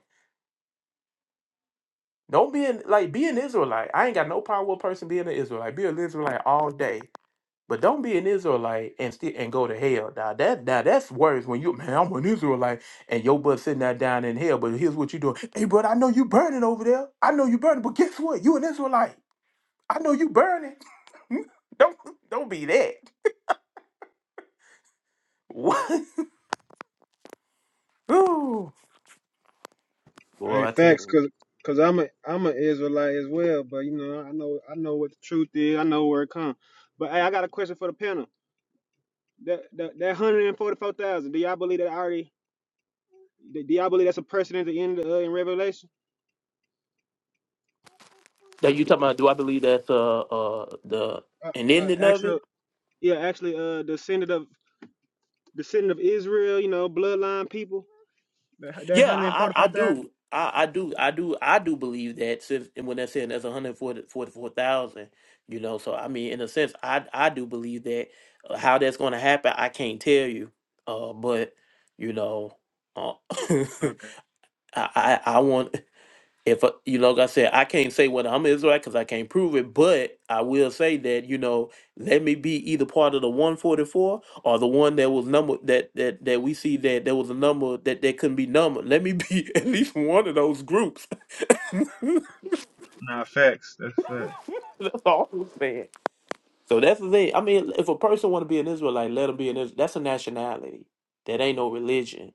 S9: Don't be an, like be an Israelite. I ain't got no problem with a person being an Israelite. Be an Israelite all day, but don't be an Israelite and still and go to hell. Now that now that's worse when you man. I'm an Israelite and your butt sitting there down in hell. But here's what you doing. Hey, bro, I know you burning over there. I know you burning, but guess what? You an Israelite. I know you burning. Don't don't be that. What? Ooh, boy,
S5: Hey,
S9: I tell
S5: facts,
S9: you.
S5: cause, cause I'm a, I'm an Israelite as well. But you know, I know, I know what the truth is. I know where it comes. But hey, I got a question for the panel. That, that, that hundred and forty-four thousand. Do y'all believe that already? Do y'all believe that's a person at the end uh, in Revelation?
S9: Now you talking about? Do I believe that's uh uh the
S5: Uh,
S9: an
S5: uh,
S9: ending of
S5: actual,
S9: it?
S5: yeah, actually, uh, descendant of. descendant of Israel, you know, bloodline people. That, that
S9: Yeah, I I, I
S5: 145,000.
S9: do. I, I do I do I do believe that since and when they're saying that's 144,000, you know, so I mean in a sense I I do believe that Uh, how that's going to happen I can't tell you. Uh but you know uh,
S5: Okay.
S9: I, I I want if uh, you know, like I said, I can't say whether I'm Israelite because I can't prove it, but I will say that you know, let me be either part of the 144 or the one that was number that that that we see that there was a number that that couldn't be numbered. Let me be at least one of those groups.
S5: Nah, facts. That's fact.
S9: that's all I'm saying. So that's the thing. I mean, if a person want to be an Israelite, let them be an Israelite. That's a nationality. That ain't no religion.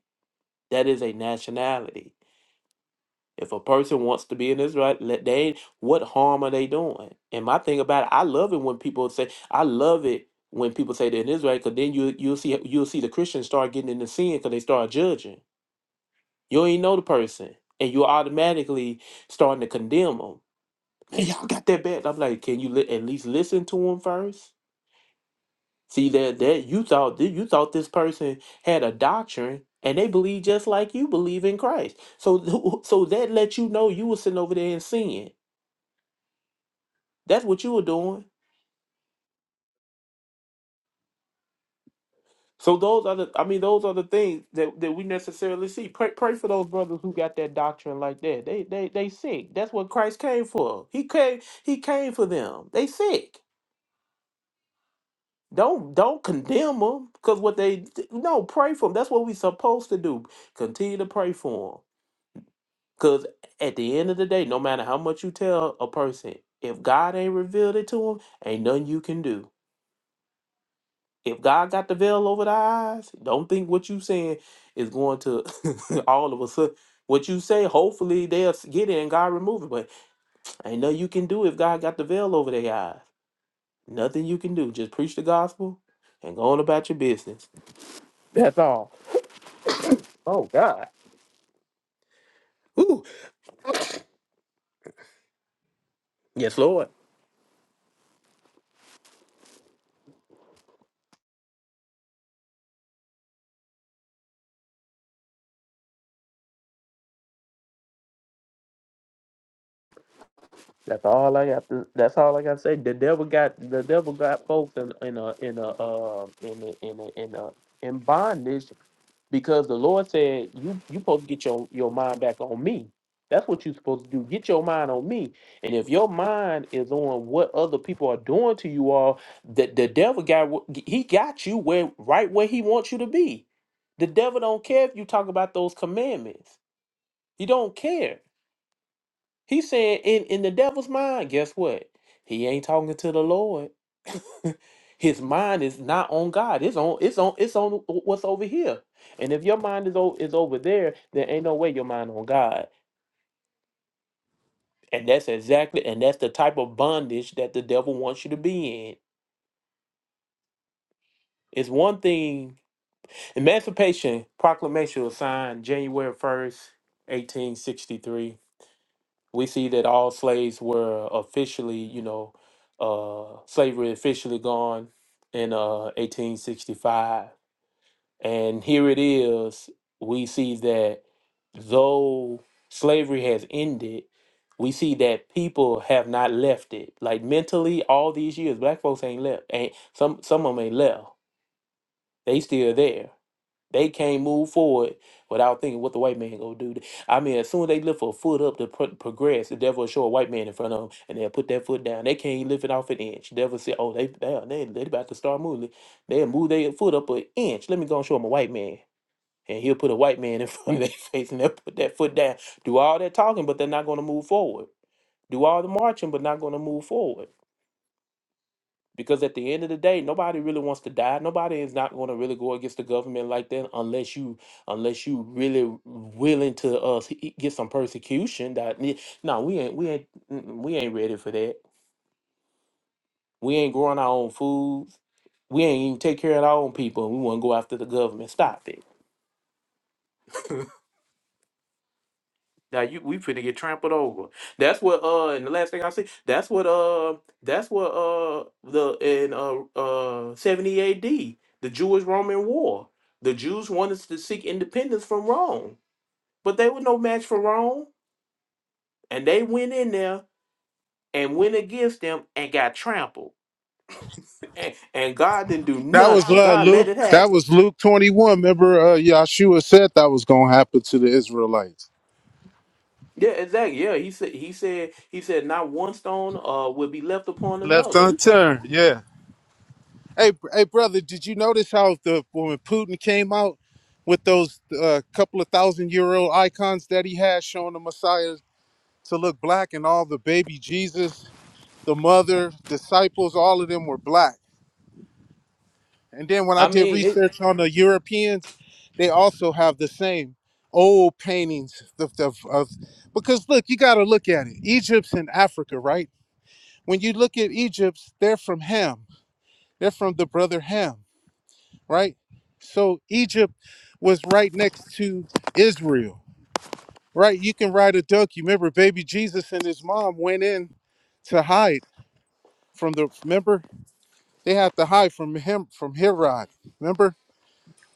S9: That is a nationality. If a person wants to be in this right, let they ain't- what harm are they doing? And my thing about it, I love it when people say, I love it when people say they're in Israel, because then you you'll see you'll see the Christians start getting into sin because they start judging. You ain't know the person, and you're automatically starting to condemn them. Man, y'all got that bad. I'm like, can you li- at least listen to them first? See that that you thought that you thought this person had a doctrine and they believe just like you believe in Christ. So so that let you know you were sitting over there in sin That's what you were doing. So those are the I mean those are the things that, that we necessarily see. Pray pray for those brothers who got that doctrine like that. They they they sick. That's what Christ came for. He came he came for them. They sick. Don't don't condemn them cuz what they no pray for them. That's what we supposed to do. Continue to pray for them. Cuz at the end of the day, no matter how much you tell a person, if God ain't revealed it to them, ain't nothing you can do. If God got the veil over the eyes, don't think what you saying is going to all of a sudden. What you say, hopefully they'll s- get it and God remove it. But ain't nothing you can do if God got the veil over their eyes. Nothing you can do. Just preach the gospel and go on about your business. That's all. Oh God. Ooh. Yes, Lord. That's all I got. To, that's all I got to say. The devil got the devil got folks in, in a in a uh, in a, in a, in a in bondage because the Lord said you you supposed to get your your mind back on me. That's what you're supposed to do. Get your mind on me. And if your mind is on what other people are doing to you all, the, the devil got wh- he got you where right where he wants you to be. The devil don't care if you talk about those commandments. He don't care. He said in in the devil's mind, guess what? He ain't talking to the Lord his mind is not on God. It's on it's on it's on what's over here. And if your mind is over is over there, there ain't no way your mind on God. And that's exactly and that's the type of bondage that the devil wants you to be in. It's one thing Emancipation Proclamation was signed January 1st, 1863. We see that all slaves were officially, you know, uh slavery officially gone in uh 1865 And here it is, we see that though slavery has ended, we see that people have not left it. Like mentally, all these years, black folks ain't left. Ain't some some of them ain't left. They still there. They can't move forward without thinking what the white man gonna do. I mean, as soon as they lift a foot up to pro- progress, the devil will show a white man in front of them, and they'll put that foot down. They can't lift it off an inch. The devil say, "Oh, they they they, they about to start moving. They'll move their foot up an inch. Let me go and show them a white man." And he'll put a white man in front of their face and they'll put that foot down. Do all that talking, but they're not going to move forward. Do all the marching, but not going to move forward. Because at the end of the day, nobody really wants to die. Nobody is not going to really go against the government like that unless you unless you really willing to uh s- e, get some persecution. That ne- no, we ain't we ain't mm, we ain't ready for that. We ain't growing our own foods. We ain't even take care of our own people. and We want to go after the government. Stop it. Now you we finna get trampled over. That's what uh and the last thing I see, that's what uh that's what uh the in uh uh 70 AD, the Jewish Roman war. The Jews wanted to seek independence from Rome, but they were no match for Rome, and they went in there and went against them and got trampled. And, and God didn't do
S13: That was
S9: nothing.
S13: uh,
S9: God
S13: Luke.
S9: let it
S13: That
S9: happen.
S13: was Luke twenty one. Remember, uh, Yahshua said that was going to happen to the Israelites.
S9: Yeah, exactly. Yeah, he said he said he said not one stone uh will be left upon
S13: Left
S9: another.
S13: unturned. Yeah. Hey, br- hey, brother, did you notice how the when Putin came out with those uh, couple of thousand year old icons that he had showing the Messiah to look black, and all the baby Jesus, the mother, disciples, all of them were black. And then when I
S9: I
S13: did research on the Europeans, they also have the same old paintings of, of, of because look, you got to look at it. Egypt's in Africa, right? When you look at Egypt, they're from Ham. They're from the brother Ham, right? So Egypt was right next to Israel, right? You can ride a donkey. Remember, baby Jesus and his mom went in to hide from the. Remember, they had to hide from him from Herod. Remember,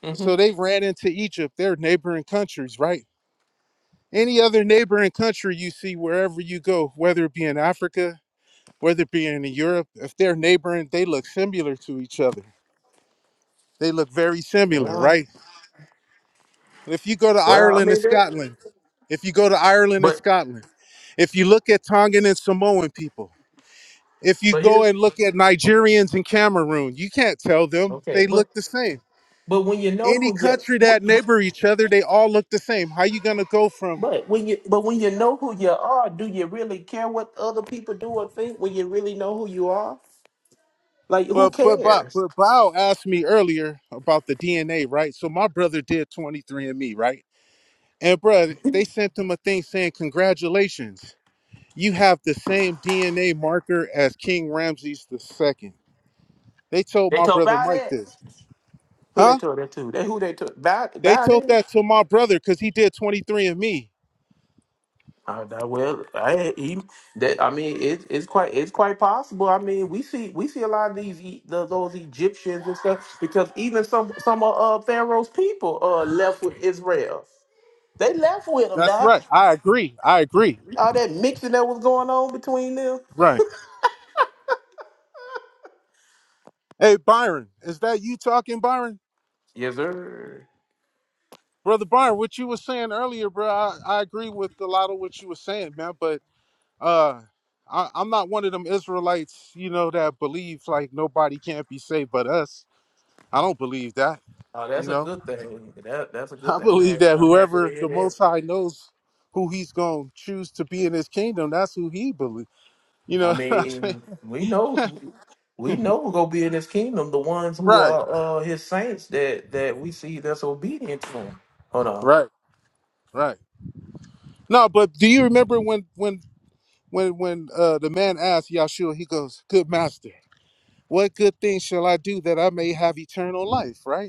S9: mean, Mhm.
S13: So they ran into Egypt, their neighboring countries, right? Any other neighboring country you see wherever you go, whether it be in Africa, whether it be in Europe, if they're neighboring, they look similar to each other. They look very similar, right? If you go to
S9: well, I
S13: Ireland and
S9: mean that.
S13: Scotland, if you go to Ireland and Scotland, if you look at Tongan and Samoan people, if you
S9: But
S13: go
S9: here's
S13: and look at Nigerians and Cameroon, you can't tell them.
S9: okay,
S13: They
S9: but
S13: look the same.
S9: but when you know
S13: Any
S9: who you
S13: country that
S9: but,
S13: neighbor each other, they all look the same. How you gonna go from
S9: but when you but when you know who you are, do you really care what other people do or think when you really know who you are? Like who
S13: But but but
S9: cares?
S13: but Bao asked me earlier about the DNA, right? So my brother did 23 and Me, right? And bruh, they sent him a thing saying, "Congratulations, you have the same DNA marker as King Ramses II." They told
S9: They
S13: my
S9: told
S13: brother
S9: about
S13: Mike
S9: it.
S13: this,
S9: Who they
S13: huh?
S9: told that to? They who they told about
S13: They
S9: about
S13: told
S9: it.
S13: that to my brother because he did 23 and Me.
S9: Uh, that- well, I he, that I mean it, it's quite it's quite possible. I mean we see we see a lot of these E- the, those Egyptians and stuff because even some some of uh, Pharaoh's people uh left with Israel. They left with them,
S13: That's
S9: Doc.
S13: right. I agree. I agree.
S9: All that mixing that was going on between them.
S13: Right. Hey Byron, is that you talking, Byron?
S9: Yes, sir.
S13: Brother Byron, what you were saying earlier, bro, I, I agree with a lot of what you were saying, man. But Uh, I, I'm not one of them Israelites, you know, that believe like nobody can't be saved but us. I don't believe that,
S9: Oh,
S13: you
S9: that's a
S13: know.
S9: good thing. That that's a good
S13: I
S9: thing. I'm
S13: believe
S9: happy.
S13: that
S9: I'm happy to
S13: whoever
S9: hear
S13: the
S9: that.
S13: Most High knows who He's going to choose to be in His kingdom, that's who He believes. You
S9: I
S13: know, what I'm saying?
S9: mean, we know, we know who gonna be in His kingdom. The ones who
S13: right,
S9: are uh His saints that that we see that's obedient to Him. Hold on.
S13: right, right. No, but do you remember when when when when uh, the man asked Yahshua, he goes, "Good master, what good thing shall I do that I may have eternal life?" Right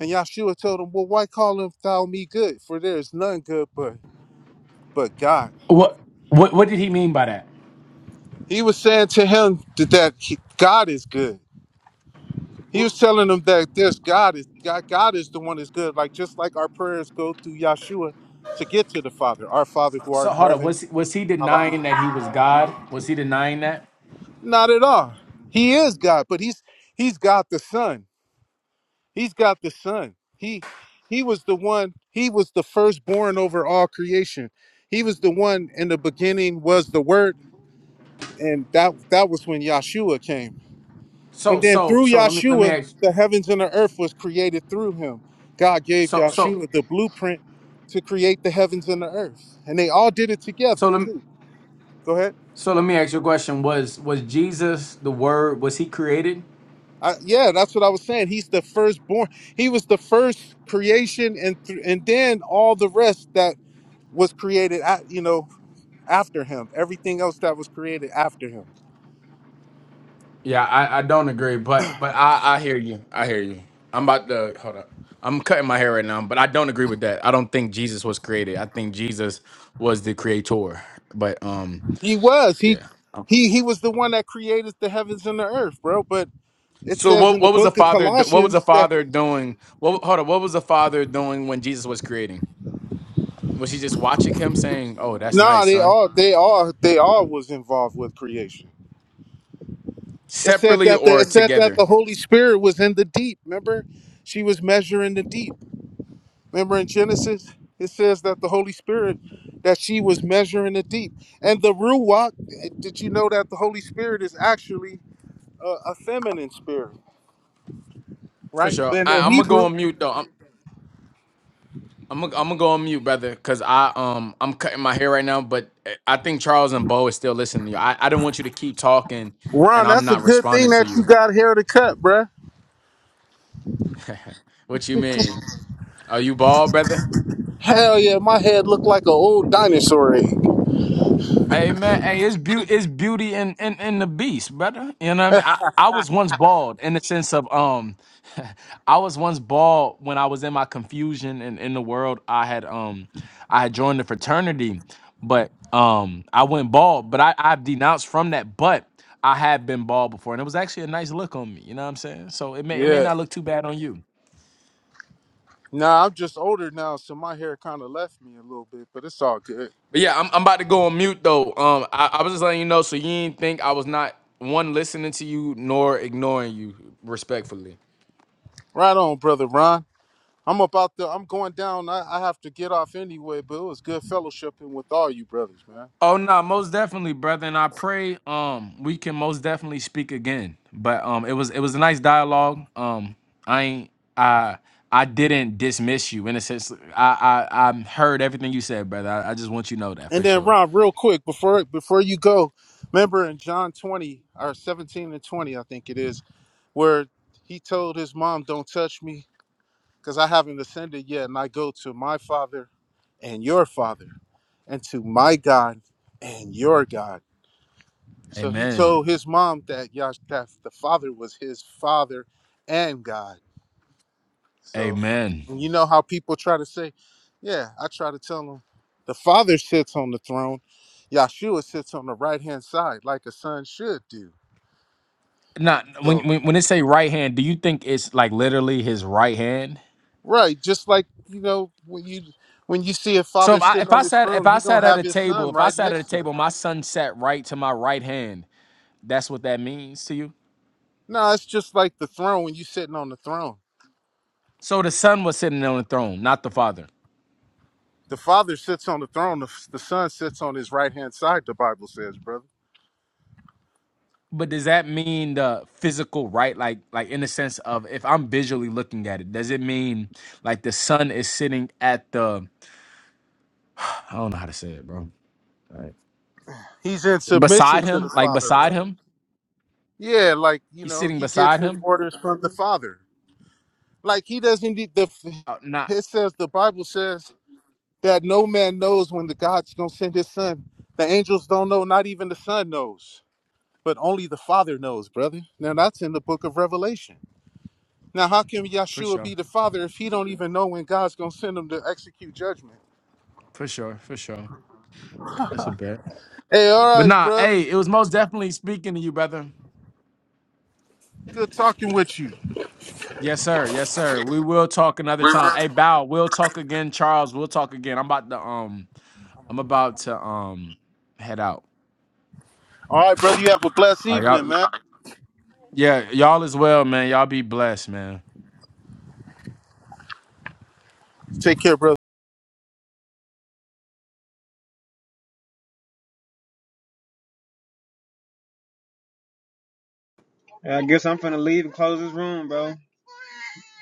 S13: And Yahshua told him, Well, why call him thou me good? For there is none good but but God.
S2: What what what did he mean by that?
S13: He was saying to him that, that he- God is good. He
S2: Wh-
S13: was telling him that there's God is God, God is the one that's good. Like just like our prayers go through Yahshua to get to the Father. Our Father who art
S2: So
S13: in
S2: hold up.
S13: heaven,
S2: Was he- was he
S13: hallowed be.
S2: denying that he was God? Was he denying that?
S13: Not at all. He is God, but he's he's God the Son. He's got the Son. He he was the one, he was the firstborn over all creation. He was the one in the beginning was the word and that that was when Yahshua came.
S2: So
S13: And then
S2: so
S13: through
S2: so let me let me
S13: Yahshua,
S2: ask.
S13: the heavens and the earth was created through him. God gave
S2: So so
S13: Yahshua the blueprint to create the heavens and the earth, and they all did it together
S2: so let me,
S13: too. Go ahead.
S2: so let me ask you a question. Was was Jesus the Word? Was he created?
S13: I, yeah, that's what I was saying. He's the firstborn. He was the first creation, and th- and then all the rest that was created, at, you know, after him. Everything else that was created after him.
S2: Yeah, I, I don't agree, but but I, I hear you. I hear you. I'm about to hold up. I'm cutting my hair right now, but I don't agree with that. I don't think Jesus was created. I think Jesus was the creator. But um,
S13: He was. He
S2: yeah.
S13: he he was the one that created the heavens and the earth, bro. But It
S2: So
S13: says
S2: what
S13: in the
S2: what was the
S13: book of
S2: father do- what was the
S13: Colossians that
S2: father doing? What hold up, what was the father doing when Jesus was creating? Was he just watching him saying, "Oh, that's
S13: no,
S2: nice,
S13: they
S2: son"?
S13: all they all they all was involved with creation. It said
S2: Separately
S13: that the
S2: or
S13: it said that
S2: together?
S13: the Holy Spirit was in the deep. Remember, she was measuring the deep. Remember in Genesis, it says that the Holy Spirit that she was measuring the deep. And the ruach, did you know that the Holy Spirit is actually a, a feminine spirit,
S2: For
S13: right?
S2: sure.
S13: But
S2: I,
S13: in
S2: I'm gonna go
S13: Hebrew,
S2: on mute though. I'm gonna I'm gonna go on mute, brother, cause I um I'm cutting my hair right now. But uh, I think Charles and Bo is still listening to you. I I don't want you to keep talking, and
S13: Ron,
S2: I'm
S13: that's a
S2: not
S13: good
S2: responding
S13: thing
S2: to
S13: that you
S2: you.
S13: got hair to cut, bruh.
S2: what you mean? Are you bald, brother?
S13: Hell yeah, my head looked like an old dinosaur egg.
S2: Hey man, hey, it's beauty, it's beauty in, in in the beast, brother. You know what I mean? I, I was once bald in the sense of um, I was once bald when I was in my confusion and in the world. I had um, I had joined the fraternity, but um, I went bald. But I I've denounced from that, but I had been bald before, and it was actually a nice look on me. You know what I'm saying? So it may it may
S13: Yeah.
S2: not look too bad on you.
S13: Nah, I'm just older now, so my hair kind of left me a little bit, but it's all good.
S2: But yeah, I'm, I'm about to go on mute though. Um, I, I was just letting you know so you didn't think I was not one listening to you nor ignoring you respectfully.
S13: Right on, brother Ron. I'm about to. I'm going down. I, I have to get off anyway, but it was good fellowshipping with all you brothers, man.
S2: Oh no, most definitely, brother. And I pray um we can most definitely speak again. But um it was it was a nice dialogue. Um I ain't I I didn't dismiss you in a sense. I I, I heard everything you said, brother. I, I just want you to know that
S13: And
S2: for
S13: then
S2: sure.
S13: Ron, real quick before before you go, remember in John 20 or 17 and 20, I think it is, where he told his mom, "Don't touch me, because I haven't ascended yet, and I go to my Father and your Father, and to my God and your God." So he
S2: Amen.
S13: told his mom that Yash that the father was his father and God. So
S2: Amen.
S13: you know how people try to say, yeah, I try to tell them the father sits on the throne, Yahshua sits on the right hand side like a son should do.
S2: Not when,
S13: So
S2: when when it say right hand, do you think it's like literally his right hand?
S13: right, just like you know when you when you see a
S2: So
S13: father
S2: if I
S13: sitting
S2: if I
S13: on his
S2: sat if
S13: throne,
S2: I
S13: he
S2: sat
S13: gonna
S2: at
S13: have
S2: a
S13: his
S2: table,
S13: son
S2: if I
S13: right
S2: sat at a
S13: next to him.
S2: table, my son sat right to my right hand. That's what that means to you.
S13: No, it's just like the throne when you sitting on the throne.
S2: So the son was sitting on the throne, not the father.
S13: The father sits on the throne, the, the son sits on his right hand side. The Bible says, brother.
S2: But does that mean the physical right, like like in the sense of if I'm visually looking at it, does it mean like the son is sitting at the I don't know how to say it, bro.
S13: He's in submission
S2: Beside
S13: to the
S2: him, like
S13: Father,
S2: beside
S13: bro.
S2: him,
S13: Yeah, like you
S2: he's
S13: know,
S2: sitting
S13: he gets
S2: beside
S13: his
S2: him.
S13: orders from the Father. Like he doesn't need the.
S2: Uh, not
S13: It says the Bible says that no man knows when the God's gonna send His Son. The angels don't know, not even the Son knows, but only the Father knows, brother. Now that's in the Book of Revelation. Now how can
S2: for
S13: Yeshua
S2: sure,
S13: be the Father if he don't even know when God's gonna send him to execute judgment?
S2: for sure, for sure.
S13: Hey, all
S2: But
S13: right,
S2: nah,
S13: brother.
S2: hey, it was most definitely speaking to you, brother.
S13: Good talking with you.
S2: Yes, sir. Yes, sir. We will talk another time. Hey, Bow, we'll talk again. Charles, we'll talk again. I'm about to um, I'm about to um, head out.
S13: All right, brother. You have a blessed
S2: All right, y'all.
S13: evening, man.
S2: Yeah, y'all as well, man. Y'all be blessed, man.
S13: Take care, brother.
S5: I guess I'm finna leave and close this room, bro.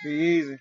S5: Be easy.